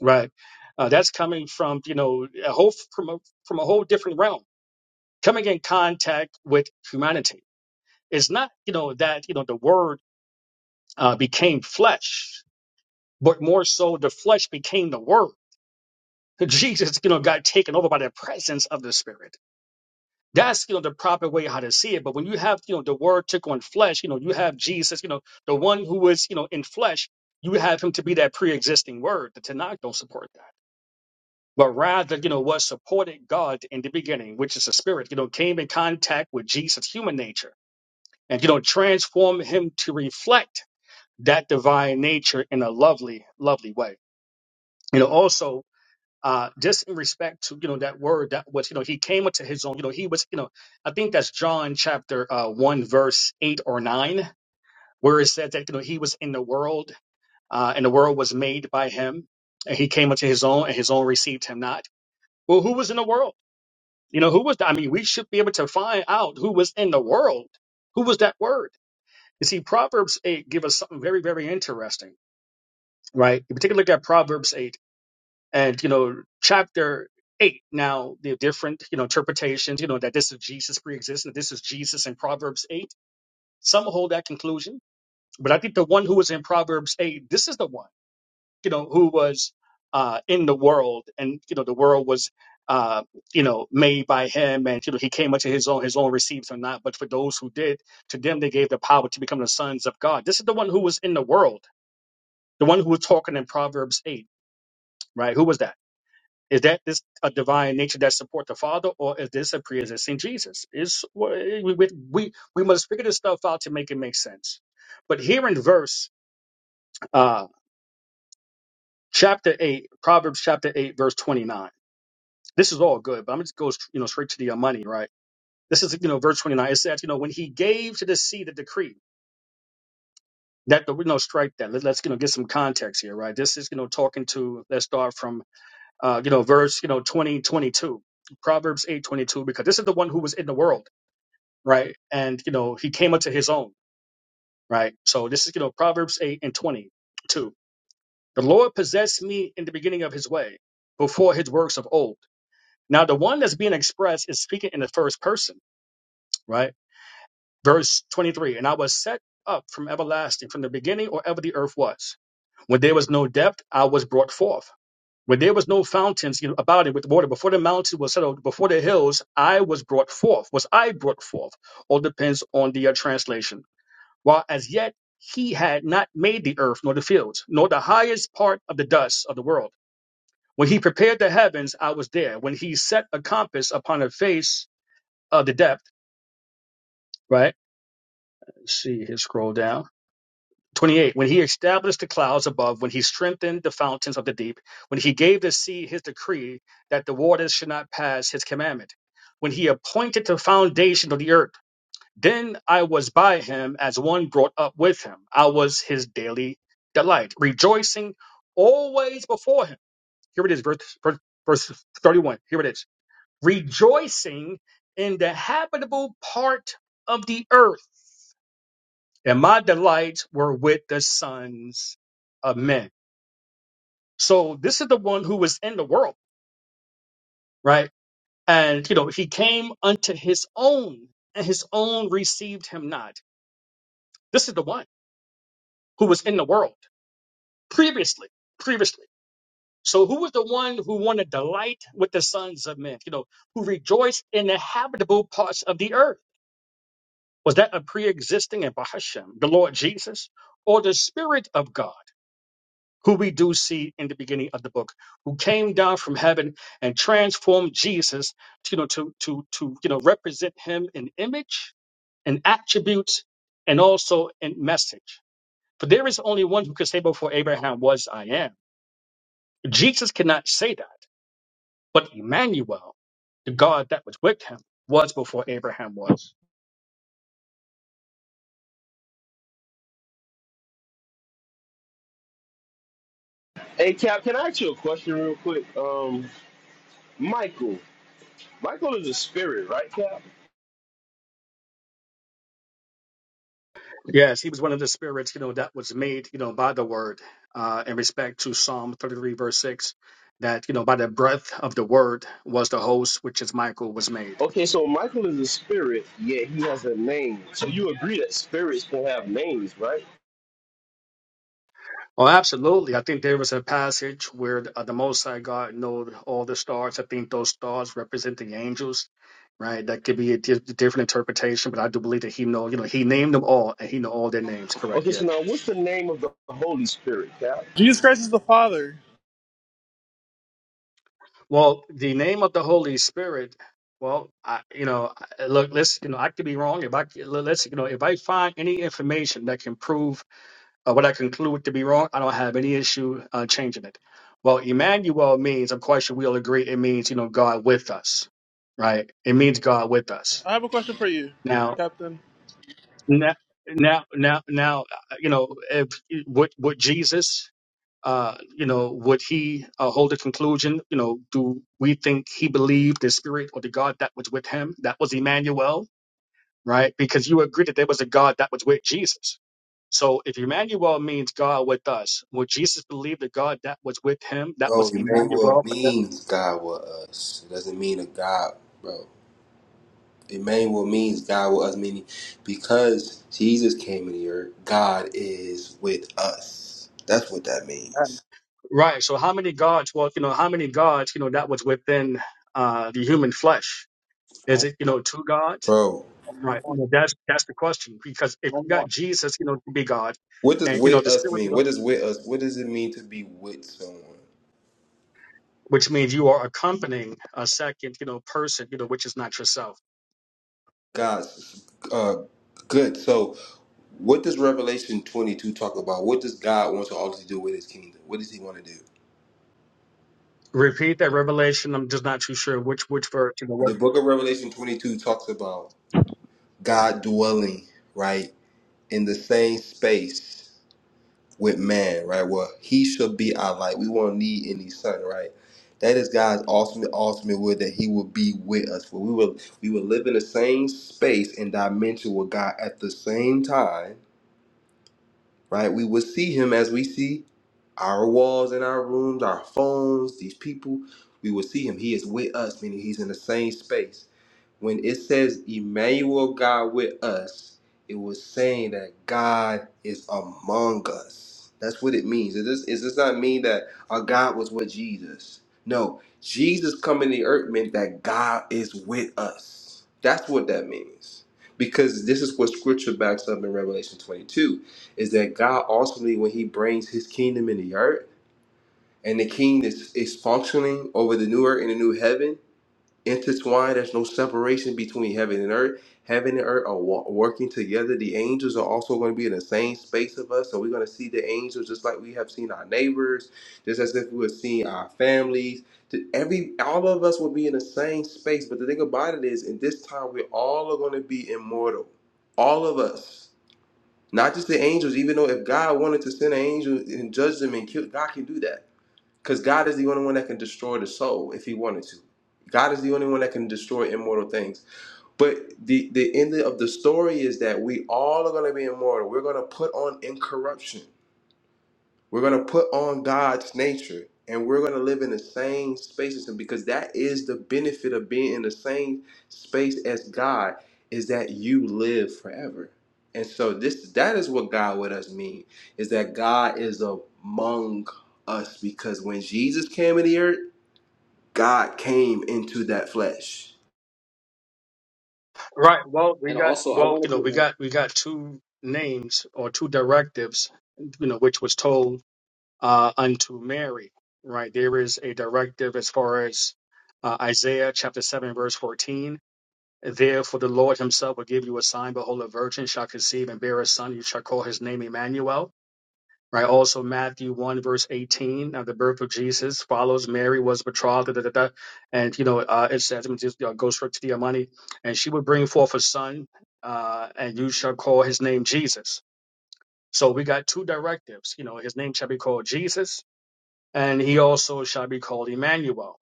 Speaker 11: Right. Uh, that's coming from, you know, a whole from a, from a whole different realm, coming in contact with humanity. It's not, you know, that, you know, the word uh, became flesh, but more so the flesh became the word. Jesus, you know, got taken over by the presence of the spirit. That's, you know, the proper way how to see it. But when you have, you know, the word took on flesh, you know, you have Jesus, you know, the one who is, you know, in flesh, you have him to be that pre-existing word. The Tanakh don't support that. but rather, you know, what supported God in the beginning, which is the spirit, you know, came in contact with Jesus' human nature and, you know, transformed him to reflect that divine nature in a lovely, lovely way. You know, also, uh, just in respect to, you know, that word that was, you know, he came into his own, you know, he was, you know, I think that's John chapter uh, 1, verse 8 or 9, where it said that, you know, he was in the world uh, and the world was made by him and he came into his own and his own received him not. Well, who was in the world? You know, who was that? I mean, we should be able to find out who was in the world. Who was that word? You see, Proverbs 8 give us something very, very interesting, right? If you take a look at Proverbs 8 and, you know, chapter 8, now the different, you know, interpretations, you know, that this is Jesus pre-existent, this is Jesus in Proverbs 8. Some hold that conclusion, but I think the one who is in Proverbs 8, this is the one you know, who was uh, in the world, and you know, the world was, uh, you know, made by him, and you know, he came unto his own, his own received him not. But for those who did, to them they gave the power to become the sons of God. This is the one who was in the world, the one who was talking in Proverbs eight, right? Who was that? Is that this a divine nature that support the Father, or is this a pre-existing Jesus? Is we we we we must figure this stuff out to make it make sense. But here in verse uh, chapter eight, Proverbs chapter eight, verse twenty nine. this is all good, but I'm just goes you know straight to the uh, money, right? This is you know verse 29. It says you know when he gave to the sea the decree that the you know strike that. Let, us you know get some context here, right? This is you know talking to let's start from uh you know verse you know 20 22 Proverbs 8 22 because this is the one who was in the world, right? And you know he came unto his own, right? So this is you know Proverbs 8 and 22. The Lord possessed me in the beginning of His way, before His works of old. Now the one that's being expressed is speaking in the first person, right? Verse 23, and I was set up from everlasting, from the beginning or ever the earth was. When there was no depth, I was brought forth. When there was no fountains you know, about it with water, before the mountains were settled, before the hills, I was brought forth. Was I brought forth? All depends on the uh, translation. While as yet he had not made the earth nor the fields, nor the highest part of the dust of the world. When he prepared the heavens, I was there. When he set a compass upon the face of the depth, right? Let's see here, scroll down. 28 when he established the clouds above when he strengthened the fountains of the deep when he gave the sea his decree that the waters should not pass his commandment when he appointed the foundation of the earth then i was by him as one brought up with him i was his daily delight rejoicing always before him here it is verse, verse, verse 31 here it is rejoicing in the habitable part of the earth and my delights were with the sons of men. So this is the one who was in the world, right? And you know, he came unto his own, and his own received him not. This is the one who was in the world previously, previously. So who was the one who wanted delight with the sons of men? You know, who rejoiced in the habitable parts of the earth? Was that a pre-existing and Bahashem, the Lord Jesus, or the Spirit of God? who we do see in the beginning of the book, who came down from heaven and transformed Jesus, to, you know, to to to you know represent him in image, in attributes, and also in message. For there is only one who could say before Abraham was I am. Jesus cannot say that, but Emmanuel, the God that was with him, was before Abraham was.
Speaker 8: Hey, Cap, can I ask you a question real quick? Um, Michael. Michael is a spirit, right, Cap?
Speaker 11: Yes, he was one of the spirits, you know, that was made, you know, by the word, uh, in respect to Psalm 33, verse 6, that, you know, by the breath of the word was the host, which is Michael, was made.
Speaker 8: Okay, so Michael is a spirit, yet he has a name. So you agree that spirits can have names, right?
Speaker 11: Oh, absolutely. I think there was a passage where uh, the Most High God knowed all the stars. I think those stars represent the angels, right? That could be a di- different interpretation, but I do believe that he know, you know, he named them all and he know all their names, correct?
Speaker 8: Okay,
Speaker 11: Yes.
Speaker 8: so now what's the name of the Holy Spirit, Cap?
Speaker 5: Jesus Christ is the Father.
Speaker 11: Well, the name of the Holy Spirit. Well, I, you know, I- look, let's, you know, I could be wrong. If I, let's, you know, if I find any information that can prove uh, what I conclude to be wrong, I don't have any issue uh, changing it. Well, Emmanuel means, I'm quite sure we all agree, it means, you know, God with us, right? It means God with us.
Speaker 5: I have a question for you,
Speaker 11: Now,
Speaker 5: Captain.
Speaker 11: now, now, now, now, uh, you know, if would would Jesus? uh, you know, would he uh, hold a conclusion? You know, do we think he believed the spirit or the God that was with him? That was Emmanuel, right? Because you agree that there was a God that was with Jesus. So if Emmanuel means God with us, would Jesus believe the God that was with him? That
Speaker 14: Oh,
Speaker 11: was
Speaker 14: Emmanuel
Speaker 11: Emmanuel. But that,
Speaker 14: means God with us. It doesn't mean a God, bro. Emmanuel means God with us, meaning because Jesus came in the earth, God is with us. That's what that means.
Speaker 11: right. So how many gods? Well, you know, how many gods? You know, that was within uh, the human flesh. Is
Speaker 9: Oh,
Speaker 11: it you know two gods?
Speaker 14: Bro,
Speaker 11: Right. You know, that's that's the question because if you got Jesus, you know, to be God,
Speaker 14: what does
Speaker 11: and you know
Speaker 14: with
Speaker 11: the
Speaker 14: us
Speaker 11: spirit.
Speaker 14: mean? What does with us? What does it mean to be with someone?
Speaker 11: which means you are accompanying a second, you know, person, you know, which is not yourself.
Speaker 14: God's uh good. So what does Revelation 22 talk about? What does God want to ultimately do with his kingdom? What does he want to do?
Speaker 11: Repeat that revelation. I'm just not too sure which which verse, you know, what.
Speaker 14: The book of Revelation 22 talks about God dwelling, right, in the same space with man, right? Well, he should be our light. We won't need any sun, right? That is God's ultimate, ultimate will that He will be with us. For we will, we will live in the same space and dimension with God at the same time, right? We will see Him as we see our walls in our rooms, our phones, these people. We will see Him. He is with us, meaning He's in the same space when it says Emmanuel God with us, it was saying that God is among us. That's what it means. It does, it does not mean that our God was with Jesus. No, Jesus coming to earth meant that God is with us. That's what that means. Because this is what scripture backs up in Revelation 22 is that God ultimately, when he brings his kingdom in the earth, and the king is, is functioning over the new earth and the new heaven, intertwined. There's no separation between heaven and earth. Heaven and earth are wa- working together. The angels are also going to be in the same space of us. So we're going to see the angels just like we have seen our neighbors, just as if we were seeing our families. To Every all of us will be in the same space. But the thing about it is, in this time, we all are going to be immortal. All of us, not just the angels. Even though if God wanted to send an angel and judge them and kill, God can do that. Because God is the only one that can destroy the soul if he wanted to. God is the only one that can destroy immortal things. But the, the end of the story is that we all are going to be immortal. We're going to put on incorruption. We're going to put on God's nature and we're going to live in the same space as him because that is the benefit of being in the same space as God is that you live forever. And so this that is what God with us mean is that God is among us because when Jesus came in the earth, God came into that flesh.
Speaker 11: Right. Well, we
Speaker 9: And
Speaker 11: got
Speaker 9: also, I
Speaker 11: well,
Speaker 9: wanted
Speaker 11: you know, we
Speaker 9: to.
Speaker 11: got we got two names or two directives, you know, which was told uh, unto Mary. Right. There is a directive as far as uh, Isaiah chapter seven verse fourteen. Therefore, the Lord Himself will give you a sign: Behold, a virgin shall conceive and bear a son. You shall call his name Emmanuel Right. Also, Matthew 1, verse 18, now the birth of Jesus follows Mary was betrothed, da, da, da, da. and, you know, uh, it says, it just, uh, goes straight to the money, and she would bring forth a son, uh, and you shall call his name Jesus. So we got two directives. You know, his name shall be called Jesus, and he also shall be called Emmanuel.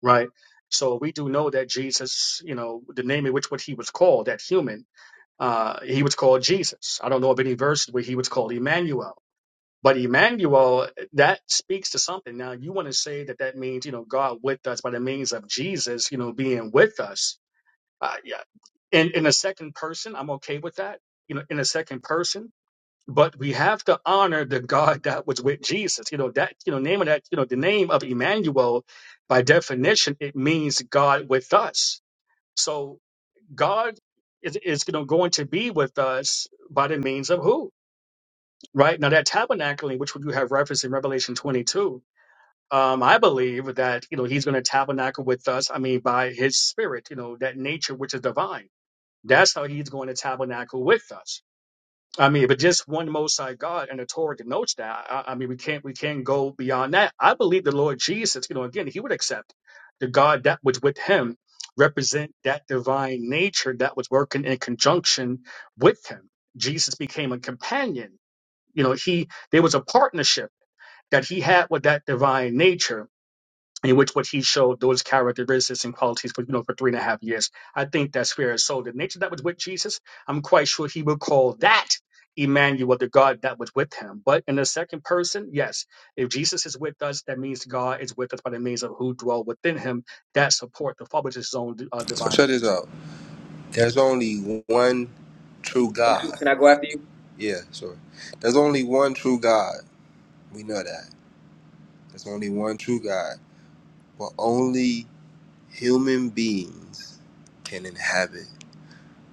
Speaker 11: Right. So we do know that Jesus, you know, the name in which what he was called, that human, uh, he was called Jesus. I don't know of any verse where he was called Emmanuel but Emmanuel, that speaks to something. Now, you want to say that that means, you know, God with us by the means of Jesus, you know, being with us. Uh, yeah. In, in a second person, I'm okay with that, you know, in a second person. But we have to honor the God that was with Jesus. You know, that, you know, name of that, you know, the name of Emmanuel, by definition, it means God with us. So God is, is you know, going to be with us by the means of who? right? Now that tabernacling, which you have referenced in Revelation 22, um, I believe that you know he's going to tabernacle with us. I mean, by his spirit, you know, that nature which is divine. That's how he's going to tabernacle with us. I mean, but just one Most High God and the Torah denotes that. I, I mean, we can't we can't go beyond that. I believe the Lord Jesus, you know, again, he would accept the God that was with him represent that divine nature that was working in conjunction with him. Jesus became a companion you know, he there was a partnership that he had with that divine nature in which what he showed those characteristics and qualities for you know for three and a half years. I think that's fair. So the nature that was with Jesus, I'm quite sure he would call that Emmanuel, the God that was with him. But in the second person, yes, if Jesus is with us, that means God is with us by the means of who dwell within him that support the Father's his own uh,
Speaker 14: So
Speaker 11: divine
Speaker 14: check this
Speaker 11: nature.
Speaker 14: out. There's only one true God.
Speaker 9: Can I go after you?
Speaker 14: Yeah, sure. There's only one true God. We know that. There's only one true God. For only human beings can inhabit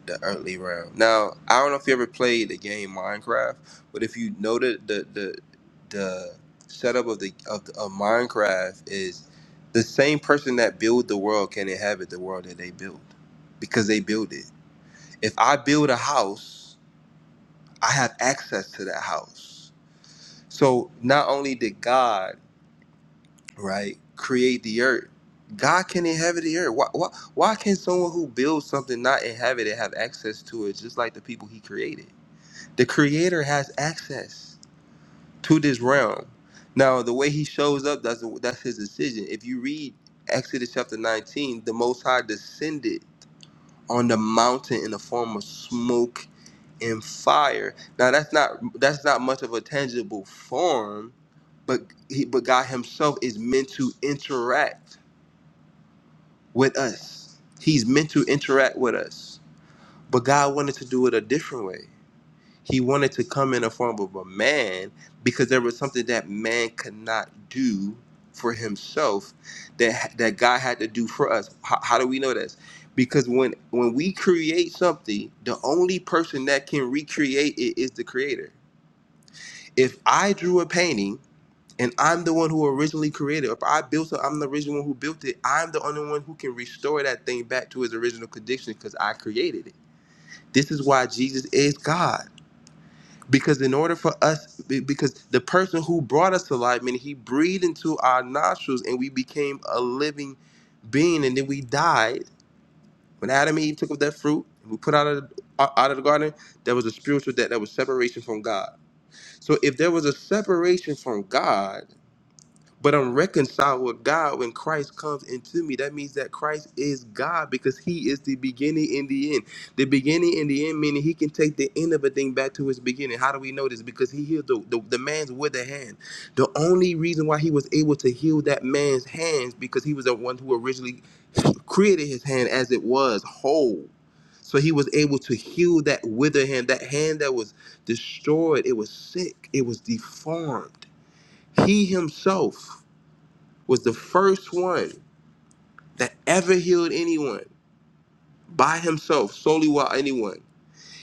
Speaker 14: the earthly realm. Now, I don't know if you ever played the game Minecraft, but if you know the the the, the setup of the of, of Minecraft is the same person that build the world can inhabit the world that they build because they build it. If I build a house, I have access to that house. So not only did God right? Create the earth. God can inhabit the earth. Why, why, why can someone who builds something not inhabit it have access to it just like the people he created? The creator has access to this realm. Now, the way he shows up, that's, that's his decision. If you read Exodus chapter 19, the Most High descended on the mountain in the form of smoke and fire. Now, that's not that's not much of a tangible form, but he, but God himself is meant to interact with us. He's meant to interact with us. But God wanted to do it a different way. He wanted to come in the form of a man because there was something that man could not do for himself that that God had to do for us. How, how do we know this? Because when when we create something, the only person that can recreate it is the creator. If I drew a painting and I'm the one who originally created. If I built it, I'm the original one who built it. I'm the only one who can restore that thing back to its original condition because I created it. This is why Jesus is God. Because in order for us, be- because the person who brought us to life, meaning he breathed into our nostrils and we became a living being, and then we died. When Adam and Eve took of that fruit, we put out of the, out out of the garden. There was a spiritual death. that was separation from God. So if there was a separation from God But I'm reconciled with God when Christ comes into me. That means that Christ is God because He is the beginning and the end. The beginning and the end meaning He can take the end of a thing back to its beginning. How do we know this? Because He healed the, the, the man's with a hand. The only reason why He was able to heal that man's hands because He was the one who originally created his hand as it was whole. So he was able to heal that withered hand, that hand that was destroyed. It was sick. It was deformed. He himself was the first one that ever healed anyone by himself, solely while anyone,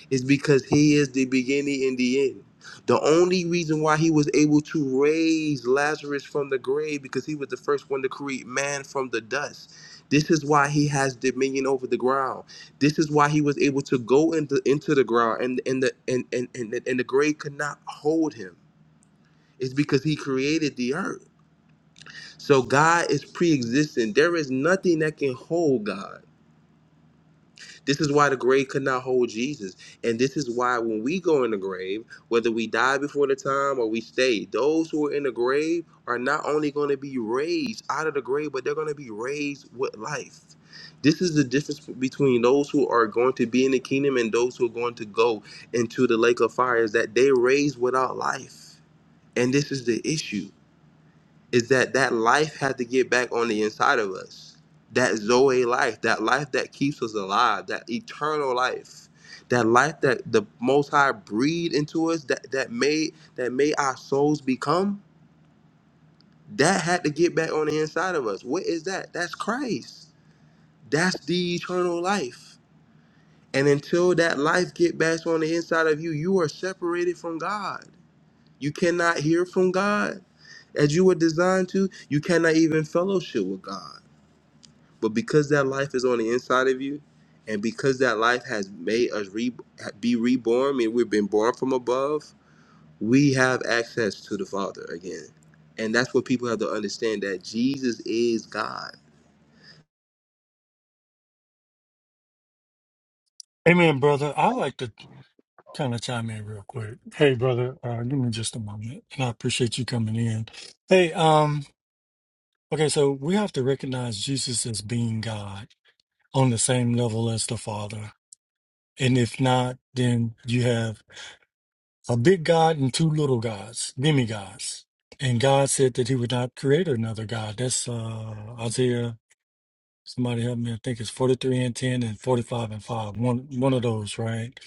Speaker 14: is because he is the beginning and the end. The only reason why he was able to raise Lazarus from the grave because he was the first one to create man from the dust. This is why he has dominion over the ground. This is why he was able to go into, into the ground and, and the and, and, and, and the grave could not hold him. It's because he created the earth. So God is pre-existent. There is nothing that can hold God. This is why the grave could not hold Jesus. And this is why when we go in the grave, whether we die before the time or we stay, those who are in the grave are not only going to be raised out of the grave, but they're going to be raised with life. This is the difference between those who are going to be in the kingdom and those who are going to go into the lake of fire is that they raised without life. And this is the issue is that that life had to get back on the inside of us. That Zoe life, that life that keeps us alive, that eternal life, that life that the Most High breathed into us, that that made that made our souls become. That had to get back on the inside of us. What is that? That's Christ. That's the eternal life. And until that life get back on the inside of you, you are separated from God. You cannot hear from God as you were designed to. You cannot even fellowship with God But because that life is on the inside of you, and because that life has made us re- be reborn, I mean, we've been born from above, we have access to the Father again. And that's what people have to understand that Jesus is God.
Speaker 17: Amen, brother. I like to kind of chime in real quick. Hey, brother, uh, give me just a moment, and I appreciate you coming in. Hey, um, okay, so we have to recognize Jesus as being God on the same level as the Father, and if not, then you have a big God and two little gods, demigods. And God said that He would not create another God. That's uh, Isaiah Somebody help me. I think it's 43 and 10 and 45 and 5. One one of those, right?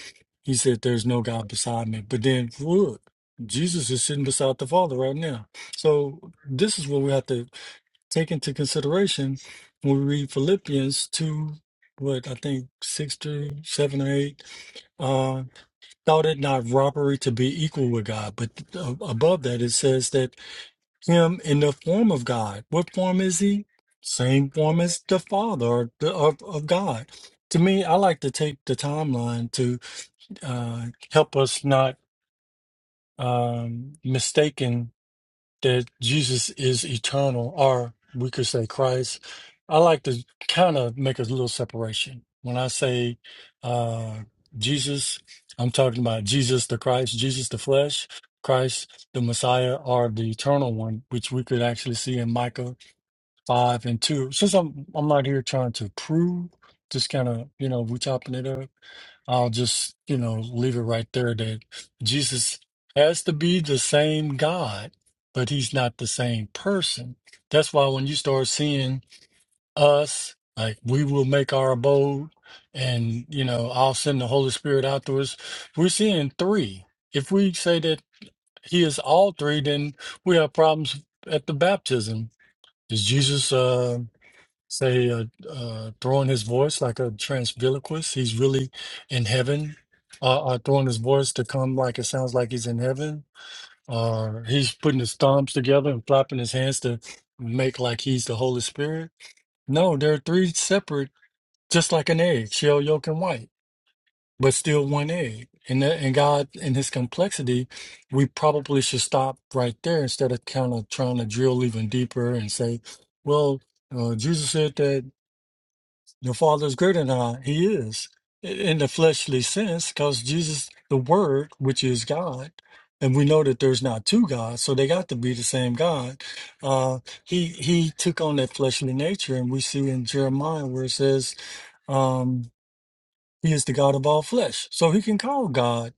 Speaker 17: He said, There's no God beside me. But then look, Jesus is sitting beside the Father right now. So this is what we have to take into consideration when we read Philippians 2, what I think 6 through 7 or 8. Uh, thought it not robbery to be equal with God. But uh, above that, it says that him in the form of God. What form is he? Same form as the Father or the, of, of God. To me, I like to take the timeline to uh, help us not um, mistaken that Jesus is eternal, or we could say Christ. I like to kind of make a little separation. When I say uh, Jesus, I'm talking about Jesus the Christ, Jesus the flesh, Christ the Messiah, or the eternal one, which we could actually see in Micah 5 and 2. Since I'm, I'm not here trying to prove, just kind of, you know, we chopping it up. I'll just, you know, leave it right there that Jesus has to be the same God, but he's not the same person. That's why when you start seeing us, like we will make our abode and, you know, I'll send the Holy Spirit out to us, we're seeing three. If we say that he is all three, then we have problems at the baptism. Is Jesus uh, say uh, uh, throwing his voice like a transviloquist. He's really in heaven. Uh, uh, throwing his voice to come like it sounds like he's in heaven. Or he's putting his thumbs together and flapping his hands to make like he's the Holy Spirit. No, there are three separate, just like an egg, shell, yolk, and white, but still one egg. And that, and God, in His complexity, we probably should stop right there instead of kind of trying to drill even deeper and say, well, uh, Jesus said that your father's greater than I. He is i- in the fleshly sense because Jesus, the Word, which is God, and we know that there's not two gods, so they got to be the same God. Uh, he he took on that fleshly nature, and we see in Jeremiah where it says, um, "He is the God of all flesh," so he can call God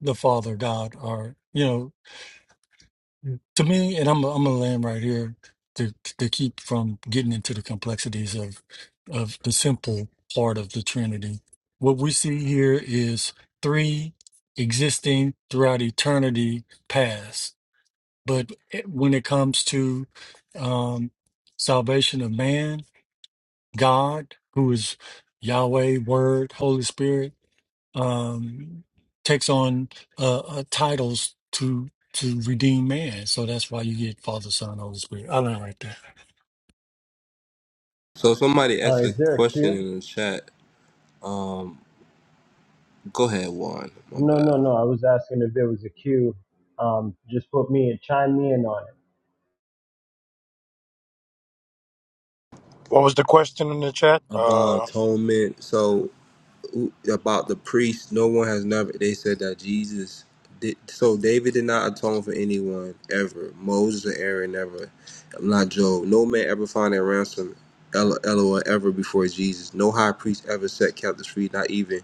Speaker 17: the Father God, or you know. to me, and I'm I'm gonna land right here to to keep from getting into the complexities of of the simple part of the Trinity. What we see here is three existing throughout eternity past, but it- when it comes to um, salvation of man, God, who is Yahweh, Word, Holy Spirit um, takes on uh, uh, titles to to redeem man. So that's why you get Father, Son, Holy Spirit. I learned right there.
Speaker 14: So somebody asked
Speaker 18: Uh,
Speaker 14: a
Speaker 18: is there a
Speaker 14: question
Speaker 18: queue?
Speaker 14: in the chat. Go ahead, Juan. My
Speaker 18: No,
Speaker 14: bad.
Speaker 18: no, no. I was asking if there was a queue. Um, just put me and chime me in on it.
Speaker 1: What was the question in the chat? Uh
Speaker 14: About atonement. So who- about the priest. No one has never. They said that Jesus did. So David did not atone for anyone ever. Moses and Aaron never. Not Job. No man ever found a ransom. Elo- Eloah ever before Jesus. No high priest ever set captives free. Not even.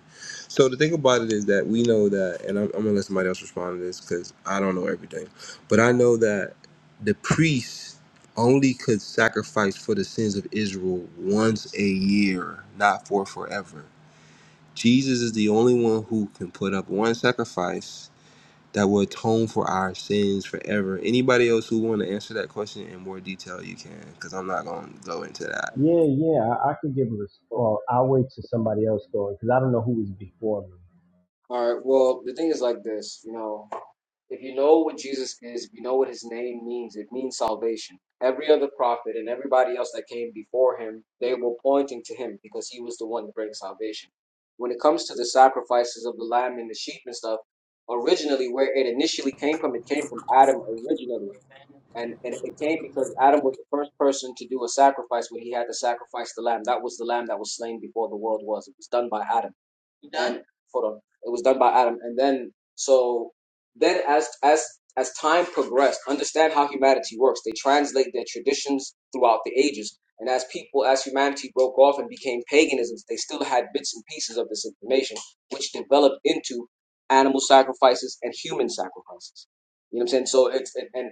Speaker 14: So the thing about it is that we know that, and I'm, I'm gonna let somebody else respond to this because I don't know everything, but I know that the priests only could sacrifice for the sins of Israel once a year, not for forever. Jesus is the only one who can put up one sacrifice that will atone for our sins forever. Anybody else who want to answer that question in more detail, you can, because I'm not going to go into that.
Speaker 18: Yeah, yeah. I, I could give a response. Well, I'll wait till somebody else goes because I don't know who was before me.
Speaker 9: All right. Well, the thing is like this, you know. If you know what Jesus is, if you know what his name means, it means salvation. Every other prophet and everybody else that came before him, they were pointing to him because he was the one to bring salvation. When it comes to the sacrifices of the lamb and the sheep and stuff, originally where it initially came from, it came from Adam originally. And, and it came because Adam was the first person to do a sacrifice when he had to sacrifice the lamb. That was the lamb that was slain before the world was. It was done by Adam done for him. It was done by Adam, and then so then as as as time progressed, understand how humanity works. They translate their traditions throughout the ages, and as people as humanity broke off and became paganisms, they still had bits and pieces of this information, which developed into animal sacrifices and human sacrifices. You know what I'm saying? So it's and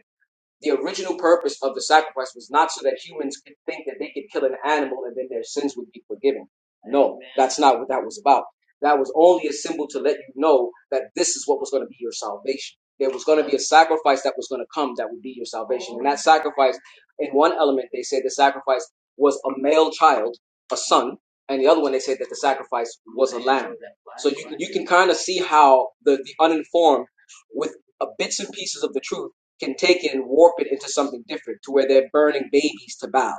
Speaker 9: the original purpose of the sacrifice was not so that humans could think that they could kill an animal and then their sins would be forgiven. No, that's not what that was about. That was only a symbol to let you know that this is what was going to be your salvation. There was going to be a sacrifice that was going to come that would be your salvation. And that sacrifice, in one element, they said the sacrifice was a male child, a son, and the other one they said that the sacrifice was a lamb. So you you can kind of see how the, the uninformed, with uh, bits and pieces of the truth can take it and warp it into something different to where they're burning babies to bow.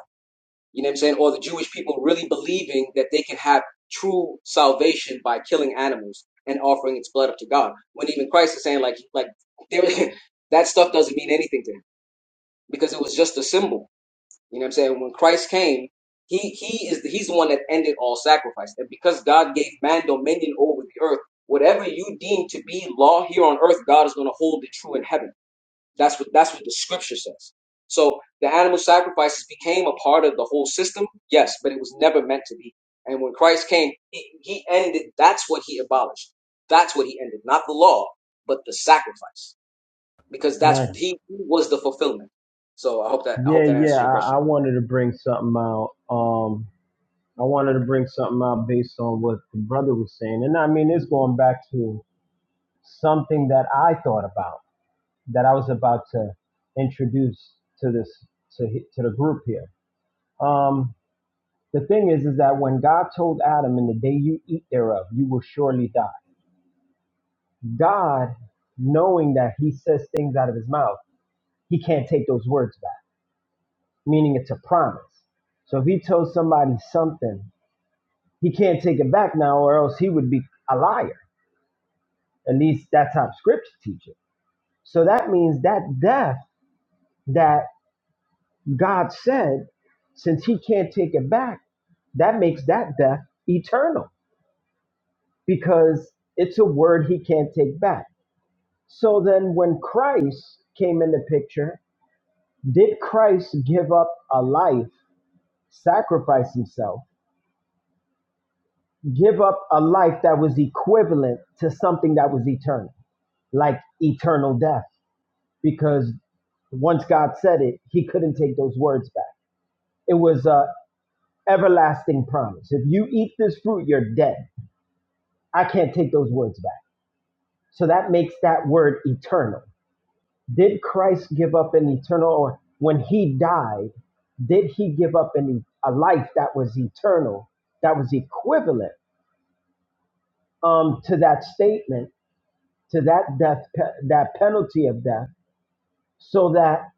Speaker 9: You know what I'm saying? Or the Jewish people really believing that they can have true salvation by killing animals and offering its blood up to God. When even Christ is saying like like there, that stuff doesn't mean anything to him because it was just a symbol. You know what I'm saying? When Christ came, he he is the, he's the one that ended all sacrifice. And because God gave man dominion over the earth, whatever you deem to be law here on earth, God is going to hold it true in heaven. That's what that's what the scripture says. So the animal sacrifices became a part of the whole system, yes, but it was never meant to be. And when Christ came, he he ended. That's what he abolished. That's what he ended, not the law, but the sacrifice, because that's
Speaker 18: Nice.
Speaker 9: he, he was the fulfillment. So I hope that I hope
Speaker 18: Yeah,
Speaker 9: that
Speaker 18: yeah.
Speaker 9: answers your
Speaker 18: I,
Speaker 9: question.
Speaker 18: I wanted to bring something out. Um, I wanted to bring something out based on what the brother was saying, and I mean, it's going back to something that I thought about that I was about to introduce to this to he- to the group here. Um, The thing is, is that when God told Adam, in the day you eat thereof, you will surely die. God, knowing that he says things out of his mouth, he can't take those words back, meaning it's a promise. So if he tells somebody something, he can't take it back now, or else he would be a liar. At least that's how scripture teaches. So that means that death that God said, since he can't take it back, that makes that death eternal because it's a word he can't take back. So then, when Christ came in the picture, did Christ give up a life, sacrifice himself, give up a life that was equivalent to something that was eternal, like eternal death? Because once God said it, he couldn't take those words back. It was a everlasting promise. If you eat this fruit, you're dead. I can't take those words back. So that makes that word eternal. Did Christ give up an eternal, or when he died, did he give up an, e, a life that was eternal, that was equivalent um, to that statement, to that death, pe- that penalty of death, so that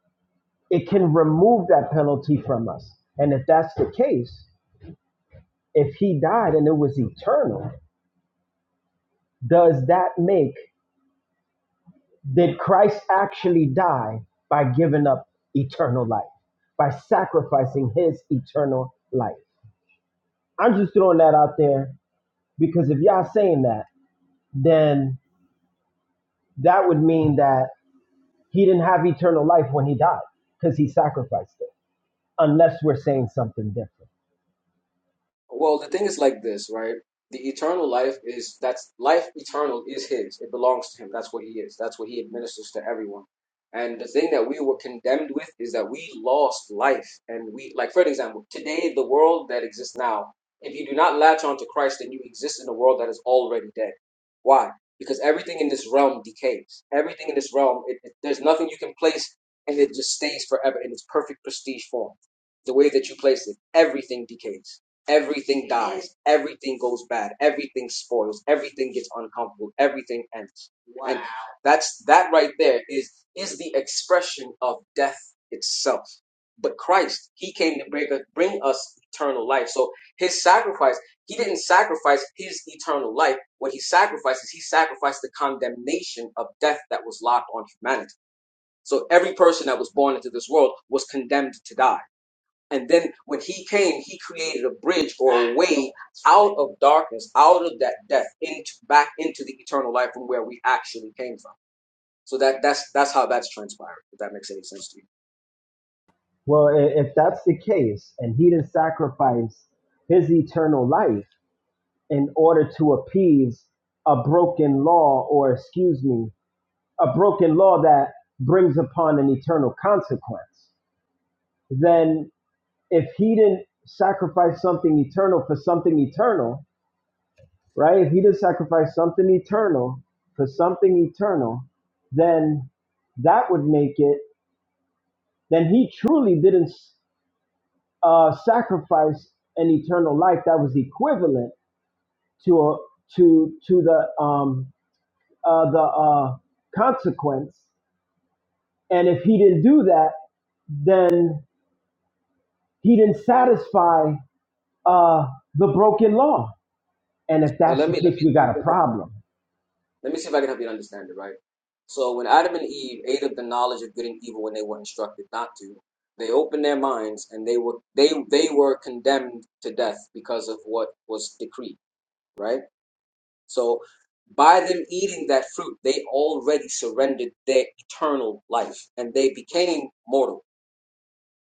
Speaker 18: it can remove that penalty from us? And if that's the case, if he died and it was eternal, does that make, did Christ actually die by giving up eternal life, by sacrificing his eternal life? I'm just throwing that out there because if y'all saying that, then that would mean that he didn't have eternal life when he died because he sacrificed it, unless we're saying something different.
Speaker 9: Well, the thing is like this, right? The eternal life is that's life eternal is his. It belongs to him. That's what he is. That's what he administers to everyone. And the thing that we were condemned with is that we lost life. And we, like, for example, today, the world that exists now, if you do not latch on to Christ, then you exist in a world that is already dead. Why? Because everything in this realm decays. Everything in this realm, it, it, there's nothing you can place, and it just stays forever in its perfect prestige form. The way that you place it, everything decays everything dies, everything goes bad, everything spoils, everything gets uncomfortable, everything ends. And Wow. And that's that right there is is the expression of death itself. But Christ, He came to bring, bring us eternal life. So His sacrifice, He didn't sacrifice His eternal life. What He sacrificed is He sacrificed the condemnation of death that was locked on humanity. So every person that was born into this world was condemned to die and then when he came, he created a bridge or a way out of darkness, out of that death, into back into the eternal life from where we actually came from. So that that's that's how that's transpired. If that makes any sense to you.
Speaker 18: Well, i- if that's the case, and he didn't sacrifice his eternal life in order to appease a broken law, or excuse me, a broken law that brings upon an eternal consequence, then if he didn't sacrifice something eternal for something eternal, right? If he did not sacrifice something eternal for something eternal, then that would make it, then he truly didn't uh, sacrifice an eternal life that was equivalent to a, to to the um, uh, the uh, consequence. And if he didn't do that, then he didn't satisfy uh, the broken law. And if
Speaker 9: Well,
Speaker 18: that's
Speaker 9: let
Speaker 18: the
Speaker 9: me let me
Speaker 18: case,
Speaker 9: see
Speaker 18: we got
Speaker 9: if I
Speaker 18: a
Speaker 9: can help you.
Speaker 18: problem.
Speaker 9: Let me see if I can help you understand it. Right. So when Adam and Eve ate of the knowledge of good and evil when they were instructed not to, they opened their minds and they were they they were condemned to death because of what was decreed. Right So by them eating that fruit, they already surrendered their eternal life and they became mortal.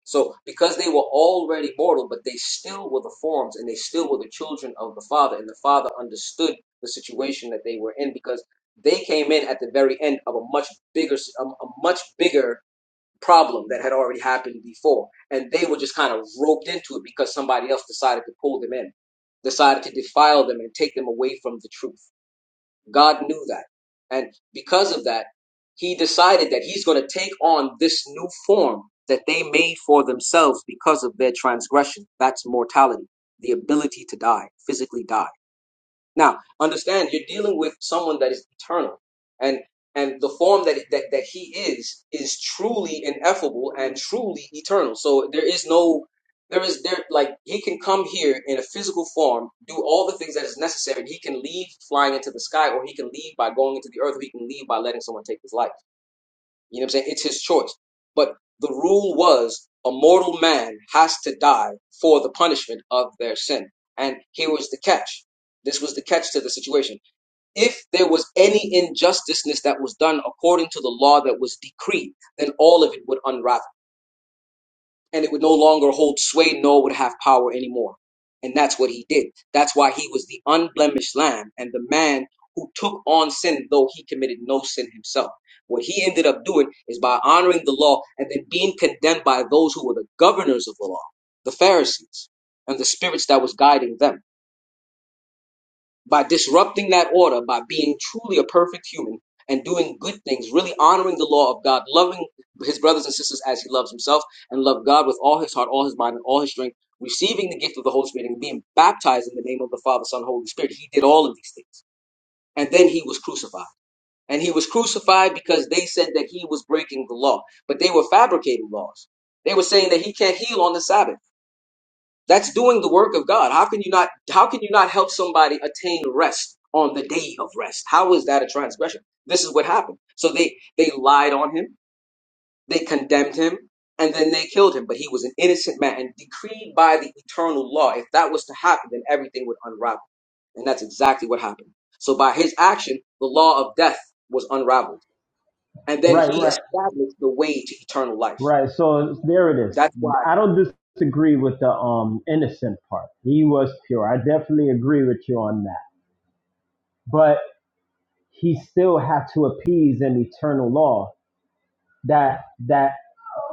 Speaker 9: So because they were already mortal, but they still were the forms and they still were the children of the Father, and the Father understood the situation that they were in because they came in at the very end of a much bigger, a, a much bigger problem that had already happened before, and they were just kind of roped into it because somebody else decided to pull them in, decided to defile them and take them away from the truth God knew that. And because of that, he decided that he's going to take on this new form that they made for themselves because of their transgression. That's mortality, the ability to die, physically die. Now, understand you're dealing with someone that is eternal, and and the form that that that he is is truly ineffable and truly eternal. So there is no there is there like he can come here in a physical form, do all the things that is necessary. He can leave flying into the sky, or he can leave by going into the earth, or he can leave by letting someone take his life. You know what I'm saying? It's his choice. But the rule was a mortal man has to die for the punishment of their sin. And here was the catch. This was the catch to the situation. If there was any injusticeness that was done according to the law that was decreed, then all of it would unravel and it would no longer hold sway, nor would have power anymore. And that's what he did. That's why he was the unblemished lamb and the man who took on sin, though he committed no sin himself. What he ended up doing is by honoring the law and then being condemned by those who were the governors of the law, the Pharisees, and the spirits that was guiding them by disrupting that order, by being truly a perfect human and doing good things, really honoring the law of God, loving his brothers and sisters as he loves himself, and love God with all his heart, all his mind, and all his strength, receiving the gift of the Holy Spirit and being baptized in the name of the Father, Son, Holy Spirit. He did all of these things. And then he was crucified. And he was crucified because they said that he was breaking the law, but they were fabricating laws. They were saying that he can't heal on the Sabbath. That's doing the work of God. How can you not how can you not help somebody attain rest on the day of rest? How is that a transgression? This is what happened. So they they lied on him, they condemned him, and then they killed him, but he was an innocent man and decreed by the eternal law. If that was to happen, then everything would unravel. And that's exactly what happened. So by his action, the law of death was unraveled. And then
Speaker 18: Right,
Speaker 9: he
Speaker 18: right.
Speaker 9: established the way to eternal life.
Speaker 18: Right. So there it is.
Speaker 9: That's why
Speaker 18: I don't disagree with the um innocent part. He was pure. I definitely agree with you on that. But he still had to appease an eternal law that that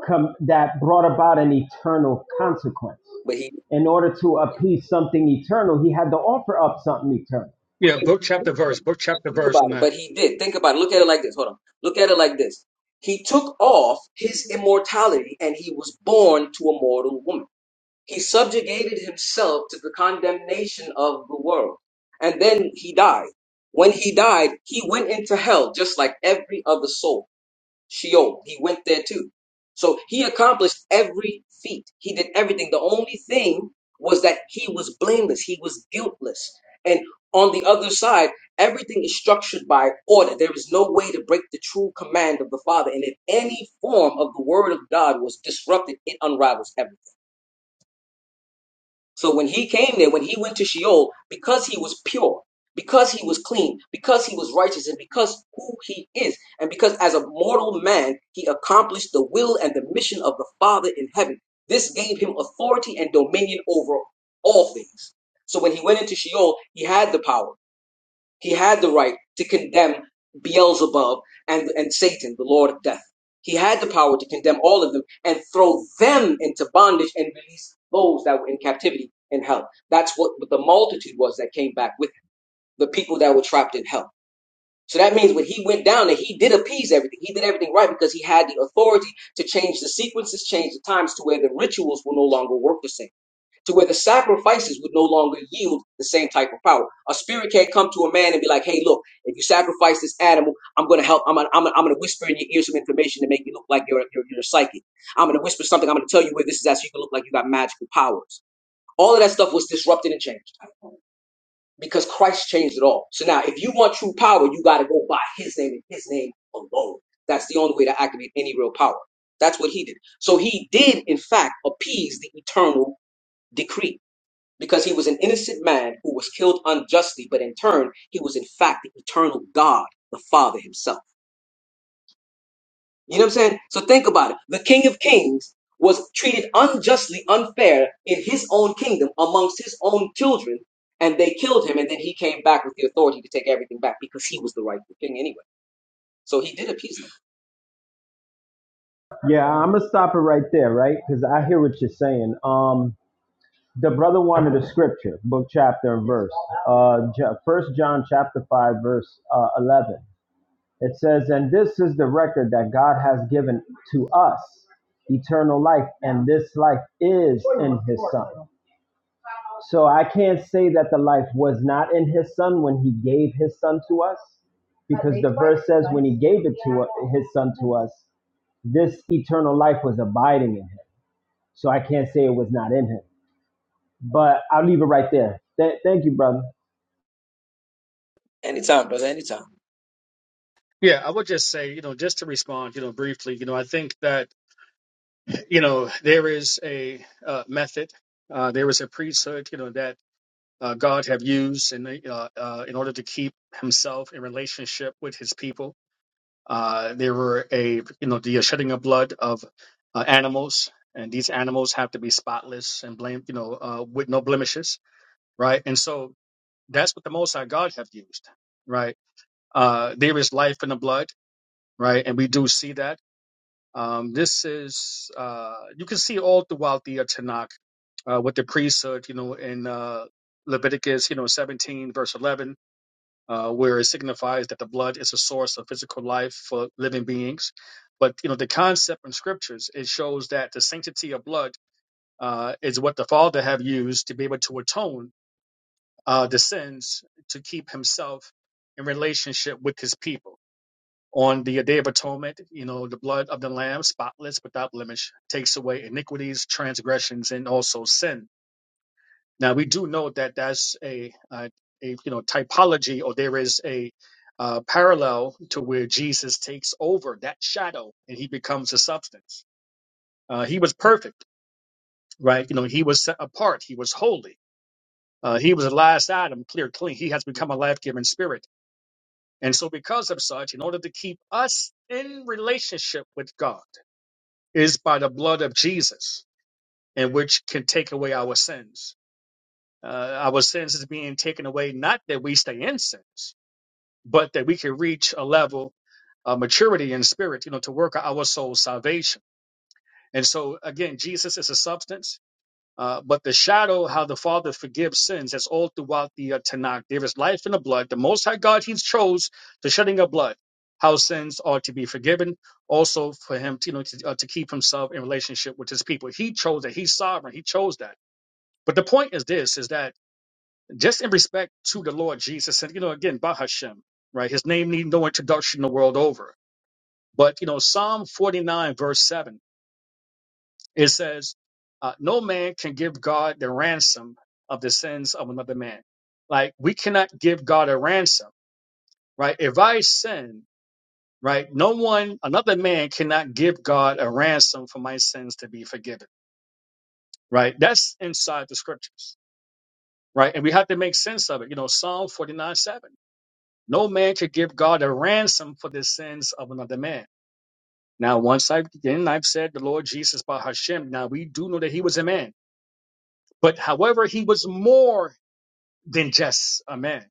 Speaker 18: come that brought about an eternal consequence.
Speaker 9: but he
Speaker 18: In order to appease something eternal, he had to offer up something eternal.
Speaker 11: Yeah,
Speaker 9: But
Speaker 11: book
Speaker 9: he
Speaker 11: chapter
Speaker 9: did, though.
Speaker 11: verse, book chapter
Speaker 9: Think
Speaker 11: verse
Speaker 9: about
Speaker 11: on
Speaker 9: it.
Speaker 11: that.
Speaker 9: But he did. Think about it. Look at it like this. Hold on. Look at it like this. He took off his immortality and he was born to a mortal woman. He subjugated himself to the condemnation of the world. And then he died. When he died, he went into hell just like every other soul. Sheol. He went there too. So he accomplished every feat. He did everything. The only thing was that he was blameless. He was guiltless. And on the other side, everything is structured by order. There is no way to break the true command of the Father. And if any form of the word of God was disrupted, it unravels everything. So when he came there, when he went to Sheol, because he was pure, because he was clean, because he was righteous, and because who he is, and because as a mortal man, he accomplished the will and the mission of the Father in heaven. This gave him authority and dominion over all things. So when he went into Sheol, he had the power. He had the right to condemn Beelzebub and, and Satan, the Lord of Death. He had the power to condemn all of them and throw them into bondage and release those that were in captivity in hell. That's what the multitude was that came back with the people that were trapped in hell. So that means when he went down there, he did appease everything. He did everything right because he had the authority to change the sequences, change the times to where the rituals will no longer work the same to where the sacrifices would no longer yield the same type of power. A spirit can't come to a man and be like, "Hey, look, if you sacrifice this animal, I'm gonna help. I'm gonna, I'm gonna, I'm gonna whisper in your ear some information to make you look like you're, you're you're psychic. I'm gonna whisper something. I'm gonna tell you where this is at, so you can look like you got magical powers." All of that stuff was disrupted and changed because Christ changed it all. So now, if you want true power, you got to go by His name and His name alone. That's the only way to activate any real power. That's what He did. So He did, in fact, appease the eternal decree because he was an innocent man who was killed unjustly, but in turn, he was in fact the eternal God, the Father himself. You know what I'm saying? So think about it. The King of Kings was treated unjustly, unfair in his own kingdom amongst his own children, and they killed him, and then he came back with the authority to take everything back because he was the rightful king anyway. So he did appease them.
Speaker 18: Yeah, I'm gonna stop it right there, right? Because I hear what you're saying. Um, The brother wanted a scripture, book, chapter, and verse. Uh, Ja, First John chapter five, verse uh, eleven. It says, "And this is the record that God has given to us, eternal life, and this life is in His Son." So I can't say that the life was not in His Son when He gave His Son to us, because the verse says when He gave it to His Son to us, this eternal life was abiding in Him. So I can't say it was not in Him. But I'll leave it right there. Th- thank you, brother.
Speaker 9: Anytime, brother, anytime.
Speaker 11: Yeah, I would just say, you know, just to respond, you know, briefly, you know, I think that you know there is a uh, method uh, there is a priesthood you know that uh, god have used in the, uh, uh, in order to keep himself in relationship with his people uh, there were a you know the shedding of blood of uh, animals and these animals have to be spotless and blame you know uh, with no blemishes right and so that's what the most high god have used right uh, there is life in the blood right and we do see that um, this is uh, you can see all throughout the uh, Tanakh uh, with the priesthood, you know, in uh, Leviticus, you know, 17 verse 11, uh, where it signifies that the blood is a source of physical life for living beings. But you know, the concept in scriptures it shows that the sanctity of blood uh, is what the Father have used to be able to atone uh, the sins to keep Himself in relationship with His people on the Day of Atonement, you know, the blood of the Lamb, spotless, without blemish, takes away iniquities, transgressions, and also sin. Now we do know that that's a, uh, a you know typology, or there is a uh, parallel to where Jesus takes over that shadow and he becomes a substance. Uh, he was perfect, right? You know, he was set apart, he was holy, uh, he was the last Adam, clear, clean. He has become a life-giving spirit, and so because of such, in order to keep us in relationship with God. is by the blood of Jesus, and which can take away our sins. Uh, our sins is being taken away, not that we stay in sins, but that we can reach a level of maturity in spirit, you know, to work out our soul's salvation. And so, again, Jesus is a substance. Uh, but the shadow, how the Father forgives sins, that's all throughout the uh, Tanakh. There is life in the blood. The Most High God, He chose the shedding of blood, how sins are to be forgiven. Also, for Him, to, you know, to, uh, to keep Himself in relationship with His people. He chose that. He's sovereign. He chose that. But the point is this: is that just in respect to the Lord Jesus, and you know, again, Bahashem, right? His name needs no introduction the world over. But you know, Psalm 49, verse 7 it says, uh, no man can give God the ransom of the sins of another man. Like we cannot give God a ransom, right? If I sin, right, no one, another man cannot give God a ransom for my sins to be forgiven, right? That's inside the scriptures, right? And we have to make sense of it. You know, Psalm 49 7. No man could give God a ransom for the sins of another man. Now, once I've again, I've said the Lord Jesus by Hashem. Now we do know that he was a man, but however, he was more than just a man.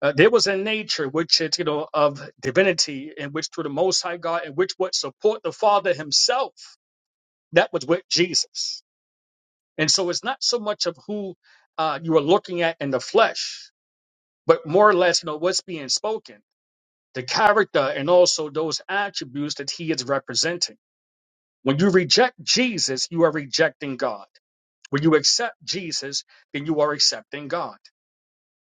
Speaker 11: Uh, there was a nature which is, you know, of divinity, in which through the Most High God, in which would support the Father Himself. That was with Jesus, and so it's not so much of who uh, you are looking at in the flesh, but more or less, you know, what's being spoken, the character, and also those attributes that He is representing. When you reject Jesus, you are rejecting God. When you accept Jesus, then you are accepting God.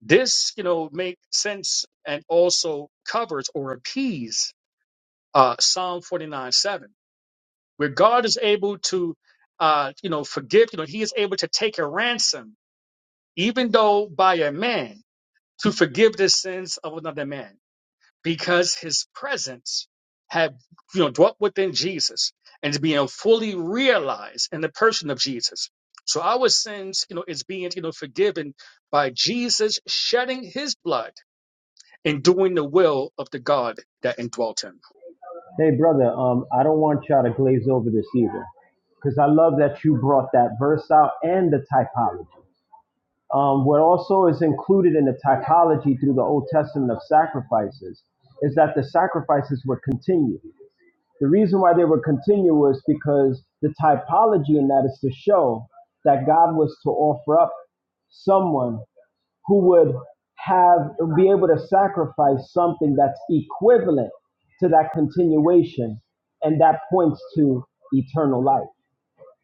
Speaker 11: This, you know, makes sense and also covers or appease uh, Psalm 49 7, where God is able to, uh, you know, forgive, you know, he is able to take a ransom, even though by a man, to forgive the sins of another man, because his presence had, you know, dwelt within Jesus and is being fully realized in the person of Jesus. So our sins, you know, is being, you know, forgiven by Jesus shedding his blood and doing the will of the God that indwelt him.
Speaker 18: Hey, brother, um, I don't want y'all to glaze over this either, because I love that you brought that verse out and the typology. Um, what also is included in the typology through the Old Testament of sacrifices is that the sacrifices were continued. The reason why they were continuous because the typology in that is to show that God was to offer up someone who would have be able to sacrifice something that's equivalent to that continuation and that points to eternal life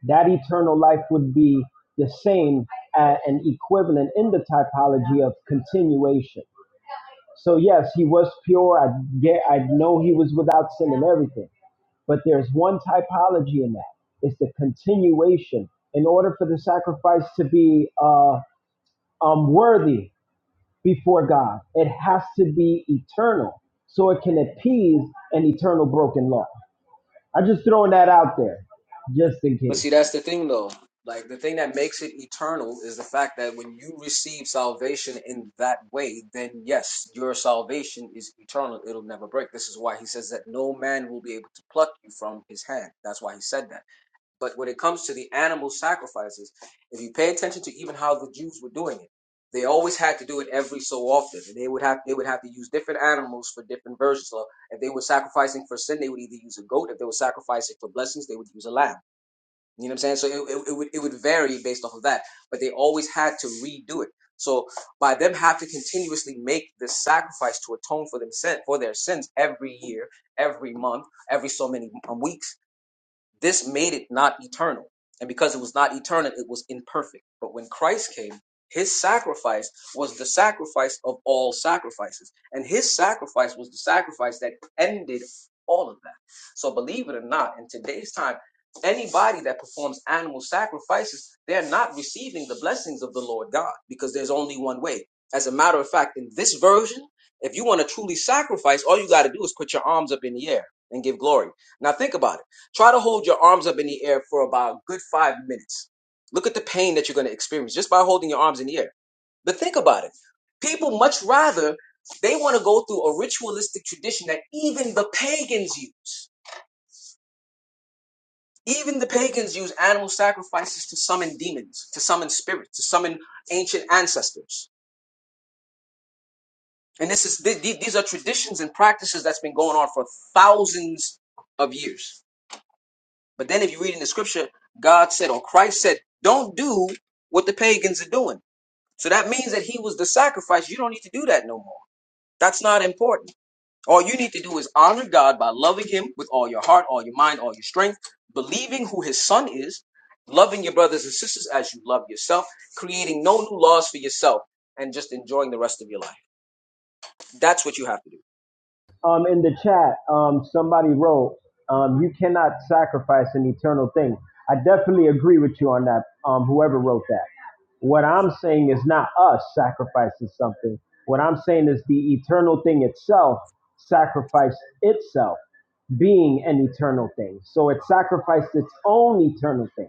Speaker 18: that eternal life would be the same a- and equivalent in the typology of continuation so yes he was pure i get i know he was without sin and everything but there's one typology in that it's the continuation in order for the sacrifice to be uh um worthy before God. It has to be eternal so it can appease an eternal broken law. I'm just throwing that out there just in
Speaker 9: But see,
Speaker 18: case.
Speaker 9: that's the thing though. Like the thing that makes it eternal is the fact that when you receive salvation in that way, then yes, your salvation is eternal. It'll never break. This is why he says that no man will be able to pluck you from his hand. That's why he said that. But when it comes to the animal sacrifices, if you pay attention to even how the Jews were doing it, they always had to do it every so often. And they would have they would have to use different animals for different versions. So if they were sacrificing for sin, they would either use a goat. If they were sacrificing for blessings, they would use a lamb you know what I'm saying? So it, it, it would it would vary based off of that, but they always had to redo it. So by them have to continuously make this sacrifice to atone for them sin, for their sins every year, every month, every so many um, weeks, this made it not eternal. And because it was not eternal, it was imperfect. But when Christ came, his sacrifice was the sacrifice of all sacrifices. And his sacrifice was the sacrifice that ended all of that. So believe it or not, in today's time, anybody that performs animal sacrifices, they're not receiving the blessings of the Lord God because there's only one way. As a matter of fact, in this version, if you want to truly sacrifice, all you got to do is put your arms up in the air and give glory. Now think about it. Try to hold your arms up in the air for about a good five minutes. Look at the pain that you're going to experience just by holding your arms in the air. But think about it. People much rather, they want to go through a ritualistic tradition that even the pagans use. Even the pagans use animal sacrifices to summon demons, to summon spirits, to summon ancient ancestors. And this is these are traditions and practices that's been going on for thousands of years. But then if you read in the scripture, God said or Christ said, don't do what the pagans are doing. So that means that he was the sacrifice. You don't need to do that no more. That's not important. All you need to do is honor God by loving him with all your heart, all your mind, all your strength, believing who his son is, loving your brothers and sisters as you love yourself, creating no new laws for yourself, and just enjoying the rest of your life. That's what you have to do.
Speaker 18: um in the chat um somebody wrote um you cannot sacrifice an eternal thing i definitely agree with you on that um whoever wrote that what i'm saying is not us sacrificing something what i'm saying is the eternal thing itself sacrificed itself being an eternal thing so it sacrificed its own eternal thing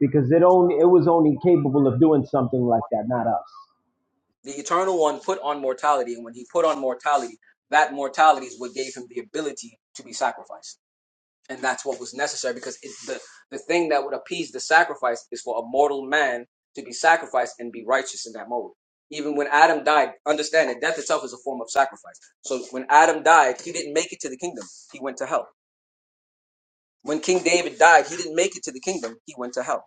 Speaker 18: because it only it was only capable of doing something like that not us
Speaker 9: The eternal one put on mortality, and when he put on mortality, that mortality is what gave him the ability to be sacrificed. and that's what was necessary because it, the the thing that would appease the sacrifice is for a mortal man to be sacrificed and be righteous in that mode. Even when Adam died, understand that death itself is a form of sacrifice. So when Adam died, he didn't make it to the kingdom; he went to hell. When King David died, he didn't make it to the kingdom; he went to hell.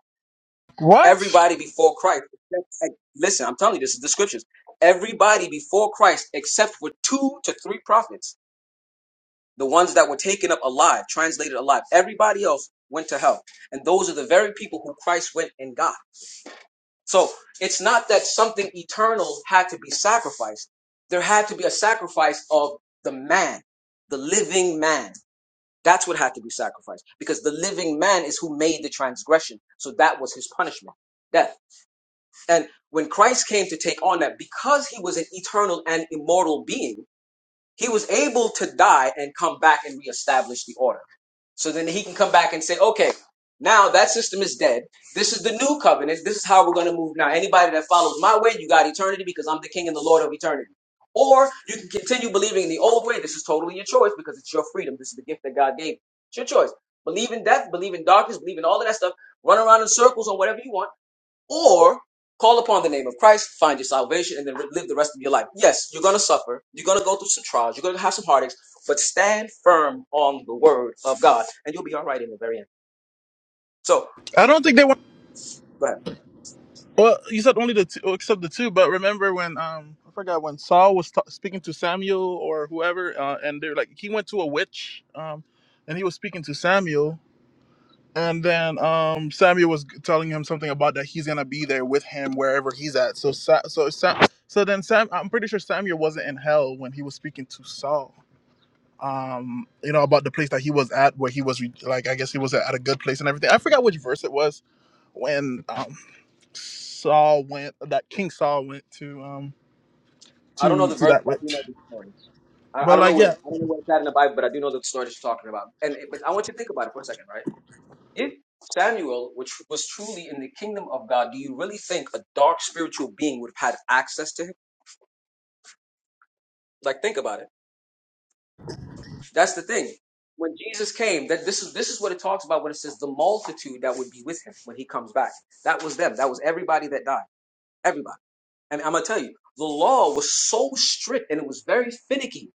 Speaker 5: What?
Speaker 9: Everybody before Christ, except- hey, listen, I'm telling you, this is the scriptures. Everybody before Christ, except for two to three prophets The ones that were taken up alive, translated alive. Everybody else went to hell. And those are the very people who Christ went and got. So it's not that something eternal had to be sacrificed. There had to be a sacrifice of the man, the living man. That's what had to be sacrificed because the living man is who made the transgression. So that was his punishment, death. And when Christ came to take on that, because he was an eternal and immortal being, he was able to die and come back and reestablish the order. So then he can come back and say, okay, now that system is dead. This is the new covenant. This is how we're going to move now. Anybody that follows my way, you got eternity because I'm the king and the Lord of eternity. Or you can continue believing in the old way. This is totally your choice because it's your freedom. This is the gift that God gave. you. It's your choice. Believe in death, believe in darkness, believe in all of that stuff. Run around in circles on whatever you want or call upon the name of Christ, find your salvation, and then live the rest of your life. Yes, you're going to suffer. You're going to go through some trials. You're going to have some heartaches, but stand firm on the word of God, and you'll be all right in the very end. So,
Speaker 5: I don't think they want.
Speaker 9: go ahead.
Speaker 5: Well, you said only the two. oh, except the two. But remember when um I forgot when Saul was ta- speaking to Samuel or whoever, uh, and they're like he went to a witch, um, and he was speaking to Samuel. And then um, Samuel was telling him something about that he's gonna be there with him wherever he's at. So Sa- so Sa- so then Sam, I'm pretty sure Samuel wasn't in hell when he was speaking to Saul. Um, you know about the place that he was at, where he was re- like, I guess he was at a good place and everything. I forgot which verse it was when um, Saul went, that King Saul went to um
Speaker 9: I don't know
Speaker 5: to
Speaker 9: the
Speaker 5: to
Speaker 9: verse,
Speaker 5: that
Speaker 9: but I do know
Speaker 5: witch.
Speaker 9: the story. I, I
Speaker 5: But
Speaker 9: don't know
Speaker 5: like,
Speaker 9: where
Speaker 5: yeah.
Speaker 9: I don't know where it's at in the Bible, but I do know the story that you're talking about. And it- but I want you to think about it for a second, right? If Samuel, which was truly in the kingdom of God, do you really think a dark spiritual being would have had access to him? Like, think about it That's the thing. When Jesus came, that this is this is what it talks about when it says the multitude that would be with him when he comes back. That was them. That was everybody that died. Everybody. And I'm gonna tell you, the law was so strict and it was very finicky.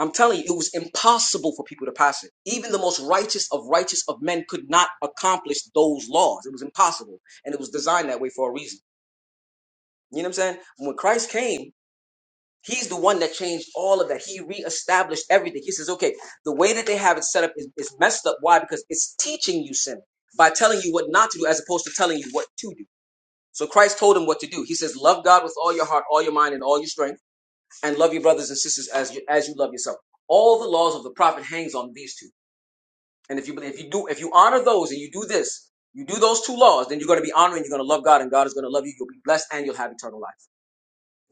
Speaker 9: I'm telling you, it was impossible for people to pass it. Even the most righteous of righteous of men could not accomplish those laws. It was impossible. And it was designed that way for a reason. You know what I'm saying? When Christ came, He's the one that changed all of that. He reestablished everything. He says, okay, the way that they have it set up is, is messed up. Why? Because it's teaching you sin by telling you what not to do as opposed to telling you what to do. So Christ told him what to do. He says, love God with all your heart, all your mind, and all your strength, and love your brothers and sisters as you, as you love yourself. All the laws of the prophet hangs on these two. And if you believe- if you do if you honor those and you do this, you do those two laws, then you're going to be honoring. You're going to love God, and God is going to love you. You'll be blessed, and you'll have eternal life.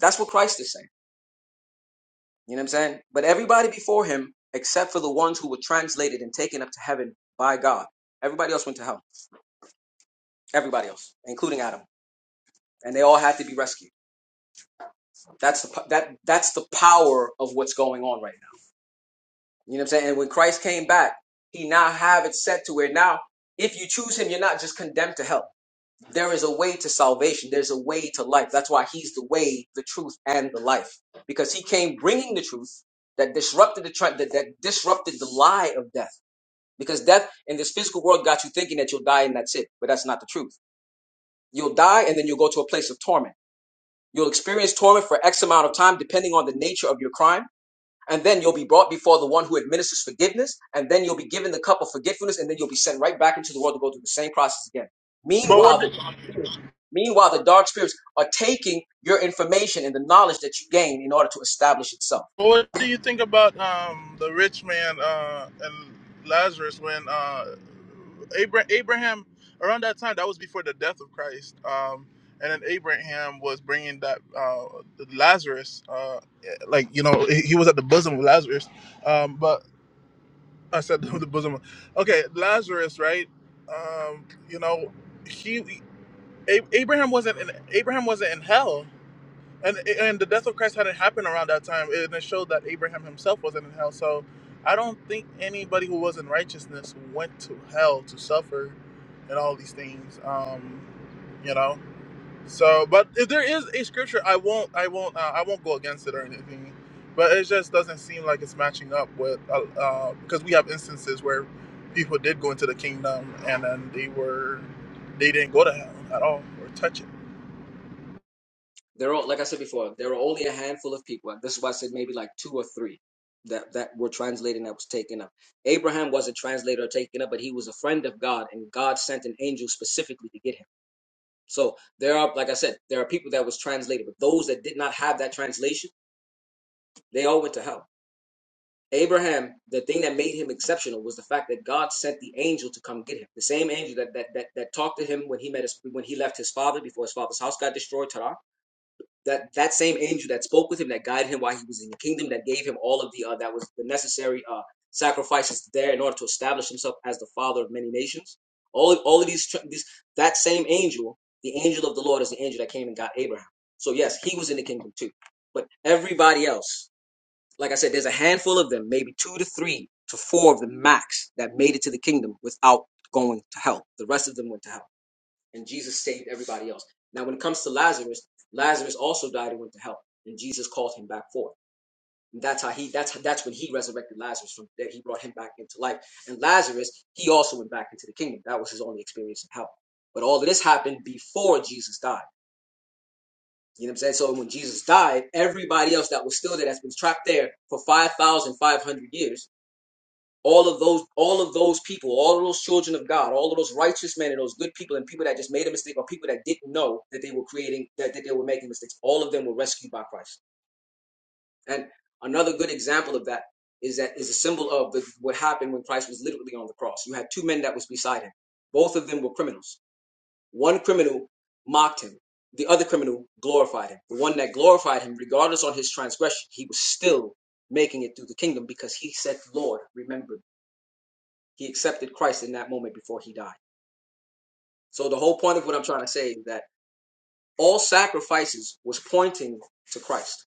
Speaker 9: That's what Christ is saying. You know what I'm saying? But everybody before him, except for the ones who were translated and taken up to heaven by God, everybody else went to hell. Everybody else, including Adam, and they all had to be rescued. That's the that that's the power of what's going on right now. You know what I'm saying? And when Christ came back, He now have it set to where now, if you choose Him, you're not just condemned to hell. There is a way to salvation. There's a way to life. That's why He's the way, the truth, and the life, because He came bringing the truth that disrupted the that, that disrupted the lie of death Because death in this physical world got you thinking that you'll die and that's it. But that's not the truth. You'll die and then you'll go to a place of torment. You'll experience torment for X amount of time, depending on the nature of your crime. And then you'll be brought before the one who administers forgiveness. And then you'll be given the cup of forgetfulness. And then you'll be sent right back into the world to go through the same process again.
Speaker 5: But
Speaker 9: Meanwhile, the
Speaker 5: what?
Speaker 9: dark spirits, meanwhile, the dark spirits are taking your information and the knowledge that you gain in order to establish itself.
Speaker 5: Well, What do you think about um, the rich man uh, and Lazarus when uh, Abra- Abraham, around that time, that was before the death of Christ, um, and then Abraham was bringing that uh, Lazarus, uh, like you know, he he was at the bosom of Lazarus, um, but I said the bosom. okay, Lazarus, right? Um, you know, he A- Abraham wasn't in Abraham wasn't in hell and and the death of Christ hadn't happened around that time, and it showed that Abraham himself wasn't in hell. So I don't think anybody who was in righteousness went to hell to suffer, and all these things. Um, you know. So, but if there is a scripture, I won't, I won't, uh, I won't go against it or anything. But it just doesn't seem like it's matching up with because uh, uh, 'cause we have instances where people did go into the kingdom and then they were they didn't go to hell at all or touch it.
Speaker 9: There are, like I said before, there are only a handful of people. This is why I said maybe like two or three that that were translated that was taken up. Abraham wasn't translated or taken up, but he was a friend of God, and God sent an angel specifically to get him. So there are, like I said, there are people that was translated, but those that did not have that translation, they all went to hell. Abraham, the thing that made him exceptional was the fact that God sent the angel to come get him. The same angel that that that, that talked to him when he met his when he left his father before his father's house got destroyed, Terah. that that same angel that spoke with him, that guided him while he was in the kingdom, that gave him all of the uh, that was the necessary uh, sacrifices there in order to establish himself as the father of many nations. All all of these, tr- these that same angel, the angel of the Lord, is the angel that came and got Abraham. So yes, he was in the kingdom too. But everybody else, like I said, there's a handful of them, maybe two to three to four of the max that made it to the kingdom without going to hell. The rest of them went to hell and Jesus saved everybody else. Now, when it comes to Lazarus, Lazarus also died and went to hell, and Jesus called him back forth. And that's how he that's that's when he resurrected Lazarus from that he brought him back into life. And Lazarus, he also went back into the kingdom. That was his only experience in hell. But all of this happened before Jesus died. You know what I'm saying? So when Jesus died, everybody else that was still there, that's been trapped there for 5,500 years, all of those all of those people all of those children of god all of those righteous men and those good people and people that just made a mistake or people that didn't know that they were creating that, that they were making mistakes all of them were rescued by christ and another good example of that is that is a symbol of the, what happened when christ was literally on the cross you had two men that was beside him both of them were criminals one criminal mocked him the other criminal glorified him the one that glorified him regardless on his transgression he was still making it through the kingdom because he said lord remember he accepted Christ in that moment before he died. So the whole point of what I'm trying to say is that all sacrifices was pointing to Christ.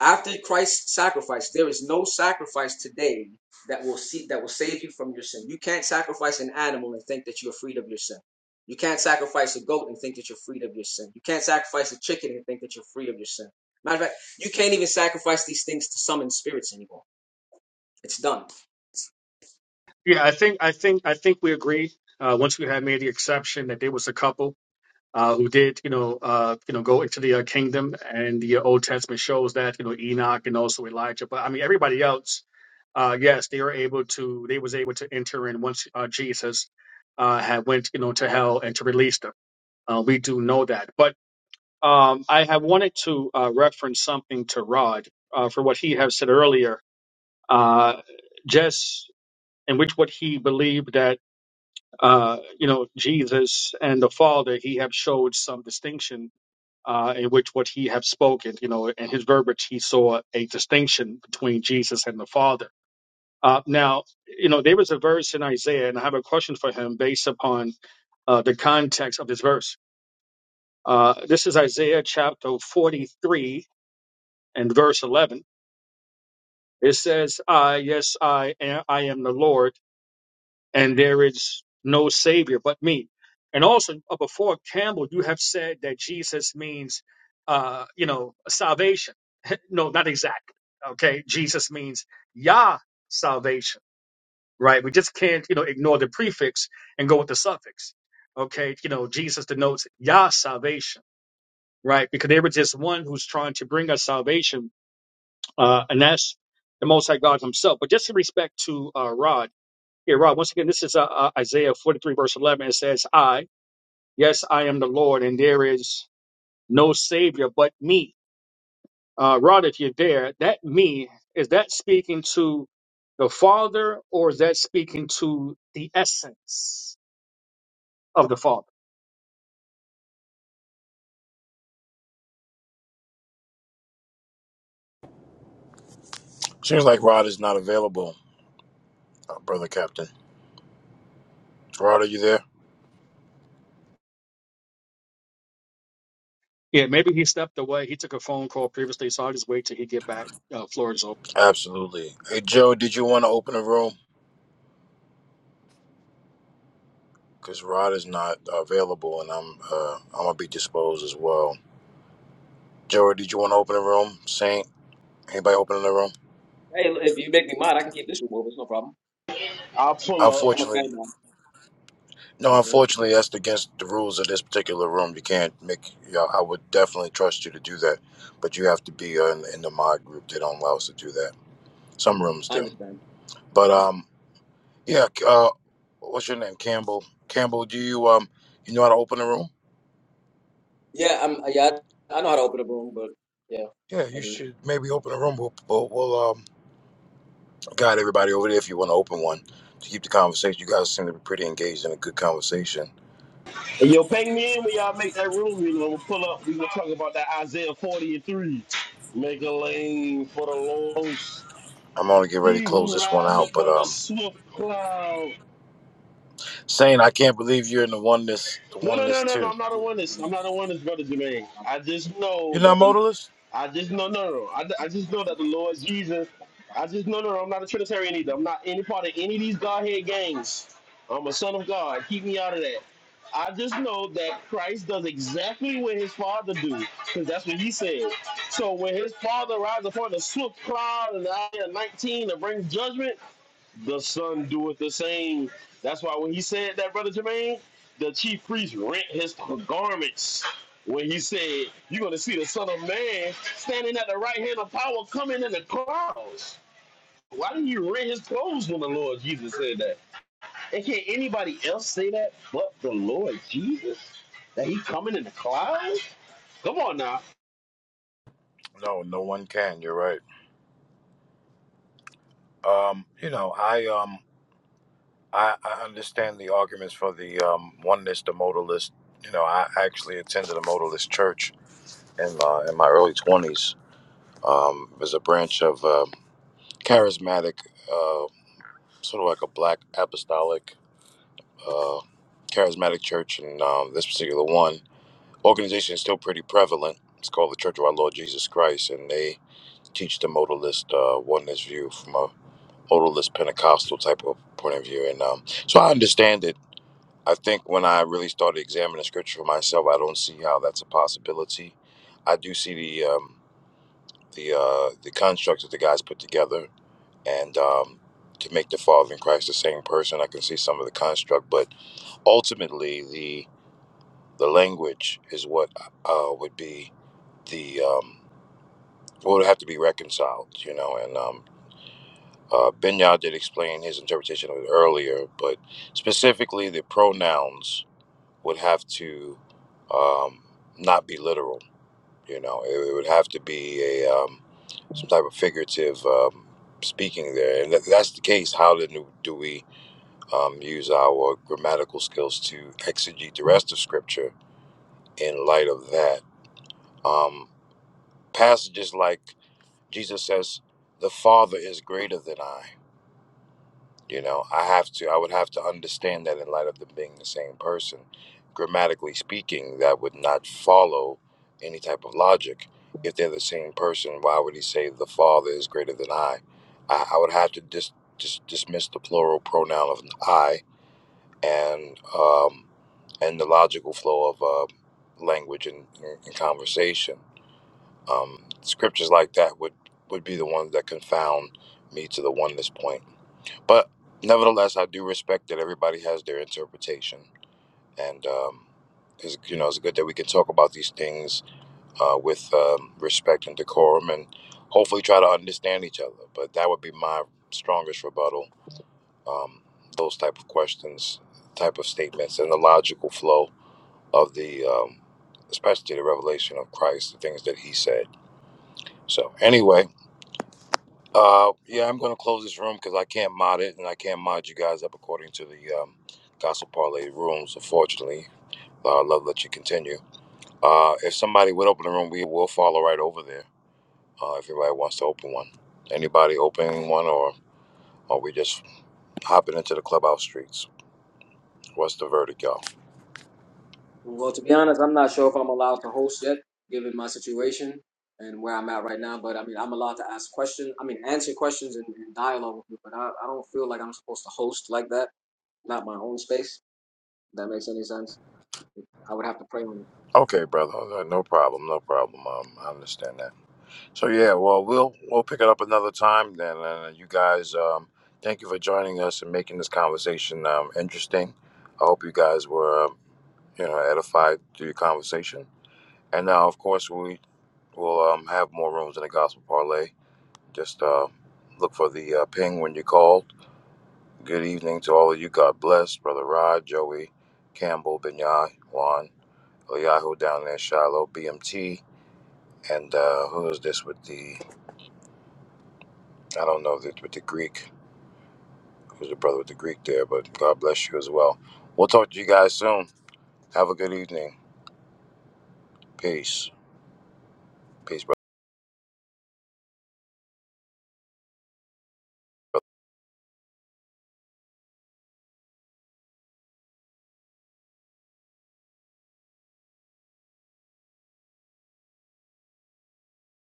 Speaker 9: After Christ's sacrifice, there is no sacrifice today that will see that will save you from your sin. You can't sacrifice an animal and think that you are freed of your sin. You can't sacrifice a goat and think that you're freed of your sin. You can't sacrifice a chicken and think that you're free of your sin. Matter of fact, you can't even sacrifice these things to summon spirits anymore. It's done.
Speaker 11: Yeah, I think I think I think we agree. Uh, once we had made the exception that there was a couple uh, who did, you know, uh, you know, go into the uh, kingdom, and the uh, Old Testament shows that, you know, Enoch and also Elijah. But I mean, everybody else, uh, yes, they were able to. They was able to enter in once uh, Jesus uh, had went, you know, to hell and to release them. Uh, we do know that. But um, I have wanted to uh, reference something to Rod uh, for what he had said earlier uh, just in which what he believed that uh, you know Jesus and the Father he have showed some distinction uh, in which what he have spoken you know in his verbiage he saw a distinction between Jesus and the Father. Uh, now you know there was a verse in Isaiah and I have a question for him based upon uh, the context of this verse. Uh, this is Isaiah chapter 43 and verse 11. It says, "I yes I am I am the Lord." and there is no savior but me. And also uh, before Campbell, you have said that Jesus means, uh, you know, salvation. no, not exactly. Okay, Jesus means Yah salvation. Right? We just can't, you know, ignore the prefix and go with the suffix. Okay, you know, Jesus denotes Yah salvation. Right? Because there was just one who's trying to bring us salvation, uh, and that's the Most High God Himself. But just in respect to uh, Rod. Yeah, Rob, once again, this is uh, uh, Isaiah 43, verse 11. It says, I, yes, I am the Lord, and there is no Savior but me. Uh, Rod, if you're there, that me, is that speaking to the Father or is that speaking to the essence of the Father?
Speaker 1: seems like Rod is not available, uh, brother Captain. Rod, are you there?
Speaker 11: Yeah, maybe he stepped away. He took a phone call previously, so I'll just wait till he get back. Uh, floor is open.
Speaker 1: Absolutely. Hey Joe, did you want to open a room? because Rod is not available, and I'm uh, I'm gonna be disposed as well. Joey, did you want to open the room? Saint, anybody opening the room?
Speaker 9: Hey, if you make me mad, I can keep this removed. It's no problem.
Speaker 8: I'll pull up.
Speaker 9: I'm a fan
Speaker 1: Unfortunately,
Speaker 9: now.
Speaker 1: no.
Speaker 9: Mhm.
Speaker 1: Unfortunately, that's against the rules of this particular room. You can't make. Yeah, I would definitely trust you to do that, but you have to be uh, in, in the mod group. They don't allow us to do that. Some rooms
Speaker 9: I
Speaker 1: do,
Speaker 9: understand.
Speaker 1: but um, yeah. Uh, what's your name, Campbell? Campbell, do you um, you know how to open a room?
Speaker 9: Yeah, I'm. Yeah, I know how to open a room, but yeah,
Speaker 1: Yeah,
Speaker 9: I
Speaker 1: you
Speaker 9: do.
Speaker 1: should maybe open a room. We'll, we'll, we'll um, Got everybody over there if you want to open one to keep the conversation. You guys seem to be pretty engaged in a good conversation.
Speaker 8: And yo, ping me in when y'all make that room, you know, we'll pull up. We're going to talk about that Isaiah 43. Make a lane for the Lord.
Speaker 1: I'm only getting ready to
Speaker 8: He
Speaker 1: close
Speaker 8: who
Speaker 1: this one
Speaker 8: rides
Speaker 1: out, but
Speaker 8: upon the
Speaker 1: um,
Speaker 8: swift cloud.
Speaker 1: saying I can't believe you're in the oneness, the
Speaker 8: No, no, no,
Speaker 1: oneness
Speaker 8: no, no.
Speaker 1: too.
Speaker 8: I'm not a oneness. I'm not a oneness, brother Jermaine. I just know
Speaker 1: You're not
Speaker 8: that the.
Speaker 1: modalist?
Speaker 8: I just know, no, no, no. I, I just know that the Lord Jesus. I just know, no, no. I'm not a Trinitarian either. I'm not any part of any of these Godhead gangs. I'm a son of God. Keep me out of that. I just know that Christ does exactly what his father do, because that's what he said. So when his father rides upon the swift cloud in Isaiah 19 to bring judgment, the son doeth the same. That's why when he said that, brother Jermaine, the chief priest rent his garments. When he said, "You're gonna see the Son of Man standing at the right hand of power, coming in the clouds." Why did he rent his clothes when the Lord Jesus said that? And can anybody else say that but the Lord Jesus? That he coming in the clouds? Come on now.
Speaker 1: No, no one can. You're right. Um, you know, I um, I, I understand the arguments for the um oneness, the modalist. You know, I actually attended a modalist church in uh, in my early 20s. Um, as a branch of uh, charismatic, uh, sort of like a black apostolic. Uh, charismatic church, and um, this particular one organization is still pretty prevalent. It's called the Church of Our Lord Jesus Christ, and they teach the modalist uh, oneness view from a modalist Pentecostal type of point of view. And um, so I understand it. I think when I really started examining scripture for myself, I don't see how that's a possibility. I do see the um, the uh, the constructs that the guys put together, and um, to make the Father and Christ the same person, I can see some of the construct, but ultimately the The language is what uh, would be the um, what would have to be reconciled, you know. And um, uh, Binyao did explain his interpretation of it earlier, but specifically the pronouns would have to um, not be literal, you know. It, it would have to be a um, some type of figurative um, speaking there, and if that's the case. How then do do we um, use our grammatical skills to exegete the rest of Scripture in light of that? Um, passages like Jesus says, "The Father is greater than I." You know, I have to. I would have to understand that in light of them being the same person, grammatically speaking, that would not follow any type of logic. If they're the same person, why would he say the Father is greater than I? I, I would have to dis, dis, dismiss the plural pronoun of I and um, and the logical flow of uh, language and, and conversation um, scriptures like that would would be the ones that confound me to the oneness point. But nevertheless, I do respect that everybody has their interpretation, and um, it's, you know it's good that we can talk about these things uh, with um, respect and decorum, and hopefully try to understand each other. But that would be my strongest rebuttal: um, those type of questions, type of statements, and the logical flow of the, um, especially the revelation of Christ, the things that He said. So anyway, Uh, yeah, I'm going to close this room because I can't mod it and I can't mod you guys up according to the um, Gospel Parlay rules, unfortunately. Uh, I'd love to let you continue. Uh, if somebody would open the room, we will follow right over there uh, if anybody wants to open one. Anybody opening one or are we just hopping into the clubhouse streets? What's the verdict, y'all?
Speaker 9: Well, to be honest, I'm not sure if I'm allowed to host yet, given my situation and where I'm at right now. But I mean, I'm allowed to ask questions. I mean, answer questions and, and dialogue with you. But I, I don't feel like I'm supposed to host like that. Not my own space. If that makes any sense. I would have to pray on it.
Speaker 1: Okay, brother. Uh, No problem. No problem. Um, I understand that. So yeah, well, we'll we'll pick it up another time then. And you guys, um, thank you for joining us and making this conversation um, interesting. I hope you guys were, um, you know, edified through your conversation. And now, of course, we will um, have more rooms in the Gospel Parlay. Just uh, look for the uh, ping when you called. Good evening to all of you. God bless, brother Rod, Joey, Campbell, Benyai, Juan, Eliyahu down there, Shiloh, BMT, and uh, who is this with the? I don't know the, with the Greek. There's a brother with the Greek there, but God bless you as well. We'll talk to you guys soon. Have a good evening. Peace. Peace, brother.